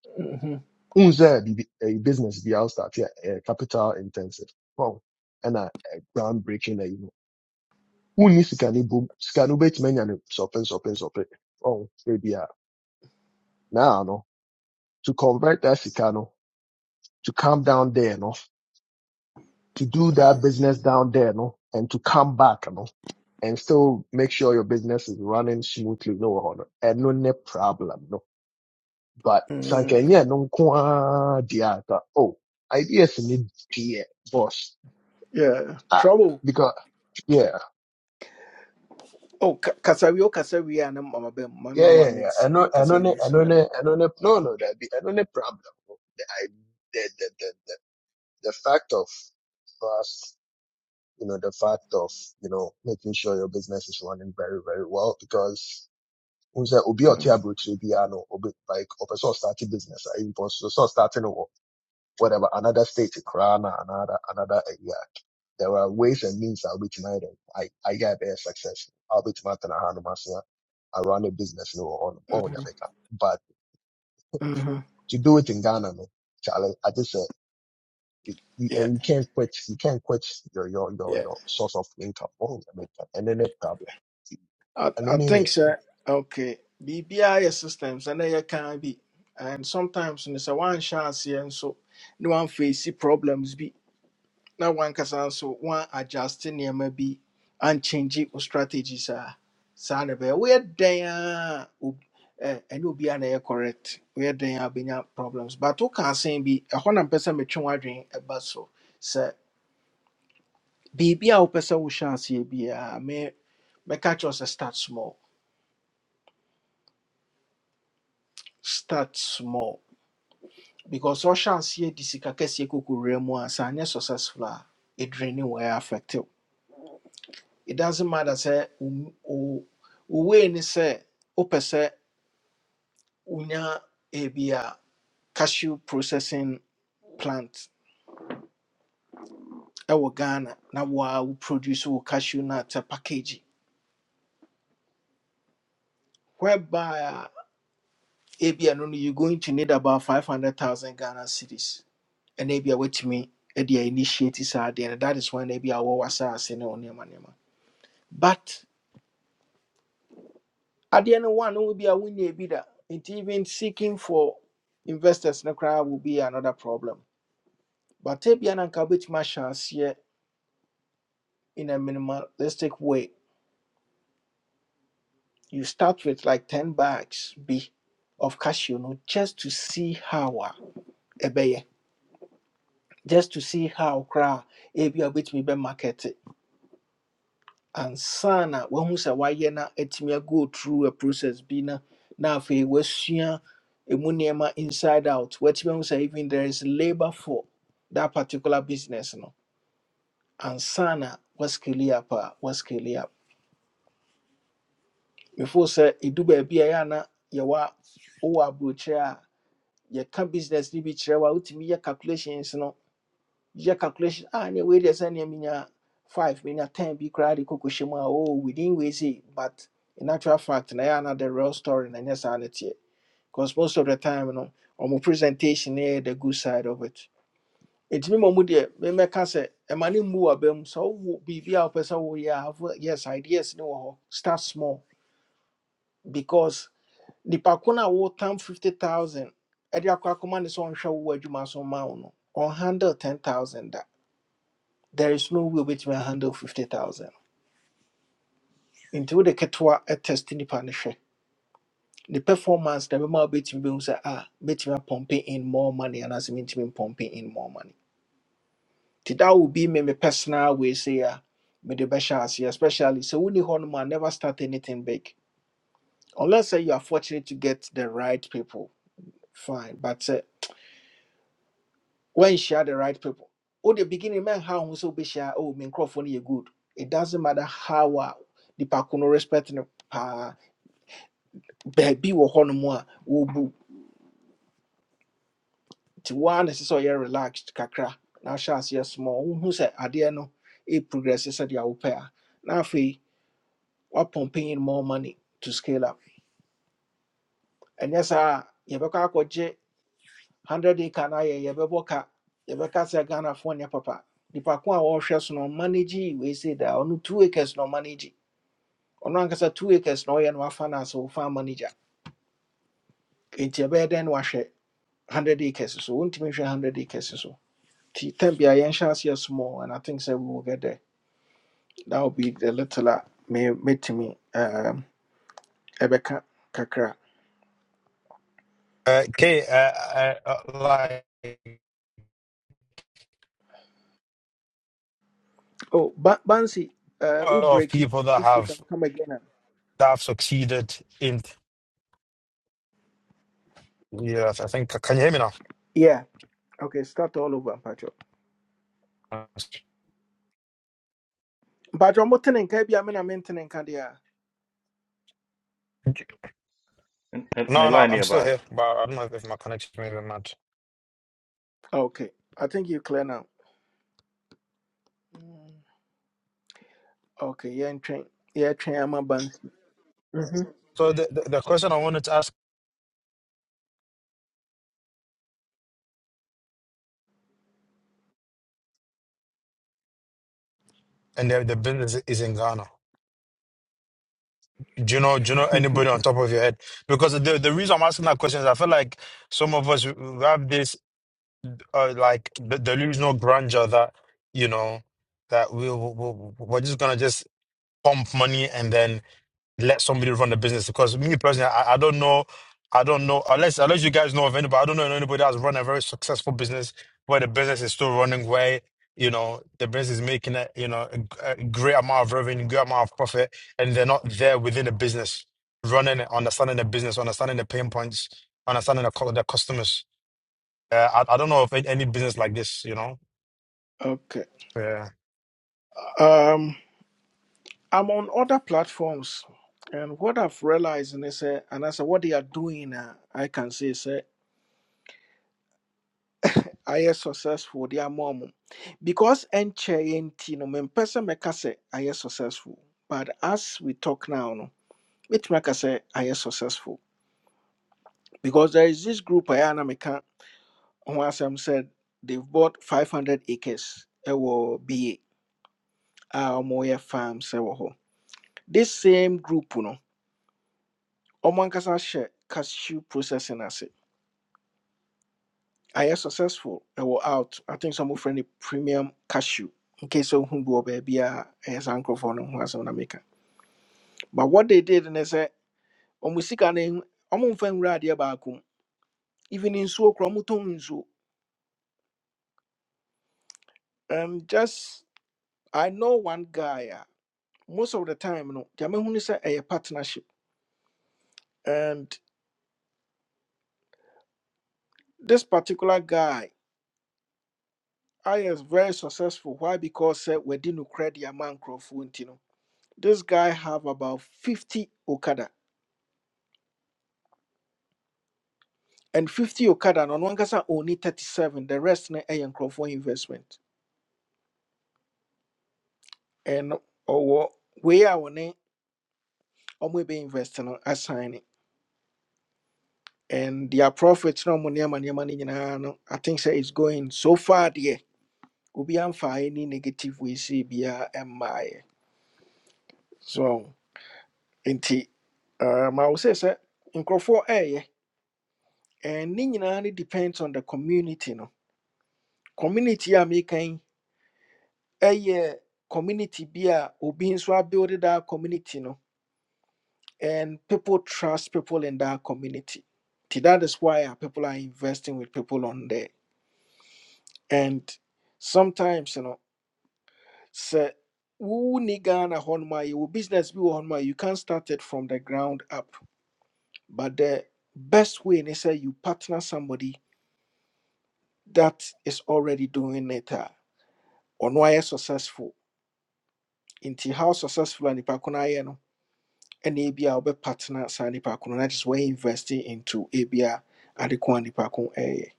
Speaker 1: hmm
Speaker 17: Unze the a business the outstart yeah, uh, capital intensive. Wow. And a groundbreaking na you. Unni sika ni boom sika no bet many and sopen sopen sopen. Oh, baby. ah Now no to convert that sika no to come down there no to do that business down there no and to come back no and still make sure your business is running smoothly no honor and no ne problem no but
Speaker 1: hmm
Speaker 17: sankenya no kwa diata oh ideas need dear boss
Speaker 1: Yeah.
Speaker 17: Ah,
Speaker 1: Trouble.
Speaker 17: because yeah,
Speaker 1: Oh, ka- Kasawi, oh, Kasawi, and Mama Bem, my
Speaker 17: yeah,
Speaker 1: mama
Speaker 17: yeah,
Speaker 1: don't
Speaker 17: yeah. I
Speaker 1: see
Speaker 17: know, I know, ne
Speaker 1: Kasawi,
Speaker 17: I know,
Speaker 1: sorry.
Speaker 17: ne I know, ne no no that be, I know, ne problem. The I the the the the, the fact of us you know the fact of you know making sure your business is running very very well because. Who said Obi or
Speaker 1: Mm-hmm.
Speaker 17: Tiago to be ano obi like or person starting business I impose so starting whatever, another state, Krana, another, another area. There are ways and means I'll be tonight. I, I got a success. I'll be tonight and I hand myself. I run a business no on on America. But
Speaker 1: hmm
Speaker 17: to do it in Ghana, no, Charlie, I just said, you- you-
Speaker 1: Yeah,
Speaker 17: and you can't quit, you can't quit your, your, your,
Speaker 1: yeah.
Speaker 17: your source of income on America. And then a problem.
Speaker 1: I,
Speaker 17: And
Speaker 1: I
Speaker 17: then
Speaker 1: think,
Speaker 17: eh,
Speaker 1: sir, okay, BBI systems, and they can be. And sometimes, in a one chance, here, and so no one face the problems. be. na wankasa nso wan adjust nneɛma bi anchange wo strategy saa saa na ɛbɛyɛ woyɛ dɛn a ob- eh, ɛnyɛ obiara na ɛyɛ correct woyɛ dɛn a wobɛnya problems but woka asɛm bi ɛhɔ na mpɛ sɛ metwe w'adwene ɛba so sɛ biribi a wopɛ sɛ wohyɛ aseɛ biara me mɛka kyerɛ wo sɛ start small start small because ɔhyɛ aseɛ de sika kɛseɛ kɔkɔwura mu a sɛ anyɛ successful a ɛdrani wɔ ɛyɛ affective it doesn't matter Say wo- wo- wo wei ni sɛ wopɛ sɛ wonya cashew processing plant ɛwɔ ghana na woa wo produce wo cashew nut a package whereby a ebi no no you're going to need about 500000 ghana cedis, and ebi a me at the initiate saa adeɛ no that is when ebi a wɔwɔ asase ne wo nneɛma But at the end one no wo bi a wonya bi da even seeking for investors no koraa will be another problem But ebia na nka wobɛtumi ahyɛ aseɛ in a minimalistic way. You start with like 10 bags bi of cashew no just to see how a ɛbɛyɛ. Just to see how koraa ebia wobɛtumi bɛmarket it. Ansa na woahu sɛ woayɛ na atumi go through a process bi na na afei woasua ɛmu nneɛma inside out. Woatumi ahu sɛ even there is labor for that particular business no. and sana woascale up a woascale before sɛ ɛdu baabi a ɛyɛ a na yɛwɔ a- wowɔ aburokyerɛ a yɛka business no bi kyerɛ w a wotumi yɛ calculations no yɛ calculation a ne wei deɛ sɛ nneɛ menya 5 menya 10 bi koraa de kɔkɔhyɛ mu a oh, within wei sei but in actual fact na ɛyɛ na the real story na ɛnyɛ saa ne teɛ because most of the time no ɔmo presentation no yɛ the good side of it nti me ma mu me memɛka sɛ ɛma ne mmu waba mu sɛ wowo biribi a wopɛ sɛ woyɛ a have- yes ideas ne wɔ hɔ start small because nipa ko no a wotam 50000 ɛde akɔ akɔma ne sɛ ɔnhwɛ wo adwuma so ma wo no 10000 there is no way wobɛtumi ahandle 50000 nti the ketewa test nipa no the ne performance na bɛma wobɛtumi bɛhu sɛ a bɛtumi apɔmpe in more money and anaasɛ mentumi pumping in more money nti that will be me me personal way say a mede bɛhyɛ aseɛ especially So, wonni hɔ nom never start anything big unless sɛ you are fortunate to get the right people fine but uh, when share the right people. Or the beginning man how we so be share oh me microphone you good. It doesn't matter how uh, the pakuno respect no pa baby wo hono mo a wo bu ti one is so you relaxed kakra. Now shas yes small who say ade no e progress is the wo pair. Now fe wa pumping in more money to scale up. And yes ah you be ka 100 acre na ye you be boka you be ka say Ghana phone ya papa. The pakun a wo hwe so no manage we say that on 2 acres no manage ɔno ankasa two acres na ɔyɛ no wafa no asɛ wofa ama no gya nti ɛbɛyɛ dɛn na wahwɛ one hundred acres so wontumi hwɛ one hundred acres so nti tam bia yɛnhyɛ aseɛ small and i think sɛ we will get there that will be the little a me mɛtumi um, ɛbɛka kakra
Speaker 12: Uh, Kate, uh, uh, uh, like a
Speaker 1: oh ba bansi uh, wo
Speaker 12: lot of
Speaker 1: breaki
Speaker 12: people that
Speaker 1: if you can
Speaker 12: have
Speaker 1: come again and...
Speaker 12: that have succeeded in. Yeah, I think. Can you hear me now?
Speaker 1: yeah okay start all over mpatwɔ mpatwɔ motene nka bia me na mentene nka deɛ a
Speaker 11: And, and, and the
Speaker 12: No, no,
Speaker 11: line
Speaker 12: I'm
Speaker 11: here
Speaker 12: still
Speaker 11: about
Speaker 12: here, but I don't know if my connection is be mad.
Speaker 1: okay i think you clear now Mm. okay yeah, train. Yeah, train, I'm a bansi
Speaker 12: So the, the the question I wanted to ask, and the, the business is in Ghana. Do you know? Do you know
Speaker 1: Mhm.
Speaker 12: anybody on top of your head? Because the the reason I'm asking that question is I feel like some of us we have this. uh, like the delusional grandeur that you know that we we- we- we're just gonna just pump money and then let somebody run the business. Because me personally, I, I don't know, I don't know unless unless you guys know of anybody. I don't know anybody that's run a very successful business where the business is still running where you know the business is making a you know a, g- a great amount of revenue, great amount of profit, and they're not there within the business running it, understanding the business, understanding the pain points, understanding the, cu- the customers. Uh, I, I don't know of a- any business like this, you know.
Speaker 1: [laughs] okay
Speaker 12: Yeah.
Speaker 1: Um, I'm on other platforms, and what I've realized in this, uh, and as a- what they are doing, uh, I can say, say, I am successful. They are mom because NCHNT, you know, me person make us say I am successful. But as we talk now, no, which make us say I am successful because there is this group I am make who as I'm said they've bought 500 acres. It will be our farms. ɛwɔ hɔ. This same group, no. ɔmo ankasa cashew processing as it. I am successful I ɛwɔ out i think some of frɛ no premium cashew nke sɛ ohu bi wɔ baabi a ɛyɛ saa no ho asɛm na but what they did and sɛ said, sika no ehu- ɔmo mfa nwura adeɛ baako mu even nsuo koraa ɔmo tɔn nsuo um, just i know one guy a most of the time no deɛ mehu ne sɛ ɛyɛ partnership and this particular guy I is very successful. Why? Because uh, we didn't credit a man crop, you know. This guy have about 50 Okada. And 50 Okada no wankasa only 37. The rest na a for investment. And or we a on it, or maybe invest no assign And their profits no money money money no. nyinaa no, I think say it's going so far there. Obi amfa any negative we see bia my so nti um I would say sir nkurɔfoɔ ɛɛyɛ and ne nyinaa ne depends on the community no community a mekan A community be a obi nso abuild that community no and people trust people in that community Nti that is why a people are investing with people on there and sometimes you know sɛ wonni ghana hɔnom a yɛwɔ business bi wɔ you can not start it from the ground up but the best way ne say, you partner somebody that is already doing it a ɔno ayɛ successful nti how successful a nipa ko no no ɛna ebi a wobɛpartner saa nipa ko no na just wɔyɛ investing into ebi a ade ko a nipa ko ɛyɛ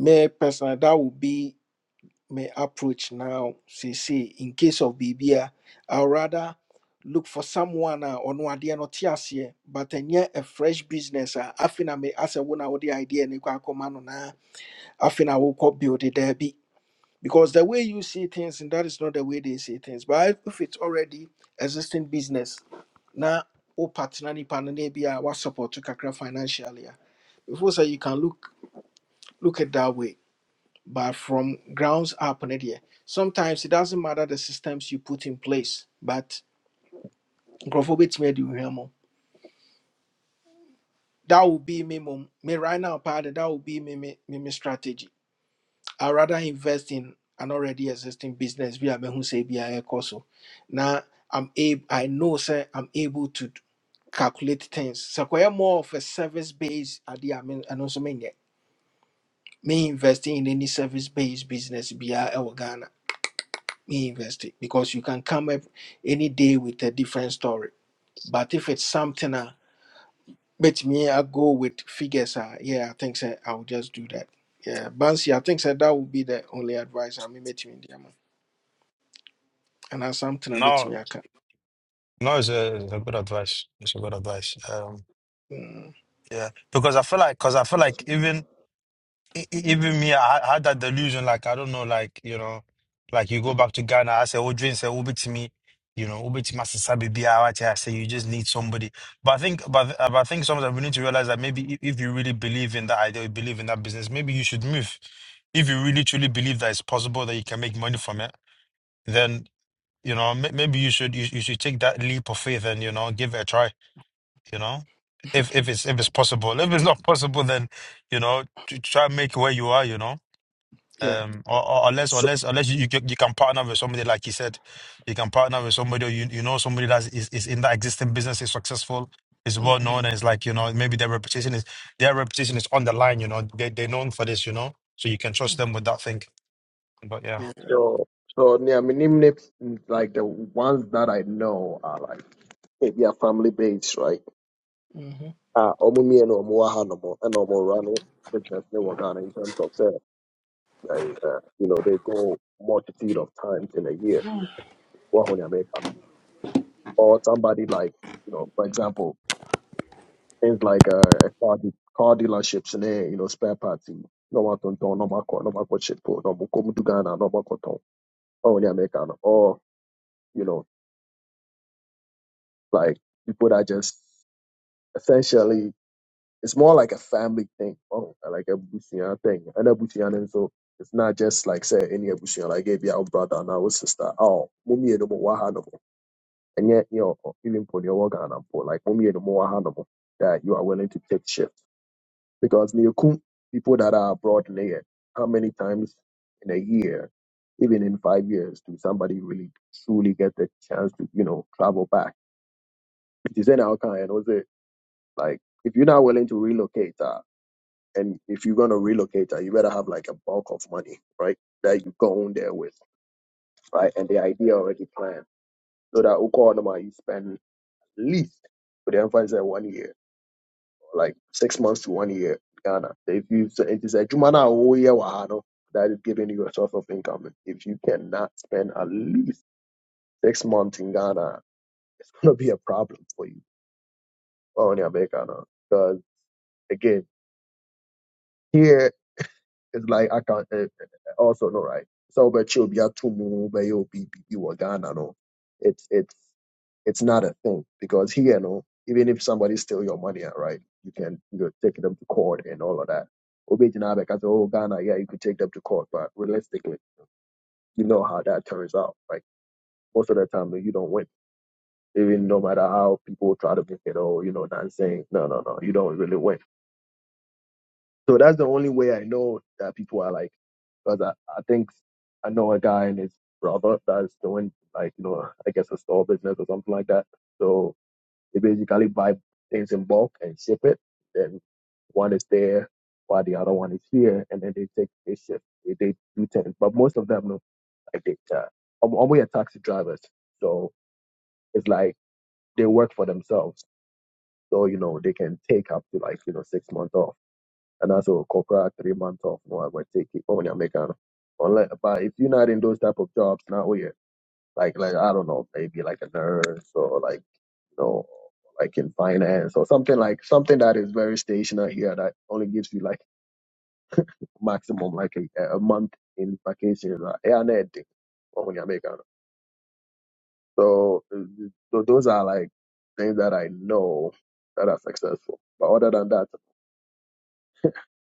Speaker 1: me personal that would be my approach now See, see, in case of biribi I would rather look for someone a ɔno adeɛ no te aseɛ but ɛnyɛ a fresh business uh, I think I may as a afei na me asɛ wo na the idea no come akɔma no na afei na wokɔ build daabi because the way you see things and that is not the way they see things but if it's already existing business now o partner nipa no na bia wa support to kakra financially a, before say you can look look at that way but from grounds up and there sometimes it doesn't matter the systems you put in place but nkrofo betime di hwemo that will be me mum, me right now part that will be me me me me strategy I rather invest in an already existing business via me who say via so. Now I'm able I know sir I'm able to calculate things. So I more of a service based idea I mean and also mean me investing in any service based business via our Ghana. Me invest it because you can come up any day with a different story. But if it's something uh, bet me I go with figures uh, yeah I think sir I will just do that. Yeah, Bansi, I think sir that would be the only advice I mean met me And anaasɛ amtena i
Speaker 12: No,
Speaker 1: aka
Speaker 12: no, it's a, it's a good advice. It's a good advice. Um,
Speaker 1: Mm,
Speaker 12: yeah, because I feel like, because I feel like even e- e- even me, I I had that delusion. Like I don't know, like you know, like you go back to Ghana. I say, "Oh, drink, say, Ubi to me." You know, Ubi to Master Sabi Bia. I say, you just need somebody. But I think, but, but I think sometimes we need to realize that maybe i- if you really believe in that idea, you believe in that business, maybe you should move. If you really truly believe that it's possible that you can make money from it, then You know, may- maybe you should you, you should take that leap of faith and you know give it a try. You know,
Speaker 1: [laughs]
Speaker 12: if if it's if it's possible, if it's not possible, then you know to try and make it where you are. You know,
Speaker 1: yeah
Speaker 12: um, or, or unless
Speaker 17: So,
Speaker 12: unless unless you, you can- you can partner with somebody like you said, you can partner with somebody or you you know somebody that is is in that existing business is successful, is well known,
Speaker 1: Mhm.
Speaker 12: and it's like you know maybe their reputation is their reputation is on the line. You know, they they're known for this. You know, so you can trust them with that thing. But yeah.
Speaker 1: yeah
Speaker 17: so, like the ones that I know are like maybe a family base, right?
Speaker 1: Mhm.
Speaker 17: Ah, ɔmo mmienu a ɔmo wɔ ha nom ɛna ɔmo running business ne wɔ Ghana in terms of say, ɛy, uh, you know they go multitude of times in a year What nea meka no or somebody like you know for example things like uh, a car de- car dealerships ne you know spare parts yi na ɔmo do na ɔmo akɔ na ɔmo akɔ shippo na ɔmo kɔ mu du Ghana na ɔmo akɔtɔn wɔaho nea meka no or you know like people that just essentially. It's more like a family thing. Oh, like a Busian thing. And a Busian and so it's not just like say any Busian like if your brother and our sister. Oh, mummy no more wahanomo. And yet you know even for your work and for like mummy no more wahanomo that you are willing to take shift. Because Niyokum people that are abroad there. how many times in a year, even in five years, do somebody really truly get the chance to, you know, travel back? It is in our kind, was it? Like if you're not willing to relocate, uh, and if you're gonna relocate, uh, you better have like a bulk of money, right? That you go in there with, right? And the idea already planned. So that Oklahoma, you spend at least with the emphasis at one year, like six months to one year, in Ghana. So If you say it is a Jumana Oye Wahano, that is giving you a source of income. If you cannot spend at least six months in Ghana, it's gonna be a problem for you. Oh, in America, because again, here It's like I can uh, uh, also no right. So but you'll be a tumu, but you'll be be be Ghana no. It's it's it's not a thing because here no, even if somebody steal your money ah, right, you can you know, take them to court and all of that. Obi Jinabe can say, Oh Ghana, yeah, you could take them to court, but realistically, you know how that turns out. Like most of the time you don't win. Even no matter how people try to make it oh, you know, not saying no no no, you don't really win So that's the only way I know that people are like, because I, I think I know a guy and his brother that's doing like, you know, I guess a store business or something like that. So they basically buy things in bulk and ship it. Then one is there while the other one is here. And then they take, they ship, they, they do things. But most of them, no, like they, uh, I'm, I'm taxi drivers. So it's like they work for themselves. So, you know, they can take up to like, you know, six months off and also corporate three months off no I might take it on your mechanic. Unless but if you're not in those type of jobs now oh yeah. Like like I don't know, maybe like a nurse or like you know like in finance or something like something that is very stationary here that only gives you like maximum like a, a month in vacation like yeah anything on make an. So uh, so those are like things that I know that are successful. But other than that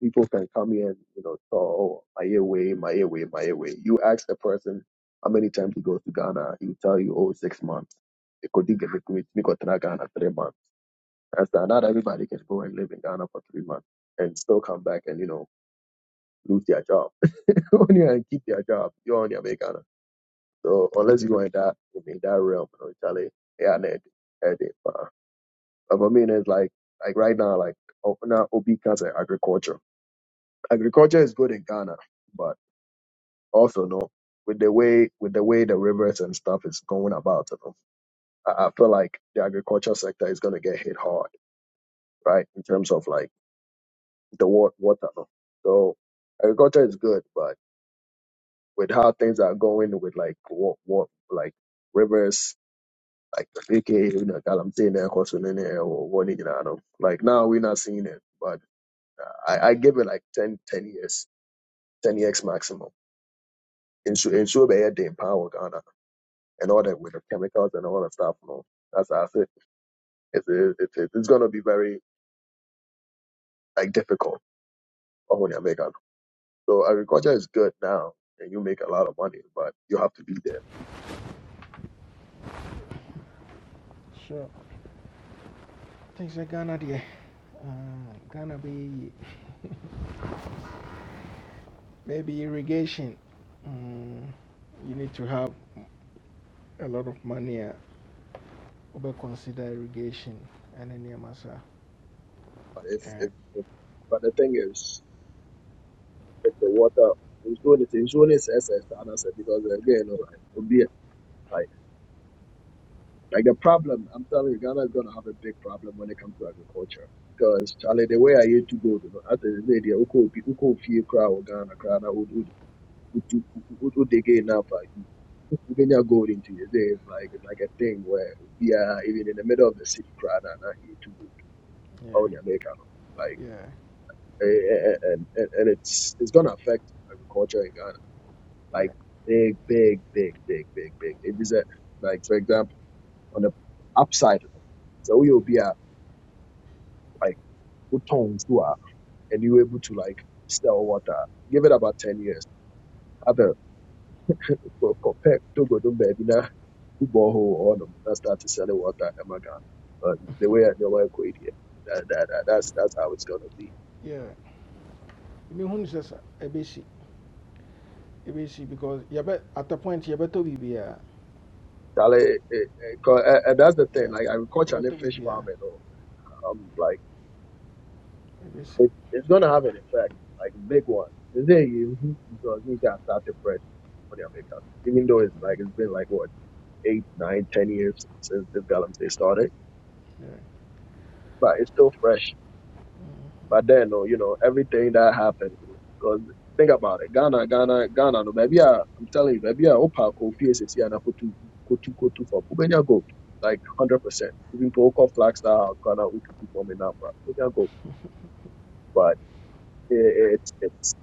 Speaker 17: people can come here and you know so oh, my way, my way, my way. You ask a person how many times he goes to Ghana, he'll tell you oh six months. It could dig it with me got to Ghana three months. That's not, not everybody can go and live in Ghana for three months and still come back and you know lose their job. [laughs] when you and keep their job, you're on your way Ghana. So unless you go in that in that realm, you know, Charlie, yeah, need it. But I mean it's like like right now, like oh, now Obi comes agriculture. Agriculture is good in Ghana but. also no with the way with the way the rivers and stuff is going about you know, I, I feel like the agriculture sector is going to get hit hard right in terms of like the water, water no? so agriculture is good but with how things are going with like what what like rivers like aka you know Galamsey na ɛkɔ so ne ne ɛwɔ hɔ ne no, like now we're not seeing it but I, I give it like 10, 10 years 10 years maximum in so in so bad in power Ghana. and all that with the chemicals and all that stuff. No, that's that's it. It's it's, it's, it's going to be very like difficult for when you make it. So agriculture is good now, and you make a lot of money, but you have to be there.
Speaker 1: so think sɛ ghana deɛ ah, ghana bɛyɛ yie maybe irrigation mm, you need to have a lot of money a consider irrigation ɛne nneɛma saa
Speaker 17: But if,
Speaker 1: Yeah,
Speaker 17: if, if but the thing is, if the water insurance insurance is a standard because again, you know, like, it'll be like like the problem. I'm telling you, Ghana is going to have a big problem when it comes to agriculture. Because Charlie, the way I used to go, you know, after the day, uko ubi uko fear crowd Ghana, Ghana, what, what they getting up at? Even your gold into you. There's like like a thing where we are even in the middle of the city crowd and not you too good.
Speaker 1: yeah
Speaker 17: Oh, in America, no. Like
Speaker 1: yeah
Speaker 17: eh, eh, eh, and, and and it's it's gonna affect agriculture in Ghana. Like
Speaker 1: yeah
Speaker 17: big, big, big, big, big, big. It is a like for example on the upside, you know, so you'll be a like good tones to are and you're able to like sell water. Give it about ten years. Have a compare to go to baby now. who borehole all them that started selling water in Ghana. But the
Speaker 1: [laughs]
Speaker 17: way I know I quit here, that, that, that, that's that's how it's gonna be.
Speaker 1: yeah mehu no sɛ sa ɛbɛsi ɛbɛsi because yɛbɛ at the point yɛbɛtɔ biribiaa
Speaker 17: Charlie, it, it, it, co- and and that's the thing.
Speaker 1: yeah
Speaker 17: Like agriculture and
Speaker 1: yɛbɛtɔ
Speaker 17: the fish
Speaker 1: biribiaa
Speaker 17: farming, oh, um, like
Speaker 1: ɛbɛsi
Speaker 17: it, it's gonna have an effect, like big one. Is it you? Because we got started fresh. when they make it. Even though it's like it's been like what eight, nine, ten years since this Galamsey started, but it's still fresh But then, oh, you know, everything that happened, because think about it, Ghana, Ghana, Ghana, no, baby, ah, I'm telling you, baby, ah, opa, kofi, esisi, ana, kotu, kotu, kotu, for Ubenya gold, like 100%. Even to Oko flags now, Ghana, ututu, for me now, but Ubenya gold. But eh, it's, it's,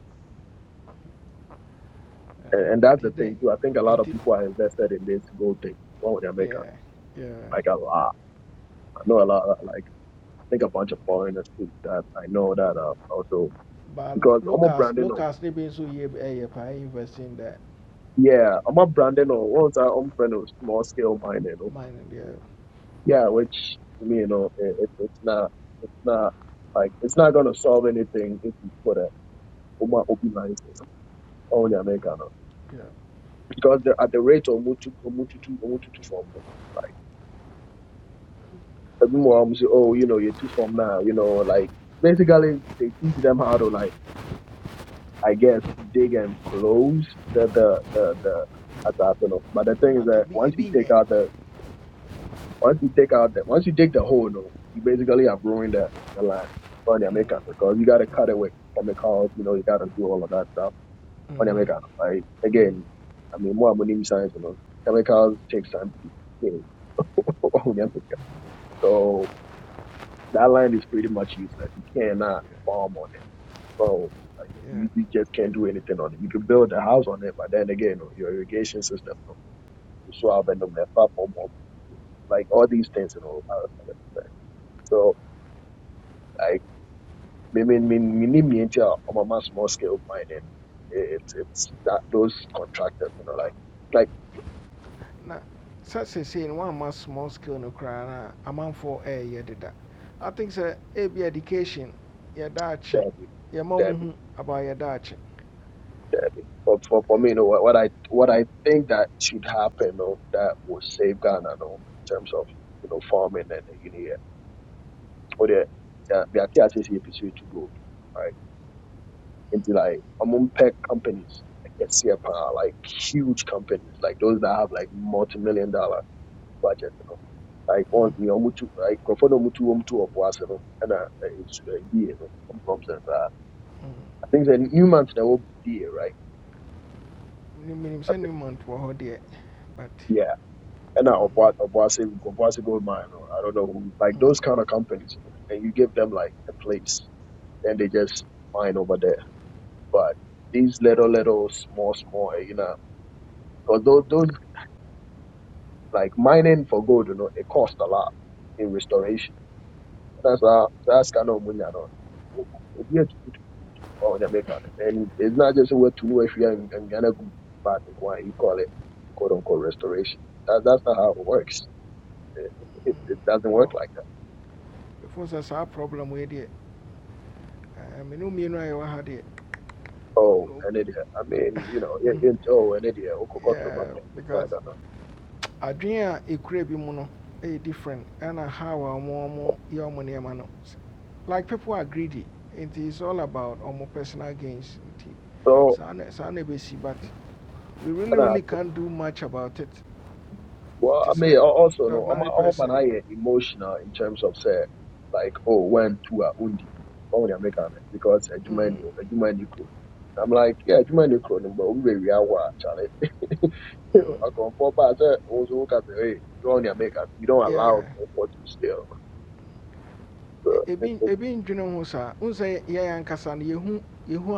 Speaker 17: and and that's the
Speaker 1: nti
Speaker 17: thing too. I think a lot of
Speaker 1: nti
Speaker 17: people are invested in this gold thing. Well, they American,
Speaker 1: yeah yeah
Speaker 17: like a lot. I know a lot, like, I think a bunch of foreigners too that I know that uh, also,
Speaker 1: but
Speaker 17: because almost
Speaker 1: locals
Speaker 17: branding
Speaker 1: locals ne be nso yɛ ɛyɛ paa invest in the
Speaker 17: yeah, I'm a branding or once i own friend of small scale mining. or-
Speaker 1: mine deɛ
Speaker 17: Yeah, which to me, you know, it, it, it's not, it's not like it's not gonna solve anything if you put a Oma Obi license on America no.
Speaker 1: yeah
Speaker 17: because the, at the rate of mutu mutu two mutu two form, no, like everyone will say, oh, you know, you're two form now, you know, like basically they teach them how to like, I guess, dig and close the the the the. as I don't know. But the thing is
Speaker 1: but
Speaker 17: that
Speaker 1: ebi
Speaker 17: once you
Speaker 1: ebi
Speaker 17: take
Speaker 1: nyɛ
Speaker 17: out the Once you take out that, once you dig the hole, note, you basically have ruined the, the line on your
Speaker 1: mm
Speaker 17: makeup because you got to cut away chemicals, you know, you got to do all of that stuff on your
Speaker 1: mhm,
Speaker 17: makeup. Right?
Speaker 1: mhm.
Speaker 17: Again, I mean, more money science, you know, chemicals takes time to decay [laughs] on your makeup. So that line is pretty much useless. You cannot farm on it. So like,
Speaker 1: yeah
Speaker 17: you, you just can't do anything on it. You can build a house on it, but then again, no, your irrigation system, you know, you swab and the map up, like all these things, you know. how it's gonna affect. So. like, me me me me ni me into a my small scale mining. It's it's that those contractors, you know, like like
Speaker 1: na such as sesei one wɔama small scale no koraa na, a amanfoɔ ɛɛyɛ deda i think sɛ ebi education yɛda akye
Speaker 17: Debbie,
Speaker 1: yɛma mu
Speaker 17: Debbie,
Speaker 1: hu about yɛda akye
Speaker 17: Debbie. But for for me, you know, what, what I what I think that should happen, you know, that will save Ghana, you know, in terms of you know farming and uh, you know, yeah. or the the the activities you pursue to go right into like among pet companies. like SCPA, like huge companies, like those that have like multi-million dollar. budget no like on deɛ ɔmo tu like nkurɔfoɔ na ɔmo tu wɔn tu wɔ po ase no ɛna ɛɛ nsu ɛɛ bie no ɔmo fam i think sɛ newmont na ɛwɔ bie right
Speaker 1: menim
Speaker 17: I
Speaker 1: sɛ
Speaker 17: think,
Speaker 1: newmont wɔ hɔ deɛ but
Speaker 17: yeah ɛna ɔpo ɔpo ase ɔpo ase gold mine you know, i don't know who- like
Speaker 1: mm,
Speaker 17: those kind of companies you know and you give them like a place and they just mine over there but these little little small small eh, you know because those those like mining for gold you know it costs a lot in restoration that's how that's kind of money I know. or Jamaica. And it's not just a what to know if you and, and Ghana go back and why you call it quote unquote restoration. That, that's not how it works. It, it, it doesn't work
Speaker 1: wow
Speaker 17: like that.
Speaker 1: ɛfo sɛ saa problem wei deɛ I me no mmienu a yɛwɔ it deɛ
Speaker 17: Oh,
Speaker 1: no
Speaker 17: an idiot. I mean, you know, it, it, oh, an idiot.
Speaker 1: eh,
Speaker 17: It's not
Speaker 1: because
Speaker 17: gonna.
Speaker 1: adwene a ɛkura bi mu no ɛyɛ different And how a ɔmo ɔmo money, ɔmo no like people are greedy it's all about our personal gains nti
Speaker 17: So,
Speaker 1: saa na saa but we really really can't do much about it
Speaker 17: Well,
Speaker 1: te
Speaker 17: I mean,
Speaker 1: sɛ
Speaker 17: al- also no, I'm
Speaker 1: ordinary
Speaker 17: I'm man,
Speaker 1: person
Speaker 17: I emotional in terms of say, like, oh, when two are undi, only American because a Jumani,
Speaker 1: mm,
Speaker 17: a Jumani cool. I'm like, yeah, Jumani cool, but we we are what, Charlie. [laughs]
Speaker 1: mm,
Speaker 17: I come for but I said, also look at the hey, you only American, you don't allow
Speaker 1: yeah,
Speaker 17: for to steal.
Speaker 1: e-
Speaker 17: So, it,
Speaker 1: ebi
Speaker 17: it,
Speaker 1: ebi ndwene ho saa n sɛ yɛn ankasa no yɛhu yɛhu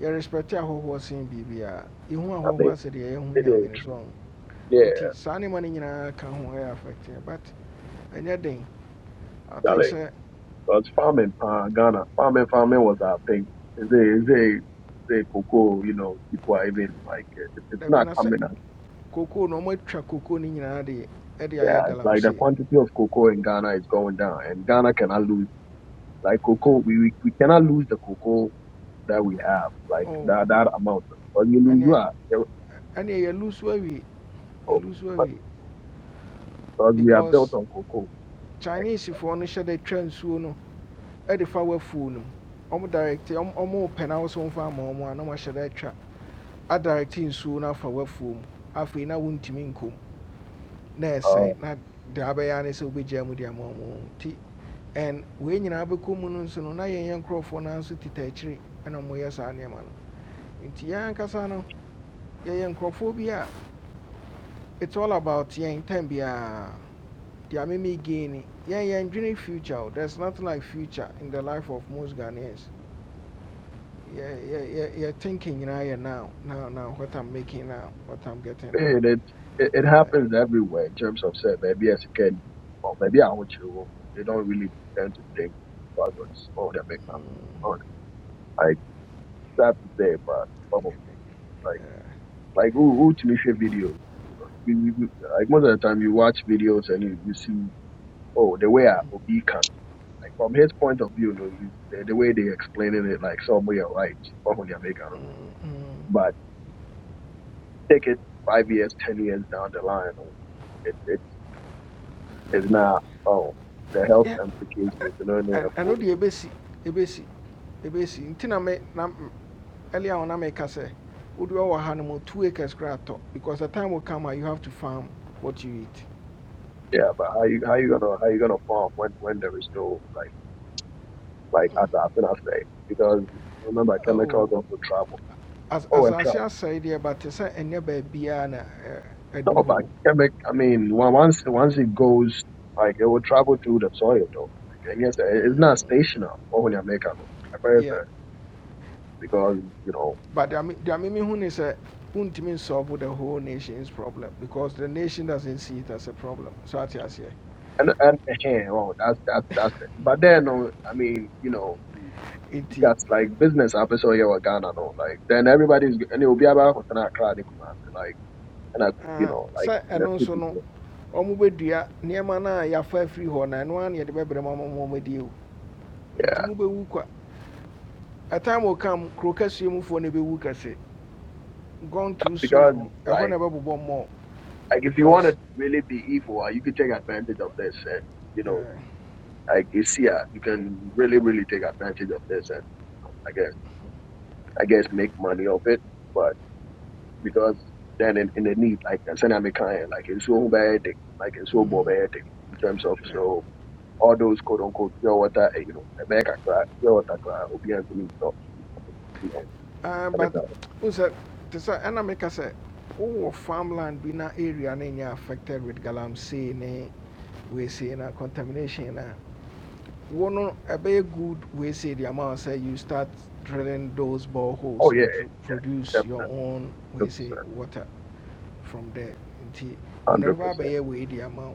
Speaker 1: yɛrespɛte ahɔhoɔ sen biribi a yɛhu
Speaker 17: I
Speaker 1: ahɔhoɔ
Speaker 17: mean,
Speaker 1: asɛ deɛ yɛhu
Speaker 17: it
Speaker 1: nyame
Speaker 17: is,
Speaker 1: no so ɔho
Speaker 17: yeah,
Speaker 1: nti saa nneɛma no not ka ho ɛyɛ affected but ɛnyɛ den i think
Speaker 17: Charlie.
Speaker 1: sɛ
Speaker 17: Because farming, uh, Ghana, farming, farming was our thing. They, they, they cocoa, you know, people are even like, it, it's
Speaker 1: dabi
Speaker 17: not
Speaker 1: na sɛ
Speaker 17: coming.
Speaker 1: kokoo no ɔmatwa kokoo no nyinaa de ɛde ayɛ
Speaker 17: Yeah, it's like the
Speaker 1: galamsey
Speaker 17: quantity of cocoa in Ghana is going down, and Ghana cannot lose like cocoa. We we, we cannot lose the cocoa that we have, like
Speaker 1: oh
Speaker 17: that that amount. Because you lose, you
Speaker 1: ɛneɛ
Speaker 17: are you-
Speaker 1: ɛneɛ yɛlu so awie
Speaker 17: oh,
Speaker 1: yɛlu so
Speaker 17: but
Speaker 1: awie
Speaker 17: because we are built
Speaker 1: because
Speaker 17: on cocoa. Like
Speaker 1: chinesefoɔ no hyɛ de twa nsuo no ɛde fa I'm mu ɔmo direct ɔmo ɔmo pɛ na wosɔn fa ama ɔmo a na ɔmo ahyɛ de atwa adirecte nsuo no afa wafuo mu not na wontumi nkɔ mu na
Speaker 17: uh,
Speaker 1: ɛsɛe na deɛ abɛyɛ ane sɛ wobɛgyaa mu de ama ɔmo nti ɛn wei nyinaa bɛkɔ mu no nso no na yɛnyɛ nkurɔfoɔ no ara nso tita akyiri ɛna moyɛ saa nneɛma no nti yɛn ankasa no yɛyɛ nkurɔfoɔ bi a it's all about yɛn time biara deɛ meme gain ni yɛn yɛn future there's nothing like future in the life of most Ghanaians yɛ yɛ yɛ yɛ thinking nyinaa yɛ now now now what I'm making now what I'm getting now
Speaker 17: it it, it it happens everywhere in terms of say maybe as you can, or maybe I want you to remember, They don't really tend to think progress. Oh, they make money.
Speaker 1: mm,
Speaker 17: Oh, like sad to say, but bubble. Like who who to make videos? You know, you, you, you- like most of the time you watch videos and you, you see oh the way I Obi can. Like from his point of view, you know, you, the, the way they explaining it, like somewhere are right, probably American.
Speaker 1: mm, mm.
Speaker 17: But take it five years, ten years down the line, oh, it it is now oh the health
Speaker 1: Yeah,
Speaker 17: implications, you know, and
Speaker 1: ɛn- ɛno
Speaker 17: therefore,
Speaker 1: deɛ ebesi ebesi ebesi nti na me na earlier on I make ka sɛ wodi wɔ ha no two acres koraa because the time will come a you have to farm what you eat
Speaker 17: yeah. But how you how you gonna how you gonna farm when when there is no like like as I as I say because remember chemicals
Speaker 1: oh
Speaker 17: also travel.
Speaker 1: as
Speaker 17: Oh,
Speaker 1: as
Speaker 17: it travels.
Speaker 1: I said deɛ but say any baabiara na ɛ- ɛdu
Speaker 17: No, but
Speaker 1: hɔ
Speaker 17: Quebec, I mean, on- once once it goes, like it will travel through the soil though. Like, yes, it- it's not
Speaker 1: Mm,
Speaker 17: stationary. Oh, yeah, make a- I guess,
Speaker 1: yeah
Speaker 17: uh, because you know,
Speaker 1: but deɛ me- deɛ meme hu ne sɛ wontumi solve the whole nation's problem because the nation doesn't see it as a problem so I say,
Speaker 17: and and eh, eh, oh, that's that's that's it. But then, oh, I mean, you know, you
Speaker 1: nti
Speaker 17: got like business episode here with Ghana, no, like then everybody's and it will be about what's not crowded, like and I, you
Speaker 1: ah,
Speaker 17: know, like
Speaker 1: sɛ
Speaker 17: in the
Speaker 1: ɛno nso
Speaker 17: city, you
Speaker 1: no
Speaker 17: know.
Speaker 1: ɔmo bɛdua nneɛma no a yɛafa afiri hɔ na ɛno a na yɛde bɛbrɛ ma ma ma ɔmadi o nti
Speaker 17: yeah,
Speaker 1: mobɛwu kwa atam will come kuro kɛseɛ mufoɔ no bɛwu kɛse gone too
Speaker 17: because
Speaker 1: soon I want
Speaker 17: like
Speaker 1: to ɛbɛbobɔ mmɔ
Speaker 17: like if you want
Speaker 1: because
Speaker 17: to really be evil, uh, you could take advantage of this and. You know,
Speaker 1: yeah,
Speaker 17: Like you yeah, you can really, really take advantage of this, and um, I guess, I guess, make money of it. But because then in, in the need, like I said, I'm a client, like it's so bad, like it's so
Speaker 1: mhm,
Speaker 17: bad in terms of
Speaker 1: yeah.
Speaker 17: so all those quote unquote pure water, eh, you know, the back cry, pure water cry, obedience to me, so you know,
Speaker 1: Ah,
Speaker 17: I mean,
Speaker 1: but
Speaker 17: uh,
Speaker 1: wohu sɛ te sɛ ɛna meka sɛ wowɔ farmland be na area no affected with galamsey ne weesei na contamination na wo no ɛbɛyɛ good weesei de ama wo sɛ you start drilling those
Speaker 17: oh
Speaker 1: boreholes no
Speaker 17: yeah,
Speaker 1: to produce your
Speaker 17: definitely,
Speaker 1: own
Speaker 17: hundred
Speaker 1: weesei
Speaker 17: percent,
Speaker 1: water from there nti wo no a
Speaker 17: hundred percent,
Speaker 1: abɛyɛ wei de ama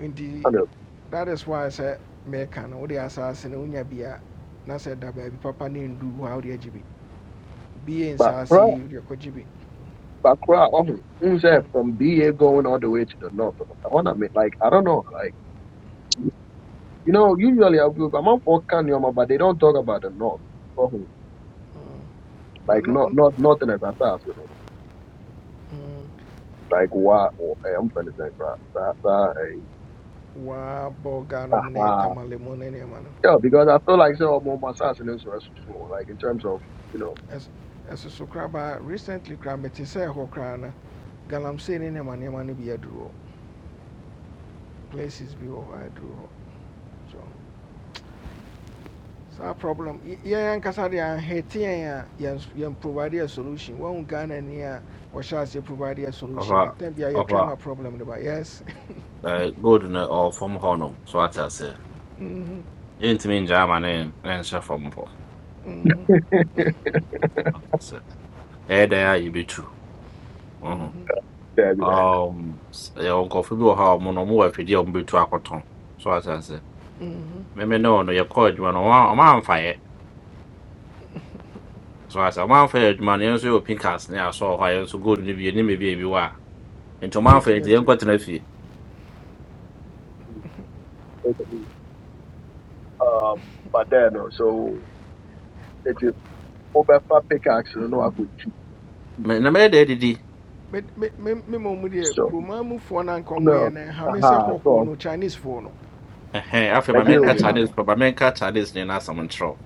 Speaker 1: nti
Speaker 17: hundred.
Speaker 1: that is why sɛ mɛka no wode asase no wonya bi a na sɛ da baabi papa ne ndu hɔ a wode agye in biɛ
Speaker 17: But
Speaker 1: nsase
Speaker 17: cry,
Speaker 1: yi wode akɔgye bi
Speaker 17: but cry, oh, mm, say, from BA going all the way to the north, I wanna mean, like I don't know, like. You know, usually I'll be, I'm out for Kanyama, but they don't talk about the North. Oh,
Speaker 1: Mm, ba
Speaker 17: like,
Speaker 1: no
Speaker 17: not,
Speaker 1: mm,
Speaker 17: not, nothing as fast, you know.
Speaker 1: mm,
Speaker 17: Like, why? Oh, hey, I'm trying to think, right? That, that, hey.
Speaker 1: waa bɔga nom
Speaker 17: Aha.
Speaker 1: tamale mu ne nneɛma no
Speaker 17: Yeah, because I feel like, so, I'm on my side, and it's responsible, like, in terms of, you know,
Speaker 1: Ɛs- ɛso so korabaa recently koraa mete sɛ ɛhɔ koraa no galamsey ne nneɛma nneɛma no bi aduru hɔ places bi wɔ a aduru so saa problem y- yɛn ankasa de ahete yɛn a yɛn yɛn provide a solution wɔn ghana ni a wɔhyɛ ase provide a
Speaker 9: Of
Speaker 1: solution
Speaker 9: a
Speaker 1: Then tɛn a
Speaker 9: of
Speaker 1: yɛtwɛn
Speaker 9: a
Speaker 1: problem de yes
Speaker 9: uh, good no or from Honum. So what I say.
Speaker 1: [laughs] mhm,
Speaker 9: Ain't mean German and and so from
Speaker 1: mhm,
Speaker 9: Honum. Hey, there you be true.
Speaker 1: mhm,
Speaker 9: Uh-huh.
Speaker 17: yeah, be there.
Speaker 9: Um, your coffee will have mono more if you don't be too So what I say.
Speaker 1: mhm.
Speaker 9: Maybe no, no, your coach, man. I'm on fire. So as a man for adwuma no yɛn nso yɛ pinkas ne asɔ hɔ a yɛn nso gold no bi anim ebi ebi wɔ a nti
Speaker 1: ebetumi
Speaker 9: ɔman for
Speaker 1: atu
Speaker 9: nti
Speaker 1: me
Speaker 9: yɛn
Speaker 1: too.
Speaker 9: nkɔtena fie
Speaker 17: Basically, Um, but then, no, so, it's a over pickaxe, you know, I would keep.
Speaker 9: Me- na mɛyɛ dɛ adidi
Speaker 1: But me me me ma ɔmo deɛ
Speaker 17: So,
Speaker 1: kuroma mufoɔ na nka ɔmo
Speaker 17: no,
Speaker 1: yɛ no ɛha me sɛ
Speaker 17: aha,
Speaker 1: kɔkɔɔ
Speaker 17: so,
Speaker 1: no chinese foɔ no
Speaker 9: ɛhɛn afei
Speaker 17: I
Speaker 9: ma
Speaker 17: deal
Speaker 1: ɛna
Speaker 9: mɛnka
Speaker 17: with it.
Speaker 1: ɛha
Speaker 9: chinese
Speaker 1: me
Speaker 9: kɔ ma mɛnka chinese ne n'asɛm nkyerɛw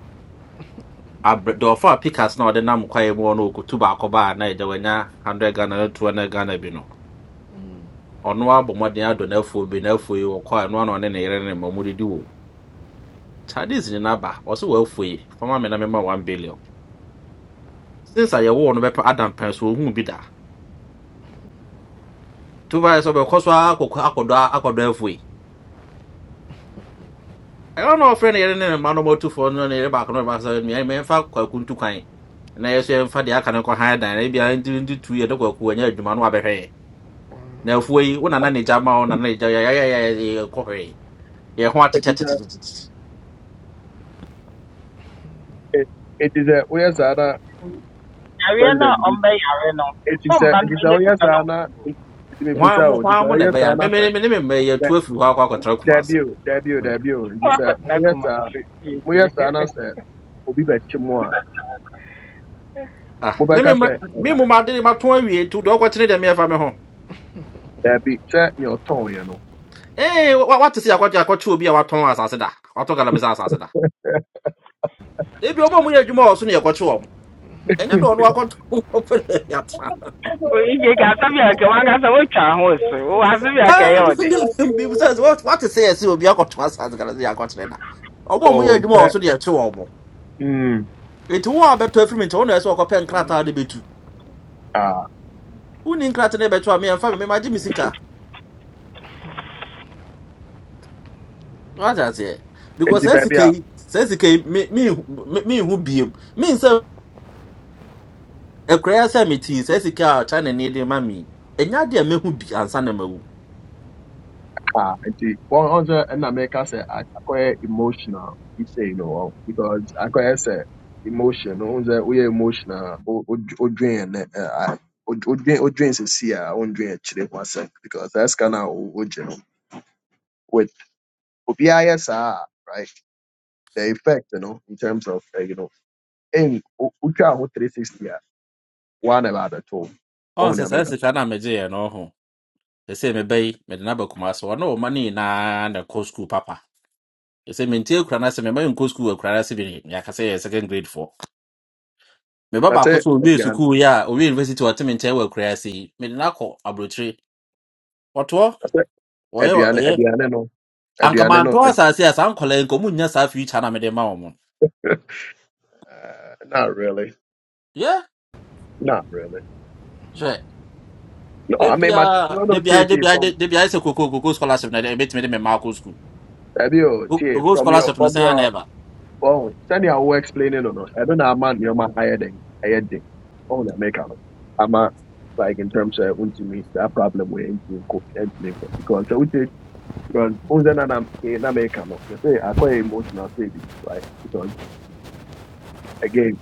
Speaker 9: abrɛ dɔɔfo a pinkas na ɔde nam kwaeɛ mu hɔ no okutu baako baa na ɛdɛ wɔnya hundred ghana ne two hundred ghana bi no
Speaker 1: Mhm.
Speaker 9: ɔno abɔ mmɔden adɔ n'afuo bi n'afuo yi wɔkɔ a ɛno ano ɔne ne yere ne ma ɔmo didi wɔ mu. chinese ne n'aba ɔsɛ wɔafuo yi fama mi na mɛma one billion since a yɛwɔ no bɛpɛ adam pɛn so ohun bi da tuba yɛ sɛ ɔbɛkɔ so akɔkɔ akɔdɔ akɔdɔ afuo yi I don't know friend yɛne ne ne mma no mɔtufo no ne yɛreba akɔnɔ ba sɛ mmea mɛmfa kwaku ntu kwan na yɛso yɛmfa i aka no nkɔ han dan na ebia nti nti tu yɛde kwaku anya adwuma no wabɛhwɛ yɛ. na afuo yi wo nana ne gya ma wo nana ne gya yɛyɛyɛyɛkɔ hwee yɛ ho
Speaker 17: It is a,
Speaker 9: atekyɛtetetetete
Speaker 17: it, it is a, where's that, uh,
Speaker 14: okay. Yàrá náà
Speaker 17: president?
Speaker 14: ọ̀nbẹ yàrá náà.
Speaker 17: eti sɛ
Speaker 14: Fọ́ọ̀mù bá ní
Speaker 17: eti
Speaker 14: bí
Speaker 17: sɛ
Speaker 14: ní
Speaker 17: woyɛ
Speaker 14: sùkúrù náà
Speaker 17: saa na
Speaker 14: mú.
Speaker 17: eti mebusa
Speaker 9: hwan mo
Speaker 17: o eti sɛ
Speaker 9: hwan mo na
Speaker 17: woyɛ
Speaker 9: ɛbɛyɛ
Speaker 17: saa
Speaker 9: a
Speaker 17: na sɛ
Speaker 9: meme ne memma
Speaker 17: dɛ
Speaker 9: yɛtu afiri hɔ akɔ akɔtara kuma
Speaker 17: dɛbi
Speaker 9: ase
Speaker 17: o dɛbi o dɛbi o eti
Speaker 14: Wọ́n á
Speaker 17: sɛ
Speaker 14: kọ̀ sí náà
Speaker 17: moyɛ
Speaker 14: kùmà
Speaker 17: saa moyɛ
Speaker 14: sí.
Speaker 17: saa na sɛ obi bɛkye mu a
Speaker 9: me
Speaker 17: mobɛka sɛ ɛna
Speaker 9: mu made mato awie nti deɛ ɔkɔkyene i meyɛfa me ho
Speaker 17: dɛbi sɛ nea ɔtɔn yɛ no
Speaker 9: ee wa- wate sɛ yɛakɔkye akɔkye obi a watɔn asase da watɔ galamsɛ asase da ebi ɔma mu yɛ adwuma wɔ so ne yɛkɔkye wɔ ɛnyɛ dɛ ɔno akɔto ɔpɛlɛ yɛatra
Speaker 14: o ije ga-asọbi oke nwa ga-asọbi otu ahụ osu ụwa asọbi oke ya ụdị
Speaker 9: bisa sɛ what [laughs] what sɛ yɛsɛ obi akɔto asase kra sɛ yɛakɔkyerɛ na ɔmo a
Speaker 17: o
Speaker 9: ɔmoyɛ adwuma
Speaker 17: sɛ
Speaker 9: wɔ so deɛ ɛkye wɔ mo
Speaker 17: mm
Speaker 9: nti wo a bɛtɔ afiri mu nti wo na ɛsɛ wɔkɔpɛ nkrataa de bɛtu
Speaker 17: a
Speaker 9: woni nkrataa no bɛto a meɛmfa me memagye me sika wate aseɛ because
Speaker 17: eti
Speaker 9: saa
Speaker 17: baabi
Speaker 9: sika
Speaker 17: a
Speaker 9: yi saa sika yi me- me- me- menhu biom mensɛ ɛkoraa sɛ metii saa sika a china ne de ma me yi, ɛnyɛ adeɛ a mɛhu bi ansa na mawu
Speaker 17: Ah, nti wɔn ɔn sɛ ɛna mɛka sɛ a- akɔyɛ emotional isei no wɔn because akɔyɛ sɛ emotion no ɔn We're emotional a, drain, wo- wodwen yɛ drain. ɛ a- drain wodwen wodwen sisi a wondwen akyire ho asɛm because that's kind of wo wogye no with obiara yɛ saa a, right the effect no in terms of uh, you know ɛn wo- wotwa ho three sixty a one about the two
Speaker 9: ɔn
Speaker 17: ɔn ne
Speaker 9: sɛ saa
Speaker 17: abɛka
Speaker 9: sika no a megyeeɛ no ɔho ɛsɛ mebɛyi mede no aba kuma sɛ ɔne ɔma no nyinaa na kɔ school, papa ɛsɛ mentie akura no sɛ mema yɛnkɔ skul akura no sɛ bine meaka sɛ yɛ second grade foɔ meba
Speaker 17: That's
Speaker 9: baako
Speaker 17: it.
Speaker 9: so ɔwie
Speaker 17: aduane
Speaker 9: sukuu yi a ɔwie university ɔte me nkyɛn wɔ akura ase yi mede no akɔ aborɔkyire ɔtoɔ
Speaker 17: na sɛ
Speaker 9: ɔyɛ
Speaker 17: aduane
Speaker 9: ɔyɛ
Speaker 17: aduane no aduane no
Speaker 9: ankamantoɔ
Speaker 17: ɛd-
Speaker 9: asase a saa nkɔla yi nka ɔmu nnya saa future na mede ma wɔ mo
Speaker 17: ɛɛ, not really.
Speaker 9: yɛ
Speaker 17: Not really.
Speaker 9: hwɛ
Speaker 17: No,
Speaker 9: da
Speaker 17: I mean, my,
Speaker 9: biaa
Speaker 17: no,
Speaker 9: da
Speaker 17: no, Chie,
Speaker 9: biaa da
Speaker 17: Chie,
Speaker 9: biaa
Speaker 17: from,
Speaker 9: da biaa sɛ koko koko scholarship na ɛde- ɛbɛtumi de me ma akɔ skul
Speaker 17: Ebio, Chie,
Speaker 9: koko
Speaker 17: from your,
Speaker 9: scholarship no
Speaker 17: from
Speaker 9: sɛn a na
Speaker 17: your,
Speaker 9: ɛba
Speaker 17: oh, send your way explaining or not. I don't know, man, you're my higher than, higher than. Oh, yeah, make out. I'm a, like, in terms of, when to that problem with into cook and make it. Because, so, which is, because, oh, then I'm, in America, no. They say, I quite emotional saving, right? Because, again,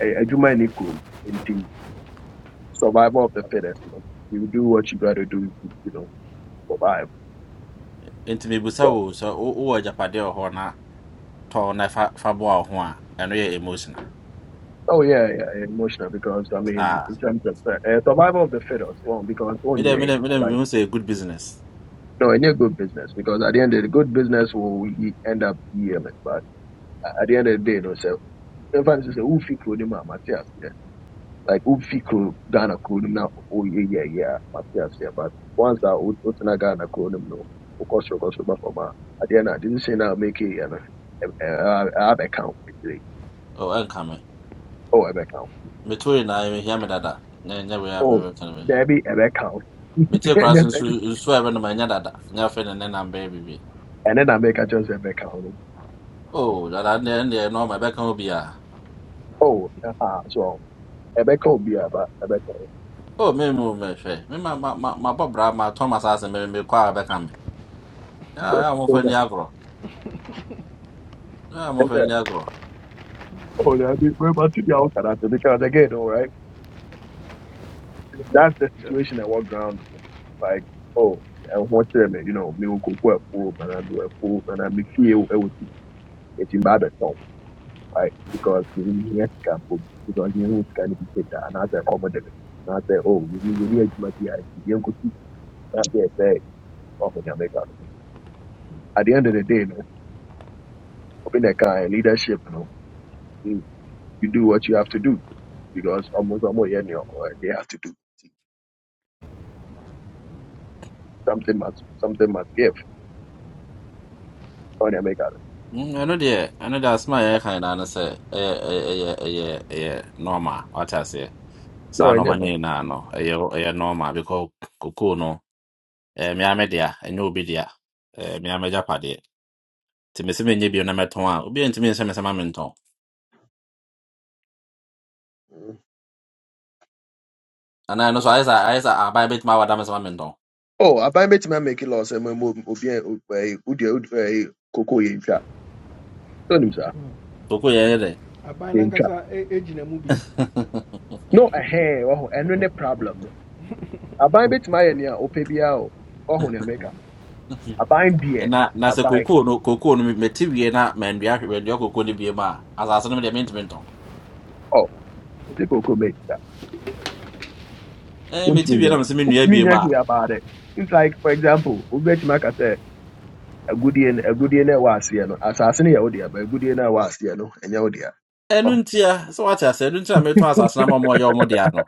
Speaker 17: I, I do my nickel in team, survival of the fittest, you know. You do what you gotta do, to, you know, survive.
Speaker 9: nti mebusa
Speaker 17: So,
Speaker 9: wo sɛ wo- wowɔ agyapadeɛ wɔ hɔ tɔ na fa fa boa wo ho a ɛno yɛ emotional
Speaker 17: Oh yeah, yeah, yeah, emotional because I mean,
Speaker 9: saa
Speaker 17: in terms of uh, uh, survival of the fittest, well, because
Speaker 9: medɛ
Speaker 17: only
Speaker 9: medɛ medɛ
Speaker 17: like
Speaker 9: mehu sɛ ɛyɛ good business
Speaker 17: no, any good business because at the end of the good business will y- end up yielding, but at the end of the day, no, so in fact, it's a ufi kudim Matthias, yeah, like ufi kudim Ghana kudim now, oh yeah, yeah, yeah, Matthias, yeah, but once I would not Ghana kudim no, of course, of course, but for my at the end, I didn't say now make it, you know, I have account,
Speaker 9: oh, ɛnka me
Speaker 17: oh, I have account,
Speaker 9: meto nyinaa mehia me hia me dada na ɛnyɛ wei a
Speaker 17: oh,
Speaker 9: mewɛka no mehia
Speaker 17: there be a account.
Speaker 9: metie koraa so
Speaker 17: [laughs]
Speaker 9: nsu nsu a ɛbɛnom ɛnyɛ dada nyɛ afei ne ne nam bɛyɛ biribi
Speaker 17: ɛne na mɛka kyerɛ sɛ ɛbɛka wo no
Speaker 9: o dada ndeɛ ndeɛ nɔɔma ɛbɛka wo biaa
Speaker 17: oh ɛha so ɛbɛka wo bia ba ɛbɛka
Speaker 9: o memu mɛhwɛ me mu me hwɛ. Me ma ma ma- mabɔ bra matɔ ma saa sɛ mekɔ a ɛbɛka me a momfa ni agorɔ a momfa ni agorɔ
Speaker 17: Oh, I mean, we're about to be out at that because again, all right, that's the situation I walk around with. Like, oh, I want to, mean, you know, me will cook a fool, and I do a fool, and I me feel it was getting bad at all, right? Because we need to camp because you know, it's kind of be that, and I say, come with it, and I say, oh, you need to be my PI, you know, not there, say, oh, when At the end of the day, man, open the car leadership, you know. you you do what you have to do because almost almost any they have to do something must something must give or they make out.
Speaker 9: Mm, I know deɛ I know asɛm a yɛyɛ ka nyinaa no Eh, eh, eh, eh, eh, eh. normal wate aseɛ
Speaker 17: No,
Speaker 9: saa
Speaker 17: I
Speaker 9: nɔɔma no
Speaker 17: never.
Speaker 9: nyinaa no Eh, eh, normal because kokoo no ɛɛ mmea me dea Eh, obi dea ɛɛ mmea me gyapadeɛ nti mesi me nye bio na mɛtɔn a obi ntumi nhyɛ me sɛ ma mentɔn
Speaker 17: Mm.
Speaker 9: anaa ɛno so ayɛ sɛ ayɛ sɛ aban bɛtumi awada me sɛ ma mentɔn
Speaker 17: Oh, I buy me to make it loss and my mom will be a cocoa in trap. Don't use that
Speaker 9: kokoo yɛ yɛ dɛ [laughs]
Speaker 1: aban
Speaker 17: in trap.
Speaker 1: nankasa e- egyina mu bi
Speaker 17: No, a hair or and no problem. no. I buy me to my any or pay bill or when I make am. I buy beer.
Speaker 9: na na
Speaker 17: I
Speaker 9: sɛ
Speaker 17: buy
Speaker 9: kokoo no kokoo no meti wie na mandua mandua kokoo no bie mu a asase no deɛ mentumi ntɔn
Speaker 17: oh, it's a cocoa made that.
Speaker 9: ɛɛ
Speaker 17: Don't
Speaker 9: meti
Speaker 17: mean
Speaker 9: wie na
Speaker 17: that.
Speaker 9: mesɛ
Speaker 17: Don't
Speaker 9: mennua
Speaker 17: mean
Speaker 9: bie
Speaker 17: that about it. It's like, for example, we bet my case. agudie no agudie no a ɛwɔ aseɛ no asase no yɛ wo dea but agudie no a ɛwɔ asease no ɛnyɛ wo dea
Speaker 9: ɛnu
Speaker 17: Ɔ-
Speaker 9: ntia sɛ wate ase ɛnu ntia metɔ asase na ma ma ɔyɛ ɔmo dea no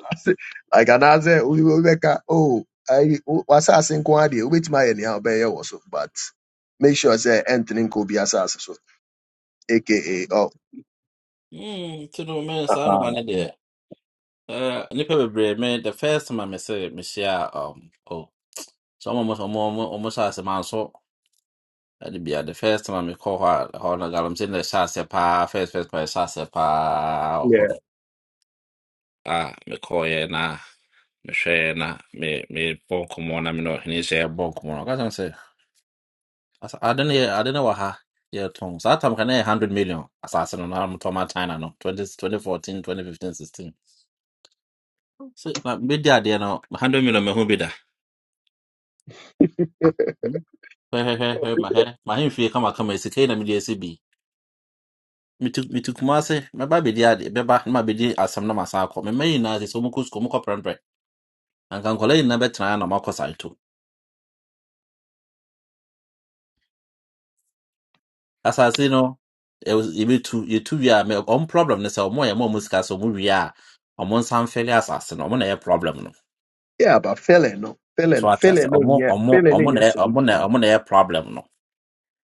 Speaker 17: [laughs] like anaasɛ wobi- wobi bɛka o ayi wo- w'asase nko ara deɛ wobɛtumi ayɛ nea wobɛyɛ wɔ so but make sure sɛ ɛntene could be asase so aka oh
Speaker 9: Mm, nti no me saa noma
Speaker 17: Aba-
Speaker 9: ne deɛ ɛɛ, nnipa bebree me the first time a mese mehyia a, um, o sɛ ɔmo ɔmo as ɔmo ɔmo hyɛ ase manso ɛde bia the first time I call her. a hɔ no galamsey na ɛhyɛ aseɛ first first time a pa. aseɛ paa wɔ
Speaker 17: yeah
Speaker 9: no na mehwɛɛ na me mebɔ na me ne ɔhene hyɛ yɛbɔ nkɔmmɔ no ɔka kyerɛ me say. As- I don't know. I don't know what her. Yeah, Tom. So that time can I hundred million assassin on I'm talking about China no 20, 2014, 2015, 16. So like media there no hundred million me who be there. Hmm? Hey hey hey hey my hey my him fee kama kama esi kena media esi bi. Mitu mitu kumase me ba bedi ade be there. Me ba na bedi asam na masa akọ. Me me na ase so mu kusko mu koprenpre. kola ina yin na betra na mako saito. As I Asase no it was it tu two. You two a me on problem ne se omo ye mo musika so mu wi a ɔmo nsa mfɛle asase no ɔmo na ɛyɛ problem no
Speaker 17: yeah but failing no failing
Speaker 9: So I tell say,
Speaker 17: failing no
Speaker 9: omo
Speaker 17: yeah,
Speaker 9: omo
Speaker 17: failing no
Speaker 9: omo
Speaker 17: nyɛ
Speaker 9: na omo
Speaker 17: solution
Speaker 9: na omo na ɛyɛ problem no.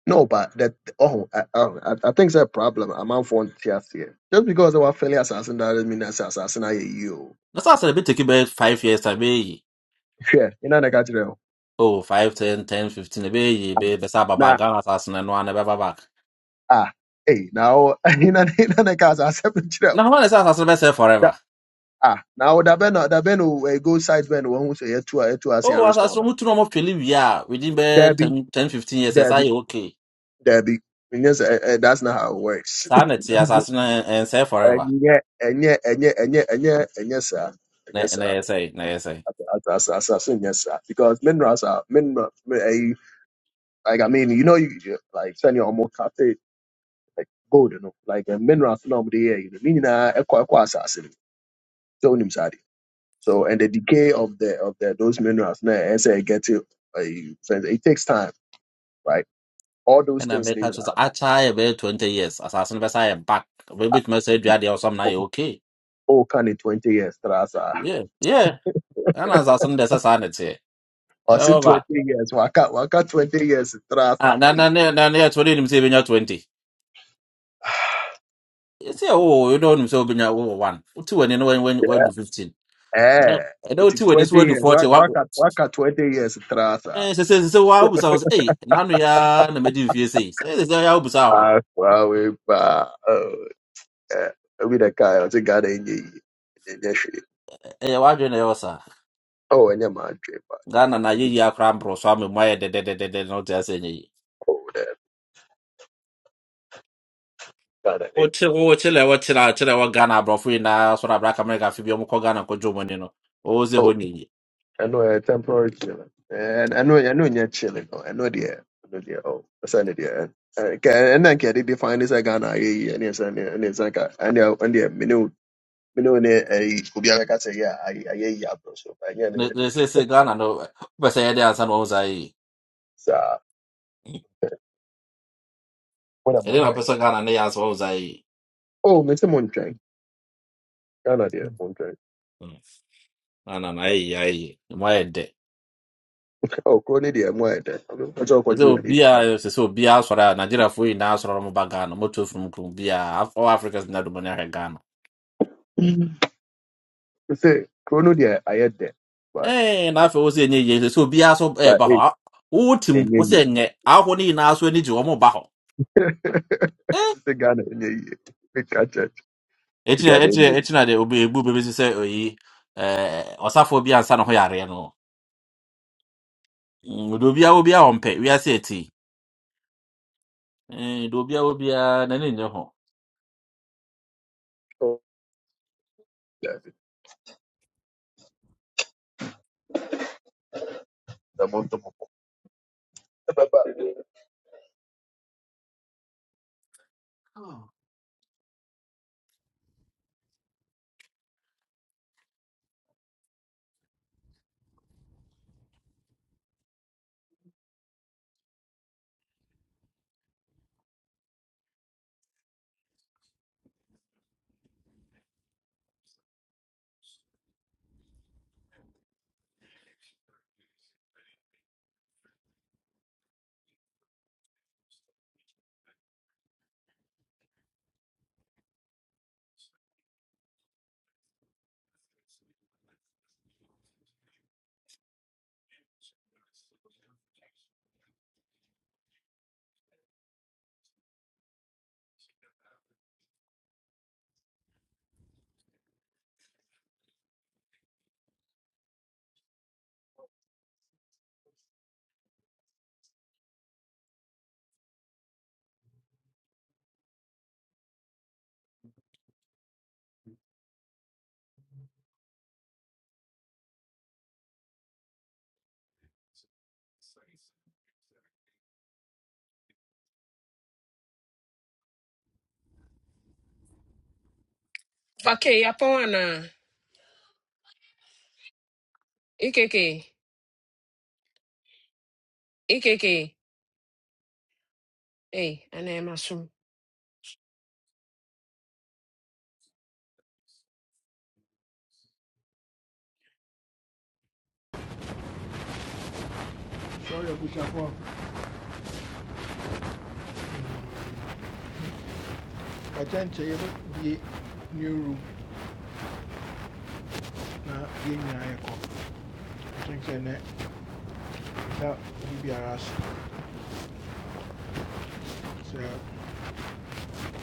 Speaker 17: no but that oh I, oh, I, I think it's a problem amanfoɔ nte aseɛ just because ɛwɔ failing asase no doesn't mean that sɛ asase no ayɛ yie o
Speaker 9: That's why I said, be take be five years I be
Speaker 17: hwɛ ina na ɛka
Speaker 9: oh five ten ten fifteen I be be be sa baba
Speaker 17: na
Speaker 9: Ghana assassin no and be baba.
Speaker 17: Ah, eh, now [laughs] ina ina na kasa asem chire. o
Speaker 9: Na how na say assassin be say
Speaker 17: da
Speaker 9: forever.
Speaker 17: Ah, now da ben da ben we go side ben wo hu say etu a etu asin
Speaker 9: Oh
Speaker 17: restore
Speaker 9: assassin
Speaker 17: da.
Speaker 9: mu tunu mo tweli wi a within be
Speaker 17: dabi
Speaker 9: 10 10 15 years I
Speaker 17: dabi
Speaker 9: say okay.
Speaker 17: There be yes, eh, eh, that's not how it works.
Speaker 9: Sa na ti
Speaker 17: [laughs]
Speaker 9: assassin and say forever.
Speaker 17: ɛnyɛ Enye enye enye enye enye sir.
Speaker 9: Na
Speaker 17: Yes, sir.
Speaker 9: na say na say.
Speaker 17: Yes, sir. Because minerals are mineral. mi- eh, Like I mean, you know, you you- like send your more like gold, you know, like eh, minerals. No, but yeah, you know, meaning I equal equal assassin. Don't him So and the decay of the of the those minerals, now as I get to, uh, it takes time, right? All those
Speaker 9: And I
Speaker 17: things,
Speaker 9: make
Speaker 17: you
Speaker 9: catch I try be 20 years assassin be say back. We
Speaker 17: know,
Speaker 9: bit me say dua dey or something na ɛyɛ okay.
Speaker 17: oh, can in twenty years, trasa.
Speaker 9: Yeah yeah. And assassin dey say sanity.
Speaker 17: Or say twenty years, waka waka twenty years, trasa.
Speaker 9: Ah, na
Speaker 17: Hey.
Speaker 9: na na na na twenty nim say benya twenty.
Speaker 17: [sighs]
Speaker 9: You say oh you don't nim say oh, benya oh one. Two when no when when when do
Speaker 17: Yeah,
Speaker 9: fifteen. I
Speaker 17: eh.
Speaker 9: know
Speaker 17: It's
Speaker 9: two when is
Speaker 17: twenty
Speaker 9: when do
Speaker 17: years, wa-
Speaker 9: forty. What?
Speaker 17: waka waka twenty years, trasa.
Speaker 9: Eh, say say say wow busa was eh na no ya na medi fie say. Say say say ya busa ho.
Speaker 17: Ah, wow, we ba, oh, yeah. We the guy, I think God ain't ye- ye-
Speaker 9: Eh wa dwe na yo sa.
Speaker 17: Oh, and your man, Jay,
Speaker 9: Ghana na ye
Speaker 17: but-
Speaker 9: ya kra mbro so am mo ye de de de de de no te say nyi.
Speaker 17: oh, the God, I
Speaker 9: O che o che le o che na che le o Ghana bro fu na so na black America fi bi o mo ko Ghana ko jomo ni no. O ze ho ni.
Speaker 17: I know a temporary chilling ɛn- ɛno ɛno nyɛ chilling no ɛno deɛ ɛno deɛ oh ɛsɛ ne deɛ ɛn- ɛn- nka ɛna nka yɛde define ne sɛ ghana ayɛ yi ɛne ɛsɛ ne ɛne ɛsɛ nka ɛne the. mene wo mene wo ne ɛyi obi abɛka sɛ yɛ ayɛ ayɛ yi aborɔ so ba ɛnyɛ ne
Speaker 9: Ne
Speaker 17: nyɛ de
Speaker 9: ne say say Ghana no. Be say ya de ansa no o
Speaker 17: saa wɔna mo
Speaker 9: ɛdeɛ na
Speaker 17: ntwɛn
Speaker 9: pɛ sɛ ghana ne yɛ asɛ wɔwo sa yi
Speaker 17: oh mese mo ntwɛn ghana deɛ mo ntwɛn
Speaker 9: ana na ɛyɛ ayɛ mu ayɛ dɛ
Speaker 17: oh kuro ne deɛ mo ayɛ dɛ ɔsɛ
Speaker 9: Ɛsɛ
Speaker 17: ɔkɔgye
Speaker 9: sɛ obiaa
Speaker 17: w'ani
Speaker 9: sɛ sɛ obiaa asɔre a nigeriafoɔ nyinaa asɔre a ɔmoba ghana motu from krom biaa all africans na domani ahwɛ ghana
Speaker 17: ti sɛ kuro no deɛ ayɛ dɛ but
Speaker 9: Ɛɛ, na afei wo sɛ ɛnyɛ yie sɛ sɛ obiaa so
Speaker 17: but
Speaker 9: ɛɛba hɔ
Speaker 17: eh
Speaker 9: wowo tim
Speaker 17: ɛnyɛ
Speaker 9: wo sɛ
Speaker 17: yie
Speaker 9: ɛnyɛ ahɔ no nyinaa so ani gye wɔmo ba hɔ
Speaker 17: [laughs] the. ghana ɛnyɛ yie ɛka kyɛ
Speaker 9: ɛkyinɛ
Speaker 17: ghana
Speaker 9: ɛkyinɛ
Speaker 17: ɛnyɛ yie
Speaker 9: ɛkyinɛ de obi ebu bebesi sɛ oyi ɛɛ ɔsafoɔ bi ansa ne ho yareɛ no Mm, de obiaa obiaa wɔmpɛ wiase ɛti de obiaa obiaa n'ani nyɛ ho
Speaker 17: [laughs] the month of
Speaker 16: Vake Yapoana. Ikeke. Ikeke. Hey, and I'm
Speaker 1: sɛ ɔyɛ abusuafoɔ a ɛkyɛnkyɛn yɛ bie new room na yɛn nyinaa yɛ kɔ ɛkyɛnkyɛn nɛ Now, you be biara so sɛ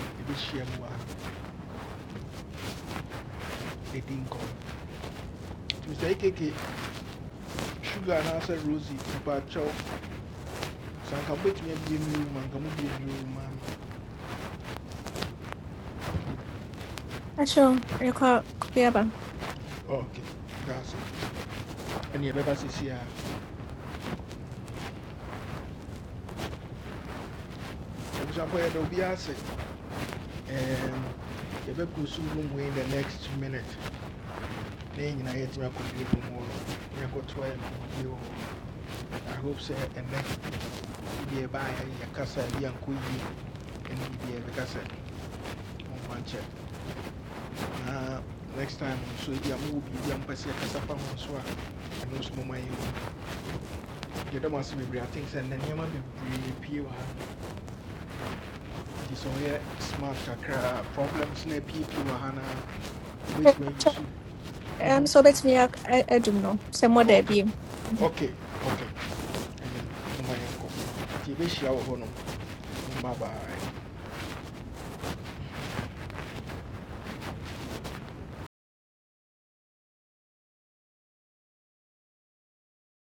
Speaker 1: ɛbɛhyia mu a ɛdi nkɔm nti sɛ ɛkeke sugar anaasɛ rosy papa kyɛw sɛ anka mobɛtumi abie mu mu anka mobie mu ma man.
Speaker 18: Acho, yɛkɔ kopiaba.
Speaker 1: ok that's it. ɛne yɛbɛba sesi a abusuafoɔ yɛda obiara sɛ ɛɛm, yɛbɛkɔ so room wei in the next minute na yɛn nyinaa yɛtumi akɔbie mu hɔ no yɛkɔtoa yɛn kɔbie hɔ i hope so. And you be sɛ ɛnɛ bi ɛbaayɛ yɛkasa And you yie ɛne biribiaa yɛbɛka sɛ ɔmfa nkyɛ na next time So yɛama wɔ biribia mpɛ sɛ yɛkasa fa ho nso a ɛno nso moma yi yɛdɔ ma so bebree aten sɛ nnɛ nneɛma bebree pie wɔ ha nti sɛ ɔyɛ smart kakra a problems na apiepie wɔ ha no a
Speaker 18: Eh,
Speaker 1: wobɛtumi ayi
Speaker 18: Acho,
Speaker 1: so
Speaker 18: I'm
Speaker 1: Mhm.
Speaker 18: so bet me I I do know. Some more there
Speaker 1: ok
Speaker 18: be.
Speaker 1: ok ok ɛne moma yɛnkɔ nti yɛbɛhyia wɔ hɔ Bye mmabae